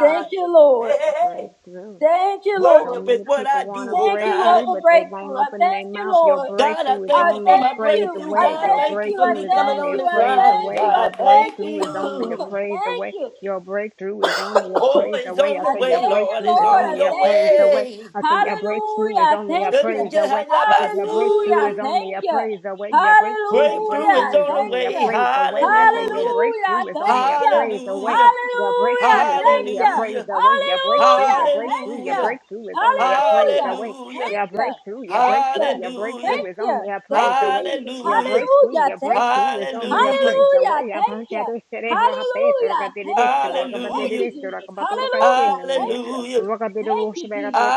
Speaker 3: Thank you,
Speaker 8: Hey,
Speaker 3: Lord.
Speaker 8: hey, hey.
Speaker 2: Breakthrough.
Speaker 3: Thank you,
Speaker 2: So
Speaker 3: Lord.
Speaker 8: Worship is
Speaker 2: many
Speaker 8: what
Speaker 2: people
Speaker 8: I
Speaker 2: want
Speaker 8: do,
Speaker 2: a
Speaker 8: oh
Speaker 3: Thank you, Lord,
Speaker 2: breakthrough,
Speaker 8: God.
Speaker 3: for
Speaker 2: but they
Speaker 3: breakthrough.
Speaker 2: won't
Speaker 3: I
Speaker 2: open their
Speaker 3: thank you,
Speaker 2: mouth. Your
Speaker 3: Lord.
Speaker 8: God, I
Speaker 2: breakthrough is
Speaker 3: I
Speaker 8: thank you
Speaker 2: only
Speaker 8: for my
Speaker 2: a
Speaker 3: thank you.
Speaker 2: praise
Speaker 8: breakthrough.
Speaker 3: I
Speaker 2: away.
Speaker 8: God,
Speaker 2: Your
Speaker 3: thank
Speaker 8: thank you
Speaker 3: you.
Speaker 8: for
Speaker 3: I
Speaker 2: breakthrough
Speaker 8: me
Speaker 2: is
Speaker 8: coming
Speaker 3: thank
Speaker 2: only
Speaker 8: on
Speaker 2: a
Speaker 3: you.
Speaker 8: this
Speaker 3: I
Speaker 2: praise
Speaker 8: line.
Speaker 3: thank
Speaker 2: away.
Speaker 3: you.
Speaker 2: Your
Speaker 3: I
Speaker 8: God,
Speaker 3: thank
Speaker 8: thank
Speaker 2: breakthrough is only a
Speaker 3: you.
Speaker 8: you.
Speaker 2: praise
Speaker 3: thank
Speaker 2: away.
Speaker 3: you.
Speaker 2: Your breakthrough is only a
Speaker 8: Oh,
Speaker 2: praise
Speaker 8: it's
Speaker 2: away.
Speaker 8: on
Speaker 2: I
Speaker 8: the
Speaker 3: I
Speaker 2: say your
Speaker 8: way,
Speaker 3: thank you,
Speaker 8: Lord.
Speaker 2: breakthrough
Speaker 8: It's
Speaker 2: is
Speaker 3: Lord.
Speaker 8: on
Speaker 3: I
Speaker 2: only a
Speaker 8: your
Speaker 3: thank
Speaker 2: praise
Speaker 3: you.
Speaker 2: away.
Speaker 8: way.
Speaker 2: I say your breakthrough is
Speaker 3: Hallelujah. I
Speaker 2: only a
Speaker 3: Thank
Speaker 8: Just
Speaker 3: you.
Speaker 8: a
Speaker 2: praise
Speaker 8: just how
Speaker 2: away.
Speaker 8: you
Speaker 2: I say your
Speaker 3: Hallelujah.
Speaker 2: breakthrough
Speaker 3: I
Speaker 2: is only
Speaker 3: Thank
Speaker 2: a
Speaker 3: you.
Speaker 2: praise away. Your breakthrough, your
Speaker 8: Breakthrough
Speaker 3: Hallelujah.
Speaker 2: breakthrough
Speaker 8: is
Speaker 3: I
Speaker 2: is
Speaker 8: on the
Speaker 2: only
Speaker 3: Thank
Speaker 2: a
Speaker 8: way.
Speaker 3: you.
Speaker 2: praise away. I say your
Speaker 8: Hallelujah.
Speaker 3: Hallelujah.
Speaker 2: breakthrough
Speaker 3: I
Speaker 2: is
Speaker 3: Thank
Speaker 2: only a
Speaker 3: you.
Speaker 2: praise away.
Speaker 8: Hallelujah.
Speaker 2: Your
Speaker 3: Hallelujah. I
Speaker 2: breakthrough is
Speaker 3: Thank
Speaker 2: only a
Speaker 3: you.
Speaker 2: praise
Speaker 8: Hallelujah.
Speaker 2: away. Your breakthrough,
Speaker 3: Hallelujah.
Speaker 2: your
Speaker 3: I Thank
Speaker 2: breakthrough, your
Speaker 3: you.
Speaker 8: Hallelujah.
Speaker 2: breakthrough is only a praise
Speaker 3: Hallelujah.
Speaker 2: away.
Speaker 8: Hallelujah.
Speaker 3: Thank
Speaker 2: Your
Speaker 3: you.
Speaker 2: breakthrough, your
Speaker 3: Thank you.
Speaker 2: breakthrough, your breakthrough
Speaker 8: Hallelujah.
Speaker 3: Thank
Speaker 2: is
Speaker 3: you.
Speaker 2: only a
Speaker 3: Thank
Speaker 2: praise
Speaker 3: you,
Speaker 2: away.
Speaker 3: Jesus.
Speaker 2: Your
Speaker 8: Hallelujah.
Speaker 2: breakthrough,
Speaker 3: Hallelujah.
Speaker 2: your
Speaker 3: Thank you.
Speaker 2: breakthrough is only a
Speaker 8: Hallelujah.
Speaker 2: praise
Speaker 3: Hallelujah.
Speaker 2: away. I'm
Speaker 3: Thank you.
Speaker 2: hunchado cerebro rapeto,
Speaker 3: Hallelujah.
Speaker 2: rocatiridish,
Speaker 3: Thank you. Thank you,
Speaker 8: Hallelujah.
Speaker 2: brocabatidish,
Speaker 3: Jesus. Hallelujah.
Speaker 2: rocabaturocachin,
Speaker 3: Thank you.
Speaker 8: Hallelujah.
Speaker 3: Thank
Speaker 2: rocabidoosh,
Speaker 3: you, Jesus.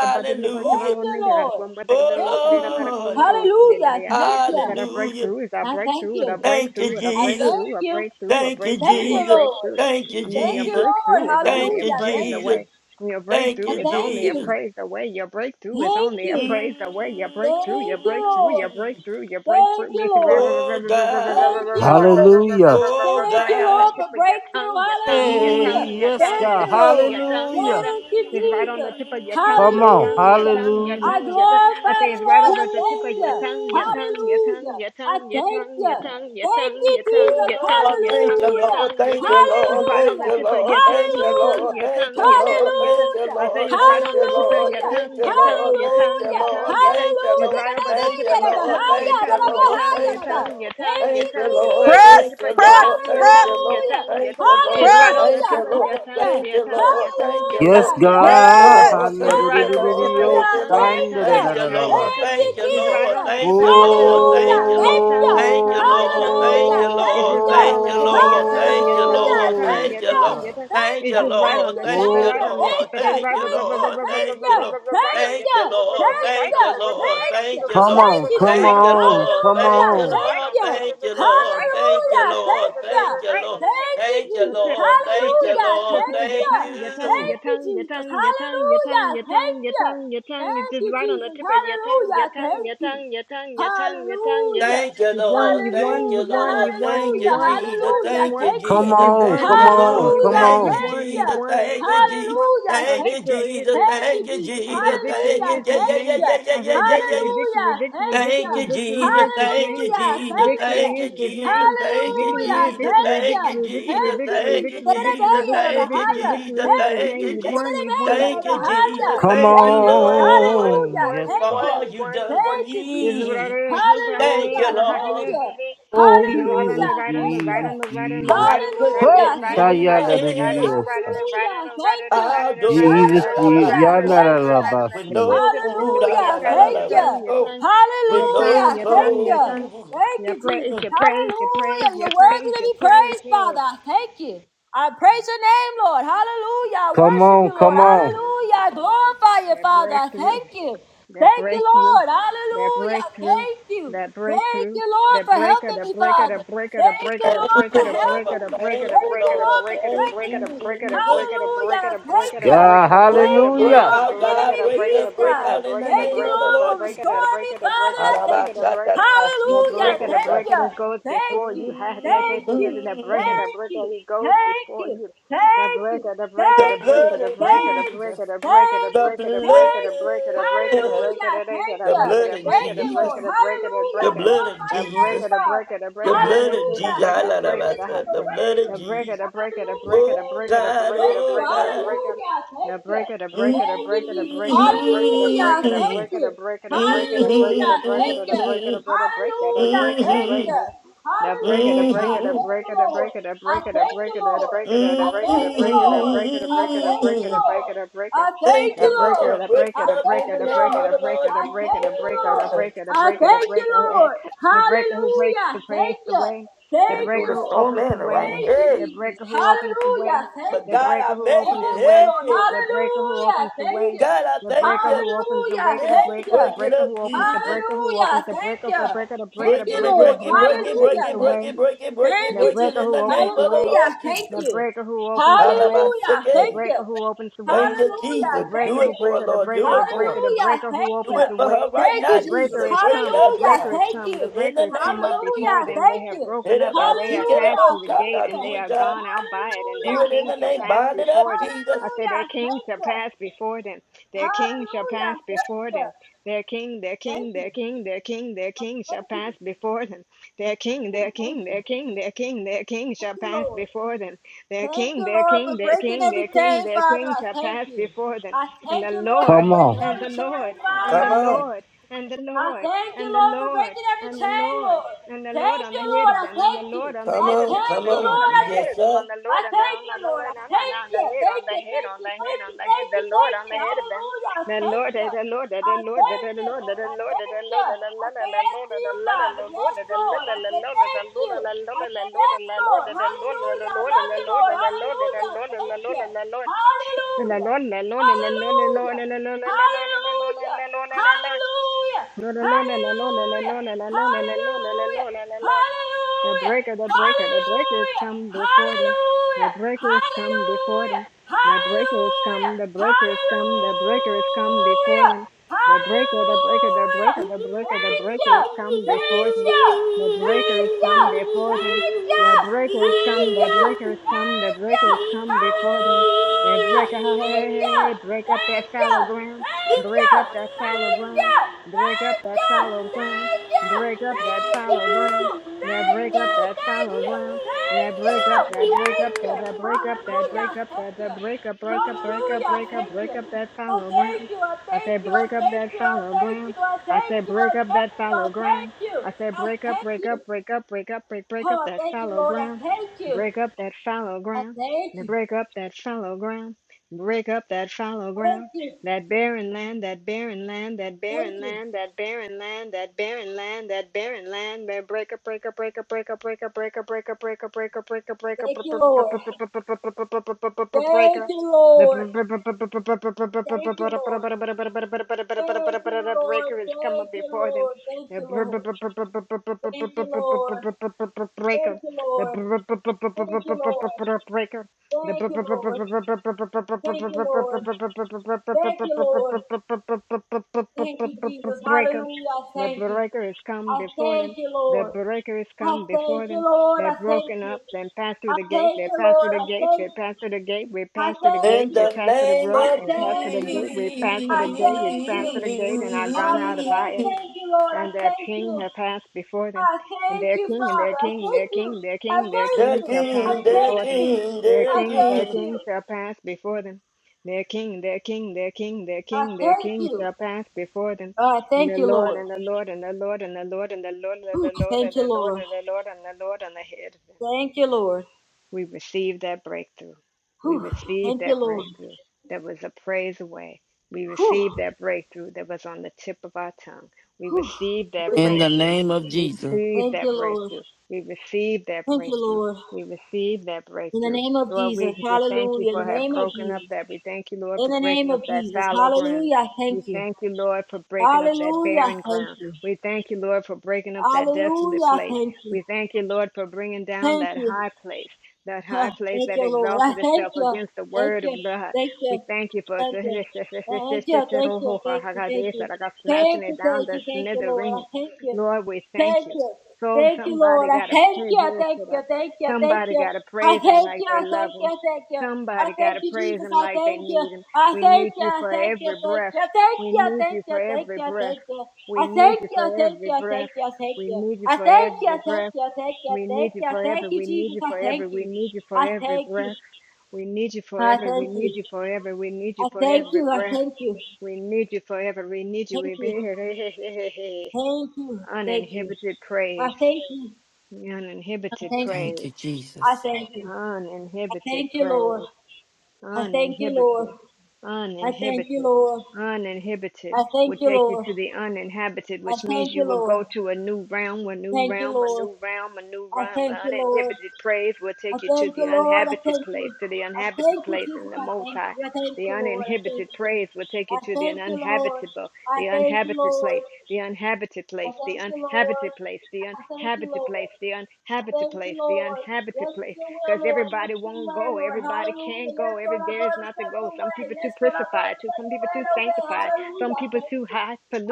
Speaker 3: Thank you, Lord.
Speaker 2: quambatagadoosh,
Speaker 3: Thank you, Jesus.
Speaker 8: Oh Lord.
Speaker 2: begataraconmaroish,
Speaker 3: Hallelujah.
Speaker 2: bedia.
Speaker 3: Thank
Speaker 2: Was
Speaker 3: you.
Speaker 2: that a
Speaker 8: Hallelujah.
Speaker 2: breakthrough? Is that a
Speaker 3: I thank
Speaker 2: breakthrough? And a
Speaker 3: you.
Speaker 8: Thank you,
Speaker 2: breakthrough? And a
Speaker 3: I
Speaker 8: Jesus.
Speaker 3: thank
Speaker 2: breakthrough? A
Speaker 3: you.
Speaker 2: breakthrough? A
Speaker 8: Thank you,
Speaker 3: Thank
Speaker 2: breakthrough? A
Speaker 3: you,
Speaker 8: Jesus.
Speaker 3: Lord.
Speaker 2: breakthrough?
Speaker 8: Thank
Speaker 2: I
Speaker 8: you,
Speaker 2: mean,
Speaker 3: Thank
Speaker 2: your
Speaker 3: you,
Speaker 8: Jesus.
Speaker 3: Lord.
Speaker 2: breakthrough is only
Speaker 8: Thank
Speaker 2: a
Speaker 8: you,
Speaker 3: Hallelujah.
Speaker 2: praise
Speaker 3: Thank
Speaker 8: Jesus.
Speaker 3: you.
Speaker 2: away. Your
Speaker 8: Thank
Speaker 3: I
Speaker 2: breakthrough
Speaker 8: you,
Speaker 2: is
Speaker 3: thank
Speaker 2: only a
Speaker 8: Jesus.
Speaker 3: you.
Speaker 2: praise away. Your breakthrough is
Speaker 3: Thank
Speaker 2: only a
Speaker 3: you.
Speaker 2: praise away. Your breakthrough,
Speaker 3: Thank
Speaker 2: your
Speaker 3: you,
Speaker 2: breakthrough,
Speaker 3: Lord.
Speaker 2: your
Speaker 8: Mm.
Speaker 2: breakthrough, your
Speaker 3: Thank
Speaker 2: breakthrough
Speaker 3: you,
Speaker 2: is right
Speaker 3: Lord.
Speaker 2: on
Speaker 8: Oh God.
Speaker 3: Thank you, Lord.
Speaker 8: Oh
Speaker 3: Thank you,
Speaker 2: the
Speaker 3: Lord,
Speaker 8: God.
Speaker 2: tip
Speaker 3: for
Speaker 2: of your
Speaker 3: breakthrough.
Speaker 2: tongue, your tongue, your
Speaker 3: Hallelujah.
Speaker 8: Ooh.
Speaker 2: tongue, your tongue,
Speaker 3: Thank
Speaker 2: your
Speaker 3: you,
Speaker 2: tongue,
Speaker 3: Lord.
Speaker 2: your tongue, your tongue.
Speaker 3: Thank you,
Speaker 2: It's right on the
Speaker 3: Jesus.
Speaker 2: tip of your tongue, your tongue, your
Speaker 3: Hallelujah.
Speaker 2: tongue, your
Speaker 3: I
Speaker 2: tongue, your tongue. I
Speaker 3: glorify
Speaker 2: say
Speaker 3: you,
Speaker 2: it's right
Speaker 3: Lord.
Speaker 2: over
Speaker 3: I
Speaker 2: the tip
Speaker 3: thank
Speaker 2: of your
Speaker 3: you.
Speaker 2: tongue, your
Speaker 8: Ooh.
Speaker 2: tongue, your tongue,
Speaker 3: Hallelujah.
Speaker 2: your
Speaker 3: I
Speaker 2: tongue, your
Speaker 3: thank
Speaker 2: tongue, your
Speaker 3: you.
Speaker 2: tongue, your
Speaker 3: Thank
Speaker 2: tongue,
Speaker 3: you,
Speaker 2: your tongue,
Speaker 8: Oh
Speaker 3: Jesus.
Speaker 2: your tongue,
Speaker 8: Lord,
Speaker 2: your tongue, your
Speaker 8: thank
Speaker 2: tongue,
Speaker 8: you,
Speaker 2: your
Speaker 3: Hallelujah.
Speaker 8: Lord,
Speaker 2: tongue, your tongue.
Speaker 8: thank you,
Speaker 2: It's
Speaker 8: Lord,
Speaker 2: right on
Speaker 8: thank
Speaker 2: the
Speaker 3: Hallelujah.
Speaker 8: you,
Speaker 2: tip of your
Speaker 8: Lord,
Speaker 2: tongue,
Speaker 8: thank you,
Speaker 2: your tongue,
Speaker 8: Lord,
Speaker 3: Hallelujah.
Speaker 2: your
Speaker 8: thank
Speaker 2: tongue,
Speaker 8: you,
Speaker 2: your
Speaker 8: Lord,
Speaker 2: tongue, your tongue.
Speaker 8: thank you,
Speaker 3: Hallelujah.
Speaker 2: I say
Speaker 8: Lord,
Speaker 2: it's right
Speaker 8: thank
Speaker 2: on
Speaker 8: you,
Speaker 2: the tip of
Speaker 8: Lord,
Speaker 2: your
Speaker 3: Hallelujah.
Speaker 8: thank
Speaker 2: tongue,
Speaker 8: you,
Speaker 2: your tongue,
Speaker 8: Lord,
Speaker 2: your
Speaker 8: thank
Speaker 2: tongue,
Speaker 8: you,
Speaker 3: Hallelujah.
Speaker 2: your tongue,
Speaker 8: Lord,
Speaker 2: your tongue.
Speaker 8: thank you,
Speaker 2: It's
Speaker 3: Hallelujah.
Speaker 8: Lord,
Speaker 2: right over
Speaker 3: Da-da-ba,
Speaker 2: the
Speaker 8: thank
Speaker 2: tip
Speaker 8: you,
Speaker 2: of your
Speaker 3: ya-da-ba,
Speaker 8: Lord,
Speaker 3: ha,
Speaker 2: tongue, your
Speaker 3: ya,
Speaker 8: thank you,
Speaker 2: tongue,
Speaker 3: da-da-ba,
Speaker 2: your
Speaker 8: Lord,
Speaker 3: ha,
Speaker 2: tongue, your
Speaker 8: thank
Speaker 3: ya-da-ba.
Speaker 8: you,
Speaker 2: tongue, your
Speaker 8: Lord.
Speaker 2: tongue,
Speaker 3: Thank
Speaker 2: your
Speaker 3: you,
Speaker 8: Thank you,
Speaker 2: tongue. It's right
Speaker 8: Lord.
Speaker 2: on the
Speaker 7: Press,
Speaker 2: tip
Speaker 8: Thank
Speaker 3: Jesus.
Speaker 8: you,
Speaker 2: of your
Speaker 7: press,
Speaker 2: tongue,
Speaker 8: Lord.
Speaker 2: your
Speaker 7: press.
Speaker 8: Thank you,
Speaker 2: tongue, your
Speaker 8: Lord.
Speaker 3: Hallelujah.
Speaker 2: tongue, your
Speaker 8: Thank
Speaker 2: tongue.
Speaker 8: you, Lord.
Speaker 2: It's right
Speaker 7: Bruh,
Speaker 2: on the
Speaker 8: Thank you,
Speaker 3: Hallelujah.
Speaker 2: tip of
Speaker 8: Lord.
Speaker 2: your
Speaker 3: Thank you.
Speaker 2: tongue,
Speaker 8: Thank
Speaker 2: your
Speaker 8: you,
Speaker 2: tongue, your
Speaker 8: Lord.
Speaker 2: tongue,
Speaker 8: Thank
Speaker 2: your
Speaker 8: you,
Speaker 3: Hallelujah.
Speaker 8: Lord.
Speaker 2: tongue, your
Speaker 3: Thank
Speaker 2: tongue,
Speaker 8: Thank you, Lord. Thank
Speaker 2: your
Speaker 8: you,
Speaker 3: you.
Speaker 2: tongue.
Speaker 7: bruh.
Speaker 8: Lord.
Speaker 2: It's
Speaker 8: Thank you,
Speaker 2: right on the
Speaker 8: Lord.
Speaker 2: tip of your
Speaker 3: Hallelujah.
Speaker 8: Thank you,
Speaker 2: tongue,
Speaker 8: Lord.
Speaker 2: your
Speaker 3: Thank you.
Speaker 2: tongue,
Speaker 8: Thank you,
Speaker 2: your tongue, your
Speaker 8: Lord.
Speaker 3: Thank
Speaker 2: tongue.
Speaker 3: you,
Speaker 2: It's right on
Speaker 3: Jesus.
Speaker 2: the tip
Speaker 8: Thank
Speaker 2: of
Speaker 8: you,
Speaker 2: your
Speaker 8: Lord.
Speaker 2: tongue, your
Speaker 3: Hallelujah.
Speaker 8: Thank you,
Speaker 2: tongue,
Speaker 8: Lord.
Speaker 2: your
Speaker 3: Thank you.
Speaker 2: tongue, your
Speaker 8: Thank you,
Speaker 2: tongue, your
Speaker 8: Lord.
Speaker 2: tongue, your tongue.
Speaker 8: Thank
Speaker 3: Hallelujah.
Speaker 8: you,
Speaker 2: It's
Speaker 3: Thank
Speaker 8: Lord.
Speaker 2: just
Speaker 3: you.
Speaker 2: right on
Speaker 8: Thank
Speaker 2: the
Speaker 8: you,
Speaker 2: tip of your
Speaker 8: Lord.
Speaker 2: tongue,
Speaker 8: Thank
Speaker 2: your
Speaker 8: you,
Speaker 2: tongue,
Speaker 3: Hallelujah.
Speaker 2: your
Speaker 8: Lord.
Speaker 2: tongue,
Speaker 3: Thank
Speaker 8: Thank
Speaker 2: your
Speaker 8: you,
Speaker 2: tongue,
Speaker 8: Lord.
Speaker 3: you.
Speaker 2: your tongue.
Speaker 3: Thank
Speaker 8: Thank
Speaker 2: It's
Speaker 8: you,
Speaker 3: you,
Speaker 2: just right
Speaker 3: thank
Speaker 2: on
Speaker 8: Lord.
Speaker 3: you,
Speaker 2: the tip,
Speaker 8: Thank
Speaker 3: thank
Speaker 8: you,
Speaker 3: you,
Speaker 2: right on your tip,
Speaker 8: Lord.
Speaker 3: thank
Speaker 2: right,
Speaker 3: you,
Speaker 8: Thank
Speaker 2: right,
Speaker 8: you,
Speaker 3: thank
Speaker 2: right, right, right, right,
Speaker 3: you,
Speaker 8: Lord.
Speaker 2: right, right,
Speaker 3: thank
Speaker 8: Thank you,
Speaker 3: you,
Speaker 2: right,
Speaker 8: Lord.
Speaker 2: right, right
Speaker 3: thank
Speaker 2: on your
Speaker 8: Thank
Speaker 3: you,
Speaker 8: you,
Speaker 2: tip, right, right, right,
Speaker 8: Lord.
Speaker 2: right,
Speaker 3: thank
Speaker 8: Thank
Speaker 2: right
Speaker 8: you,
Speaker 3: you,
Speaker 2: on, right, right, right,
Speaker 8: Lord.
Speaker 2: right
Speaker 3: thank
Speaker 2: on, right,
Speaker 3: you,
Speaker 2: right,
Speaker 8: Thank
Speaker 2: right,
Speaker 8: you,
Speaker 2: right,
Speaker 8: Lord.
Speaker 2: right,
Speaker 3: thank you,
Speaker 2: right
Speaker 8: Thank
Speaker 3: Jesus.
Speaker 2: on,
Speaker 8: you,
Speaker 2: right, right, right, right, right,
Speaker 8: Lord.
Speaker 2: right on, right, right, right, right, right on, right, right, right, right, right
Speaker 3: Hallelujah,
Speaker 8: Thank you,
Speaker 3: thank
Speaker 8: Lord.
Speaker 3: you.
Speaker 8: Thank you, Lord.
Speaker 2: on, right, right,
Speaker 8: Thank you,
Speaker 3: Hallelujah, thank
Speaker 2: right,
Speaker 8: Lord.
Speaker 3: you.
Speaker 8: Thank
Speaker 2: right,
Speaker 8: you,
Speaker 2: right on
Speaker 8: Lord.
Speaker 2: the tip
Speaker 3: Thank you,
Speaker 8: Thank you,
Speaker 2: the
Speaker 3: Jesus.
Speaker 2: tip,
Speaker 8: Lord.
Speaker 2: the
Speaker 8: Thank
Speaker 2: tip,
Speaker 8: you,
Speaker 3: Hallelujah,
Speaker 2: the
Speaker 8: Lord.
Speaker 2: tip
Speaker 3: thank
Speaker 2: of your
Speaker 3: you.
Speaker 8: Thank
Speaker 2: tongue, your tongue,
Speaker 8: you.
Speaker 3: Thank
Speaker 2: your
Speaker 3: you,
Speaker 2: tongue, your
Speaker 3: Jesus.
Speaker 2: tongue, your tongue,
Speaker 3: Hallelujah,
Speaker 2: your
Speaker 3: thank
Speaker 2: tongue, your
Speaker 3: you.
Speaker 2: tongue, your tongue, your tongue. It's
Speaker 3: Thank
Speaker 2: just
Speaker 3: you,
Speaker 2: right on the
Speaker 3: Jesus.
Speaker 2: tip of your tongue,
Speaker 3: Hallelujah,
Speaker 2: your tongue,
Speaker 3: thank
Speaker 2: your
Speaker 3: you.
Speaker 2: tongue, your tongue, your tongue, your tongue, your
Speaker 3: Hallelujah.
Speaker 2: tongue.
Speaker 8: Thank you,
Speaker 2: You've won,
Speaker 8: Lord.
Speaker 2: you've
Speaker 8: Thank
Speaker 2: won,
Speaker 8: you,
Speaker 2: you've
Speaker 3: Hallelujah.
Speaker 2: won,
Speaker 8: Lord.
Speaker 2: you've won,
Speaker 8: Thank
Speaker 2: you've
Speaker 3: Hallelujah.
Speaker 8: you,
Speaker 2: won, you've
Speaker 8: Jesus.
Speaker 2: won,
Speaker 3: Hallelujah.
Speaker 2: you've
Speaker 8: Thank
Speaker 2: won.
Speaker 8: you,
Speaker 3: Thank you.
Speaker 8: Jesus.
Speaker 2: You've won,
Speaker 8: Thank you,
Speaker 2: you've won,
Speaker 8: Lord.
Speaker 2: you've
Speaker 3: Hallelujah.
Speaker 2: won,
Speaker 8: Thank
Speaker 2: you've
Speaker 8: you,
Speaker 3: Thank
Speaker 2: won,
Speaker 3: you.
Speaker 2: you've
Speaker 8: Jesus.
Speaker 2: won, you've
Speaker 8: Thank you,
Speaker 2: won, you've
Speaker 8: Jesus.
Speaker 2: won.
Speaker 3: Hallelujah.
Speaker 2: Uh,
Speaker 8: Thank
Speaker 3: Thank
Speaker 8: you,
Speaker 3: you.
Speaker 2: victory is
Speaker 8: Jesus.
Speaker 2: his
Speaker 3: Thank you,
Speaker 8: Thank
Speaker 2: name.
Speaker 8: you,
Speaker 3: Jesus.
Speaker 2: I say
Speaker 8: Jesus. Thank
Speaker 2: victory
Speaker 3: Hallelujah.
Speaker 8: you.
Speaker 2: is
Speaker 8: Yeah,
Speaker 2: his
Speaker 8: yeah,
Speaker 3: Thank
Speaker 8: yeah,
Speaker 2: name.
Speaker 3: you.
Speaker 8: yeah, yeah,
Speaker 2: I
Speaker 8: yeah,
Speaker 2: say
Speaker 8: yeah,
Speaker 2: victory,
Speaker 8: yeah.
Speaker 3: Hallelujah.
Speaker 2: victory, victory,
Speaker 3: Thank you.
Speaker 8: Thank
Speaker 2: victory,
Speaker 8: you,
Speaker 2: victory
Speaker 8: Jesus.
Speaker 2: is his
Speaker 8: Thank you,
Speaker 2: name.
Speaker 3: Hallelujah.
Speaker 8: Jesus.
Speaker 3: Thank
Speaker 2: Victory
Speaker 8: Thank you,
Speaker 2: is
Speaker 3: you.
Speaker 2: his
Speaker 8: Jesus.
Speaker 2: name.
Speaker 8: Thank you,
Speaker 3: Hallelujah.
Speaker 2: Victory,
Speaker 8: Jesus.
Speaker 3: Thank
Speaker 2: victory,
Speaker 8: Thank
Speaker 3: you.
Speaker 8: you,
Speaker 2: victory, victory,
Speaker 8: Jesus.
Speaker 3: Thank you,
Speaker 2: victory,
Speaker 8: Thank
Speaker 3: Jesus.
Speaker 8: you,
Speaker 2: victory, victory, victory,
Speaker 8: Jesus. Thank you,
Speaker 2: victory,
Speaker 3: Da-da-da-ba-ya-da-ba-ha-ya.
Speaker 8: Jesus.
Speaker 2: victory is
Speaker 3: Thank
Speaker 2: his
Speaker 3: you,
Speaker 8: Thank
Speaker 2: name.
Speaker 8: you,
Speaker 3: Jesus.
Speaker 2: You've
Speaker 8: Jesus.
Speaker 2: won, you've won,
Speaker 8: Thank
Speaker 2: you've
Speaker 8: you,
Speaker 2: won, you've
Speaker 3: Da-da-da-da-ba-ya-da-ba-ha-ya.
Speaker 8: Jesus.
Speaker 2: won, you've
Speaker 8: Thank
Speaker 2: won,
Speaker 3: Thank
Speaker 8: you,
Speaker 3: you,
Speaker 2: you've
Speaker 3: Lord.
Speaker 2: won, you've won,
Speaker 8: Lord,
Speaker 2: you've
Speaker 3: Hallelujah.
Speaker 2: won,
Speaker 8: for
Speaker 2: you've
Speaker 3: Thank
Speaker 2: won,
Speaker 3: you.
Speaker 8: all
Speaker 2: you've
Speaker 8: you
Speaker 2: won, you've
Speaker 8: done for
Speaker 2: won.
Speaker 3: Thank you,
Speaker 2: Is the
Speaker 3: Jesus.
Speaker 8: me.
Speaker 2: right hey hey
Speaker 8: Thank
Speaker 3: Hallelujah.
Speaker 8: you,
Speaker 3: Thank
Speaker 8: Lord.
Speaker 2: hey
Speaker 3: you.
Speaker 2: hey hey. Is the right on the
Speaker 3: Hallelujah.
Speaker 2: right on the
Speaker 3: Thank
Speaker 2: right
Speaker 3: you.
Speaker 2: on the right on the right
Speaker 8: God,
Speaker 2: on
Speaker 8: it
Speaker 2: the
Speaker 8: could
Speaker 2: right
Speaker 8: have
Speaker 2: on
Speaker 3: Hallelujah.
Speaker 2: the
Speaker 8: been
Speaker 2: right on the
Speaker 3: Thank
Speaker 8: me.
Speaker 3: you.
Speaker 2: right on
Speaker 8: Hey,
Speaker 2: the
Speaker 8: hey,
Speaker 2: right on
Speaker 8: hey.
Speaker 2: the right on the right on the right
Speaker 3: Hallelujah.
Speaker 2: on the right
Speaker 3: Thank
Speaker 2: on the
Speaker 3: you.
Speaker 8: I'll
Speaker 2: right on the right on
Speaker 8: do
Speaker 2: the
Speaker 8: da
Speaker 2: right on the
Speaker 8: la ba
Speaker 2: right
Speaker 3: Hallelujah.
Speaker 2: on
Speaker 8: so.
Speaker 3: Thank
Speaker 2: the
Speaker 3: you.
Speaker 2: right on the
Speaker 8: With
Speaker 2: tip the
Speaker 8: no
Speaker 2: tip the
Speaker 8: food,
Speaker 2: tip of
Speaker 8: ah,
Speaker 3: Hallelujah.
Speaker 2: your
Speaker 8: la la
Speaker 2: tongue
Speaker 8: la
Speaker 3: Thank
Speaker 2: your
Speaker 8: la
Speaker 3: you.
Speaker 8: ba
Speaker 2: tongue your
Speaker 8: so.
Speaker 2: tongue your
Speaker 8: With
Speaker 3: Hallelujah.
Speaker 2: tongue
Speaker 8: no
Speaker 2: your
Speaker 3: Thank
Speaker 2: tongue your tongue
Speaker 3: you.
Speaker 8: clothes.
Speaker 3: Thank you, Jesus.
Speaker 8: Mm.
Speaker 3: Hallelujah. You're worthy to be praised, Father. I Thank you. I praise your name, Lord. Hallelujah. I worship you, Lord. Hallelujah. I glorify you, Father. I Thank you. Thank you, Lord. Hallelujah. Thank you. Thank you, Lord, for helping me, Father. Thank you, Lord,
Speaker 8: Thank
Speaker 3: for
Speaker 8: you, Lord.
Speaker 3: helping me.
Speaker 8: Thank you,
Speaker 3: Thank you, Lord,
Speaker 8: Lord.
Speaker 3: for
Speaker 8: Thank you,
Speaker 3: strengthening me.
Speaker 8: Jesus.
Speaker 3: Hallelujah. Thank you. Thank
Speaker 8: Oh,
Speaker 3: you,
Speaker 8: break
Speaker 3: Lord, for
Speaker 8: out,
Speaker 3: giving
Speaker 8: God.
Speaker 3: me
Speaker 8: Break
Speaker 3: peace,
Speaker 8: up, break
Speaker 3: God.
Speaker 8: out in the
Speaker 3: Thank
Speaker 8: name
Speaker 3: you,
Speaker 8: of the
Speaker 3: Lord, for
Speaker 8: Lord Jesus.
Speaker 3: restoring me, Father. I thank you. Hallelujah. Thank
Speaker 8: Arabashatarabasikerebosa.
Speaker 3: you. Thank you. Thank you.
Speaker 8: Mhm.
Speaker 3: Thank you. Thank you.
Speaker 2: The
Speaker 3: Thank you.
Speaker 2: breaker, the breaker,
Speaker 8: The
Speaker 2: the
Speaker 3: Thank you.
Speaker 2: breaker,
Speaker 8: blood
Speaker 2: the
Speaker 8: of
Speaker 2: breaker, the
Speaker 3: Thank you.
Speaker 8: Jesus.
Speaker 2: breaker, the breaker, the breaker, the
Speaker 3: Thank
Speaker 8: The
Speaker 3: you.
Speaker 2: breaker, the
Speaker 3: Thank you.
Speaker 2: breaker, the breaker, the breaker, the
Speaker 8: blood.
Speaker 2: breaker,
Speaker 3: Hallelujah. Thank
Speaker 8: The
Speaker 3: you.
Speaker 8: blood
Speaker 2: the breaker, the
Speaker 8: of
Speaker 3: Thank
Speaker 2: breaker, the
Speaker 3: you,
Speaker 8: Jesus.
Speaker 3: Lord.
Speaker 2: breaker, the breaker, the breaker,
Speaker 3: Hallelujah.
Speaker 8: The blood of
Speaker 3: Glorify
Speaker 2: the
Speaker 3: your name,
Speaker 2: breaker,
Speaker 8: Jesus.
Speaker 2: the
Speaker 3: Father.
Speaker 2: breaker, the
Speaker 8: The
Speaker 2: breaker,
Speaker 8: blood
Speaker 2: I
Speaker 8: of
Speaker 2: said the
Speaker 3: Hallelujah.
Speaker 8: Jesus.
Speaker 2: breaker, the
Speaker 3: Thank you,
Speaker 2: breaker, the
Speaker 3: Jesus,
Speaker 8: Alarabasa.
Speaker 2: hot
Speaker 3: for
Speaker 8: The
Speaker 2: shit.
Speaker 8: blood of
Speaker 2: The
Speaker 3: breakthrough.
Speaker 2: breaker,
Speaker 8: Jesus.
Speaker 2: the breaker, the
Speaker 3: Hallelujah.
Speaker 2: breaker, the
Speaker 3: Thank
Speaker 8: Oh,
Speaker 3: you,
Speaker 2: breaker, the
Speaker 3: Lord, for
Speaker 8: God.
Speaker 2: breaker, the
Speaker 8: Oh,
Speaker 3: breakthrough.
Speaker 2: breaker, the
Speaker 8: God.
Speaker 2: breaker.
Speaker 3: Hallelujah.
Speaker 2: The
Speaker 3: Thank you.
Speaker 2: breaker, the
Speaker 8: Mmm, mmm,
Speaker 2: breaker, the
Speaker 3: Thank you,
Speaker 2: breaker, the
Speaker 3: Jesus.
Speaker 2: breaker, the breaker, the
Speaker 3: Hallelujah.
Speaker 2: breaker, the
Speaker 3: Thank
Speaker 2: breaker,
Speaker 3: you.
Speaker 2: the breaker, the breaker, the breaker, the breaker, the breaker,
Speaker 3: Hallelujah.
Speaker 2: the
Speaker 3: Thank you.
Speaker 2: breaker, the
Speaker 8: mmm,
Speaker 2: breaker, the
Speaker 3: Hallelujah.
Speaker 2: breaker, the
Speaker 3: Thank
Speaker 8: mmm,
Speaker 3: you.
Speaker 2: breaker. The breaker, the
Speaker 3: Hallelujah.
Speaker 2: breaker, the
Speaker 8: mmm,
Speaker 3: Thank you,
Speaker 2: breaker, the
Speaker 3: Lord.
Speaker 2: breaker, the
Speaker 3: I
Speaker 2: breaker, the
Speaker 3: thank you,
Speaker 2: breaker, the the
Speaker 3: Lord.
Speaker 2: breaker, the the
Speaker 3: I
Speaker 2: breaker,
Speaker 3: thank you,
Speaker 2: the
Speaker 3: Lord.
Speaker 2: breaker, the
Speaker 3: I
Speaker 2: breaker, the
Speaker 3: thank you,
Speaker 2: breaker, the
Speaker 8: mmm,
Speaker 2: breaker,
Speaker 3: Lord.
Speaker 2: the breaker,
Speaker 3: I thank
Speaker 8: Thank
Speaker 3: you,
Speaker 8: you,
Speaker 2: the breaker,
Speaker 3: Lord.
Speaker 8: Lord.
Speaker 2: the
Speaker 8: Break
Speaker 3: I
Speaker 2: breaker,
Speaker 8: it
Speaker 2: the breaker, the
Speaker 8: up in
Speaker 3: thank
Speaker 2: breaker,
Speaker 8: the
Speaker 2: the breaker, the
Speaker 3: you,
Speaker 8: name
Speaker 2: breaker,
Speaker 3: Lord.
Speaker 8: of
Speaker 2: the breaker, the
Speaker 8: the Lord
Speaker 3: I
Speaker 2: breaker,
Speaker 3: thank
Speaker 2: the
Speaker 3: you, Lord.
Speaker 8: Jesus.
Speaker 2: breaker, the
Speaker 3: I
Speaker 2: breaker, the
Speaker 3: thank you,
Speaker 2: breaker, eh,
Speaker 3: Lord.
Speaker 2: the breaker who breaks
Speaker 3: Hallelujah.
Speaker 2: the praise
Speaker 3: Thank
Speaker 2: the
Speaker 3: you.
Speaker 2: way, the
Speaker 8: Been
Speaker 3: Thank
Speaker 8: through
Speaker 3: you,
Speaker 2: breaker
Speaker 8: the
Speaker 2: who
Speaker 3: Lord.
Speaker 8: storm
Speaker 2: opens the
Speaker 8: and the
Speaker 2: way,
Speaker 8: rain.
Speaker 3: Thank you,
Speaker 2: the
Speaker 8: Hey,
Speaker 3: Jesus.
Speaker 2: breaker who opens the way,
Speaker 3: Hallelujah. Thank
Speaker 8: but
Speaker 2: the
Speaker 3: you.
Speaker 8: God,
Speaker 2: breaker
Speaker 8: I
Speaker 2: who
Speaker 8: made
Speaker 2: opens
Speaker 8: it.
Speaker 2: the
Speaker 3: Thank you,
Speaker 2: way,
Speaker 3: Lord.
Speaker 8: Hey,
Speaker 2: the breaker who
Speaker 3: Hallelujah.
Speaker 2: opens the
Speaker 3: Thank
Speaker 2: way,
Speaker 8: Ooh,
Speaker 3: you.
Speaker 8: God, I
Speaker 2: the
Speaker 8: thank
Speaker 2: breaker
Speaker 8: you.
Speaker 2: who opens the
Speaker 3: Hallelujah.
Speaker 2: waker, the
Speaker 3: Thank
Speaker 8: Hey,
Speaker 2: breaker,
Speaker 3: you.
Speaker 2: the
Speaker 8: break it
Speaker 2: breaker who
Speaker 8: up,
Speaker 2: opens the
Speaker 8: Jesus.
Speaker 2: breaker who
Speaker 3: Hallelujah.
Speaker 2: opens the
Speaker 3: Thank
Speaker 2: breaker,
Speaker 3: you.
Speaker 2: the breaker, the breaker,
Speaker 3: Thank
Speaker 2: the
Speaker 8: Break
Speaker 3: you,
Speaker 8: it,
Speaker 2: breaker, the
Speaker 3: Lord.
Speaker 8: break it,
Speaker 2: breaker
Speaker 8: break
Speaker 2: who
Speaker 8: it, break
Speaker 2: opens
Speaker 3: Hallelujah.
Speaker 8: it,
Speaker 2: the
Speaker 3: Thank
Speaker 2: way,
Speaker 8: break it,
Speaker 3: you.
Speaker 8: break it, break
Speaker 3: Thank
Speaker 8: it,
Speaker 2: the
Speaker 3: you,
Speaker 8: break it
Speaker 2: breaker
Speaker 3: Jesus.
Speaker 8: in
Speaker 2: who
Speaker 8: the
Speaker 2: opens
Speaker 8: name
Speaker 2: the
Speaker 8: of the
Speaker 2: way.
Speaker 3: Hallelujah.
Speaker 8: Lord
Speaker 3: Thank
Speaker 2: The
Speaker 8: Jesus.
Speaker 3: you.
Speaker 2: breaker who opens the way.
Speaker 3: Hallelujah.
Speaker 2: The
Speaker 3: Thank
Speaker 8: Kalabasike.
Speaker 3: you.
Speaker 2: breaker who opens the
Speaker 8: Thank
Speaker 2: way.
Speaker 8: you,
Speaker 3: Hallelujah.
Speaker 2: The
Speaker 8: Jesus.
Speaker 3: Thank
Speaker 8: Do
Speaker 2: breaker who
Speaker 8: it for
Speaker 3: you.
Speaker 8: her,
Speaker 2: breaker, the
Speaker 8: Lord.
Speaker 2: breaker,
Speaker 8: Do
Speaker 2: the
Speaker 8: it for
Speaker 2: breaker,
Speaker 8: her.
Speaker 2: the
Speaker 3: Hallelujah.
Speaker 2: breaker who
Speaker 3: Thank
Speaker 8: Do
Speaker 2: opens
Speaker 3: you.
Speaker 8: it
Speaker 2: the
Speaker 8: for her
Speaker 2: way.
Speaker 8: right
Speaker 3: Thank
Speaker 2: The
Speaker 3: you,
Speaker 8: now,
Speaker 3: Jesus.
Speaker 2: breaker
Speaker 8: Jesus.
Speaker 2: is
Speaker 8: Break it
Speaker 2: come, the
Speaker 8: up,
Speaker 3: Hallelujah.
Speaker 2: breaker
Speaker 8: y'all.
Speaker 2: is
Speaker 3: Thank
Speaker 2: come,
Speaker 3: you.
Speaker 2: the
Speaker 8: In
Speaker 2: breaker
Speaker 8: the
Speaker 2: is come
Speaker 8: name
Speaker 2: up
Speaker 8: of
Speaker 3: Hallelujah.
Speaker 2: before
Speaker 8: Jesus.
Speaker 2: them.
Speaker 3: Thank
Speaker 2: They have
Speaker 3: you.
Speaker 2: broken up and they have passed
Speaker 3: Hallelujah.
Speaker 2: through the
Speaker 3: Thank
Speaker 2: gate
Speaker 8: Erabasikereboshata.
Speaker 2: and
Speaker 3: you.
Speaker 2: they
Speaker 8: Do it,
Speaker 2: are
Speaker 8: God.
Speaker 2: gone out by it, and their
Speaker 8: Do
Speaker 3: Hallelujah.
Speaker 8: it in
Speaker 2: king
Speaker 8: the
Speaker 3: Thank
Speaker 2: shall
Speaker 8: name.
Speaker 3: you.
Speaker 2: pass
Speaker 8: Bind it
Speaker 2: before
Speaker 8: up,
Speaker 2: them.
Speaker 8: Jesus.
Speaker 2: I said,
Speaker 3: Hallelujah.
Speaker 2: Their king
Speaker 3: Thank
Speaker 2: shall
Speaker 3: you.
Speaker 2: pass before them. Their king shall
Speaker 3: Hallelujah.
Speaker 2: pass
Speaker 3: Thank
Speaker 2: before them.
Speaker 3: you.
Speaker 2: Their king, their
Speaker 3: Thank
Speaker 2: king,
Speaker 3: you.
Speaker 2: their king, their king, their king shall
Speaker 3: Thank you.
Speaker 2: pass before them. Their king, their
Speaker 3: Thank
Speaker 2: king,
Speaker 3: you.
Speaker 2: their king, their king, their king
Speaker 3: Thank
Speaker 2: shall
Speaker 3: you,
Speaker 2: pass
Speaker 3: Lord.
Speaker 2: before them. Their
Speaker 3: Thank
Speaker 2: king,
Speaker 3: you,
Speaker 2: their
Speaker 3: Lord, for
Speaker 2: king, their
Speaker 3: breaking
Speaker 2: king,
Speaker 3: every
Speaker 2: their king,
Speaker 3: chain,
Speaker 2: their
Speaker 3: Father.
Speaker 2: king
Speaker 3: I
Speaker 2: shall pass
Speaker 3: thank you.
Speaker 2: before them.
Speaker 3: I
Speaker 2: And the
Speaker 3: thank you, Lord,
Speaker 2: Lord,
Speaker 3: for breaking
Speaker 2: and
Speaker 3: every
Speaker 2: the
Speaker 3: chain,
Speaker 2: Lord, and the
Speaker 8: Come
Speaker 3: Father.
Speaker 8: on.
Speaker 2: Lord, and the
Speaker 3: I
Speaker 2: Lord,
Speaker 3: thank you,
Speaker 2: and the
Speaker 3: Lord, for
Speaker 2: Lord,
Speaker 3: breaking every
Speaker 2: and the
Speaker 3: chain,
Speaker 2: Lord.
Speaker 3: Lord.
Speaker 2: And the Lord
Speaker 3: Thank
Speaker 2: on the
Speaker 3: you,
Speaker 2: head
Speaker 3: Lord.
Speaker 2: of
Speaker 3: I
Speaker 2: them, and the
Speaker 3: thank you.
Speaker 2: Lord on the
Speaker 8: Come
Speaker 3: I
Speaker 2: head of
Speaker 8: on.
Speaker 2: them,
Speaker 3: thank
Speaker 2: and
Speaker 8: Come
Speaker 2: the
Speaker 3: you,
Speaker 2: Lord
Speaker 8: on.
Speaker 3: Lord.
Speaker 2: on
Speaker 3: I
Speaker 2: the head
Speaker 8: Yes,
Speaker 2: of
Speaker 3: thank
Speaker 2: them,
Speaker 3: you.
Speaker 8: sir.
Speaker 2: on the
Speaker 3: I
Speaker 2: Lord and the,
Speaker 3: thank
Speaker 2: on
Speaker 3: you,
Speaker 2: the Lord
Speaker 3: Lord. I
Speaker 2: and on, on
Speaker 3: thank
Speaker 2: on the
Speaker 3: you.
Speaker 2: head, on
Speaker 3: Thank
Speaker 2: the
Speaker 3: you.
Speaker 2: head,
Speaker 3: Thank
Speaker 2: on
Speaker 3: you.
Speaker 2: the head,
Speaker 3: Thank
Speaker 2: on
Speaker 3: you.
Speaker 2: the head,
Speaker 3: Thank you.
Speaker 2: the Lord
Speaker 3: Thank
Speaker 2: on the
Speaker 3: you.
Speaker 2: head of them.
Speaker 3: Hallelujah. I
Speaker 2: The
Speaker 3: thank
Speaker 2: Lord,
Speaker 3: you.
Speaker 2: the Lord, the
Speaker 3: I
Speaker 2: Lord, the Lord, the Lord, the Lord, the
Speaker 3: thank you,
Speaker 2: Lord, the
Speaker 3: Lord. I
Speaker 2: Lord, the
Speaker 3: thank you.
Speaker 2: Lord, the
Speaker 3: I say yes
Speaker 2: Lord,
Speaker 3: to
Speaker 2: the
Speaker 3: you, Father.
Speaker 2: Lord,
Speaker 3: Yes,
Speaker 2: the
Speaker 3: Lord. I say thank you. I say yes, Lord. Hallelujah. I love you, Lord. Hallelujah. I Thank you. Hallelujah. Hallelujah!
Speaker 2: Lord, the Lord,
Speaker 3: Hallelujah!
Speaker 2: the Lord,
Speaker 3: Hallelujah!
Speaker 2: Lord, the Lord, the Lord, the
Speaker 3: Hallelujah!
Speaker 2: Lord, the Lord, the Lord, the
Speaker 3: Hallelujah!
Speaker 2: Lord, the Lord. The
Speaker 3: Hallelujah!
Speaker 2: breaker, the breaker, the breaker is
Speaker 3: Hallelujah!
Speaker 2: come before them. The
Speaker 3: Hallelujah!
Speaker 2: breaker is come before
Speaker 3: Hallelujah!
Speaker 2: them. The breaker is
Speaker 3: Hallelujah!
Speaker 2: come, the breaker is come, the breaker is come before them.
Speaker 3: Hallelujah!
Speaker 2: The breaker, the breaker, the
Speaker 3: Hallelujah!
Speaker 2: breaker, the breaker, the
Speaker 3: Thank you!
Speaker 2: breaker is come
Speaker 3: Thank
Speaker 2: before them.
Speaker 3: you!
Speaker 2: The breaker is
Speaker 3: Thank you!
Speaker 2: come before them.
Speaker 3: Thank you!
Speaker 2: The breaker is
Speaker 3: Thank I thank you, I thank you, I
Speaker 2: come, the breaker is come, the breaker
Speaker 8: In
Speaker 2: is come before them. The breaker, break up that fallow ground, break up that fallow ground. Break up that fallow ground. Break up that fallow ground. That break up that fallow ground. That break up that break up that that break up that break up that that break up break up break up break up break up that fallow ground. I say
Speaker 3: thank you, I
Speaker 2: break up
Speaker 3: thank
Speaker 2: that
Speaker 3: you,
Speaker 2: fallow
Speaker 3: I thank you,
Speaker 2: ground.
Speaker 3: I
Speaker 2: I say
Speaker 3: thank you, I
Speaker 2: break up that fallow ground.
Speaker 3: thank you.
Speaker 2: I say
Speaker 3: I
Speaker 2: break up
Speaker 3: thank
Speaker 2: break up
Speaker 3: you.
Speaker 2: break up break up break break up
Speaker 3: Oh,
Speaker 2: that
Speaker 3: thank you,
Speaker 2: fallow
Speaker 3: Lord. I
Speaker 2: ground.
Speaker 3: thank you.
Speaker 2: Break up that fallow
Speaker 3: Oh,
Speaker 2: ground.
Speaker 3: thank
Speaker 2: Now
Speaker 3: you.
Speaker 2: break up that fallow ground. Break up that fallow ground.
Speaker 3: Thank you.
Speaker 2: That barren land, that barren land, that
Speaker 3: Thank
Speaker 2: barren
Speaker 3: you.
Speaker 2: land, that barren land, that barren land, that barren land, that breaker, breaker, breaker, breaker, breaker, breaker, breaker, breaker, breaker, breaker, breaker,
Speaker 3: Thank you, Lord. Thank
Speaker 2: breaker.
Speaker 3: you,
Speaker 2: The
Speaker 3: Lord. Thank you, Lord. Thank you, Lord.
Speaker 2: breaker is coming
Speaker 3: Thank you,
Speaker 2: before them.
Speaker 3: Lord. Thank
Speaker 2: The
Speaker 3: you, Lord. Thank you, Lord.
Speaker 2: breaker.
Speaker 3: Thank you, Lord. Thank you, Lord.
Speaker 2: The breaker. The
Speaker 3: Thank
Speaker 2: breaker,
Speaker 3: you, Lord. Thank you, Lord. Thank you, Lord. Thank you, Jesus. Hallelujah. I
Speaker 2: the
Speaker 3: Thank you.
Speaker 2: breaker is come
Speaker 3: I
Speaker 2: before them.
Speaker 3: thank you,
Speaker 2: The
Speaker 3: Lord.
Speaker 2: breaker is
Speaker 3: I
Speaker 2: come
Speaker 3: thank
Speaker 2: before
Speaker 3: you,
Speaker 2: them.
Speaker 3: Lord.
Speaker 2: They're
Speaker 3: I thank
Speaker 2: broken
Speaker 3: you.
Speaker 2: up, then pass through
Speaker 3: I
Speaker 2: the gate,
Speaker 3: thank
Speaker 2: they
Speaker 3: you,
Speaker 2: pass through
Speaker 3: Lord.
Speaker 2: the
Speaker 3: I
Speaker 2: gate,
Speaker 3: thank
Speaker 2: they
Speaker 3: you.
Speaker 2: pass through the gate, we
Speaker 3: I
Speaker 2: pass through the
Speaker 3: thank
Speaker 2: gate, They
Speaker 3: you.
Speaker 8: the
Speaker 2: pass through the
Speaker 8: name
Speaker 3: I
Speaker 2: glory,
Speaker 8: of
Speaker 2: and pass through
Speaker 3: thank
Speaker 2: the
Speaker 8: Jesus,
Speaker 3: you.
Speaker 2: gate, we pass through
Speaker 3: I
Speaker 2: the gate, we
Speaker 3: thank you.
Speaker 2: pass through the gate, and are
Speaker 3: Oh, I
Speaker 2: gone out
Speaker 3: just
Speaker 2: of
Speaker 3: say
Speaker 2: it
Speaker 3: thank you, Lord. I
Speaker 2: and their
Speaker 3: thank you.
Speaker 2: king shall pass before them,
Speaker 3: I
Speaker 2: and
Speaker 3: thank
Speaker 2: their
Speaker 3: you,
Speaker 2: king and their
Speaker 3: Father. I
Speaker 2: king,
Speaker 3: thank
Speaker 2: their
Speaker 3: you.
Speaker 2: king, their
Speaker 3: I
Speaker 2: king, their
Speaker 3: thank
Speaker 8: the
Speaker 2: king
Speaker 3: you.
Speaker 2: shall
Speaker 3: I
Speaker 2: pass
Speaker 8: King, the
Speaker 3: thank
Speaker 2: before them,
Speaker 3: you.
Speaker 8: King,
Speaker 2: their
Speaker 8: the
Speaker 3: I thank
Speaker 2: king, their
Speaker 8: King.
Speaker 2: king
Speaker 3: you.
Speaker 2: shall pass before them, their king, their king, their king, their
Speaker 3: I
Speaker 2: king, their
Speaker 3: thank
Speaker 2: king
Speaker 3: you.
Speaker 2: shall pass before them.
Speaker 3: Oh, I
Speaker 2: And
Speaker 3: thank
Speaker 2: the
Speaker 3: you,
Speaker 2: Lord
Speaker 3: Lord.
Speaker 2: and the Lord and the Lord and the Lord and the Lord and
Speaker 3: Whew,
Speaker 2: the Lord
Speaker 3: thank you,
Speaker 2: and the Lord
Speaker 3: Lord.
Speaker 2: and the Lord and the Lord and the Lord and the head of them.
Speaker 3: Thank you, Lord.
Speaker 2: We receive that breakthrough. We
Speaker 3: Whew,
Speaker 2: receive
Speaker 3: thank you,
Speaker 2: that
Speaker 3: Lord.
Speaker 2: breakthrough that was a praise away. We
Speaker 3: Whew,
Speaker 2: receive that breakthrough that was on the tip of our tongue. We
Speaker 3: whew,
Speaker 2: receive that
Speaker 3: thank you, Lord.
Speaker 8: In the
Speaker 2: breakthrough.
Speaker 8: name of Jesus.
Speaker 2: Receive
Speaker 3: Thank
Speaker 2: that
Speaker 3: you, Lord.
Speaker 2: breakthrough. We receive that
Speaker 3: Thank you,
Speaker 2: breakthrough.
Speaker 3: Lord.
Speaker 2: We receive that
Speaker 3: In the
Speaker 2: breakthrough.
Speaker 3: name of
Speaker 2: Lord,
Speaker 3: Jesus.
Speaker 2: we, we thank you
Speaker 3: Hallelujah.
Speaker 2: for
Speaker 3: In the
Speaker 2: have
Speaker 3: name of
Speaker 2: broken up
Speaker 3: Jesus.
Speaker 2: that. We thank you, Lord,
Speaker 3: In
Speaker 2: for
Speaker 3: the name
Speaker 2: breaking up
Speaker 3: of
Speaker 2: that
Speaker 3: Jesus.
Speaker 2: fallow ground.
Speaker 3: Hallelujah. I Thank
Speaker 2: We
Speaker 3: you.
Speaker 2: thank you, Lord, for breaking up that
Speaker 3: Hallelujah. I
Speaker 2: barren
Speaker 3: Thank
Speaker 2: ground.
Speaker 3: you.
Speaker 2: We thank you, Lord, for breaking up that desolate
Speaker 3: Hallelujah. I
Speaker 2: place.
Speaker 3: Thank you.
Speaker 2: We thank you, Lord, for bringing down
Speaker 3: Thank
Speaker 2: that
Speaker 3: you.
Speaker 2: high place that
Speaker 3: Huh.
Speaker 2: high place
Speaker 3: Thank
Speaker 2: that
Speaker 3: you, Lord. I
Speaker 2: exalted
Speaker 3: thank
Speaker 2: itself
Speaker 3: you.
Speaker 2: against the
Speaker 3: Thank
Speaker 2: word
Speaker 3: you.
Speaker 2: of God.
Speaker 3: Thank
Speaker 2: We
Speaker 3: you.
Speaker 2: thank you for
Speaker 3: Thank you.
Speaker 2: smashing
Speaker 3: Thank you. Thank you. Thank you. Thank you. Thank you.
Speaker 2: it
Speaker 3: Thank
Speaker 2: down
Speaker 3: you.
Speaker 2: the
Speaker 3: Thank you, Lord. I
Speaker 2: smithereens.
Speaker 3: thank you.
Speaker 2: Lord, we thank
Speaker 3: Thank
Speaker 2: you.
Speaker 3: you.
Speaker 2: So
Speaker 3: Thank you,
Speaker 2: somebody
Speaker 3: Lord. I
Speaker 2: got to
Speaker 3: thank
Speaker 2: praise
Speaker 3: you. I
Speaker 2: you.
Speaker 3: Thank you. Thank you. Thank
Speaker 2: Somebody
Speaker 3: you.
Speaker 2: got to
Speaker 3: I
Speaker 2: praise him
Speaker 3: thank
Speaker 2: like
Speaker 3: you.
Speaker 2: they
Speaker 3: I thank
Speaker 2: love
Speaker 3: you.
Speaker 2: him.
Speaker 3: I Thank you. I
Speaker 2: Somebody got
Speaker 3: thank
Speaker 2: to
Speaker 3: you,
Speaker 2: praise
Speaker 3: Jesus.
Speaker 2: him
Speaker 3: I
Speaker 2: like they
Speaker 3: thank you.
Speaker 2: need him.
Speaker 3: I
Speaker 2: We
Speaker 3: thank
Speaker 2: need
Speaker 3: you.
Speaker 2: you
Speaker 3: I
Speaker 2: for
Speaker 3: thank you.
Speaker 2: every
Speaker 3: Thank
Speaker 2: breath.
Speaker 3: you. Thank
Speaker 2: We
Speaker 3: you.
Speaker 2: need
Speaker 3: Thank
Speaker 2: you for
Speaker 3: you. Thank
Speaker 2: every
Speaker 3: you.
Speaker 2: breath.
Speaker 3: Thank you.
Speaker 2: We
Speaker 3: I
Speaker 2: need
Speaker 3: thank
Speaker 2: you
Speaker 3: you.
Speaker 2: for
Speaker 3: I thank
Speaker 2: every
Speaker 3: you. I
Speaker 2: breath.
Speaker 3: thank
Speaker 2: We
Speaker 3: you.
Speaker 2: need you
Speaker 3: I
Speaker 2: for
Speaker 3: thank you.
Speaker 2: every
Speaker 3: I thank you.
Speaker 2: breath.
Speaker 3: I thank you.
Speaker 2: We need you
Speaker 3: I thank
Speaker 2: forever.
Speaker 3: you. I thank you. I thank you,
Speaker 2: We need
Speaker 3: Jesus.
Speaker 2: you
Speaker 3: I thank
Speaker 2: forever. We
Speaker 3: you.
Speaker 2: need you for
Speaker 3: I
Speaker 2: every
Speaker 3: thank you.
Speaker 2: breath. We need you
Speaker 3: I
Speaker 2: forever.
Speaker 3: thank
Speaker 2: We
Speaker 3: you.
Speaker 2: need
Speaker 3: I thank
Speaker 2: you
Speaker 3: you.
Speaker 2: forever. We need you
Speaker 3: I
Speaker 2: for
Speaker 3: thank
Speaker 2: every breath.
Speaker 3: you.
Speaker 2: We need you forever. We need
Speaker 3: Thank
Speaker 2: you.
Speaker 3: you.
Speaker 2: We
Speaker 3: Thank you. Thank you.
Speaker 2: uninhibited
Speaker 3: I
Speaker 2: praise.
Speaker 3: thank you. I
Speaker 2: Uninhibited
Speaker 3: thank you.
Speaker 8: Thank
Speaker 2: praise.
Speaker 8: you,
Speaker 3: I
Speaker 8: Jesus.
Speaker 3: thank you. I
Speaker 2: Uninhibited
Speaker 3: thank you,
Speaker 2: praise.
Speaker 3: Lord. I thank you, Lord.
Speaker 2: uninhibited,
Speaker 3: I thank you,
Speaker 2: uninhibited,
Speaker 3: Lord.
Speaker 2: uninhibited
Speaker 3: I thank
Speaker 2: will
Speaker 3: you,
Speaker 2: take you
Speaker 3: Lord.
Speaker 2: to the uninhabited,
Speaker 3: I
Speaker 2: which means
Speaker 3: thank you,
Speaker 2: you will
Speaker 3: Lord.
Speaker 2: go to a new realm, a new
Speaker 3: Thank you,
Speaker 2: realm, a
Speaker 3: Lord.
Speaker 2: new realm, a new
Speaker 3: I
Speaker 2: realm. The
Speaker 3: thank you, Lord.
Speaker 2: uninhibited praise will
Speaker 3: I
Speaker 2: take you to
Speaker 3: thank you,
Speaker 2: the
Speaker 3: Lord. I
Speaker 2: uninhabited
Speaker 3: thank
Speaker 2: place,
Speaker 3: you.
Speaker 2: to the
Speaker 3: I
Speaker 2: uninhabited
Speaker 3: thank you,
Speaker 2: place
Speaker 3: Jesus.
Speaker 2: in the
Speaker 3: I thank
Speaker 2: multi.
Speaker 3: you. I thank
Speaker 2: The
Speaker 3: you, Lord. I thank
Speaker 2: uninhibited
Speaker 3: you.
Speaker 2: praise will take
Speaker 3: I
Speaker 2: you to the
Speaker 3: thank you, Lord.
Speaker 2: uninhabitable,
Speaker 3: I
Speaker 2: the
Speaker 3: thank you,
Speaker 2: uninhabited place
Speaker 3: Lord.
Speaker 2: the uninhabited
Speaker 3: I
Speaker 2: place, the
Speaker 3: thank you, Lord.
Speaker 2: uninhabited place, the
Speaker 3: I thank you,
Speaker 2: uninhabited place,
Speaker 3: Lord.
Speaker 2: the
Speaker 3: I
Speaker 2: uninhabited
Speaker 3: thank you,
Speaker 2: place, the
Speaker 3: Lord.
Speaker 2: uninhabited
Speaker 3: Yes, to
Speaker 2: place.
Speaker 3: your will,
Speaker 2: Because
Speaker 3: Lord. Yes,
Speaker 2: everybody
Speaker 3: to your
Speaker 2: won't
Speaker 3: way,
Speaker 2: go.
Speaker 3: Lord.
Speaker 2: Everybody
Speaker 3: Hallelujah.
Speaker 2: can't go.
Speaker 3: Yes, Lord,
Speaker 2: Every
Speaker 3: I
Speaker 2: there
Speaker 3: go
Speaker 2: is
Speaker 3: to
Speaker 2: not to
Speaker 3: step it
Speaker 2: go. Some
Speaker 3: away.
Speaker 2: people too
Speaker 3: Yes, Lord, I go
Speaker 2: crucified,
Speaker 3: to
Speaker 2: too
Speaker 3: step
Speaker 2: some
Speaker 3: it
Speaker 2: people
Speaker 3: away
Speaker 2: too
Speaker 3: and obey.
Speaker 2: sanctified,
Speaker 3: Hallelujah.
Speaker 2: some
Speaker 3: I
Speaker 2: people
Speaker 3: thank
Speaker 2: too
Speaker 3: you.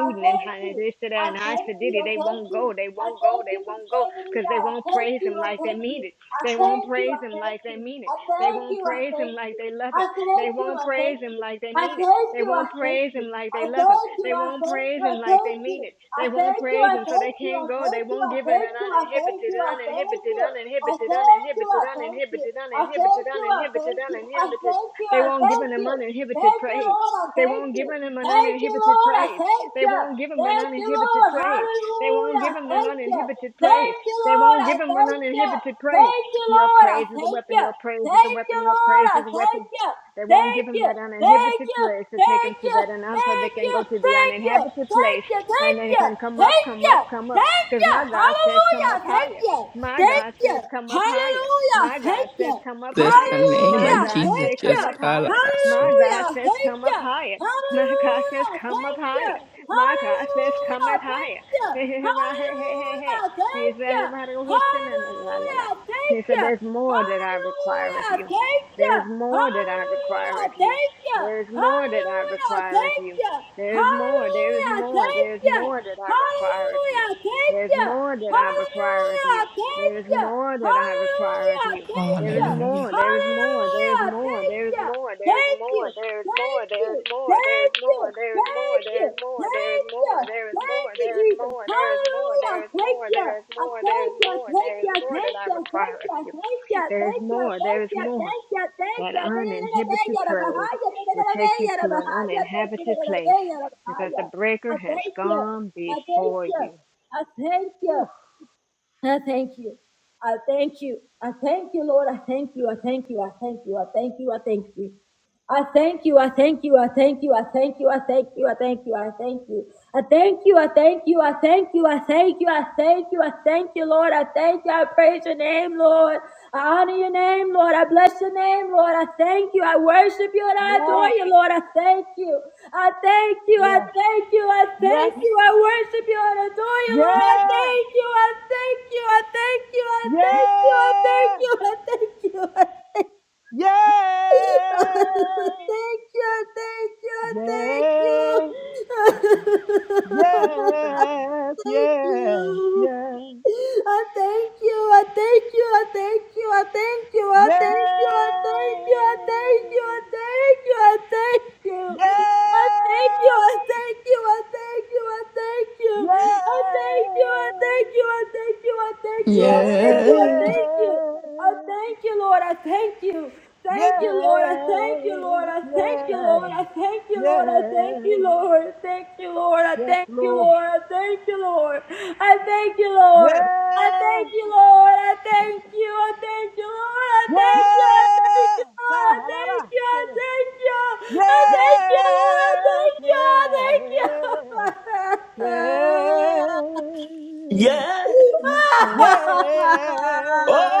Speaker 3: I
Speaker 2: and
Speaker 3: thank
Speaker 2: high and
Speaker 3: you.
Speaker 2: this to that
Speaker 3: I
Speaker 2: and high
Speaker 3: thank you.
Speaker 2: fidity.
Speaker 3: I
Speaker 2: They
Speaker 3: thank
Speaker 2: won't go.
Speaker 3: you.
Speaker 2: They
Speaker 3: I
Speaker 2: won't go.
Speaker 3: thank
Speaker 2: They
Speaker 3: you for
Speaker 2: won't go.
Speaker 3: saving me.
Speaker 2: Because they
Speaker 3: God, I
Speaker 2: won't
Speaker 3: thank
Speaker 2: praise
Speaker 3: you.
Speaker 2: him
Speaker 3: I
Speaker 2: like they
Speaker 3: thank you.
Speaker 2: mean it.
Speaker 3: I
Speaker 2: They won't
Speaker 3: thank you.
Speaker 2: praise
Speaker 3: I
Speaker 2: him
Speaker 3: thank
Speaker 2: like they
Speaker 3: you.
Speaker 2: mean it.
Speaker 3: I
Speaker 2: They
Speaker 3: thank
Speaker 2: won't
Speaker 3: you. I
Speaker 2: praise him
Speaker 3: thank
Speaker 2: like
Speaker 3: you.
Speaker 2: they love
Speaker 3: I
Speaker 2: him. They
Speaker 3: thank you.
Speaker 2: won't
Speaker 3: I
Speaker 2: praise
Speaker 3: thank
Speaker 2: him
Speaker 3: you.
Speaker 2: like they
Speaker 3: I thank
Speaker 2: mean it. They
Speaker 3: you. I
Speaker 2: won't
Speaker 3: thank
Speaker 2: praise
Speaker 3: you.
Speaker 2: him like they
Speaker 3: I
Speaker 2: love him.
Speaker 3: thank you.
Speaker 2: They
Speaker 3: I
Speaker 2: won't
Speaker 3: thank
Speaker 2: praise
Speaker 3: you. I
Speaker 2: him
Speaker 3: thank
Speaker 2: like they
Speaker 3: you.
Speaker 2: mean it.
Speaker 3: I
Speaker 2: They won't praise him, so they can't go. They won't give in an
Speaker 3: thank
Speaker 2: uninhibited,
Speaker 3: you.
Speaker 2: an
Speaker 3: I thank
Speaker 2: uninhibited,
Speaker 3: you. I
Speaker 2: uninhibited,
Speaker 3: thank you,
Speaker 2: uninhibited, uninhibited,
Speaker 3: I thank you,
Speaker 2: uninhibited,
Speaker 3: I
Speaker 2: uninhibited,
Speaker 3: thank you, I thank you, I
Speaker 2: uninhibited.
Speaker 3: thank you,
Speaker 2: They
Speaker 3: I
Speaker 2: won't give
Speaker 3: thank
Speaker 2: in an
Speaker 3: you.
Speaker 2: uninhibited
Speaker 3: Thank you,
Speaker 2: praise.
Speaker 3: Lord, I
Speaker 2: They
Speaker 3: thank
Speaker 2: won't
Speaker 3: you.
Speaker 2: give him an
Speaker 3: Thank you,
Speaker 2: uninhibited
Speaker 3: Lord, I
Speaker 2: praise.
Speaker 3: thank
Speaker 2: They
Speaker 3: you.
Speaker 2: won't give him an
Speaker 3: Thank you,
Speaker 2: uninhibited
Speaker 3: Lord,
Speaker 2: praise. They won't
Speaker 3: hallelujah,
Speaker 2: give
Speaker 3: I
Speaker 2: him an
Speaker 3: thank you.
Speaker 2: uninhibited praise.
Speaker 3: Thank you,
Speaker 2: They
Speaker 3: Lord,
Speaker 2: won't
Speaker 3: I
Speaker 2: give him an
Speaker 3: thank you.
Speaker 2: uninhibited praise.
Speaker 3: Thank you,
Speaker 2: Your
Speaker 3: Lord. I
Speaker 2: praise is a
Speaker 3: thank
Speaker 2: weapon.
Speaker 3: you.
Speaker 2: Your praise is a
Speaker 3: Thank you,
Speaker 2: weapon. Your
Speaker 3: Lord.
Speaker 2: praise
Speaker 3: I
Speaker 2: is a weapon.
Speaker 3: thank you.
Speaker 2: They won't give
Speaker 3: Thank
Speaker 2: him
Speaker 3: you.
Speaker 2: that
Speaker 3: Thank
Speaker 2: uninhibited
Speaker 3: you.
Speaker 2: place to take him
Speaker 3: Thank
Speaker 2: to
Speaker 3: you.
Speaker 2: that un- until they
Speaker 3: Thank
Speaker 2: can
Speaker 3: you.
Speaker 2: go to the
Speaker 3: Thank you. Thank you.
Speaker 2: uninhabited place
Speaker 3: Thank you.
Speaker 2: and then he can come up,
Speaker 3: Thank
Speaker 2: come
Speaker 3: you.
Speaker 2: up, come up.
Speaker 3: Thank
Speaker 2: Because
Speaker 3: you.
Speaker 2: my God says, come
Speaker 3: Hallelujah.
Speaker 2: up
Speaker 3: Thank
Speaker 2: higher.
Speaker 3: you.
Speaker 2: My
Speaker 3: Thank
Speaker 2: God
Speaker 3: you.
Speaker 2: says, come up higher.
Speaker 3: Hallelujah.
Speaker 2: My God
Speaker 3: Thank
Speaker 2: says,
Speaker 3: you.
Speaker 2: come up
Speaker 8: Bless the
Speaker 2: higher.
Speaker 8: name
Speaker 2: My
Speaker 3: Hallelujah.
Speaker 8: of
Speaker 2: God
Speaker 8: Jesus.
Speaker 2: says,
Speaker 3: Thank
Speaker 2: come
Speaker 3: you.
Speaker 8: Just
Speaker 2: up higher.
Speaker 8: calabaso.
Speaker 2: My God
Speaker 3: Hallelujah.
Speaker 2: says,
Speaker 3: Thank
Speaker 2: come up
Speaker 3: you.
Speaker 2: higher. My God says,
Speaker 3: Hallelujah!
Speaker 2: come up
Speaker 3: Thank you!
Speaker 2: higher. My God says, come
Speaker 3: Hallelujah!
Speaker 2: up higher.
Speaker 3: Thank you!
Speaker 2: Hey, hey, hey, hey,
Speaker 3: Hallelujah!
Speaker 2: hey. He
Speaker 3: Thank
Speaker 2: said,
Speaker 3: you!
Speaker 2: "Everybody go, who's in the la, la, la."
Speaker 3: Hallelujah!
Speaker 2: He
Speaker 3: Thank
Speaker 2: said,
Speaker 3: you!
Speaker 2: there's more that I require
Speaker 3: Hallelujah!
Speaker 2: of you.
Speaker 3: Thank you!
Speaker 2: There is more that I
Speaker 3: Hallelujah!
Speaker 2: require of you.
Speaker 3: Thank you!
Speaker 2: There is more that I
Speaker 3: Hallelujah!
Speaker 2: require of
Speaker 3: Thank
Speaker 2: you.
Speaker 3: you!
Speaker 2: There is more, there is
Speaker 3: Hallelujah!
Speaker 2: more,
Speaker 3: Thank
Speaker 2: there is
Speaker 3: you!
Speaker 2: more that I require of you.
Speaker 3: Hallelujah!
Speaker 2: There
Speaker 3: Thank
Speaker 2: is
Speaker 3: you!
Speaker 2: more that I require of
Speaker 3: Hallelujah!
Speaker 2: you.
Speaker 3: Thank
Speaker 2: There is
Speaker 3: you!
Speaker 2: more that I require of
Speaker 3: Hallelujah!
Speaker 2: you.
Speaker 3: Thank
Speaker 2: There is
Speaker 3: you!
Speaker 2: more,
Speaker 8: Hallelujah.
Speaker 2: there is more, there is
Speaker 3: Hallelujah!
Speaker 2: more,
Speaker 3: Thank
Speaker 2: there is
Speaker 3: you!
Speaker 2: more, there is
Speaker 3: Thank you!
Speaker 2: more, there is more,
Speaker 3: Thank you!
Speaker 2: there is
Speaker 3: you.
Speaker 2: more, there is
Speaker 3: Thank you.
Speaker 2: more, there is more,
Speaker 3: Thank
Speaker 2: there
Speaker 3: you.
Speaker 2: is more, there is
Speaker 3: Thank you.
Speaker 2: more, there is
Speaker 3: Thank
Speaker 2: more,
Speaker 3: you,
Speaker 2: there is
Speaker 3: Jesus.
Speaker 2: more, there is more,
Speaker 3: Hallelujah.
Speaker 2: there is
Speaker 3: Thank
Speaker 2: more,
Speaker 3: you.
Speaker 2: there is
Speaker 3: I
Speaker 2: more, there is
Speaker 3: thank you.
Speaker 2: more,
Speaker 3: Thank
Speaker 2: there is
Speaker 3: you.
Speaker 2: more that
Speaker 3: Thank
Speaker 2: I
Speaker 3: you. Thank
Speaker 2: require of
Speaker 3: you.
Speaker 2: you.
Speaker 3: Thank you. Thank you.
Speaker 2: There is
Speaker 3: Thank
Speaker 2: more, there is
Speaker 3: you. Thank
Speaker 2: more.
Speaker 3: you. Thank
Speaker 2: That
Speaker 3: you. Thank
Speaker 2: uninhibited
Speaker 3: you. I thank
Speaker 2: praise
Speaker 3: you. I
Speaker 2: will take you to an uninhabited place because the breaker has gone
Speaker 3: thank
Speaker 2: before
Speaker 3: you.
Speaker 2: you.
Speaker 3: I thank you.
Speaker 2: Whew.
Speaker 3: I thank you. I thank you. I thank you, Lord. I thank you. I thank you. I thank you. I thank you. I thank you. I thank you. I thank you. I thank you. I thank you. I thank you. I thank you. I thank you. I thank you. I thank you. I thank you. I thank you. I thank you. I thank you, Lord. I thank you. I praise your name, Lord. I honor your name, Lord. I bless your name, Lord. I thank you. I worship you and I adore
Speaker 7: Yeah,
Speaker 3: you, Lord. I thank you. I thank you. I thank you. I
Speaker 7: yeah,
Speaker 3: thank you. I worship you and adore you, Lord. I
Speaker 7: yes,
Speaker 3: thank you. I thank you. I thank you. I
Speaker 7: yeah,
Speaker 3: thank you. I thank
Speaker 7: yeah,
Speaker 3: you. I thank you. I thank you. thank
Speaker 7: yeah,
Speaker 3: you, thank you, thank you.
Speaker 7: yeah, yes, yes,
Speaker 3: thank
Speaker 7: yes, yeah, yeah,
Speaker 3: you.
Speaker 7: yeah,
Speaker 3: I thank you, I thank you, I thank you, I thank you, I thank you, I thank you, I thank you, I thank you, I thank you. I thank you, I thank you, I thank you, I thank you. I thank you, I thank you, I thank you, I thank you, I thank you, I
Speaker 8: Yeah.
Speaker 3: thank you. I thank you, Lord. I thank you.
Speaker 7: yeah,
Speaker 3: Thank you, Lord. I thank you,
Speaker 7: yeah,
Speaker 3: Lord. I thank you, Lord.
Speaker 7: yeah,
Speaker 3: I thank you,
Speaker 7: yeah
Speaker 3: Lord. I thank you,
Speaker 7: yeah.
Speaker 3: Lord. Thank you, Lord. I
Speaker 7: Yes,
Speaker 3: thank you,
Speaker 7: Lord.
Speaker 3: Lord. I thank you, Lord. I thank you,
Speaker 7: Yes,
Speaker 3: Lord. I thank you, Lord. I thank you. I thank you, Lord. I
Speaker 7: Yes.
Speaker 3: thank you. I thank you,
Speaker 7: Ah,
Speaker 3: Lord.
Speaker 7: la,
Speaker 3: I
Speaker 7: la,
Speaker 3: thank
Speaker 7: la.
Speaker 3: you. I thank you. I thank you, Lord.
Speaker 7: yes,
Speaker 3: thank you.
Speaker 7: yes, Yes.
Speaker 8: Yeah.
Speaker 3: I
Speaker 7: Yeah. Yeah.
Speaker 3: thank you.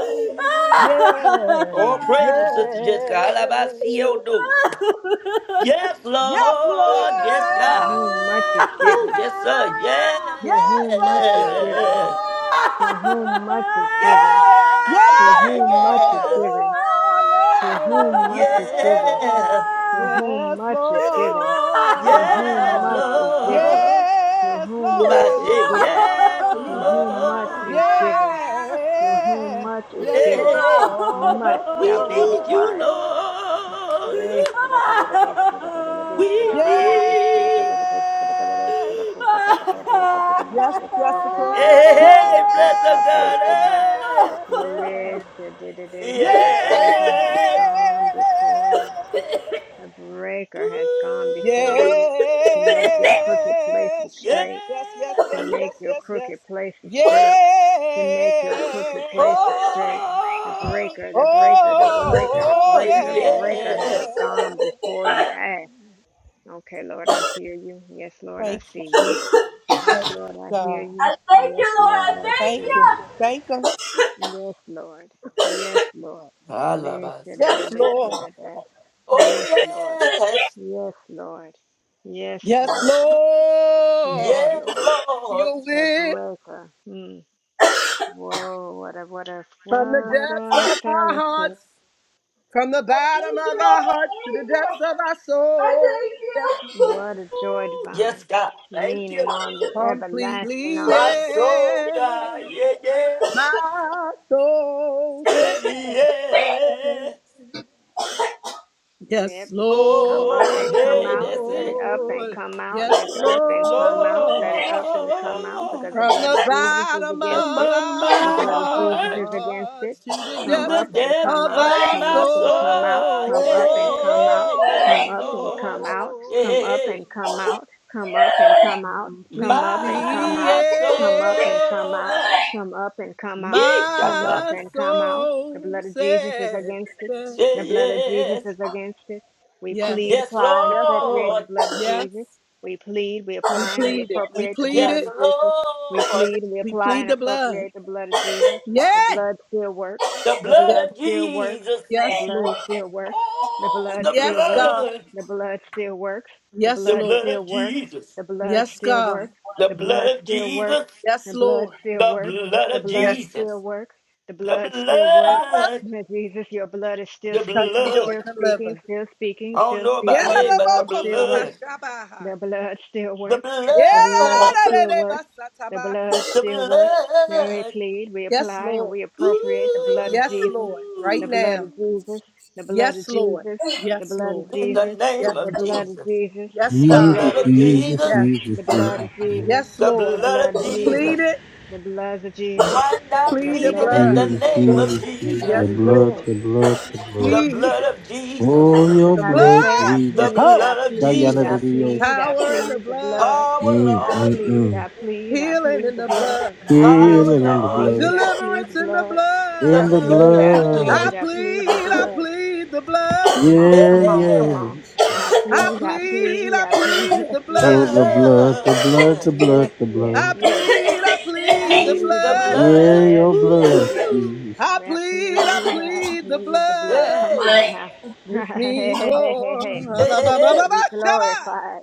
Speaker 8: yeah.
Speaker 3: I
Speaker 7: Yeah.
Speaker 8: Oh,
Speaker 7: Yeah,
Speaker 8: praise
Speaker 7: yeah,
Speaker 8: him, Sister Jessica. Alabasio do. Yes,
Speaker 7: yes,
Speaker 8: Lord. Yes,
Speaker 2: To
Speaker 8: God.
Speaker 2: whom much is
Speaker 7: Lord,
Speaker 8: Woo,
Speaker 2: given,
Speaker 8: yes, sir. Yeah.
Speaker 2: to
Speaker 7: yes,
Speaker 2: whom much is given, to
Speaker 7: Lord,
Speaker 2: whom much is given,
Speaker 8: Yeah,
Speaker 7: Yes,
Speaker 2: to
Speaker 8: yeah,
Speaker 2: whom much is
Speaker 8: yeah.
Speaker 2: given,
Speaker 7: Lord.
Speaker 2: to whom much is given,
Speaker 7: Yeah.
Speaker 8: Yeah.
Speaker 2: to whom
Speaker 7: Yes,
Speaker 2: much is given, to whom
Speaker 8: Yes,
Speaker 7: Lord.
Speaker 2: much is given,
Speaker 8: Lord.
Speaker 2: to
Speaker 7: Yes,
Speaker 2: whom much
Speaker 8: I
Speaker 2: is
Speaker 8: say
Speaker 2: given,
Speaker 8: yes,
Speaker 2: to
Speaker 7: Lord.
Speaker 2: whom much
Speaker 8: Lord.
Speaker 2: is given, to whom
Speaker 7: Yeah.
Speaker 2: much is
Speaker 7: Yes,
Speaker 2: given,
Speaker 8: Hey,
Speaker 7: Lord.
Speaker 2: much
Speaker 7: Yes,
Speaker 2: shall
Speaker 8: we
Speaker 2: be
Speaker 8: need
Speaker 7: Lord.
Speaker 8: you,
Speaker 2: required.
Speaker 8: Lord.
Speaker 2: Re, kada kada kada kada kada kada kada kada kada kada kada
Speaker 8: We
Speaker 2: kada
Speaker 8: need.
Speaker 2: kada kada kada
Speaker 7: Yeah.
Speaker 2: kada ko kata kata ko kata
Speaker 7: Yes,
Speaker 2: ko kaka ko
Speaker 7: Jessica.
Speaker 2: ko ko
Speaker 7: Yes,
Speaker 2: ko
Speaker 8: Hey,
Speaker 2: ko
Speaker 8: bless our
Speaker 2: kate
Speaker 8: God.
Speaker 2: seba.
Speaker 7: yeah.
Speaker 2: Re, de de
Speaker 8: Hey,
Speaker 2: de, because the breaker has
Speaker 8: yes.
Speaker 2: gone before you. The
Speaker 7: Yeah.
Speaker 2: breaker has gone
Speaker 7: Yes,
Speaker 2: before you
Speaker 8: Ooh,
Speaker 2: to make your crooked places
Speaker 8: yeah.
Speaker 7: yes,
Speaker 2: straight
Speaker 7: yes, yes,
Speaker 2: to
Speaker 7: yes,
Speaker 8: Lord.
Speaker 2: make
Speaker 7: yes,
Speaker 2: your
Speaker 7: yes, yes.
Speaker 2: crooked places
Speaker 7: Yeah.
Speaker 2: straight, to make your crooked places straight. The
Speaker 8: Oh,
Speaker 2: breaker, the breaker, the
Speaker 7: Oh,
Speaker 2: breaker, the
Speaker 7: oh,
Speaker 8: oh,
Speaker 2: breaker, the breaker has
Speaker 8: yes.
Speaker 7: yeah.
Speaker 2: gone before you. Ask. Okay, Lord, I hear you. Yes, Lord, I
Speaker 7: Thank you,
Speaker 2: see you.
Speaker 7: Jesus.
Speaker 2: Yes,
Speaker 7: Thank you,
Speaker 2: Lord, I hear
Speaker 7: God.
Speaker 2: you.
Speaker 3: thank
Speaker 2: Yes,
Speaker 3: you, Lord. I
Speaker 2: Lord, I see
Speaker 3: thank
Speaker 7: Thank you.
Speaker 3: you.
Speaker 2: you.
Speaker 7: Thank you.
Speaker 2: Yes, Lord. Yes, Lord. Yes,
Speaker 8: Alabas.
Speaker 2: Lord.
Speaker 7: Yes, Lord.
Speaker 8: Oh,
Speaker 2: Yes, Lord.
Speaker 8: yes.
Speaker 2: Yes, Lord. Yes,
Speaker 7: Yes,
Speaker 2: Lord. Yes,
Speaker 7: Lord.
Speaker 8: Yes,
Speaker 2: Lord.
Speaker 8: Lord.
Speaker 7: Your
Speaker 2: The
Speaker 7: will
Speaker 2: breaker. Hmm. Whoa, what a what a
Speaker 7: from the
Speaker 2: what
Speaker 7: depths
Speaker 2: a
Speaker 7: of our
Speaker 2: fellowship.
Speaker 7: hearts. From the bottom of our hearts to the depths of our soul. Yes, Lord.
Speaker 2: What a joy
Speaker 8: Yes,
Speaker 2: divine.
Speaker 8: God. Thank
Speaker 2: Leaning
Speaker 8: you.
Speaker 2: on the everlasting
Speaker 7: Completely,
Speaker 8: My
Speaker 2: arm.
Speaker 8: soul,
Speaker 7: yeah.
Speaker 8: God. Yeah, yeah.
Speaker 7: My soul
Speaker 8: Said
Speaker 7: says,
Speaker 8: yes.
Speaker 2: Let
Speaker 7: Yes,
Speaker 2: it come up
Speaker 8: Oh,
Speaker 2: and come
Speaker 8: hey,
Speaker 2: out.
Speaker 8: that's
Speaker 2: Let it
Speaker 8: it.
Speaker 2: up and
Speaker 7: Lord.
Speaker 2: come out. Let
Speaker 7: Yes,
Speaker 2: it up and come out. Let
Speaker 7: Lord.
Speaker 2: it up and come out because the
Speaker 8: Lord,
Speaker 7: From
Speaker 2: blood
Speaker 7: the
Speaker 2: of Jesus is
Speaker 7: bottom
Speaker 2: against it.
Speaker 7: of
Speaker 8: above
Speaker 7: our
Speaker 2: The
Speaker 8: my
Speaker 2: blood of Jesus is
Speaker 8: heart
Speaker 2: against it.
Speaker 7: hearts to the
Speaker 8: to
Speaker 2: Come
Speaker 8: the
Speaker 2: up
Speaker 7: depths
Speaker 2: and
Speaker 8: depths
Speaker 2: come
Speaker 7: of
Speaker 2: out.
Speaker 8: of
Speaker 7: our
Speaker 2: Come
Speaker 8: my
Speaker 2: up and come out.
Speaker 8: soul.
Speaker 2: Come up and come out.
Speaker 8: Yeah,
Speaker 7: soul.
Speaker 8: yes,
Speaker 2: Come
Speaker 7: Yes,
Speaker 2: up and
Speaker 8: Lord.
Speaker 2: come out.
Speaker 7: Lord.
Speaker 2: Come up
Speaker 8: Yeah,
Speaker 2: and come out. Come up and come out. Come up and come
Speaker 7: Completely,
Speaker 8: my
Speaker 2: out. Come up and
Speaker 7: yes.
Speaker 2: come out.
Speaker 8: soul.
Speaker 2: Come up and come out.
Speaker 8: Each
Speaker 2: Come up
Speaker 8: other.
Speaker 7: My
Speaker 2: and come out. The
Speaker 7: soul
Speaker 2: blood of Jesus is
Speaker 7: says,
Speaker 2: against it.
Speaker 7: that.
Speaker 2: The
Speaker 8: Say
Speaker 2: blood of Jesus
Speaker 8: yes.
Speaker 2: is against it. We plead,
Speaker 8: Yes,
Speaker 7: yes,
Speaker 2: apply, and
Speaker 7: yes,
Speaker 2: appropriate
Speaker 7: Lord,
Speaker 2: the
Speaker 8: Lord.
Speaker 2: blood of
Speaker 7: yes.
Speaker 2: Jesus. We plead, we
Speaker 7: We
Speaker 2: apply, and we
Speaker 7: plead it. We
Speaker 2: appropriate the
Speaker 7: plead
Speaker 2: blood
Speaker 8: Yes,
Speaker 2: of
Speaker 7: it.
Speaker 2: Jesus. We
Speaker 8: Lord,
Speaker 2: plead, we
Speaker 7: We
Speaker 2: apply,
Speaker 7: plead
Speaker 2: and
Speaker 7: the blood.
Speaker 2: appropriate the blood of Jesus.
Speaker 7: Yay!
Speaker 2: The blood still works.
Speaker 8: the
Speaker 2: The
Speaker 8: blood
Speaker 7: Yes,
Speaker 2: blood
Speaker 8: of
Speaker 2: still works.
Speaker 8: Jesus.
Speaker 2: The
Speaker 7: yes,
Speaker 2: blood
Speaker 7: Lord.
Speaker 2: still works. The
Speaker 8: Oh,
Speaker 2: blood
Speaker 8: the
Speaker 2: still
Speaker 7: Yes,
Speaker 2: works.
Speaker 7: God.
Speaker 8: blood,
Speaker 2: The blood still works. The
Speaker 7: Yes,
Speaker 8: the
Speaker 2: blood
Speaker 7: Lord.
Speaker 8: blood
Speaker 2: still
Speaker 8: of
Speaker 2: works.
Speaker 8: Jesus,
Speaker 2: The blood
Speaker 7: Yes,
Speaker 2: still
Speaker 7: God.
Speaker 2: works.
Speaker 8: the
Speaker 2: The blood
Speaker 8: blood of
Speaker 2: still works.
Speaker 8: Jesus,
Speaker 7: Yes,
Speaker 2: The blood
Speaker 7: Lord.
Speaker 2: still
Speaker 8: the
Speaker 2: works.
Speaker 8: blood
Speaker 2: The
Speaker 8: of
Speaker 2: blood
Speaker 7: Yes,
Speaker 2: still
Speaker 8: Jesus,
Speaker 2: works. The
Speaker 8: the
Speaker 2: blood still works.
Speaker 7: Father.
Speaker 8: blood,
Speaker 2: Lord Jesus, your blood is still
Speaker 8: the
Speaker 7: Touch,
Speaker 2: speaking,
Speaker 7: heal,
Speaker 2: still
Speaker 8: blood.
Speaker 7: and
Speaker 2: speaking,
Speaker 7: deliver.
Speaker 2: still speaking,
Speaker 8: I don't
Speaker 2: still
Speaker 8: know about
Speaker 2: speaking. The
Speaker 8: hey, but the
Speaker 2: blood still works.
Speaker 8: blood,
Speaker 2: The blood still
Speaker 8: the
Speaker 2: works. The blood
Speaker 8: blood,
Speaker 2: still works. The blood
Speaker 7: Yadadabokosabashabahai.
Speaker 8: the
Speaker 2: still works. Now we
Speaker 8: blood.
Speaker 2: plead, we
Speaker 7: Yes,
Speaker 2: apply, and
Speaker 7: Lord.
Speaker 2: we appropriate the blood of
Speaker 7: Yes,
Speaker 2: Jesus,
Speaker 7: Lord. Right
Speaker 2: the blood
Speaker 7: now.
Speaker 2: of
Speaker 8: Ooh,
Speaker 2: Jesus, the blood of
Speaker 7: Yes, Lord.
Speaker 2: Jesus, the
Speaker 7: Yes,
Speaker 2: blood of
Speaker 7: Lord.
Speaker 8: in the
Speaker 2: Jesus,
Speaker 8: name
Speaker 7: Yes,
Speaker 2: the
Speaker 8: of
Speaker 7: Lord.
Speaker 2: blood of
Speaker 8: Jesus,
Speaker 2: Jesus,
Speaker 7: Yes,
Speaker 2: the
Speaker 8: the
Speaker 7: God.
Speaker 2: blood
Speaker 8: blood
Speaker 2: of
Speaker 8: of
Speaker 2: Jesus,
Speaker 7: Yes.
Speaker 8: Jesus,
Speaker 2: the blood of Jesus,
Speaker 7: Yes,
Speaker 8: the
Speaker 7: Lord.
Speaker 2: the
Speaker 8: blood
Speaker 2: blood
Speaker 8: of
Speaker 2: of
Speaker 7: We
Speaker 2: Jesus,
Speaker 7: plead
Speaker 8: Jesus.
Speaker 7: it.
Speaker 2: the blood of Jesus,
Speaker 8: Right
Speaker 7: We
Speaker 8: now,
Speaker 2: the
Speaker 7: plead the
Speaker 2: blood
Speaker 8: pleaded
Speaker 2: of
Speaker 8: in
Speaker 7: blood.
Speaker 8: the
Speaker 2: Jesus,
Speaker 8: name of
Speaker 2: the
Speaker 7: Yes,
Speaker 2: blood
Speaker 8: Jesus,
Speaker 2: of Jesus.
Speaker 7: Lord.
Speaker 8: the
Speaker 7: Jesus.
Speaker 8: blood of
Speaker 2: Yep,
Speaker 8: Jesus,
Speaker 2: but just
Speaker 7: The
Speaker 2: how they say, I
Speaker 7: blood.
Speaker 8: the
Speaker 2: plead, I
Speaker 8: blood of
Speaker 2: plead, I
Speaker 8: Jesus,
Speaker 2: plead, I
Speaker 7: Power in the
Speaker 2: plead the
Speaker 7: blood.
Speaker 2: blood.
Speaker 8: power,
Speaker 2: I
Speaker 8: Lord,
Speaker 2: plead, I plead, I
Speaker 7: Healing
Speaker 2: plead
Speaker 7: in
Speaker 2: the
Speaker 7: the
Speaker 2: blood.
Speaker 7: blood.
Speaker 2: I
Speaker 8: power,
Speaker 2: plead, I
Speaker 8: Lord,
Speaker 2: plead, I plead
Speaker 7: Deliverance
Speaker 2: the
Speaker 7: in the
Speaker 2: blood.
Speaker 8: the
Speaker 2: I
Speaker 7: blood.
Speaker 2: plead, I
Speaker 7: I
Speaker 2: plead,
Speaker 8: blood,
Speaker 2: I plead the
Speaker 7: plead, I
Speaker 2: blood.
Speaker 7: plead the blood.
Speaker 2: Come on,
Speaker 8: yeah,
Speaker 2: come
Speaker 8: yeah,
Speaker 2: on, come
Speaker 8: yeah,
Speaker 2: on. I
Speaker 7: I
Speaker 2: plead, I
Speaker 7: plead,
Speaker 2: plead,
Speaker 7: I
Speaker 2: I plead,
Speaker 7: plead the
Speaker 8: the
Speaker 2: yes,
Speaker 7: blood.
Speaker 2: yes,
Speaker 8: blood,
Speaker 2: yes, yes,
Speaker 7: I
Speaker 2: yes,
Speaker 7: plead, I
Speaker 2: yes. I
Speaker 7: plead the
Speaker 8: plead
Speaker 2: plead
Speaker 8: the
Speaker 2: the
Speaker 7: blood.
Speaker 2: blood,
Speaker 8: blood,
Speaker 2: yes, yes, yes.
Speaker 8: Ooh.
Speaker 7: I
Speaker 2: I
Speaker 7: plead, I
Speaker 2: plead, I
Speaker 7: plead the
Speaker 2: plead the blood.
Speaker 7: blood.
Speaker 2: Come
Speaker 8: hey,
Speaker 2: on, huh?
Speaker 7: This
Speaker 2: hey, hey,
Speaker 7: means
Speaker 2: hey, hey,
Speaker 7: war.
Speaker 2: hey.
Speaker 8: hey, hey, hey,
Speaker 2: Be
Speaker 7: Alabababashaba.
Speaker 2: glorified.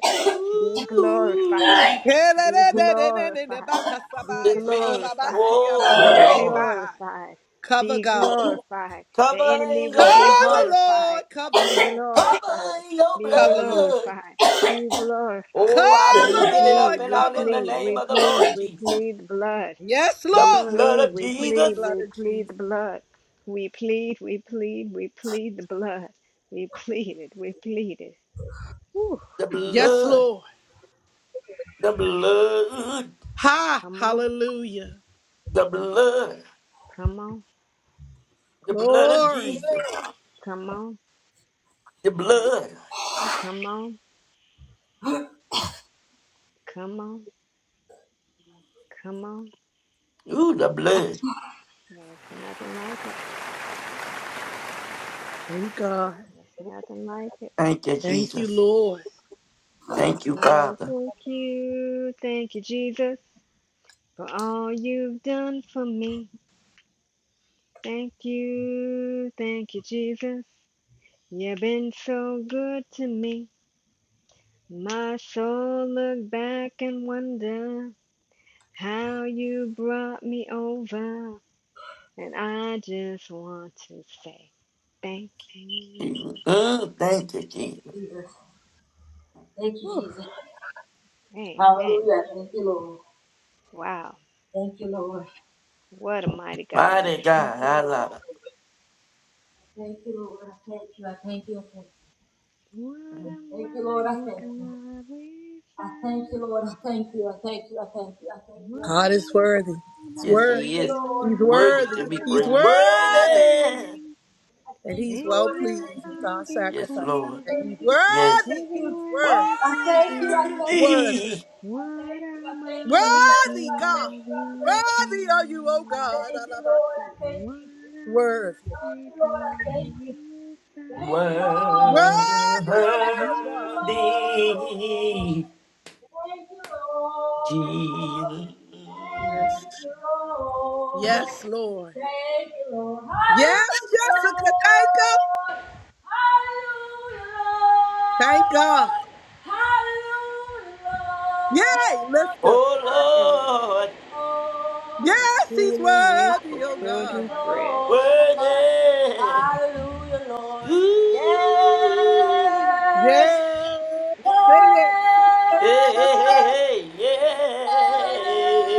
Speaker 2: Be glorified.
Speaker 8: Ooh.
Speaker 2: Be glorified.
Speaker 7: Kelelelelelelelebakasabaya.
Speaker 2: Be
Speaker 8: this means,
Speaker 2: glorified.
Speaker 8: oh
Speaker 2: Be
Speaker 8: Lord,
Speaker 7: Hababasiyabashekebaha.
Speaker 2: glorified.
Speaker 7: Cover
Speaker 2: Be
Speaker 7: God.
Speaker 2: glorified. The
Speaker 8: cover
Speaker 2: enemy
Speaker 8: in
Speaker 2: will
Speaker 8: your
Speaker 2: be
Speaker 7: Cover
Speaker 8: blood,
Speaker 2: horrified.
Speaker 7: Lord. Cover
Speaker 2: Be
Speaker 7: Lord.
Speaker 2: glorified.
Speaker 8: cover in your
Speaker 2: Be
Speaker 7: Cover Lord.
Speaker 8: blood.
Speaker 2: glorified. Be glorified.
Speaker 8: Oh, I
Speaker 2: Because
Speaker 8: mean,
Speaker 2: we
Speaker 7: Cover
Speaker 8: get it
Speaker 2: plead,
Speaker 8: up
Speaker 7: Lord.
Speaker 8: and
Speaker 2: we
Speaker 8: out in the
Speaker 7: Cover
Speaker 2: plead,
Speaker 8: name
Speaker 2: we
Speaker 7: Lord.
Speaker 8: of the
Speaker 2: plead,
Speaker 8: Lord
Speaker 2: we
Speaker 8: Jesus.
Speaker 2: plead the blood.
Speaker 7: Yes,
Speaker 8: The
Speaker 2: We
Speaker 7: Lord.
Speaker 2: plead,
Speaker 8: blood of
Speaker 2: we
Speaker 7: Plead the
Speaker 2: plead,
Speaker 8: Jesus,
Speaker 7: blood
Speaker 2: we
Speaker 7: of
Speaker 2: plead
Speaker 7: Jesus.
Speaker 2: the blood. We plead, we plead, we plead the blood. We plead it, we plead it. Whew,
Speaker 8: the
Speaker 7: Yes,
Speaker 2: glory.
Speaker 8: blood,
Speaker 7: Lord.
Speaker 8: the blood,
Speaker 7: Ha.
Speaker 2: Come on,
Speaker 7: Hallelujah.
Speaker 8: the blood,
Speaker 2: come on,
Speaker 8: the blood of
Speaker 7: Glory.
Speaker 8: Jesus,
Speaker 2: come on,
Speaker 8: the blood.
Speaker 2: come on, come on, come on.
Speaker 8: Ooh, the blood.
Speaker 2: There's nothing like it.
Speaker 7: Thank God.
Speaker 2: There's nothing like it.
Speaker 8: Thank you,
Speaker 7: Thank you,
Speaker 8: Jesus.
Speaker 7: Lord.
Speaker 8: Thank you,
Speaker 2: Wanna
Speaker 8: Father.
Speaker 2: thank you, thank you, Jesus, for all you've done for me. Thank you, thank you, Jesus. You've been so good to me. My soul look back and wonder how you brought me over. And I just want to say thank you.
Speaker 8: Mm, thank you,
Speaker 3: Thank you,
Speaker 8: Jesus.
Speaker 3: Jesus. Thank you,
Speaker 2: Whew,
Speaker 3: Jesus.
Speaker 2: amen.
Speaker 3: Hallelujah. Thank you, Lord.
Speaker 2: Wow.
Speaker 3: Thank you, Lord.
Speaker 2: What a mighty God we
Speaker 8: Mighty
Speaker 2: serve.
Speaker 3: Thank
Speaker 8: God,
Speaker 3: you,
Speaker 8: I
Speaker 3: Lord.
Speaker 8: love it.
Speaker 3: Thank you, Lord. I thank you. I thank you. I thank you.
Speaker 2: What a
Speaker 3: Thank you, Lord. I thank
Speaker 2: mighty
Speaker 3: you.
Speaker 2: God we
Speaker 3: I thank
Speaker 2: serve.
Speaker 3: you, Lord. I thank you. I thank you. I thank you. I thank
Speaker 2: What
Speaker 3: you. I
Speaker 7: God
Speaker 3: thank
Speaker 2: a
Speaker 7: is
Speaker 3: you.
Speaker 7: worthy.
Speaker 3: I
Speaker 7: He's
Speaker 2: mighty
Speaker 8: Yes,
Speaker 3: thank you,
Speaker 7: worthy.
Speaker 8: He is
Speaker 2: God
Speaker 3: Lord.
Speaker 7: He's
Speaker 2: we
Speaker 8: worthy
Speaker 7: worthy.
Speaker 8: to be
Speaker 7: He's
Speaker 8: praised.
Speaker 2: serve.
Speaker 8: Worthy.
Speaker 7: worthy.
Speaker 3: I
Speaker 7: And
Speaker 3: thank you,
Speaker 7: he's well
Speaker 3: Lord. I
Speaker 2: Angels
Speaker 7: pleased
Speaker 3: thank
Speaker 7: with
Speaker 3: you.
Speaker 2: bow
Speaker 7: our
Speaker 8: Yes,
Speaker 7: sacrifice
Speaker 3: I
Speaker 2: before
Speaker 8: Lord.
Speaker 7: today.
Speaker 3: thank
Speaker 2: him.
Speaker 7: He's
Speaker 3: you. I thank you.
Speaker 8: Yes.
Speaker 7: worthy.
Speaker 2: Heaven
Speaker 7: He's
Speaker 2: and
Speaker 7: worthy.
Speaker 2: earth
Speaker 3: I thank you. I thank you. I thank you. I
Speaker 2: adore him.
Speaker 7: Worthy.
Speaker 8: Worthy.
Speaker 2: What
Speaker 3: thank you. I thank you. I thank you. I thank
Speaker 2: a mighty
Speaker 7: Worthy God.
Speaker 2: God we
Speaker 3: you,
Speaker 7: Worthy are you, O
Speaker 3: I
Speaker 2: serve.
Speaker 7: God.
Speaker 3: thank you, Lord. I
Speaker 7: Alabasia.
Speaker 3: thank
Speaker 2: What
Speaker 3: you.
Speaker 2: am I
Speaker 7: Worthy.
Speaker 2: becoming without?
Speaker 8: Worthy
Speaker 7: Worthy are you, O
Speaker 2: What
Speaker 7: God.
Speaker 2: am I?
Speaker 8: Jesus.
Speaker 7: Yes. Yes, Lord. Yes, Jessica. Thank God. Thank God. Yay, lift up.
Speaker 2: Everyone,
Speaker 8: Oh Lord,
Speaker 7: Yes,
Speaker 2: because
Speaker 7: he's
Speaker 2: healing is
Speaker 7: worthy,
Speaker 2: the
Speaker 7: oh
Speaker 2: children's
Speaker 7: God.
Speaker 2: bread.
Speaker 8: worthy you.
Speaker 7: Yes. Sing it. Sing it. Sing it.
Speaker 8: Hey,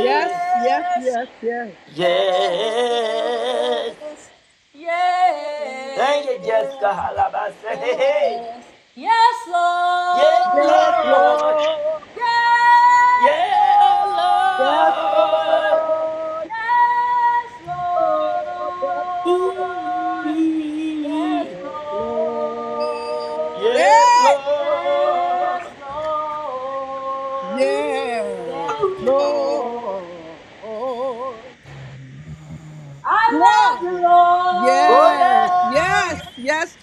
Speaker 7: Yes, yes, yes, yes.
Speaker 8: yeah. Yes. Thank you, Jessica Halabasa. Hey, hey. Yeah,
Speaker 7: Yes,
Speaker 8: Lord.
Speaker 7: Lord.
Speaker 8: Yeah,
Speaker 7: Yes,
Speaker 8: Lord.
Speaker 7: Lord.
Speaker 3: Yes,
Speaker 7: Lord. Yes,
Speaker 3: Lord.
Speaker 7: Lord.
Speaker 3: Yes,
Speaker 8: Ooh,
Speaker 7: Yes, Lord.
Speaker 3: Lord.
Speaker 8: yeah,
Speaker 7: Hey!
Speaker 3: Yes,
Speaker 8: Lord.
Speaker 3: Lord.
Speaker 7: Yes,
Speaker 3: Yes,
Speaker 8: Ooh.
Speaker 3: Lord.
Speaker 7: Lord.
Speaker 3: I love you,
Speaker 7: Glory.
Speaker 8: Oh,
Speaker 7: Yes,
Speaker 8: yes.
Speaker 7: yes,
Speaker 3: Lord.
Speaker 7: yes,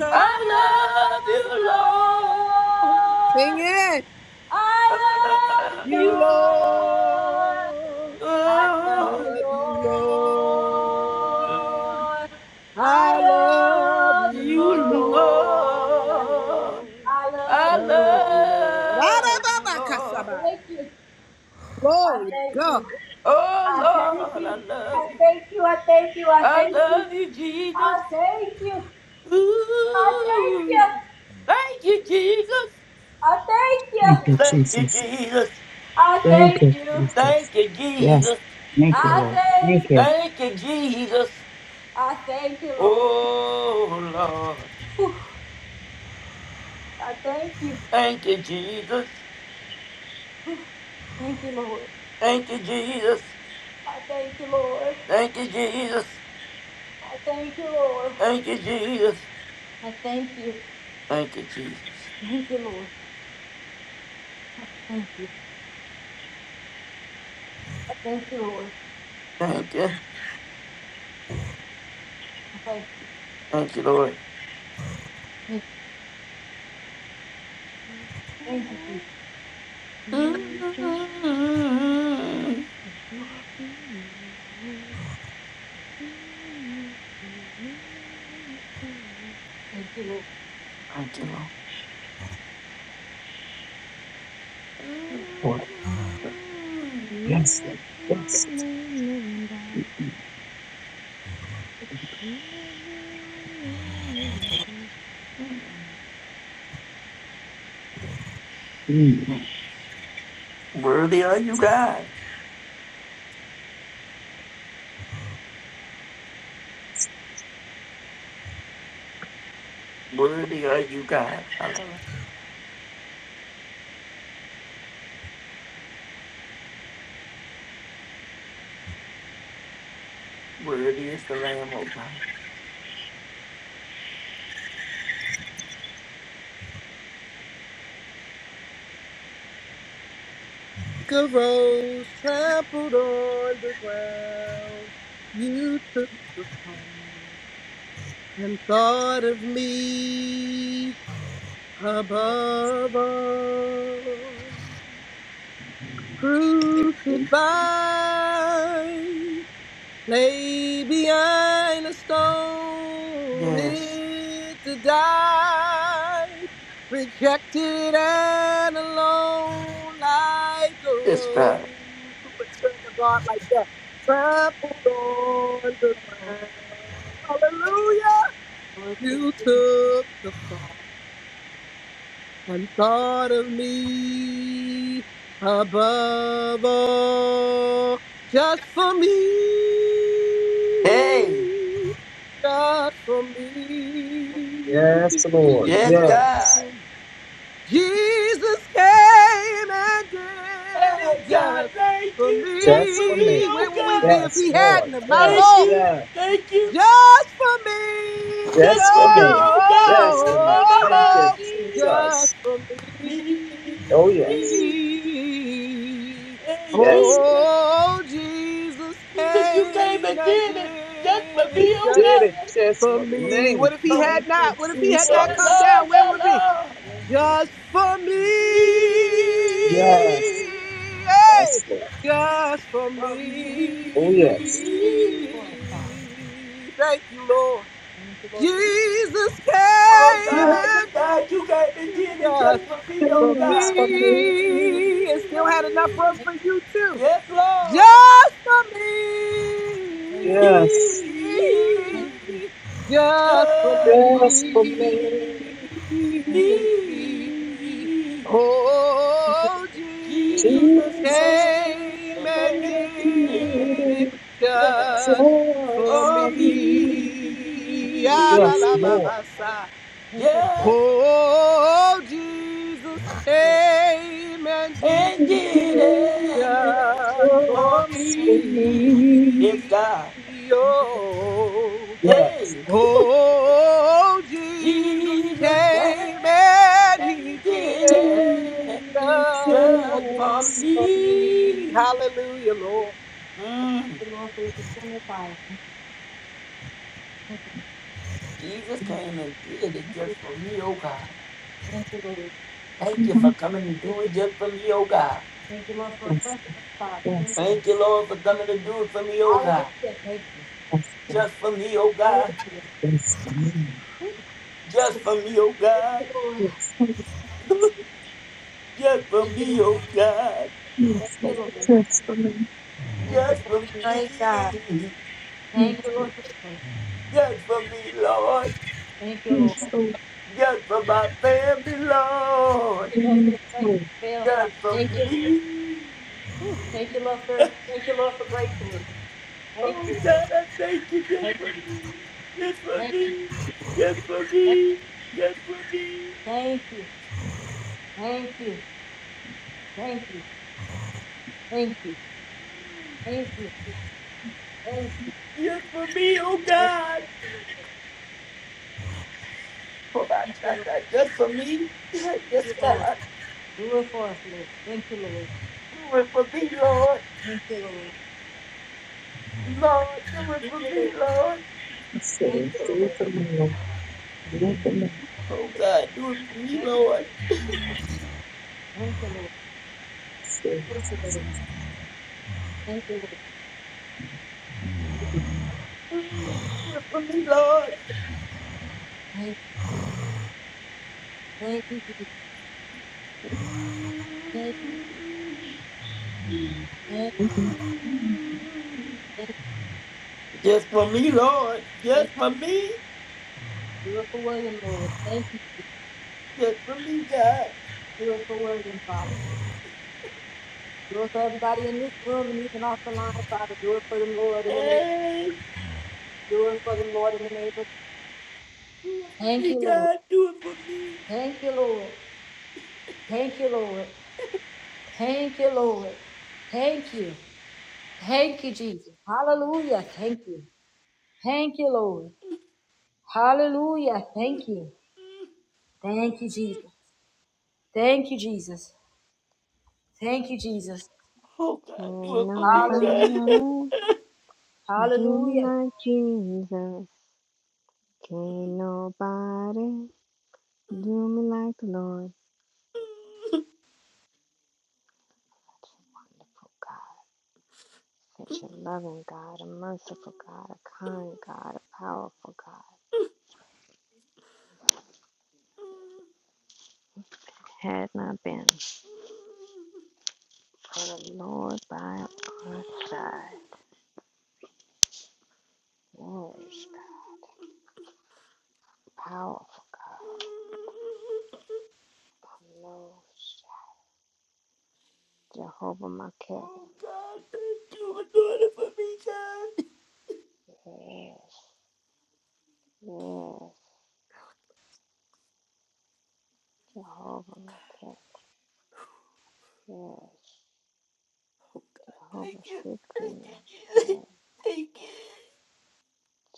Speaker 3: I
Speaker 8: I love
Speaker 3: love you,
Speaker 8: you, Lord.
Speaker 7: Sing
Speaker 3: Lord.
Speaker 7: it.
Speaker 3: I
Speaker 8: I
Speaker 3: love you,
Speaker 8: love
Speaker 3: Lord.
Speaker 7: You,
Speaker 8: you, Lord.
Speaker 7: Lord.
Speaker 3: I love you, Lord. I love you,
Speaker 7: I
Speaker 8: Oh,
Speaker 7: love you, Lord.
Speaker 8: Mm,
Speaker 7: I love
Speaker 8: You,
Speaker 7: you,
Speaker 3: Lord.
Speaker 8: Lord.
Speaker 3: I
Speaker 7: Lord.
Speaker 3: love
Speaker 8: I
Speaker 3: you,
Speaker 7: Love
Speaker 3: Lord.
Speaker 7: you, Lord.
Speaker 8: love you, Lord.
Speaker 7: Arababakasaba.
Speaker 3: Thank you. I
Speaker 7: Glory to
Speaker 3: thank
Speaker 7: God.
Speaker 3: you.
Speaker 8: Oh,
Speaker 3: I thank
Speaker 8: Lord, I
Speaker 3: you. I
Speaker 8: love you.
Speaker 3: thank you. I thank you. I
Speaker 8: I
Speaker 3: thank you.
Speaker 8: love you, Jesus.
Speaker 3: I thank you.
Speaker 8: Ooh, thank you, Jesus.
Speaker 3: I thank
Speaker 4: Thank
Speaker 3: you.
Speaker 4: you,
Speaker 8: Thank you,
Speaker 4: Jesus.
Speaker 8: Jesus.
Speaker 3: I
Speaker 4: Thank
Speaker 3: thank you. I thank
Speaker 4: you,
Speaker 3: you.
Speaker 4: Jesus.
Speaker 8: Thank you,
Speaker 4: Yes.
Speaker 8: Jesus.
Speaker 4: Thank you,
Speaker 3: I
Speaker 4: Lord. Thank
Speaker 3: thank.
Speaker 4: you,
Speaker 8: Thank you, Jesus.
Speaker 3: I thank you, Lord.
Speaker 8: Oh, Lord.
Speaker 3: Whew. I thank you.
Speaker 8: Thank you, Jesus.
Speaker 3: Thank you, Lord.
Speaker 8: Thank you, Jesus.
Speaker 3: I thank you, Lord.
Speaker 8: Thank you, Jesus.
Speaker 3: I thank you, Lord.
Speaker 8: Thank you, Jesus.
Speaker 3: I thank you.
Speaker 8: Thank you, Jesus.
Speaker 3: Thank you, Lord. I thank you, Lord.
Speaker 8: Thank you.
Speaker 3: I thank
Speaker 8: Thank you, Lord.
Speaker 2: You're the
Speaker 3: Thank you.
Speaker 2: only
Speaker 8: Mm,
Speaker 2: living
Speaker 8: Thank you, Lord.
Speaker 4: Lord.
Speaker 8: Mm.
Speaker 4: Yes, Lord. Yes.
Speaker 2: God. You're the only living God.
Speaker 4: Mm.
Speaker 8: Worthy are you, God. Worthy are you, God. Worthy is the Lamb of God.
Speaker 7: Like a rose trampled on the ground, you took the fall and thought of me above all.
Speaker 4: Thank you.
Speaker 7: Crucified Lay behind a stone
Speaker 8: Yes.
Speaker 7: it to die, rejected and alone like a
Speaker 8: Yes, God.
Speaker 7: rose. Who would serve a God like that? Trampled on the ground. Hallelujah! You took the fall and thought of me above all, just for me,
Speaker 8: Hey.
Speaker 7: just for me
Speaker 4: Yes, Lord.
Speaker 8: Yes,
Speaker 7: and you
Speaker 8: God.
Speaker 4: Yes.
Speaker 7: too. Jesus came and did
Speaker 8: Hey,
Speaker 7: it
Speaker 8: God.
Speaker 7: just
Speaker 8: Thank
Speaker 7: for
Speaker 8: you. Just
Speaker 4: Just
Speaker 8: for
Speaker 4: for
Speaker 8: me,
Speaker 4: me.
Speaker 7: me.
Speaker 8: oh
Speaker 7: Where would we be
Speaker 8: God.
Speaker 7: if
Speaker 4: Yes,
Speaker 7: he
Speaker 4: Lord.
Speaker 7: hadn't of my
Speaker 4: Yes,
Speaker 8: Thank
Speaker 7: Lord?
Speaker 8: you.
Speaker 4: yes.
Speaker 8: Thank you.
Speaker 7: just for me.
Speaker 8: Just for me,
Speaker 4: Blasphemy.
Speaker 8: oh God. Oh, my,
Speaker 4: Blasphemy.
Speaker 8: my,
Speaker 4: Thank
Speaker 8: my.
Speaker 4: you,
Speaker 7: Oh,
Speaker 8: Jesus.
Speaker 7: just
Speaker 4: Jesus.
Speaker 7: for me.
Speaker 4: Oh, yes.
Speaker 8: Me. Hey,
Speaker 4: Yes. Lord.
Speaker 8: Jesus.
Speaker 7: Oh, Jesus
Speaker 8: Jesus, you came
Speaker 7: came
Speaker 8: and
Speaker 7: and
Speaker 8: did it. Just for
Speaker 7: did it
Speaker 4: He
Speaker 8: me, oh
Speaker 7: just
Speaker 4: did it
Speaker 8: God.
Speaker 4: just
Speaker 7: for
Speaker 4: for
Speaker 7: me.
Speaker 4: me.
Speaker 7: What if he
Speaker 4: Thank
Speaker 7: had
Speaker 8: Um,
Speaker 4: you,
Speaker 7: not? What if he had not
Speaker 8: yeah,
Speaker 7: come
Speaker 4: Jesus.
Speaker 8: Lord.
Speaker 7: down? Where
Speaker 8: Yeah,
Speaker 7: would we?
Speaker 8: Lord.
Speaker 7: just for me.
Speaker 4: Yes.
Speaker 8: Me.
Speaker 7: Hey,
Speaker 4: Yes, Lord.
Speaker 7: just for
Speaker 8: For
Speaker 4: Oh, yes.
Speaker 8: me.
Speaker 7: me. Thank you, Lord. Jesus
Speaker 8: Oh
Speaker 7: came
Speaker 4: Yes,
Speaker 8: God,
Speaker 7: and did
Speaker 8: God, you gave me
Speaker 7: it
Speaker 8: dinner just
Speaker 7: just
Speaker 8: for me,
Speaker 7: for
Speaker 8: oh God.
Speaker 4: for me.
Speaker 7: me. and still had enough room for you too.
Speaker 8: Yes,
Speaker 7: Just for
Speaker 8: Lord,
Speaker 7: me.
Speaker 4: Yes.
Speaker 8: He
Speaker 7: Just for
Speaker 8: just for
Speaker 4: Yes, for me.
Speaker 8: me.
Speaker 7: me.
Speaker 8: He,
Speaker 7: Oh, Jesus
Speaker 8: Jesus
Speaker 4: Jesus,
Speaker 8: came
Speaker 4: you.
Speaker 7: came
Speaker 8: and
Speaker 7: and
Speaker 8: did it
Speaker 7: did it
Speaker 8: just
Speaker 7: just for
Speaker 4: Jesus,
Speaker 8: for
Speaker 4: for me.
Speaker 7: me. Ya la
Speaker 4: Yes,
Speaker 7: la ba
Speaker 8: me.
Speaker 4: Lord.
Speaker 7: ba sa.
Speaker 8: Just
Speaker 7: Oh, Jesus came and did
Speaker 8: and
Speaker 4: Yes. Yes.
Speaker 8: did
Speaker 7: it
Speaker 8: it
Speaker 7: just for
Speaker 8: for me. It's
Speaker 7: me.
Speaker 8: God.
Speaker 7: Oh,
Speaker 4: Yes.
Speaker 8: Hey,
Speaker 7: oh, Jesus
Speaker 8: Jesus
Speaker 7: came
Speaker 8: came
Speaker 7: and
Speaker 8: and
Speaker 7: he did
Speaker 8: did
Speaker 7: it
Speaker 8: it
Speaker 7: just for
Speaker 8: just for
Speaker 7: me.
Speaker 8: me.
Speaker 7: Hallelujah, Lord.
Speaker 8: Mm. Jesus came and did it just for me, oh God.
Speaker 3: Thank you, Lord.
Speaker 8: Thank you for coming to do it just for me, oh God. Thank
Speaker 4: Yes.
Speaker 8: you, Lord, for coming to do it for me, oh God. Just for me, oh God.
Speaker 4: Yes. for me.
Speaker 8: Just
Speaker 4: So,
Speaker 8: for me, oh God.
Speaker 4: Yes. so,
Speaker 8: just for me, oh God.
Speaker 4: Yes. Yes. so, Yes. for me.
Speaker 8: Just for me.
Speaker 4: Yes. so,
Speaker 8: Just for me, Lord.
Speaker 4: Yes. so,
Speaker 8: Just for my family,
Speaker 3: Thank
Speaker 8: Lord.
Speaker 3: you, Lord, for the
Speaker 4: Yes.
Speaker 3: faith that
Speaker 4: so,
Speaker 3: fails. Father.
Speaker 8: Just for
Speaker 3: Thank you, Lord.
Speaker 8: me.
Speaker 3: Thank you, Lord, for thank you, Lord, for breakthrough. Thank
Speaker 8: Oh,
Speaker 3: you,
Speaker 8: God, I thank you just
Speaker 3: thank you,
Speaker 8: for me. Just for
Speaker 3: thank you,
Speaker 8: me. Just for me. Just for me.
Speaker 3: thank you, thank you, thank you, thank you, thank you, thank you,
Speaker 8: Just for me, oh, God. For my- Just for me. Yes, God. Do it for me, Lord. Lord, do it for me, Lord.
Speaker 4: so, do it for me, Lord. Do it for me.
Speaker 8: Oh, God, do it for me, Lord.
Speaker 4: So, so, so, so,
Speaker 8: Just for me, Lord.
Speaker 3: thank you, thank you thank you,
Speaker 4: mm,
Speaker 3: thank
Speaker 4: okay.
Speaker 3: you,
Speaker 8: Just for me, Lord.
Speaker 3: thank you,
Speaker 8: Just for me.
Speaker 3: do it for William, Lord, thank you,
Speaker 8: Just for me, God.
Speaker 3: do it for William, Father, do it for everybody in this room,
Speaker 8: Hey,
Speaker 3: do it for the Lord in the name
Speaker 8: do it for
Speaker 3: thank
Speaker 8: me,
Speaker 3: you, Lord,
Speaker 8: God. Do it for me.
Speaker 3: thank you, Lord, thank you, Lord, thank you, Lord, thank you, thank you, Jesus, hallelujah, thank you, thank you, Lord, hallelujah, thank you, thank you, Jesus. Thank you, Jesus. Thank you, Jesus.
Speaker 8: Oh, God, do
Speaker 2: Can
Speaker 8: it for me,
Speaker 3: Hallelujah.
Speaker 8: God.
Speaker 2: nobody do me
Speaker 3: Hallelujah.
Speaker 2: like Jesus? Can't nobody do me like the Lord. Oh God, such a loving God, a merciful God, a kind God, a powerful God. Had not been for the Lord by our side. Glorious God, powerful God, knows Jehovah Maketh.
Speaker 8: Oh, God, thank you for doing it for me, God.
Speaker 2: Yes, yes, Jehovah Maketh. Yes,
Speaker 8: Thank
Speaker 2: Jehovah
Speaker 8: you. Thank
Speaker 2: Sikhinu.
Speaker 8: you, Jesus.
Speaker 2: Yes,
Speaker 8: Thank you.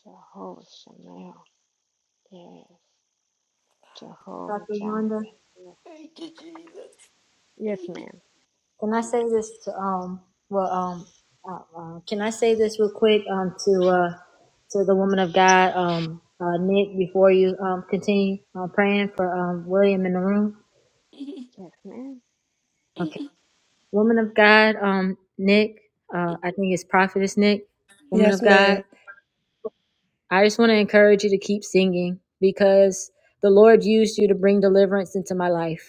Speaker 2: Jehovah Shemel, Yes, Jehovah
Speaker 3: Dr. Yonda,
Speaker 2: Jireh.
Speaker 8: Thank you, Jesus.
Speaker 2: Yes, ma'am.
Speaker 3: can I say this to, um, well, um, uh, uh, can I say this real quick, um, to, uh, to the woman of God, um, uh, Nick, before you, um, continue, uh, praying for, um, William in the room?
Speaker 2: Yes, ma'am.
Speaker 3: Okay. Woman of God, um, Nick, uh, I think it's Prophetess Nick, woman of
Speaker 7: Yes,
Speaker 3: God,
Speaker 7: ma'am.
Speaker 3: I just want to encourage you to keep singing because the Lord used you to bring deliverance into my life.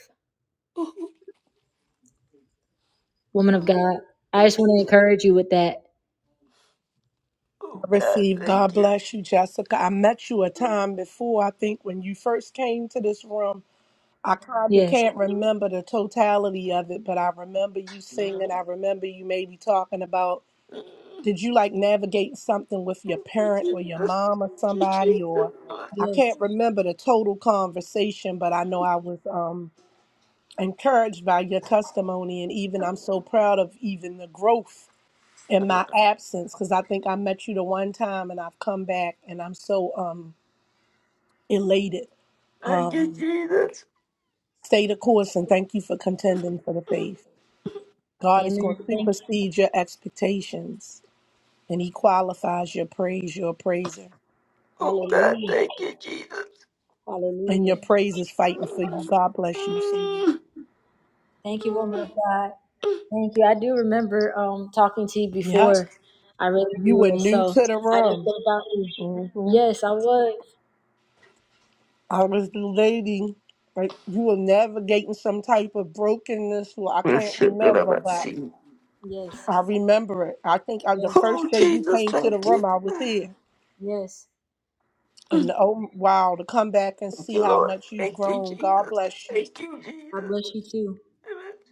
Speaker 3: Woman of
Speaker 8: Oh,
Speaker 3: God, I just
Speaker 8: thank
Speaker 3: want to encourage you with that.
Speaker 8: Oh,
Speaker 7: I
Speaker 8: God,
Speaker 7: received. God
Speaker 8: thank you.
Speaker 7: bless you, Jessica. I met you a time before, I think, when you first came to this room. I kind of can't remember the totality of it, but I remember you
Speaker 8: Mm,
Speaker 7: singing. I remember you maybe talking about
Speaker 8: mm.
Speaker 7: did you like navigate something with your
Speaker 8: Thank
Speaker 7: parent or
Speaker 8: you,
Speaker 7: your
Speaker 8: Jesus.
Speaker 7: mom or
Speaker 8: Thank you,
Speaker 7: somebody or I can't remember the total conversation, but I know I was um, encouraged by your testimony, and even I'm so proud of even the growth in
Speaker 8: Jesus.
Speaker 7: my absence because I think I met you the one time, and I've come back, and I'm so um, elated.
Speaker 8: Thank you, Jesus.
Speaker 7: Stay the course, and thank you for contending for the faith. God is
Speaker 3: Amen.
Speaker 7: going to
Speaker 3: Thank you.
Speaker 7: supersede your expectations and He qualifies your praise, your praiser.
Speaker 8: Oh God,
Speaker 3: Hallelujah.
Speaker 8: thank you, Jesus.
Speaker 7: And
Speaker 3: Hallelujah.
Speaker 7: your praise is fighting for you. God bless you, sweetie.
Speaker 3: Thank you, woman of God. Thank you. I do remember um talking to you
Speaker 7: Yep.
Speaker 3: before. I really
Speaker 7: You were
Speaker 3: do.
Speaker 7: new
Speaker 3: So
Speaker 7: to the
Speaker 3: I just
Speaker 7: room.
Speaker 3: think about you.
Speaker 7: hmm
Speaker 3: Yes, I was.
Speaker 7: I was the lady. Like you were navigating some type of brokenness. Well, I
Speaker 8: Oh,
Speaker 7: can't
Speaker 8: shit that I'm
Speaker 7: remember,
Speaker 8: not
Speaker 7: but
Speaker 8: seeing.
Speaker 3: Yes.
Speaker 7: I remember it. I think uh the
Speaker 3: Yes.
Speaker 7: first
Speaker 8: Oh
Speaker 7: day you
Speaker 8: Jesus,
Speaker 7: came to the
Speaker 8: thank you.
Speaker 7: room, I was here.
Speaker 3: Yes.
Speaker 7: And oh wow, to come back and
Speaker 8: Thank
Speaker 7: see
Speaker 8: you,
Speaker 7: how
Speaker 8: Lord.
Speaker 7: much you've
Speaker 8: Thank you,
Speaker 7: grown. God
Speaker 8: Jesus.
Speaker 7: bless you.
Speaker 8: Thank you, Jesus. Thank you, Jesus.
Speaker 3: I bless you too.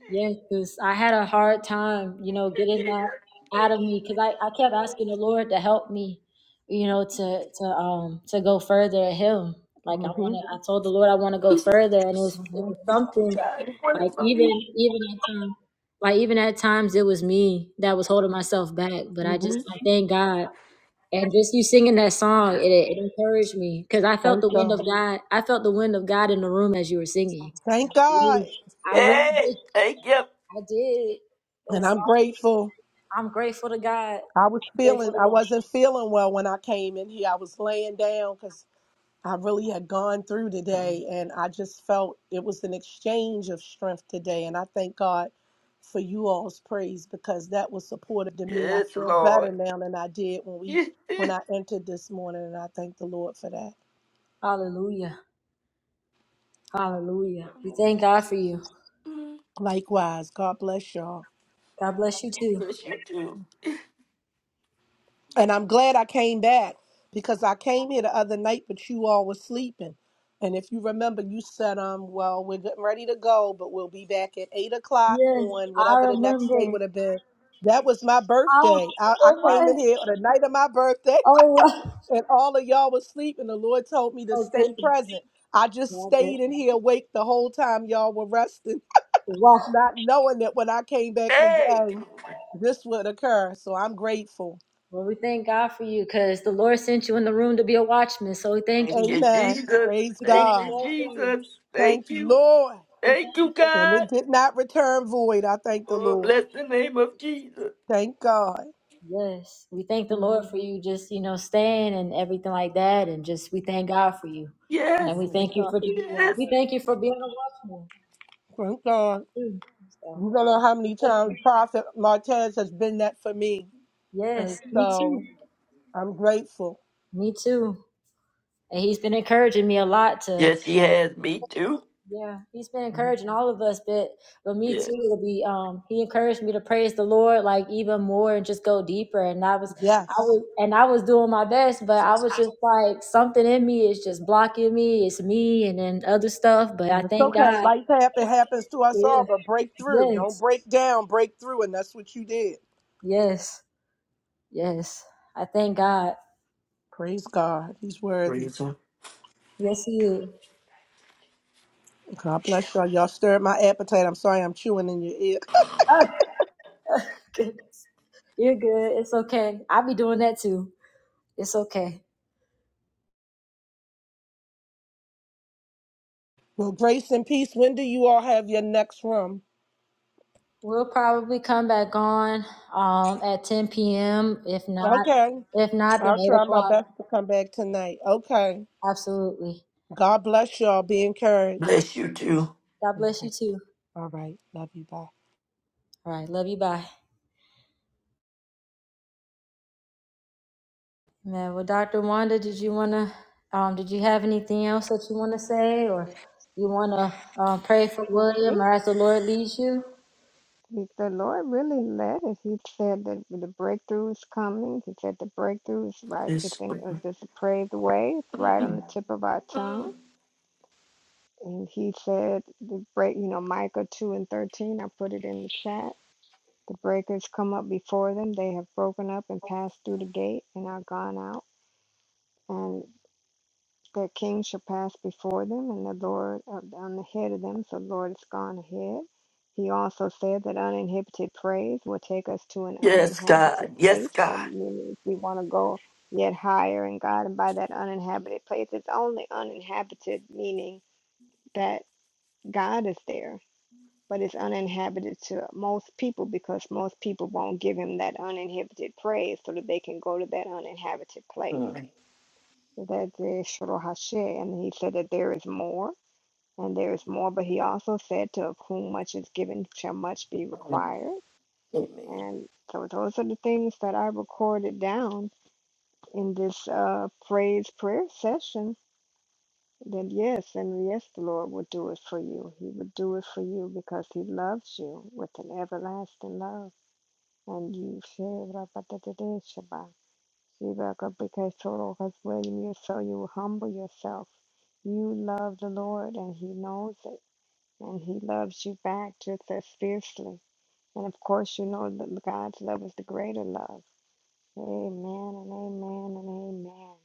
Speaker 3: Yes, 'cause I had a hard time, you know,
Speaker 8: Thank
Speaker 3: getting that out of me because I, I kept asking the Lord to help me, you know, to to um to go further at Him. Like I want
Speaker 7: Mm-hmm.
Speaker 3: to, I told the Lord I want to go further, and it was it
Speaker 7: Mm-hmm.
Speaker 3: was
Speaker 8: you,
Speaker 3: something
Speaker 8: God. You want it
Speaker 3: like
Speaker 8: from
Speaker 3: even
Speaker 8: me?
Speaker 3: even at times, like even at times it was me that was holding myself back. But I just
Speaker 7: Mm-hmm.
Speaker 3: I thank God, and just you singing that song, it it encouraged me because I felt
Speaker 7: Thank
Speaker 3: the wind of
Speaker 7: God.
Speaker 3: God. I felt the wind of God in the room as you were singing.
Speaker 7: Thank God.
Speaker 3: Really I really
Speaker 8: Hey, thank you.
Speaker 3: I did. And
Speaker 7: And
Speaker 3: so
Speaker 7: I'm grateful.
Speaker 3: I'm grateful to God.
Speaker 7: I was
Speaker 3: Grateful
Speaker 7: feeling,
Speaker 3: to
Speaker 7: I
Speaker 3: God.
Speaker 7: wasn't feeling well when I came in here. I was laying down because. I really had gone through today, and I just felt it was an exchange of strength today. And I thank God for you all's praise because that was supportive to me. I
Speaker 8: Yes,
Speaker 7: feel
Speaker 8: Lord.
Speaker 7: better now than I did when we when I entered this morning, and I thank the Lord for that.
Speaker 3: Hallelujah. Hallelujah. We thank God for you.
Speaker 7: Likewise, God bless y'all.
Speaker 3: God bless you too.
Speaker 8: Bless you too.
Speaker 7: And I'm glad I came back because I came here the other night, but you all were sleeping. And if you remember, you said, um, well, we're getting ready to go, but we'll be back at eight o'clock
Speaker 3: Yes,
Speaker 7: on
Speaker 3: I
Speaker 7: whatever the next day
Speaker 3: remember.
Speaker 7: would have been. That was my
Speaker 3: Oh,
Speaker 7: birthday. I, I
Speaker 3: it
Speaker 7: came
Speaker 3: was.
Speaker 7: in here on the night of my birthday,
Speaker 3: Oh, wow.
Speaker 7: and all of y'all was sleeping. The Lord told me to
Speaker 3: Oh,
Speaker 7: stay
Speaker 3: goodness.
Speaker 7: present. I just
Speaker 3: Oh, goodness.
Speaker 7: stayed in here awake the whole time y'all were resting,
Speaker 3: Wow.
Speaker 7: not knowing that when I came back to
Speaker 8: Hey,
Speaker 7: go, this would occur. So I'm grateful.
Speaker 3: Well, we thank God for you because the Lord sent you in the room to be a watchman. So we thank
Speaker 8: thank
Speaker 3: you.
Speaker 8: you,
Speaker 7: Amen.
Speaker 8: Jesus.
Speaker 7: Praise
Speaker 3: We thank
Speaker 8: Thank
Speaker 3: the
Speaker 7: God.
Speaker 8: you,
Speaker 3: Lord for you.
Speaker 8: Jesus.
Speaker 7: Thank
Speaker 8: Thank
Speaker 7: you,
Speaker 8: you.
Speaker 7: Lord.
Speaker 3: We
Speaker 8: Thank you,
Speaker 3: thank you
Speaker 7: And it
Speaker 8: God.
Speaker 7: did not return void. I thank the
Speaker 3: for
Speaker 8: Oh,
Speaker 7: Lord.
Speaker 8: bless the name of Jesus.
Speaker 7: Thank God.
Speaker 3: Yes, we thank the Lord
Speaker 7: Mhm.
Speaker 3: for you just, you know, staying and everything like that. And just, we thank God for you.
Speaker 8: Yes,
Speaker 3: And
Speaker 7: I
Speaker 3: we
Speaker 7: thank
Speaker 3: thank you
Speaker 7: God
Speaker 3: for,
Speaker 7: for you
Speaker 8: yes.
Speaker 7: all.
Speaker 3: we thank you for being a watchman
Speaker 7: Thank God.
Speaker 3: too. So,
Speaker 7: You don't know how many
Speaker 3: thank
Speaker 7: times
Speaker 3: you.
Speaker 7: Prophet Martez has been that for me. And
Speaker 3: yes, me too.
Speaker 7: so I'm grateful.
Speaker 3: Me too. And he's been encouraging me a lot to
Speaker 8: Yes, he has me too.
Speaker 3: Yeah, he's been
Speaker 7: Mhm.
Speaker 3: encouraging all of us, but but me
Speaker 8: Yeah.
Speaker 3: too. It'll be um he encouraged me to praise the Lord like even more and just go deeper. And I was I
Speaker 7: Yes.
Speaker 3: was and I was doing my best, but I was just like something in me is just blocking me. It's me and then other stuff. But I
Speaker 7: It's
Speaker 3: thank
Speaker 7: okay.
Speaker 3: God.
Speaker 7: Life happen, happens to us
Speaker 3: Yeah.
Speaker 7: all, but break through. Don't
Speaker 3: Yes.
Speaker 7: break down, break through. And that's what you did.
Speaker 3: Yes. Yes. I thank God.
Speaker 7: Praise God. He's worthy.
Speaker 8: Praise him.
Speaker 3: Yes, he is.
Speaker 7: God bless y'all. Y'all stirred my appetite. I'm sorry I'm chewing in your ear.
Speaker 3: Goodness. You're good. It's okay. I'll be doing that too. It's okay.
Speaker 7: Well, grace and peace. When do you all have your next room?
Speaker 3: We'll probably come back on um, at 10 p.m. If not,
Speaker 7: Okay.
Speaker 3: if not, then
Speaker 7: I'll
Speaker 3: 8
Speaker 7: try my
Speaker 3: o'clock.
Speaker 7: best to come back tonight. Okay.
Speaker 3: Absolutely.
Speaker 7: God bless y'all. Be encouraged.
Speaker 8: Bless you too.
Speaker 3: God bless
Speaker 7: Okay.
Speaker 3: you too.
Speaker 7: All right. Love you. Bye.
Speaker 3: All right. Love you. Bye. Man, well, Dr. Wanda, did you want to, um, did you have anything else that you want to say or you want to um, pray for William
Speaker 2: Thank
Speaker 3: or as the Lord leads you?
Speaker 2: you. The Lord really led us. He said that the breakthrough is coming. He said the breakthrough is right. It's
Speaker 8: Yes,
Speaker 2: in it's just a praise away. It's right on the tip of our tongue. And he said the break. You know, Micah two and thirteen. I put it in the chat. The breakers come up before them. They have broken up and passed through the gate and are gone out. And Their king shall pass before them, and the Lord of, on the head of them. So the Lord has gone ahead. He also said that uninhibited praise will take us to an
Speaker 8: yes
Speaker 2: uninhabited
Speaker 8: God. Yes,
Speaker 2: place.
Speaker 8: God.
Speaker 2: So meaning if we want to go yet higher in God and by that uninhabited place, it's only uninhabited, meaning that God is there, but it's uninhabited to most people because most people won't give him that uninhibited praise so that they can go to that uninhabited place.
Speaker 8: Mm.
Speaker 2: So that's the Shro Hashe. And he said that there is more, and there is more, but he also said, To of whom much is given shall much be
Speaker 8: Mm.
Speaker 2: required.
Speaker 8: Amen.
Speaker 2: And so those are the things that I recorded down in this uh, praise prayer session. That yes, and yes, the Lord will do it for you. He will do it for you because He loves you with an everlasting love. And you share Rebecca, because total has written you, so you humble yourself. You love the Lord, and He knows it, and He loves you back just as fiercely. And of course, you know that God's love is the greater love. Amen and amen and amen.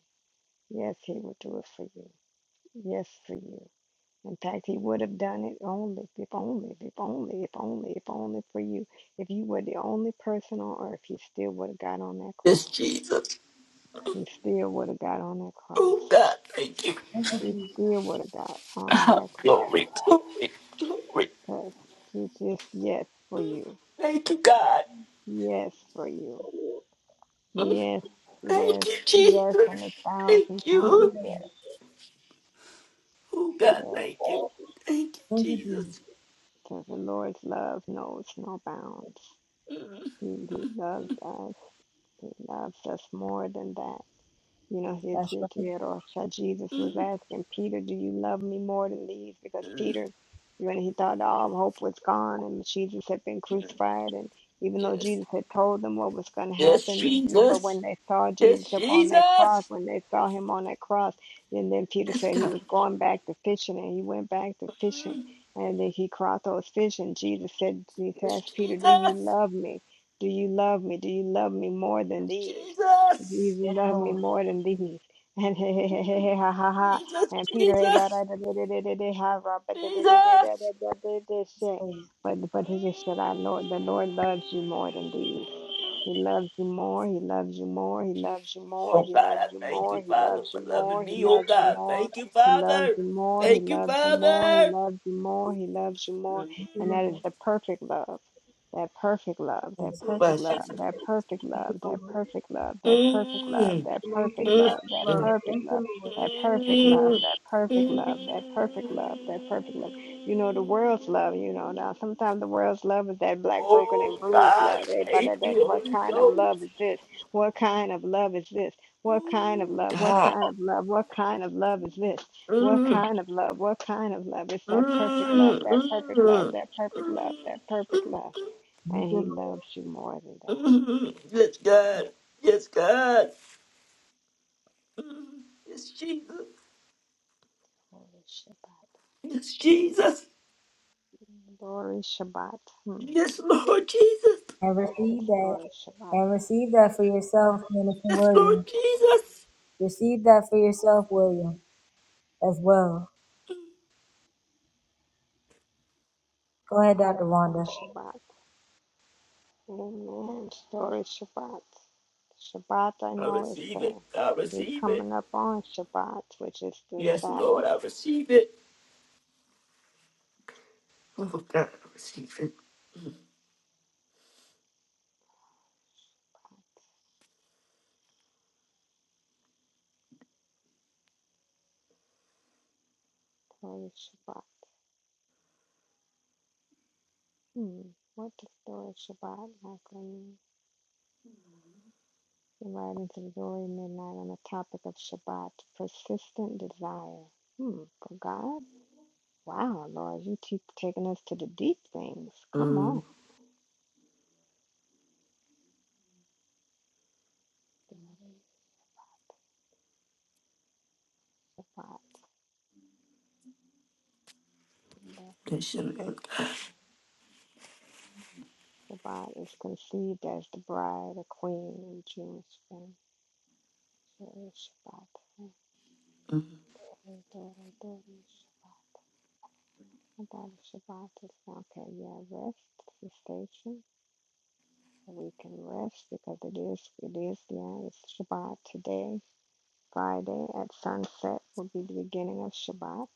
Speaker 2: Yes, He would do it for you. Yes, for you. In fact, He would have done it only, if only, if only, if only, if only for you. If you were the only person on earth, He still would have got on that
Speaker 8: Yes,
Speaker 2: cross.
Speaker 8: Jesus.
Speaker 2: He still would have got on that cross.
Speaker 8: Oh, God. Thank you.
Speaker 2: She still would have got on that cross
Speaker 8: Glory, glory, glory.
Speaker 2: because she just, yes, for you.
Speaker 8: Thank you, God.
Speaker 2: Yes, for you.
Speaker 8: Mm.
Speaker 2: Yes,
Speaker 8: Thank
Speaker 2: yes,
Speaker 8: you,
Speaker 2: yes,
Speaker 8: Jesus.
Speaker 2: and a thousand
Speaker 8: Thank
Speaker 2: times
Speaker 8: you.
Speaker 2: yes.
Speaker 8: Oh, God.
Speaker 2: Yes,
Speaker 8: Thank you. Thank you,
Speaker 3: Thank you, Jesus.
Speaker 8: Jesus.
Speaker 2: because the Lord's love knows no bounds. He, he loves us. He loves us more than that. You know, he
Speaker 3: That's
Speaker 2: did,
Speaker 3: right.
Speaker 2: did, or how Jesus was
Speaker 8: Mm.
Speaker 2: asking Peter, "Do you love me more than these?" Because
Speaker 8: Mm.
Speaker 2: Peter, when he thought all hope was gone and Jesus had been crucified, and even though
Speaker 8: Yes.
Speaker 2: Jesus had told them what was going to
Speaker 8: Yes,
Speaker 2: happen, but
Speaker 8: Jesus.
Speaker 2: when they saw
Speaker 8: It's
Speaker 2: Jesus up on that cross,
Speaker 8: Jesus.
Speaker 2: when they saw him on that cross, and then Peter
Speaker 8: It's
Speaker 2: said he
Speaker 8: God.
Speaker 2: was going back to fishing, and he went back to fishing, and then he caught those fish, and Jesus said, he
Speaker 8: It's
Speaker 2: asked Peter, "Do you
Speaker 8: Jesus.
Speaker 2: love me? Do you love me? Do you love me more than
Speaker 8: It's
Speaker 2: these?"
Speaker 8: Jesus.
Speaker 2: Jesus loved me more than these. And hey, hey, hey, hey, hey, ha, ha, ha.
Speaker 8: Jesus.
Speaker 2: And Peter, hey, ba,
Speaker 8: Jesus.
Speaker 2: da, da, da, da, da, da, da, ha, ra, ba, da, da, da, da, da,
Speaker 8: Jesus.
Speaker 2: da, da, da, da, shit. But, but he just said, I know the Lord loves you more than these. He loves you more. He loves you more. He loves you more.
Speaker 8: Oh God,
Speaker 2: He loves
Speaker 8: I
Speaker 2: you
Speaker 8: thank
Speaker 2: more.
Speaker 8: you,
Speaker 2: He
Speaker 8: Father,
Speaker 2: loves
Speaker 8: for
Speaker 2: you more.
Speaker 8: loving
Speaker 2: He
Speaker 8: me. Oh
Speaker 2: loves you
Speaker 8: God,
Speaker 2: more.
Speaker 8: thank you,
Speaker 2: He loves
Speaker 8: Father.
Speaker 2: you more. He
Speaker 8: Thank you,
Speaker 2: loves you more. He
Speaker 8: Father.
Speaker 2: loves you more. He loves you more.
Speaker 8: Mm.
Speaker 2: And that is the perfect love. That perfect love. That
Speaker 8: Oh, my
Speaker 2: perfect love.
Speaker 8: Jesus.
Speaker 2: That perfect love. That perfect love. That perfect love.
Speaker 8: Mm.
Speaker 2: That perfect
Speaker 8: Mm.
Speaker 2: love. That
Speaker 8: Mm.
Speaker 2: perfect love. That perfect love. That
Speaker 8: Mm.
Speaker 2: perfect love.
Speaker 8: Mm.
Speaker 2: That perfect love. That perfect love. You know, the world's love, you know. Now, sometimes the world's love is that black, broken,
Speaker 8: Oh
Speaker 2: and bruised
Speaker 8: God,
Speaker 2: love.
Speaker 8: thank
Speaker 2: Everybody like,
Speaker 8: you,
Speaker 2: what
Speaker 8: Holy
Speaker 2: kind of
Speaker 8: Ghost.
Speaker 2: love is this? What kind of love is this? What kind of love? What
Speaker 8: God.
Speaker 2: kind of love? What kind of love is this? What
Speaker 8: Mm,
Speaker 2: kind of love? What kind of love? It's that perfect love,
Speaker 8: mm,
Speaker 2: that perfect love,
Speaker 8: mm, mm,
Speaker 2: that perfect love, that perfect love. And he loves you more than that.
Speaker 8: mm. Yes, God. Yes, God. Mm. Yes, Jesus.
Speaker 2: Holy Shabbat.
Speaker 8: Yes, Jesus.
Speaker 2: Glory Shabbat. Hmm.
Speaker 8: Yes, Lord Jesus.
Speaker 3: And
Speaker 2: The
Speaker 3: receive that.
Speaker 2: story Shabbat.
Speaker 3: And receive that for yourself, Minister
Speaker 8: Yes, Lord
Speaker 3: William.
Speaker 8: Jesus.
Speaker 3: Receive that for yourself as well. Go ahead.
Speaker 2: Story Shabbat. Amen. Story Shabbat. Shabbat, I
Speaker 8: I
Speaker 2: know, is
Speaker 8: receive it.
Speaker 2: the
Speaker 8: I
Speaker 2: we
Speaker 8: receive it.
Speaker 2: coming up on Shabbat, which is the
Speaker 8: Yes,
Speaker 2: Sabbath.
Speaker 8: Lord, I receive it. Oh, God, I receive it.
Speaker 2: So it's Shabbat. Hmm. What does the word Shabbat actually mean? The writings of glory midnight on the topic of Shabbat, persistent desire. Hmm. For God? Wow, Lord, you keep taking us to the deep things. Come on.
Speaker 8: Mm.
Speaker 2: Shabbat.
Speaker 8: Yes, your name, God.
Speaker 2: Shabbat is conceived as the bride, a queen in Jewish faith. So it's Shabbat. Shabbat. Shabbat, About Shabbat is not Okay, yeah, rest suspension. So we can rest because it is, it is, yeah, it's Shabbat today. Friday at sunset will be the beginning of Shabbat.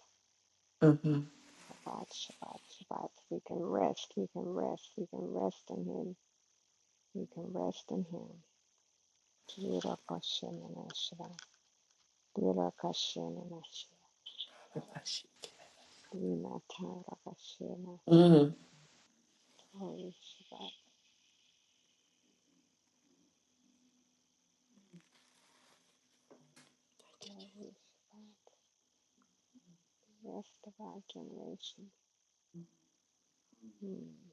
Speaker 8: Mm-hmm.
Speaker 2: Shabbat, Shabbat, Shabbat. We can rest, we can rest, we can rest in Him. We can rest in Him. Yirakashenanashira, yirakashenanashira, yimatayrakashenashira.
Speaker 8: Mm-hmm.
Speaker 2: Glory Shabbat, glory Shabbat. Rest of our generation. Hmm.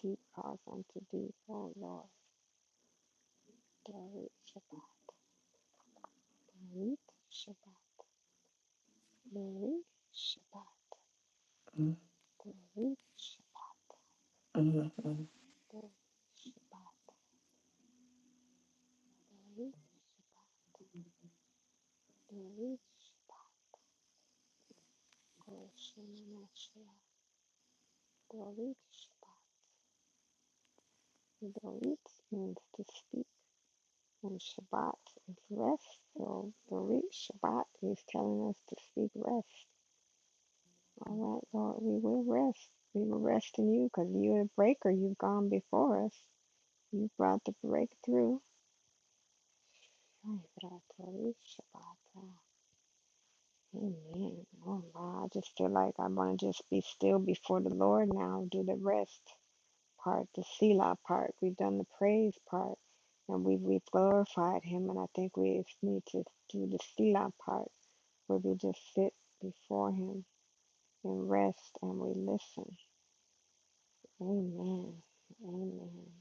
Speaker 2: Deep calls unto deep, O Lord. Glory, Shabbat, glory, Shabbat, glory, Shabbat, glory, Shabbat, glory, Shabbat, glory, Shabbat, glory, Shabbat, glory, Shemana, Shabbat, glory, Shabbat, glory means to speak, and Shabbat is rest. So glory, Shabbat is telling us to speak rest. All right, Lord, we will rest. We will rest in you because you're the breaker. You've gone before us. You brought the breakthrough. Amen. Oh, wow. I just feel like I want to just be still before the Lord now, do the rest part, the Selah part. We've done the praise part and we've, we've glorified Him. And I think we need to do the Selah part where we just sit before Him and rest and we listen. Amen. Amen.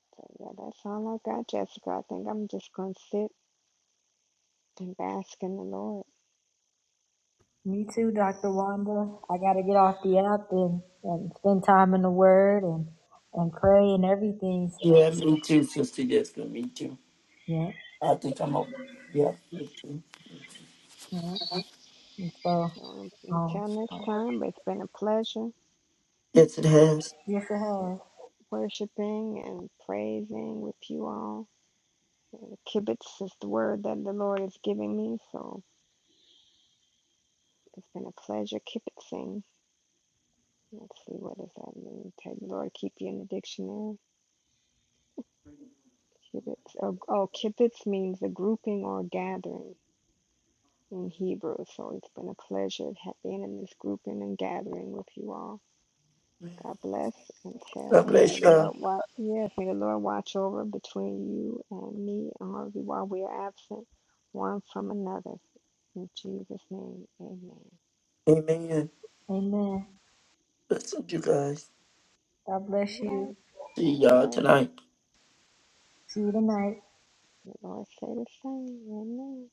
Speaker 2: So, yeah, that's all I got, Jessica. I think I'm just going to sit and bask in the Lord.
Speaker 3: Me too, Dr. Wanda. I got to get off the app and, and spend time in the Word and, and pray and everything. So,
Speaker 8: Yeah, me too, sister. Yes, me too.
Speaker 3: yeah.
Speaker 8: I think I'm up. Yeah. thank you.
Speaker 3: And so,
Speaker 2: So un-
Speaker 3: um,
Speaker 2: until next time, it's been a pleasure
Speaker 8: Yes, it has.
Speaker 3: yes, it has.
Speaker 2: worshiping and praising with you all. The Kibbutz is the word that the Lord is giving me, so it's been a pleasure kibbutzing. Let's see, what does that mean? Tell the Lord keep you in the dictionary. Kibbutz. Oh, oh, kibbutz means a grouping or gathering in Hebrew. So it's been a pleasure ha- being in this grouping and gathering with you all. God bless and
Speaker 8: God
Speaker 2: child. And may
Speaker 8: bless
Speaker 2: the
Speaker 8: y'all.
Speaker 2: Lord watch. Yes, may the Lord watch over between you and me and Harvey while we are absent one from another. In Jesus' name, amen.
Speaker 8: Amen. Bless you guys.
Speaker 2: All right.
Speaker 8: See
Speaker 2: God
Speaker 8: y'all
Speaker 2: bless.
Speaker 8: tonight.
Speaker 2: May The Lord say the same. Amen.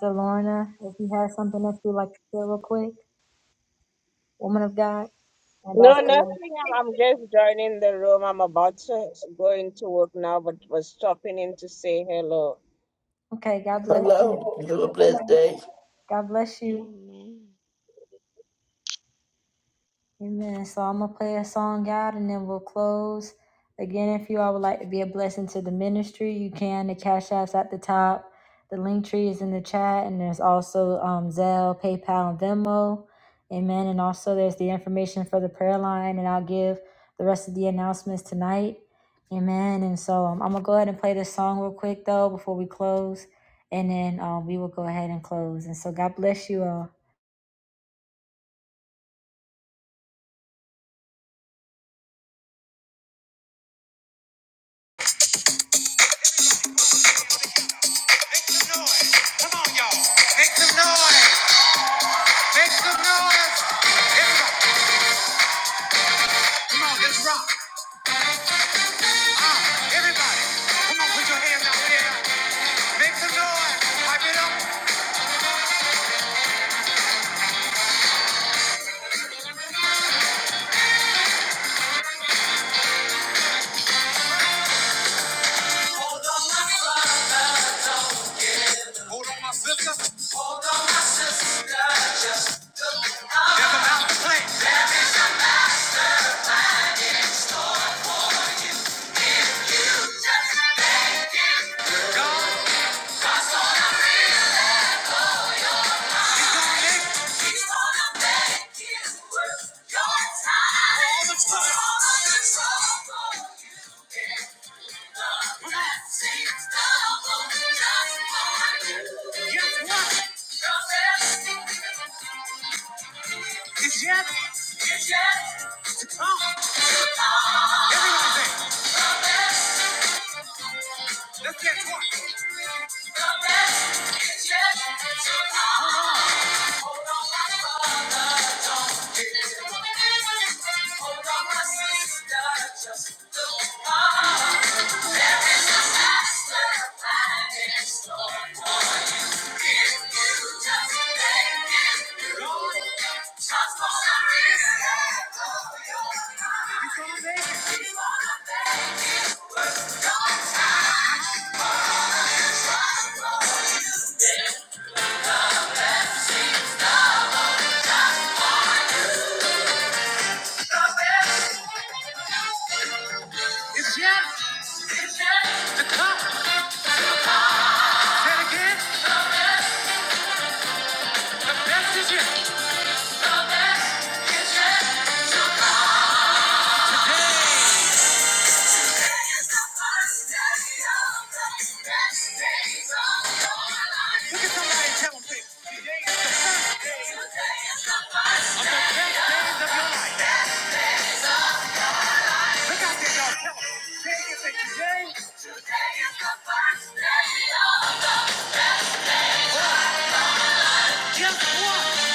Speaker 3: So, Lorna, if you have something that you'd like to say real quick, woman of God, and
Speaker 10: No,
Speaker 3: Dr.
Speaker 10: nothing. I'm, I'm just joining the room. I'm about to go into work now, but was stopping in to say hello.
Speaker 3: Okay, God bless
Speaker 8: Hello.
Speaker 3: you.
Speaker 8: Have a blessed day.
Speaker 3: God bless you.
Speaker 2: Amen.
Speaker 3: Amen. So I'm gonna play a song out and then we'll close. Again, if you all would like to be a blessing to the ministry, you can. The cash apps at the top. The link tree is in the chat, and there's also um, Zelle, PayPal, and Venmo. Amen. And also there's the information for the prayer line, and I'll give the rest of the announcements tonight. Amen. And so um, I'm gonna go ahead and play this song real quick though before we close, and then um, we will go ahead and close. And so God bless you all. Make some noise. Come on, y'all. Make some noise. Make some noise. Everybody. Come on, let's rock. Ah, everybody. Come on, put your hands out there. Make some noise. Pipe it up. There's a mountain plan. You wanna make it worth your time. All the trouble. All the trouble. The blessings double just for you. Guess what? The best is yet Thank you. It's yet. Say it again. The best is yet. Look at somebody and tell them this. Look out there, y'all. Tell them. Guess what?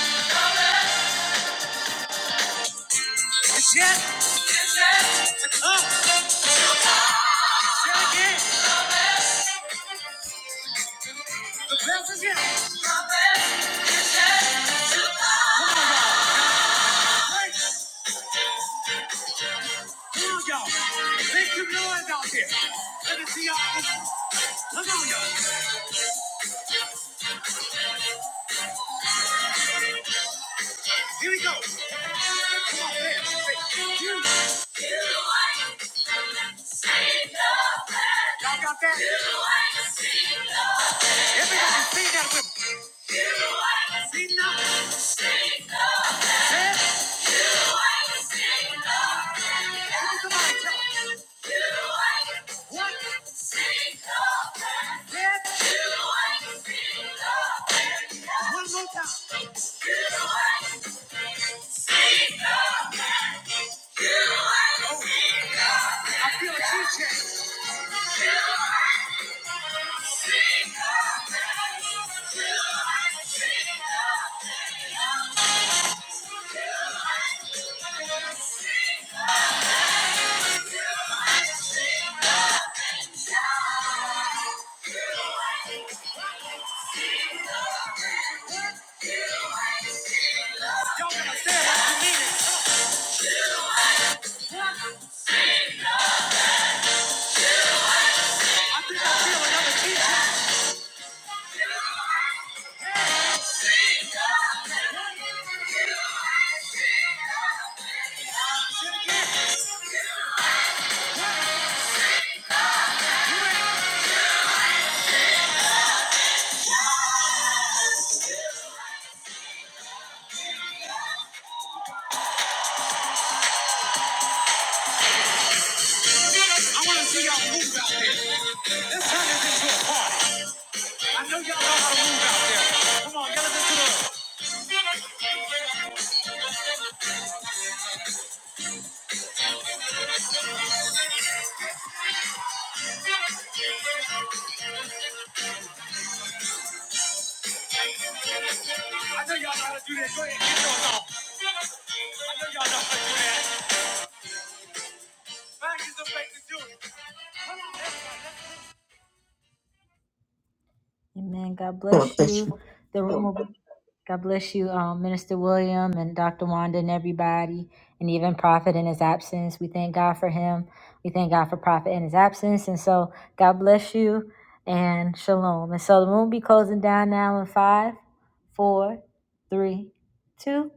Speaker 3: Say again. The best is yet. Right. Come on, y'all. Make some noise out there. Let me see y'all. Come on, y'all. Here we go. Y'all got that? Everybody sing that with me. One more time. Oh, I feel a key change. Y'all gotta stand up. I wanna see y'all move out there. Let's turn this into a party. I know y'all know how to move out there. Come on, y'all listen to the
Speaker 8: God bless you.
Speaker 3: God bless you, um, Minister William and Dr. Wanda and everybody, and even Prophet and him. We thank God. God bless you. Five, four, three, two.